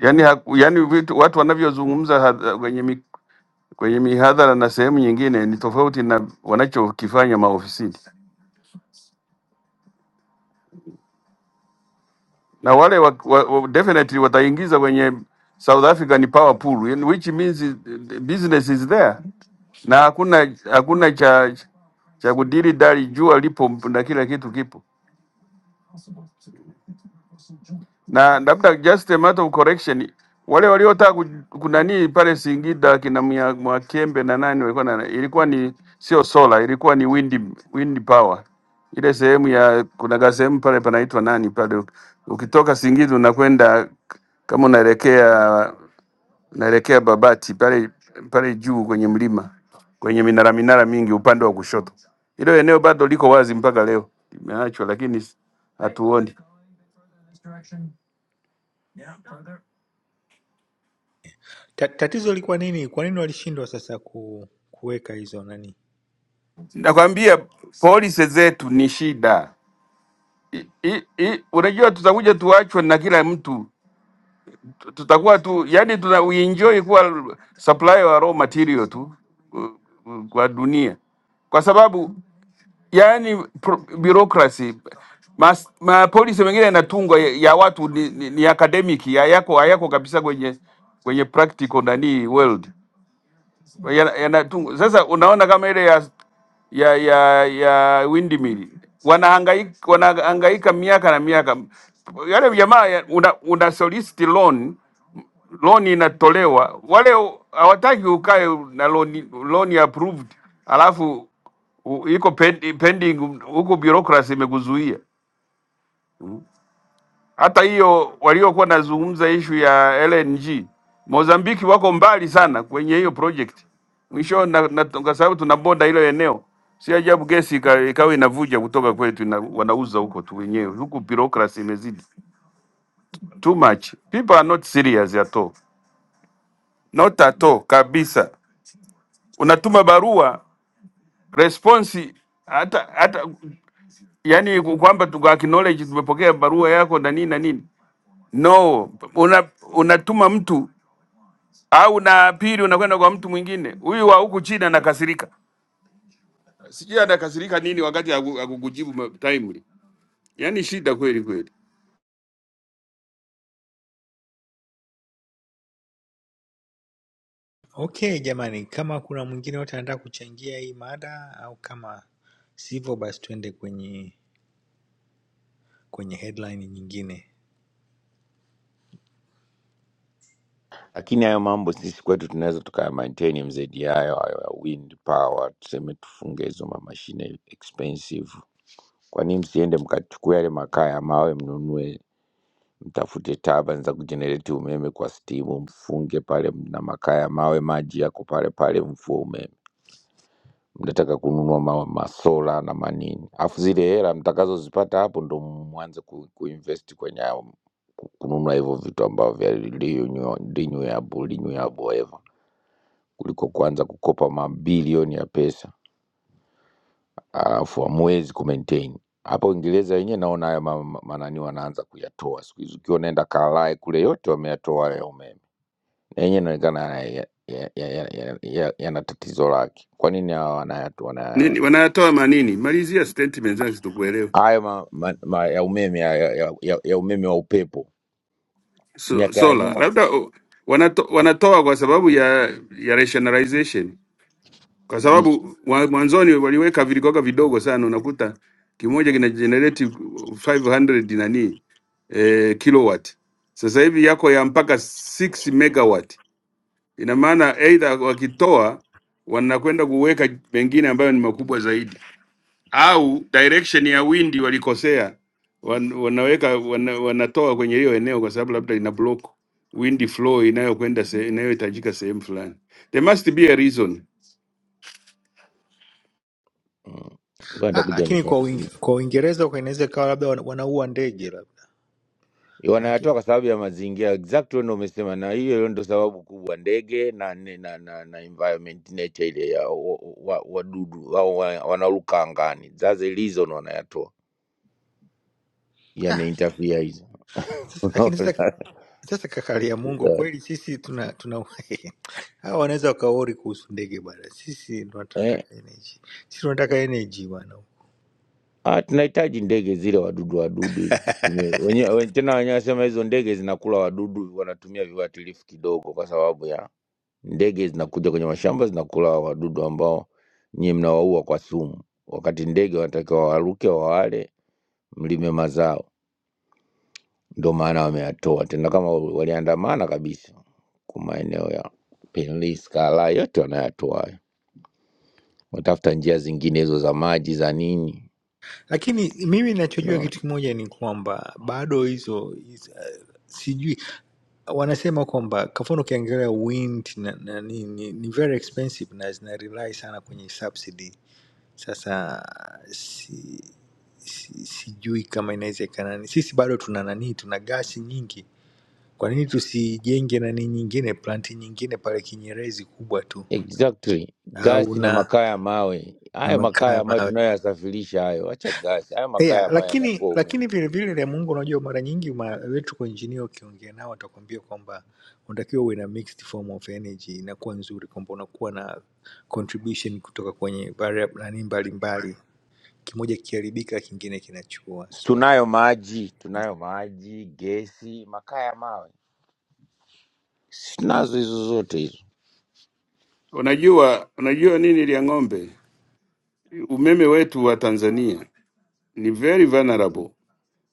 Speaker 6: yani, haku, yani vitu, watu wanavyozungumza hadha- kwenye mi, kwenye mihadhara na sehemu nyingine ni tofauti na wanachokifanya maofisini, na wale wa, wa, wa, definitely wataingiza kwenye South African power pool yani, which means eh, business is there na hakuna hakuna cha cha kudiri dari, jua lipo na kila kitu kipo. na labda just a matter of correction, wale waliotaka ku- kunanii pale Singida kina Mya- Mwakembe na nani walikuwa na, ilikuwa ni sio sola, ilikuwa ni wind, wind power ile sehemu ya kuna gasehemu pale panaitwa nani pale, ukitoka Singida unakwenda kama unaelekea unaelekea Babati pale pale juu kwenye mlima kwenye minara minara mingi upande wa kushoto, hilo eneo bado liko wazi mpaka leo, limeachwa lakini hatuoni.
Speaker 14: Ta, tatizo lilikuwa nini? Kwa nini walishindwa sasa ku, kuweka hizo nani
Speaker 6: Nakwambia polisi zetu ni shida. I, i, i, unajua tutakuja tuachwe na kila mtu, Tu- tutakuwa tu yani tuna we enjoy kuwa supply wa raw material tu uh, uh, kwa dunia, kwa sababu yani pro- bureaucracy mas, ma polisi mengine yanatungwa ya, ya watu ni, ni, ni academic ya yako hayako kabisa kwenye kwenye practical nani world. yana, yana tungu. Sasa unaona kama ile ya ya ya ya windmill wanahangaika wanahangaika miaka na miaka. Yale jamaa ya- una, una solicit loan loan inatolewa, wale u- hawataki ukae na loan loan approved, alafu u- iko pend- pending huko, bureaucracy imekuzuia. Hata hiyo waliokuwa nazungumza ishu ya LNG Mozambiki wako mbali sana kwenye hiyo project. Mwisho na, na, kwa sababu tuna boda hilo eneo, si ajabu gesi ika- ikawa inavuja kutoka kwetu na wanauza huko tu wenyewe. Huku bureaucracy imezidi too much, people are not serious at all, not at all kabisa. Unatuma barua response hata hata yani kwamba tuka acknowledge tumepokea barua yako na nini na nini no, una, unatuma mtu au na pili unakwenda kwa mtu mwingine. Huyu wa huku chini anakasirika, sijui anakasirika nini wakati haku- hakukujibu ma- timely. Yani shida kweli kweli,
Speaker 14: Okay jamani, kama kuna mwingine yote anataka kuchangia hii mada au kama sivyo, basi tuende kwenye kwenye headline nyingine.
Speaker 16: lakini hayo mambo sisi kwetu tunaweza tukaya maintain mzedi hayo hayo ya wind power tuseme tufunge hizo mamashine expensive kwa nini msiende mkachukua yale makaa ya mawe mnunue mtafute taban za kujenereti umeme kwa stimu, mfunge pale na makaa ya mawe, maji yako pale pale, mfue umeme. Mnataka kununua ma, masola na manini, alafu zile hela mtakazozipata hapo ndo mwanze ku, kuinvest kwenye hayo- kununua hivyo vitu ambavyo vya renewable renewable, whatever, kuliko kuanza kukopa mabilioni ya pesa alafu hamwezi kumaintain hapa Uingereza wenyewe naona haya ma- ma- manani wanaanza kuyatoa siku hizi, ukiwa unaenda Kalai kule yote wameyatoa hayo umeme. yenyewe inaonekana yana ya- ya- ya- ya- ya- yana tatizo lake. Kwa nini hawa wanayatu
Speaker 6: nini
Speaker 16: wanayaona
Speaker 6: wanatoa manini? Malizia statement zangu, sitokuelewa.
Speaker 16: hayo ma, ma, ma, ya umeme ya, ya, ya, ya umeme wa upepo
Speaker 6: So,
Speaker 16: miaka ya
Speaker 6: sola
Speaker 16: nyuma
Speaker 6: labda oh, wanato, wanatoa kwa sababu ya, ya rationalization, kwa
Speaker 16: Mm,
Speaker 6: sababu wa- mwanzoni waliweka vilikoga vidogo sana, unakuta kimoja kina generate 500 nani eh, kilowatt, sasa hivi yako ya mpaka 6 megawatt Ina maana either wakitoa wanakwenda kuweka mengine ambayo ni makubwa zaidi, au direction ya windi walikosea, wan, wanaweka wana, wanatoa kwenye hiyo eneo kwa sababu labda ina block wind flow inayokwenda se, inayohitajika sehemu fulani. There must be a reason.
Speaker 16: mm. Ngoja
Speaker 14: Ah,
Speaker 16: nitakuja
Speaker 14: lakini kwa
Speaker 16: nifuatilie.
Speaker 14: Uing- kwa Uingereza kwa inaweza ikawa labda wana- wanaua ndege labda Maana yake-
Speaker 16: Wanayatoa kwa sababu ya mazingira exactly, ndio umesema, na hiyo ndo sababu kubwa, ndege na na, na, na, na environment nature ile ya wadudu wa, wa, wadudu, wa, wa, wanaruka angani, that's the reason wanayatoa,
Speaker 14: ah,
Speaker 16: yameinterfere hizo
Speaker 14: sasa- lakini sasa sasa kakali ya Mungu
Speaker 16: Unaona?
Speaker 14: kweli sisi tuna tuna hawa wanaweza wakaori kuhusu ndege bwana, sisi ndo tunataka energy, sisi tunataka energy bwana.
Speaker 16: Ah, tunahitaji ndege zile wadudu wadudu ili tutumie wenye, we- tena wenyewe wasema hizo ndege zinakula wadudu, wanatumia viuatilifu kidogo, kwa sababu ya ndege zinakuja kwenye mashamba zinakula wadudu ambao nyie mnawaua kwa sumu, wakati ndege wanatakiwa waruke wawale, mlime mazao. Ndio maana wameyatoa tena, kama waliandamana kabisa kwa maeneo ya Penlis, Kala yote wanayatoa hayo, watafuta njia zingine hizo za maji za nini
Speaker 14: lakini mimi
Speaker 16: No.
Speaker 14: ninachojua kitu kimoja ni kwamba bado hizo hizo, eh, sijui wanasema kwamba kafano ukiangalia wind na, na, ni, ni, ni very expensive na zina rely sana kwenye subsidy sasa si, si, sijui kama inawezekana Ni sisi bado tuna nani tuna gasi nyingi kwa nini tusijenge nani nyingine planti nyingine pale kinyerezi kubwa tu
Speaker 16: Exactly.
Speaker 14: au
Speaker 16: Gasi na
Speaker 14: na
Speaker 16: makaa ya mawe,
Speaker 14: na
Speaker 16: hayo makaa
Speaker 14: makaa
Speaker 16: ya
Speaker 14: ya
Speaker 16: mawe
Speaker 14: mawe
Speaker 16: tunayoyasafirisha hayo, acha gasi, hayo makaa
Speaker 14: yeah,
Speaker 16: ya mawe
Speaker 14: lakini
Speaker 16: yanafua umeme.
Speaker 14: lakini vilevile vile ya Mungu, unajua mara nyingi ma- electrical engineer ukiongea nao watakwambia kwamba unatakiwa uwe na mixed form of energy, inakuwa nzuri kwamba unakuwa na contribution kutoka kwenye variable nani mbalimbali, kimoja kikiharibika kingine kinachukua
Speaker 16: Si
Speaker 14: so
Speaker 16: Tunayo maji, tunayo maji, gesi, makaa ya mawe sinazo hizo zote hizo.
Speaker 6: Unajua, unajua nini lia ng'ombe, umeme wetu wa Tanzania ni very vulnerable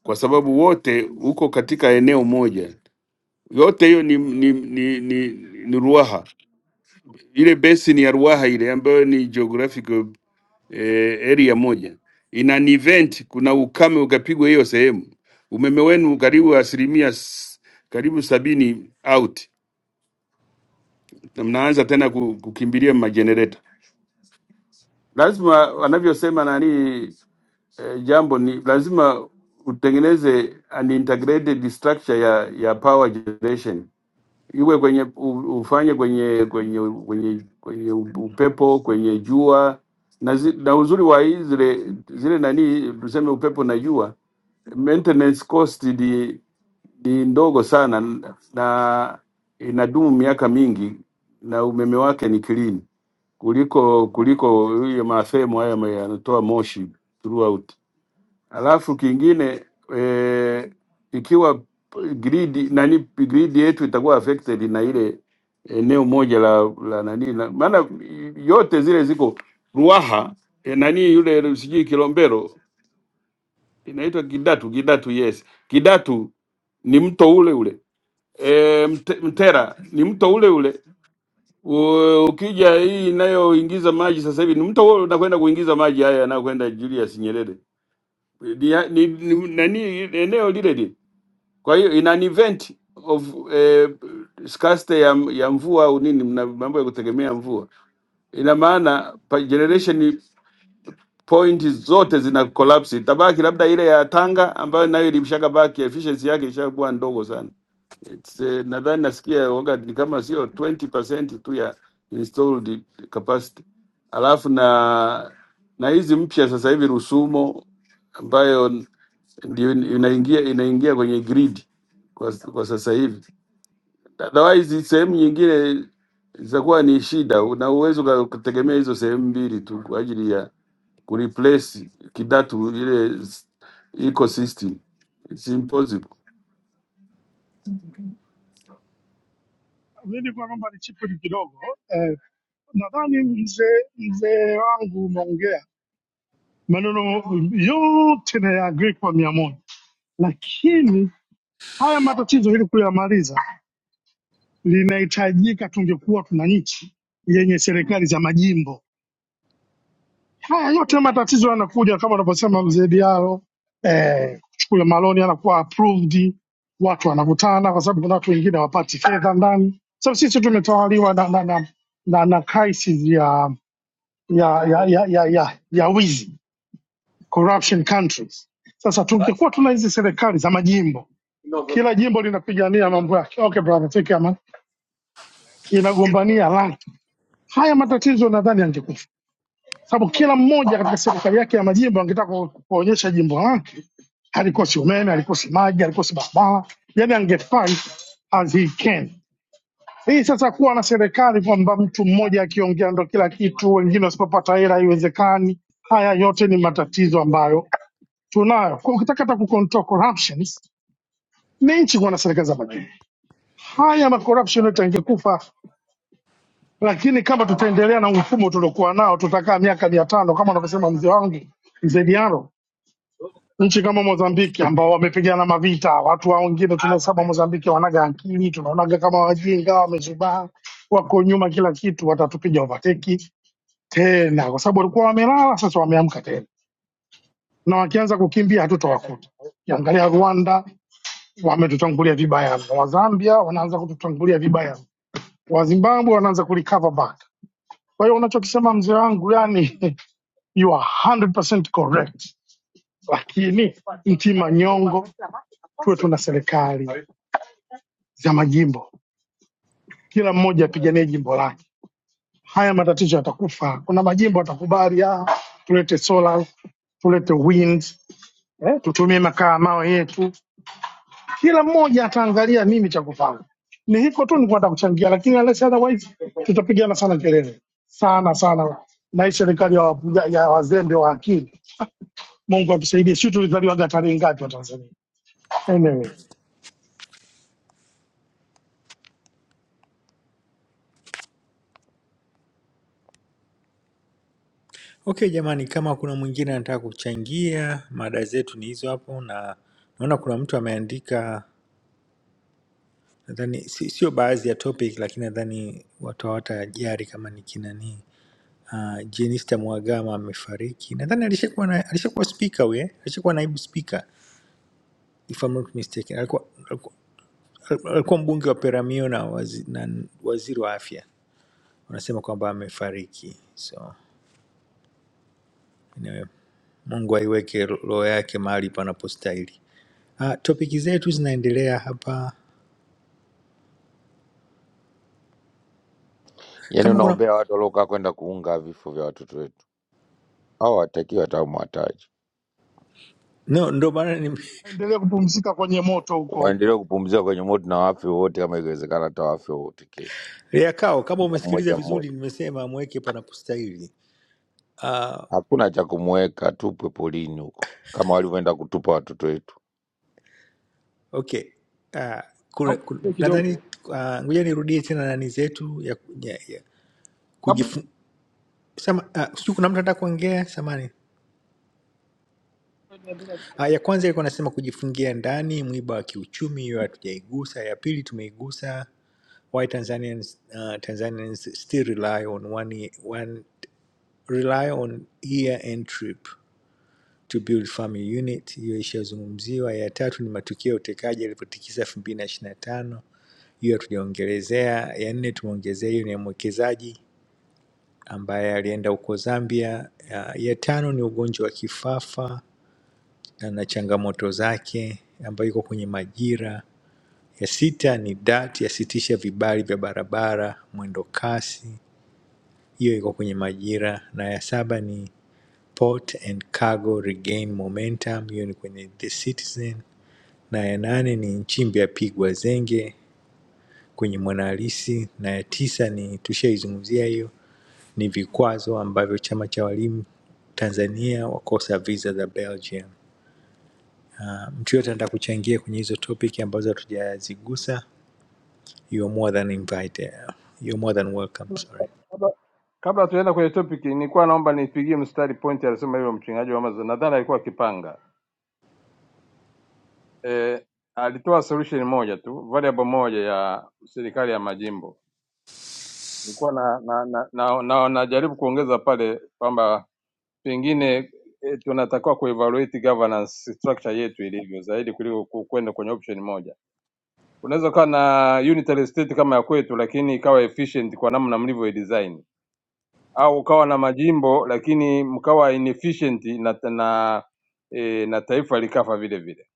Speaker 6: kwa sababu wote uko katika eneo moja, yote hiyo ni, ni, ni, ni, ni Ruaha ile basin ya Ruaha ile ambayo ni geographical eh, area moja ina ni event, kuna ukame ukapigwa hiyo sehemu, umeme wenu karibu asilimia s- karibu sabini out, na mnaanza tena ku- kukimbilia majenereta. Lazima wanavyosema nani eh, jambo ni lazima utengeneze an integrated structure ya ya power generation iwe kwenye u- ufanye kwenye kwenye kwenye kwenye upepo kwenye jua na, zi, na uzuri wa hii zile zile nani tuseme upepo na jua maintenance cost ni, ni ndogo sana na inadumu miaka mingi na umeme wake ni clean kuliko kuliko hiyo mafemo haya ma- yanatoa moshi throughout. Alafu kingine e, ikiwa grid nani grid yetu itakuwa affected na ile eneo moja la la nani na, maana yote zile ziko Ruaha e, nani yule sijui Kilombero inaitwa Kidatu Kidatu yes Kidatu ni mto ule ule e, Mte- Mtera ni mto ule ule U- ukija hii inayoingiza maji sasa hivi ni mto ule unakwenda kuingiza maji haya yanayokwenda Julius Nyerere ni, ni, ni, nani eneo lile lile. Kwa hiyo ina an event of eh, scarcity ya, ya mvua au nini, mna mambo ya kutegemea mvua. Ina maana pa- generation pointi zote zina collapse, itabaki labda ile ya Tanga ambayo nayo ilimshaka baki, efficiency yake ishakuwa ndogo sana. It's, eh, nadhani nasikia waga ni kama sio 20% tu ya installed capacity, alafu na na hizi mpya sasa hivi Rusumo ambayo ndio inaingia inaingia kwenye grid kwa, kwa sasa hivi. Otherwise sehemu nyingine zitakuwa ni shida, una uwezo ukategemea hizo sehemu mbili tu kwa ajili ya kureplace kidatu ile ecosystem. It's impossible.
Speaker 13: Mimi nilikuwa naomba nichipuli kidogo eh, nadhani mzee mzee wangu umeongea maneno yote na agree kwa mia moja, lakini haya matatizo ili kuyamaliza linahitajika tungekuwa tuna nchi yenye serikali za majimbo Haya yote matatizo yanakuja kama unavyosema mzee Diallo, eh, kule maloni anakuwa approved, watu wanakutana, kwa sababu kuna watu wengine hawapati fedha ndani. Sasa sisi tumetawaliwa na na, na, na, na crisis ya ya ya ya, ya, ya, ya wizi corruption countries. Sasa tungekuwa tuna hizi serikali za majimbo, kila jimbo linapigania mambo yake, okay brother, take care man, inagombania rangi, haya matatizo nadhani yangekufa. sababu kila mmoja katika serikali yake ya majimbo angetaka ku- kuonyesha jimbo lake halikosi umeme, halikosi maji, halikosi barabara, yani angefight as he can. Hii sasa kuwa na serikali kwamba mtu mmoja akiongea ndo kila kitu, wengine wasipopata hela haiwezekani. Haya yote ni matatizo ambayo tunayo. Kwa Ukitaka hata kucontrol corruptions ni nchi kuwa na serikali za majimbo. Haya ma corruption yote yangekufa, lakini kama tutaendelea na mfumo tuliokuwa nao tutakaa miaka mia tano kama anavyosema mzee wangu mzee Diaro nchi kama Mozambiki ambao wamepigana mavita. Watu wa wengine tunasema Mozambiki wanaga akili, tunaonaga kama wajinga, wamezubaa, wako nyuma kila kitu, watatupiga overtake tena, kwa sababu walikuwa wamelala, sasa wameamka tena, na wakianza kukimbia hatutawakuta. Ukiangalia Rwanda wametutangulia vibaya mno, wa Zambia wanaanza kututangulia vibaya mno, wa Zimbabwe wanaanza kurecover back. Kwa hiyo unachokisema mzee wangu, yani you are 100% correct lakini nchi manyongo, tuwe tuna serikali za majimbo, kila mmoja apiganie jimbo lake. Haya matatizo yatakufa. Kuna majimbo yatakubali ah, tulete solar, tulete wind, eh, tutumie makaa mawe yetu. Kila mmoja ataangalia nini cha kufanya. Ni hiko tu nilikuwa nataka kuchangia, lakini unless otherwise tutapigana sana kelele sana sana, na hii serikali ya, wapuja- ya wazembe wa akili. Mungu atusaidie. Sisi tulizaliwaga tarehe ngapi wa Tanzania? Anyway.
Speaker 14: Okay jamani, kama kuna mwingine anataka kuchangia, mada zetu ni hizo hapo, na naona kuna mtu ameandika, nadhani si- sio baadhi ya topic, lakini nadhani watu hawatajali kama ni kinani uh, Jenista Mhagama amefariki. Nadhani alishakuwa na, alishakuwa spika huyu eh? alishakuwa naibu spika if I'm not mistaken. Alikuwa, alikuwa, alikuwa mbunge wa Peramio na, wazi, na waziri wa afya. Wanasema kwamba amefariki, so anyway, Mungu aiweke roho yake mahali panapostahili. Uh, topiki zetu zinaendelea hapa
Speaker 16: Yaani
Speaker 14: kama kuna
Speaker 16: unaombea watu waliokaa kwenda kuunga vifo vya watoto wetu, hao watakiwa hata mwataji
Speaker 14: no, ndo maana ni-
Speaker 13: Endelea kupumzika kwenye moto huko huko.
Speaker 16: waendelee kupumzika kwenye moto na wafe wote, kama ikiwezekana, hata wafe wote kesho,
Speaker 14: ya kao kama umesikiliza
Speaker 16: mmoja mmoja.
Speaker 14: vizuri, nimesema amweke panapostahili. Uh,
Speaker 16: Hakuna cha kumweka, tupwe polini huko kama walivyoenda kutupa watoto wetu.
Speaker 14: okay uh, kuna,
Speaker 9: Naomba
Speaker 14: kuna,
Speaker 9: niongee
Speaker 14: nadhani
Speaker 9: kidogo
Speaker 14: ah, ngoja nirudie tena nani zetu ya, ya, ya
Speaker 9: kabla
Speaker 14: kujifu- sema uh, sijui kuna mtu anataka kuongea samani uh, ya kwanza ilikuwa nasema kujifungia ndani mwiba wa kiuchumi hiyo hatujaigusa ya pili tumeigusa why tanzanians, uh, tanzanians still rely on one, one rely on year end trip to build family unit, hiyo ishazungumziwa. Ya tatu ni matukio ya utekaji yalivyotikisa elfu mbili na ishirini na tano, hiyo hatujaongelezea. Ya nne tumeongezea hiyo ni ya mwekezaji ambaye alienda huko Zambia. Ya, ya tano ni ugonjwa wa kifafa na na changamoto zake ambayo iko kwenye majira. Ya sita ni DART yasitisha vibali vya barabara mwendo kasi, hiyo iko kwenye majira. Na ya saba ni Port and Cargo Regain Momentum, hiyo ni kwenye The Citizen. na ya nane ni Nchimbi apigwa zenge kwenye mwanahalisi na ya tisa ni tushaizungumzia hiyo ni vikwazo ambavyo chama cha walimu Tanzania wakosa visa za Belgium. Na mtu yote anataka kuchangia kwenye hizo topic ambazo hatujazigusa, you are more than invited. You are more than welcome, sorry.
Speaker 9: kabla kabla tuenda kwenye topic, nilikuwa naomba nipigie mstari point alisema hilo mchingaji wa Amazon, nadhani alikuwa akipanga eh, alitoa solution moja tu, variable moja ya serikali ya majimbo Nilikuwa na na, na, na, na, najaribu kuongeza pale kwamba pengine eh, tunatakiwa kuevaluate governance structure yetu ilivyo zaidi kuliko ku- kwenda kwenye option moja. Unaweza ukawa na unitary state kama ya kwetu, lakini ikawa efficient kwa namna mlivyo design, au ukawa na majimbo lakini mkawa inefficient na na, e, na taifa likafa vile vile.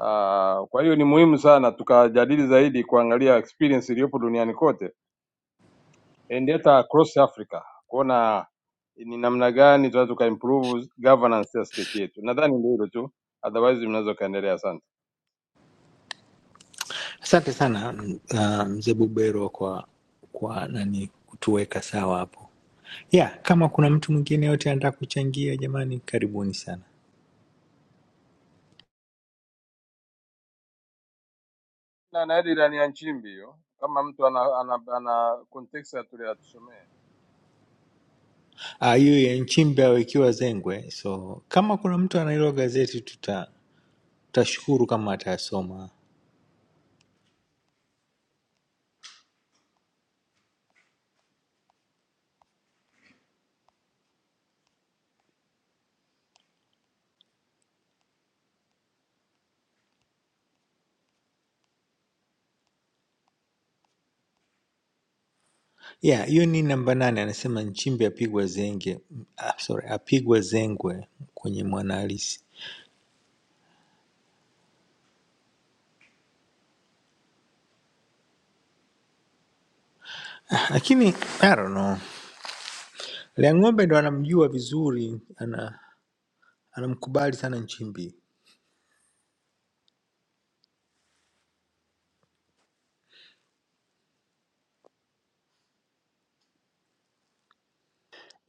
Speaker 9: Ah, Kwa hiyo ni muhimu sana tukajadili zaidi kuangalia experience iliyopo duniani kote and hata across Africa kuona ni namna gani tunaweza tukaimprove governance ya state yetu. Nadhani ndio hilo tu, otherwise mnaweza kaendelea. Asante.
Speaker 14: Asante sana m- ah, mzee Bubero kwa kwa nani kutuweka sawa hapo. Yeah, kama kuna mtu mwingine yote anataka kuchangia jamani karibuni sana.
Speaker 9: Na na hadi ilani ya Nchimbi hiyo, kama mtu ana ana, ana context atulia atusomee.
Speaker 14: Ah, hiyo ya Nchimbi awekiwa zengwe. So kama kuna mtu ana hilo gazeti tuta tutashukuru kama atayasoma. Yeah, hiyo ni namba nane, anasema Nchimbi apigwa zenge, ah, sorry, apigwa zengwe kwenye Mwanahalisi. Lakini I don't know, Liang'ombe ndo anamjua vizuri, ana anamkubali sana Nchimbi.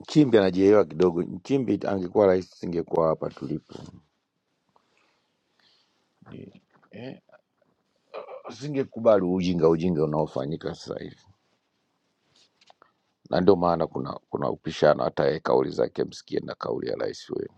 Speaker 16: Nchimbi anajielewa kidogo. Nchimbi angekuwa rais, singekuwa hapa tulipo eh, singekubali ujinga ujinga unaofanyika sasa hivi, na ndio maana kuna kuna upishano. Hata yeye kauli zake msikie na kauli ya rais wewe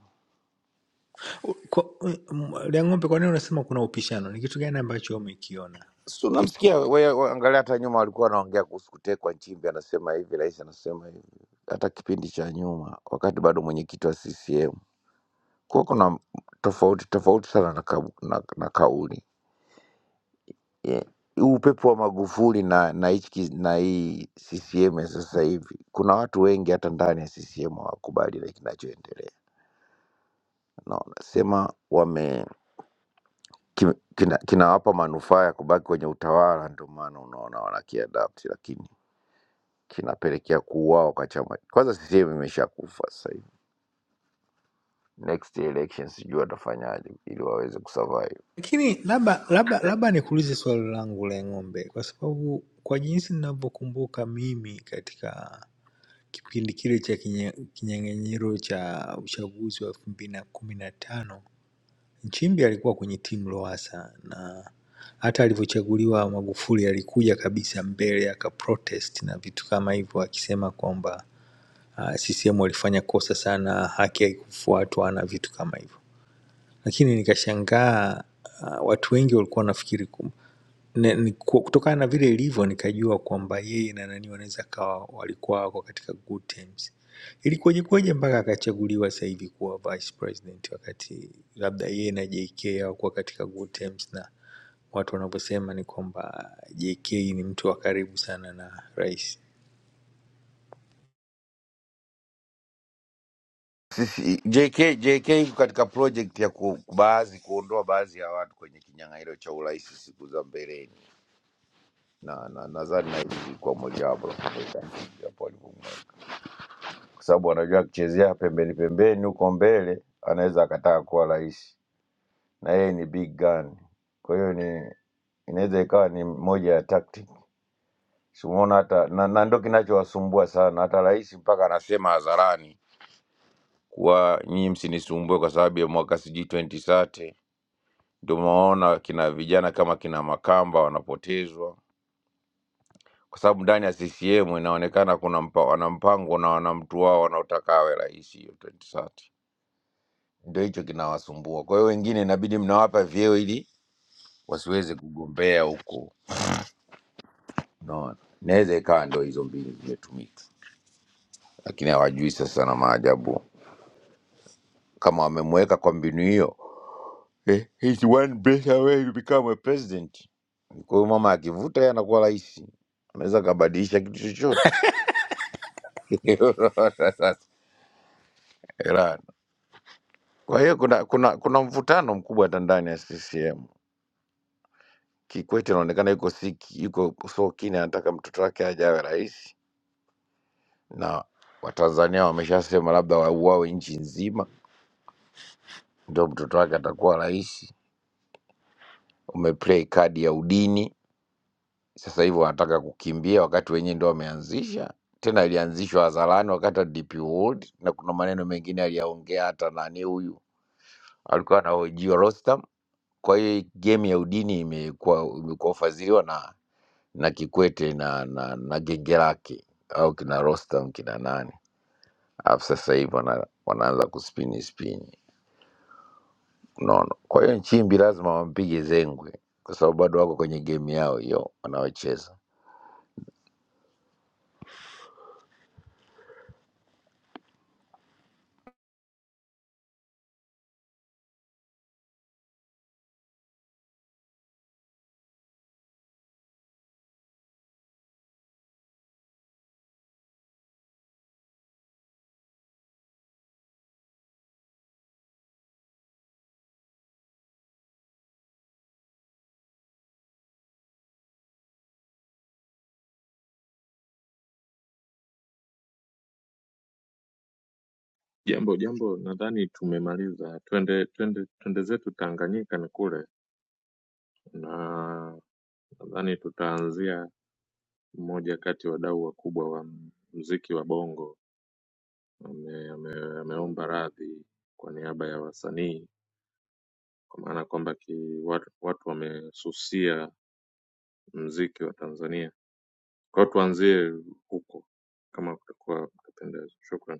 Speaker 14: Kwa- m- Liang'ombe, kwa nini unasema kuna upishano? Ni kitu gani ambacho umekiona?
Speaker 16: si unamsikia wewe, wewe angalia, hata nyuma walikuwa wanaongea kuhusu kutekwa. Nchimbi anasema hivi, rais anasema hivi, hata kipindi cha nyuma, wakati bado mwenyekiti wa CCM. Kwa hiyo kuna tofauti tofauti sana na, ka, na, na kauli yeah, huu upepo wa Magufuli na na hichi ki- na hii CCM ya sasa hivi, kuna watu wengi hata ndani ya CCM hawakubali na kinachoendelea. Naona sema wame kim- kina- kinawapa manufaa ya kubaki kwenye utawala, ndio maana unaona wanakiadapt, lakini kinapelekea kuuawa kwa chama. Kwanza CCM imeshakufa sasa hivi, next election sijui watafanyaje ili waweze kusurvive.
Speaker 14: Lakini labda labda labda nikuulize swali langu la ng'ombe, kwa sababu kwa jinsi ninavyokumbuka mimi katika kipindi kile cha kinye- kinyang'anyiro cha uchaguzi wa elfu mbili na kumi na tano Nchimbi alikuwa kwenye timu Lowassa na hata alivyochaguliwa Magufuli alikuja kabisa mbele akaprotest na vitu kama hivyo, akisema kwamba uh, CCM walifanya kosa sana, haki haikufuatwa na vitu kama hivyo lakini nikashangaa ah, watu wengi walikuwa wanafikiri kum- ne- ni- ku- kutokana na vile ilivyo nikajua kwamba yeye na nani wanaweza kawa walikuwa wako katika good terms ilikuwaje kuwaje mpaka akachaguliwa sasa hivi kuwa vice president wakati labda yeye na jk hawakuwa katika good terms na watu wanavyosema ni kwamba jk ni mtu wa karibu sana na rais
Speaker 16: sisi JK, JK iko katika project ya ku- baadhi kuondoa baadhi ya watu kwenye kinyang'anyiro cha urais siku za mbeleni, na na nadhani na hili ilikuwa mojawapo la kutokea hapo alivyomweka, kwa sababu anajua akichezea pembeni pembeni huko mbele anaweza akataka kuwa rais, na yeye ni big gun. Kwa hiyo ni inaweza ikawa ni moja ya tactic. Simuona hata na, na ndo kinachowasumbua sana, hata rais mpaka anasema hadharani kuwa nyinyi msinisumbue kwa sababu ya mwaka sijui 2030 Ndio unaona kina vijana kama kina Makamba wanapotezwa kwa sababu ndani ya CCM inaonekana kuna mpa, wana mpango na wana mtu wao wanaotaka awe rais hiyo 2030. Ndio hicho kinawasumbua. Kwa hiyo wengine inabidi mnawapa vyeo ili wasiweze kugombea huko, unaona. Inaweza ikawa ndio hizo mbinu zimetumika, lakini hawajui sasa na maajabu kama wamemweka kwa mbinu hiyo eh, he's one better way to become a president. Kwa hiyo mama akivuta, yeye anakuwa rais, anaweza akabadilisha kitu chochote. Iran. Kwa hiyo kuna kuna kuna mvutano mkubwa hata ndani ya CCM. Kikwete anaonekana yuko siki, yuko so keen anataka mtoto wake aje awe rais, na Watanzania wameshasema labda wauawe nchi nzima ndio mtoto wake atakuwa rais. Umeplay kadi ya udini, sasa hivi wanataka kukimbia, wakati wenyewe ndio wameanzisha tena, ilianzishwa hadharani wakati wa DP World, na kuna maneno mengine aliyaongea hata nani huyu alikuwa anahojiwa Rostam Kwa hiyo hii game ya udini imekuwa imekuwa ufadhiliwa na na Kikwete na na, na genge lake au kina Rostam kina nani, alafu sasa hivi wana, wanaanza kuspini spini, unaona. Kwa hiyo Nchimbi lazima wampige zengwe, kwa sababu bado wako kwenye game yao hiyo wanaocheza.
Speaker 17: Jambo jambo, nadhani tumemaliza. Twende twende twende zetu Tanganyika ni kule, na nadhani tutaanzia mmoja kati ya wadau wakubwa wa muziki wa Bongo ame, ame, ameomba radhi kwa niaba ya wasanii kwa maana kwamba ki- watu, watu wamesusia muziki wa Tanzania. Kwa hiyo tuanzie huko kama kutakuwa kutapendeza. Shukran.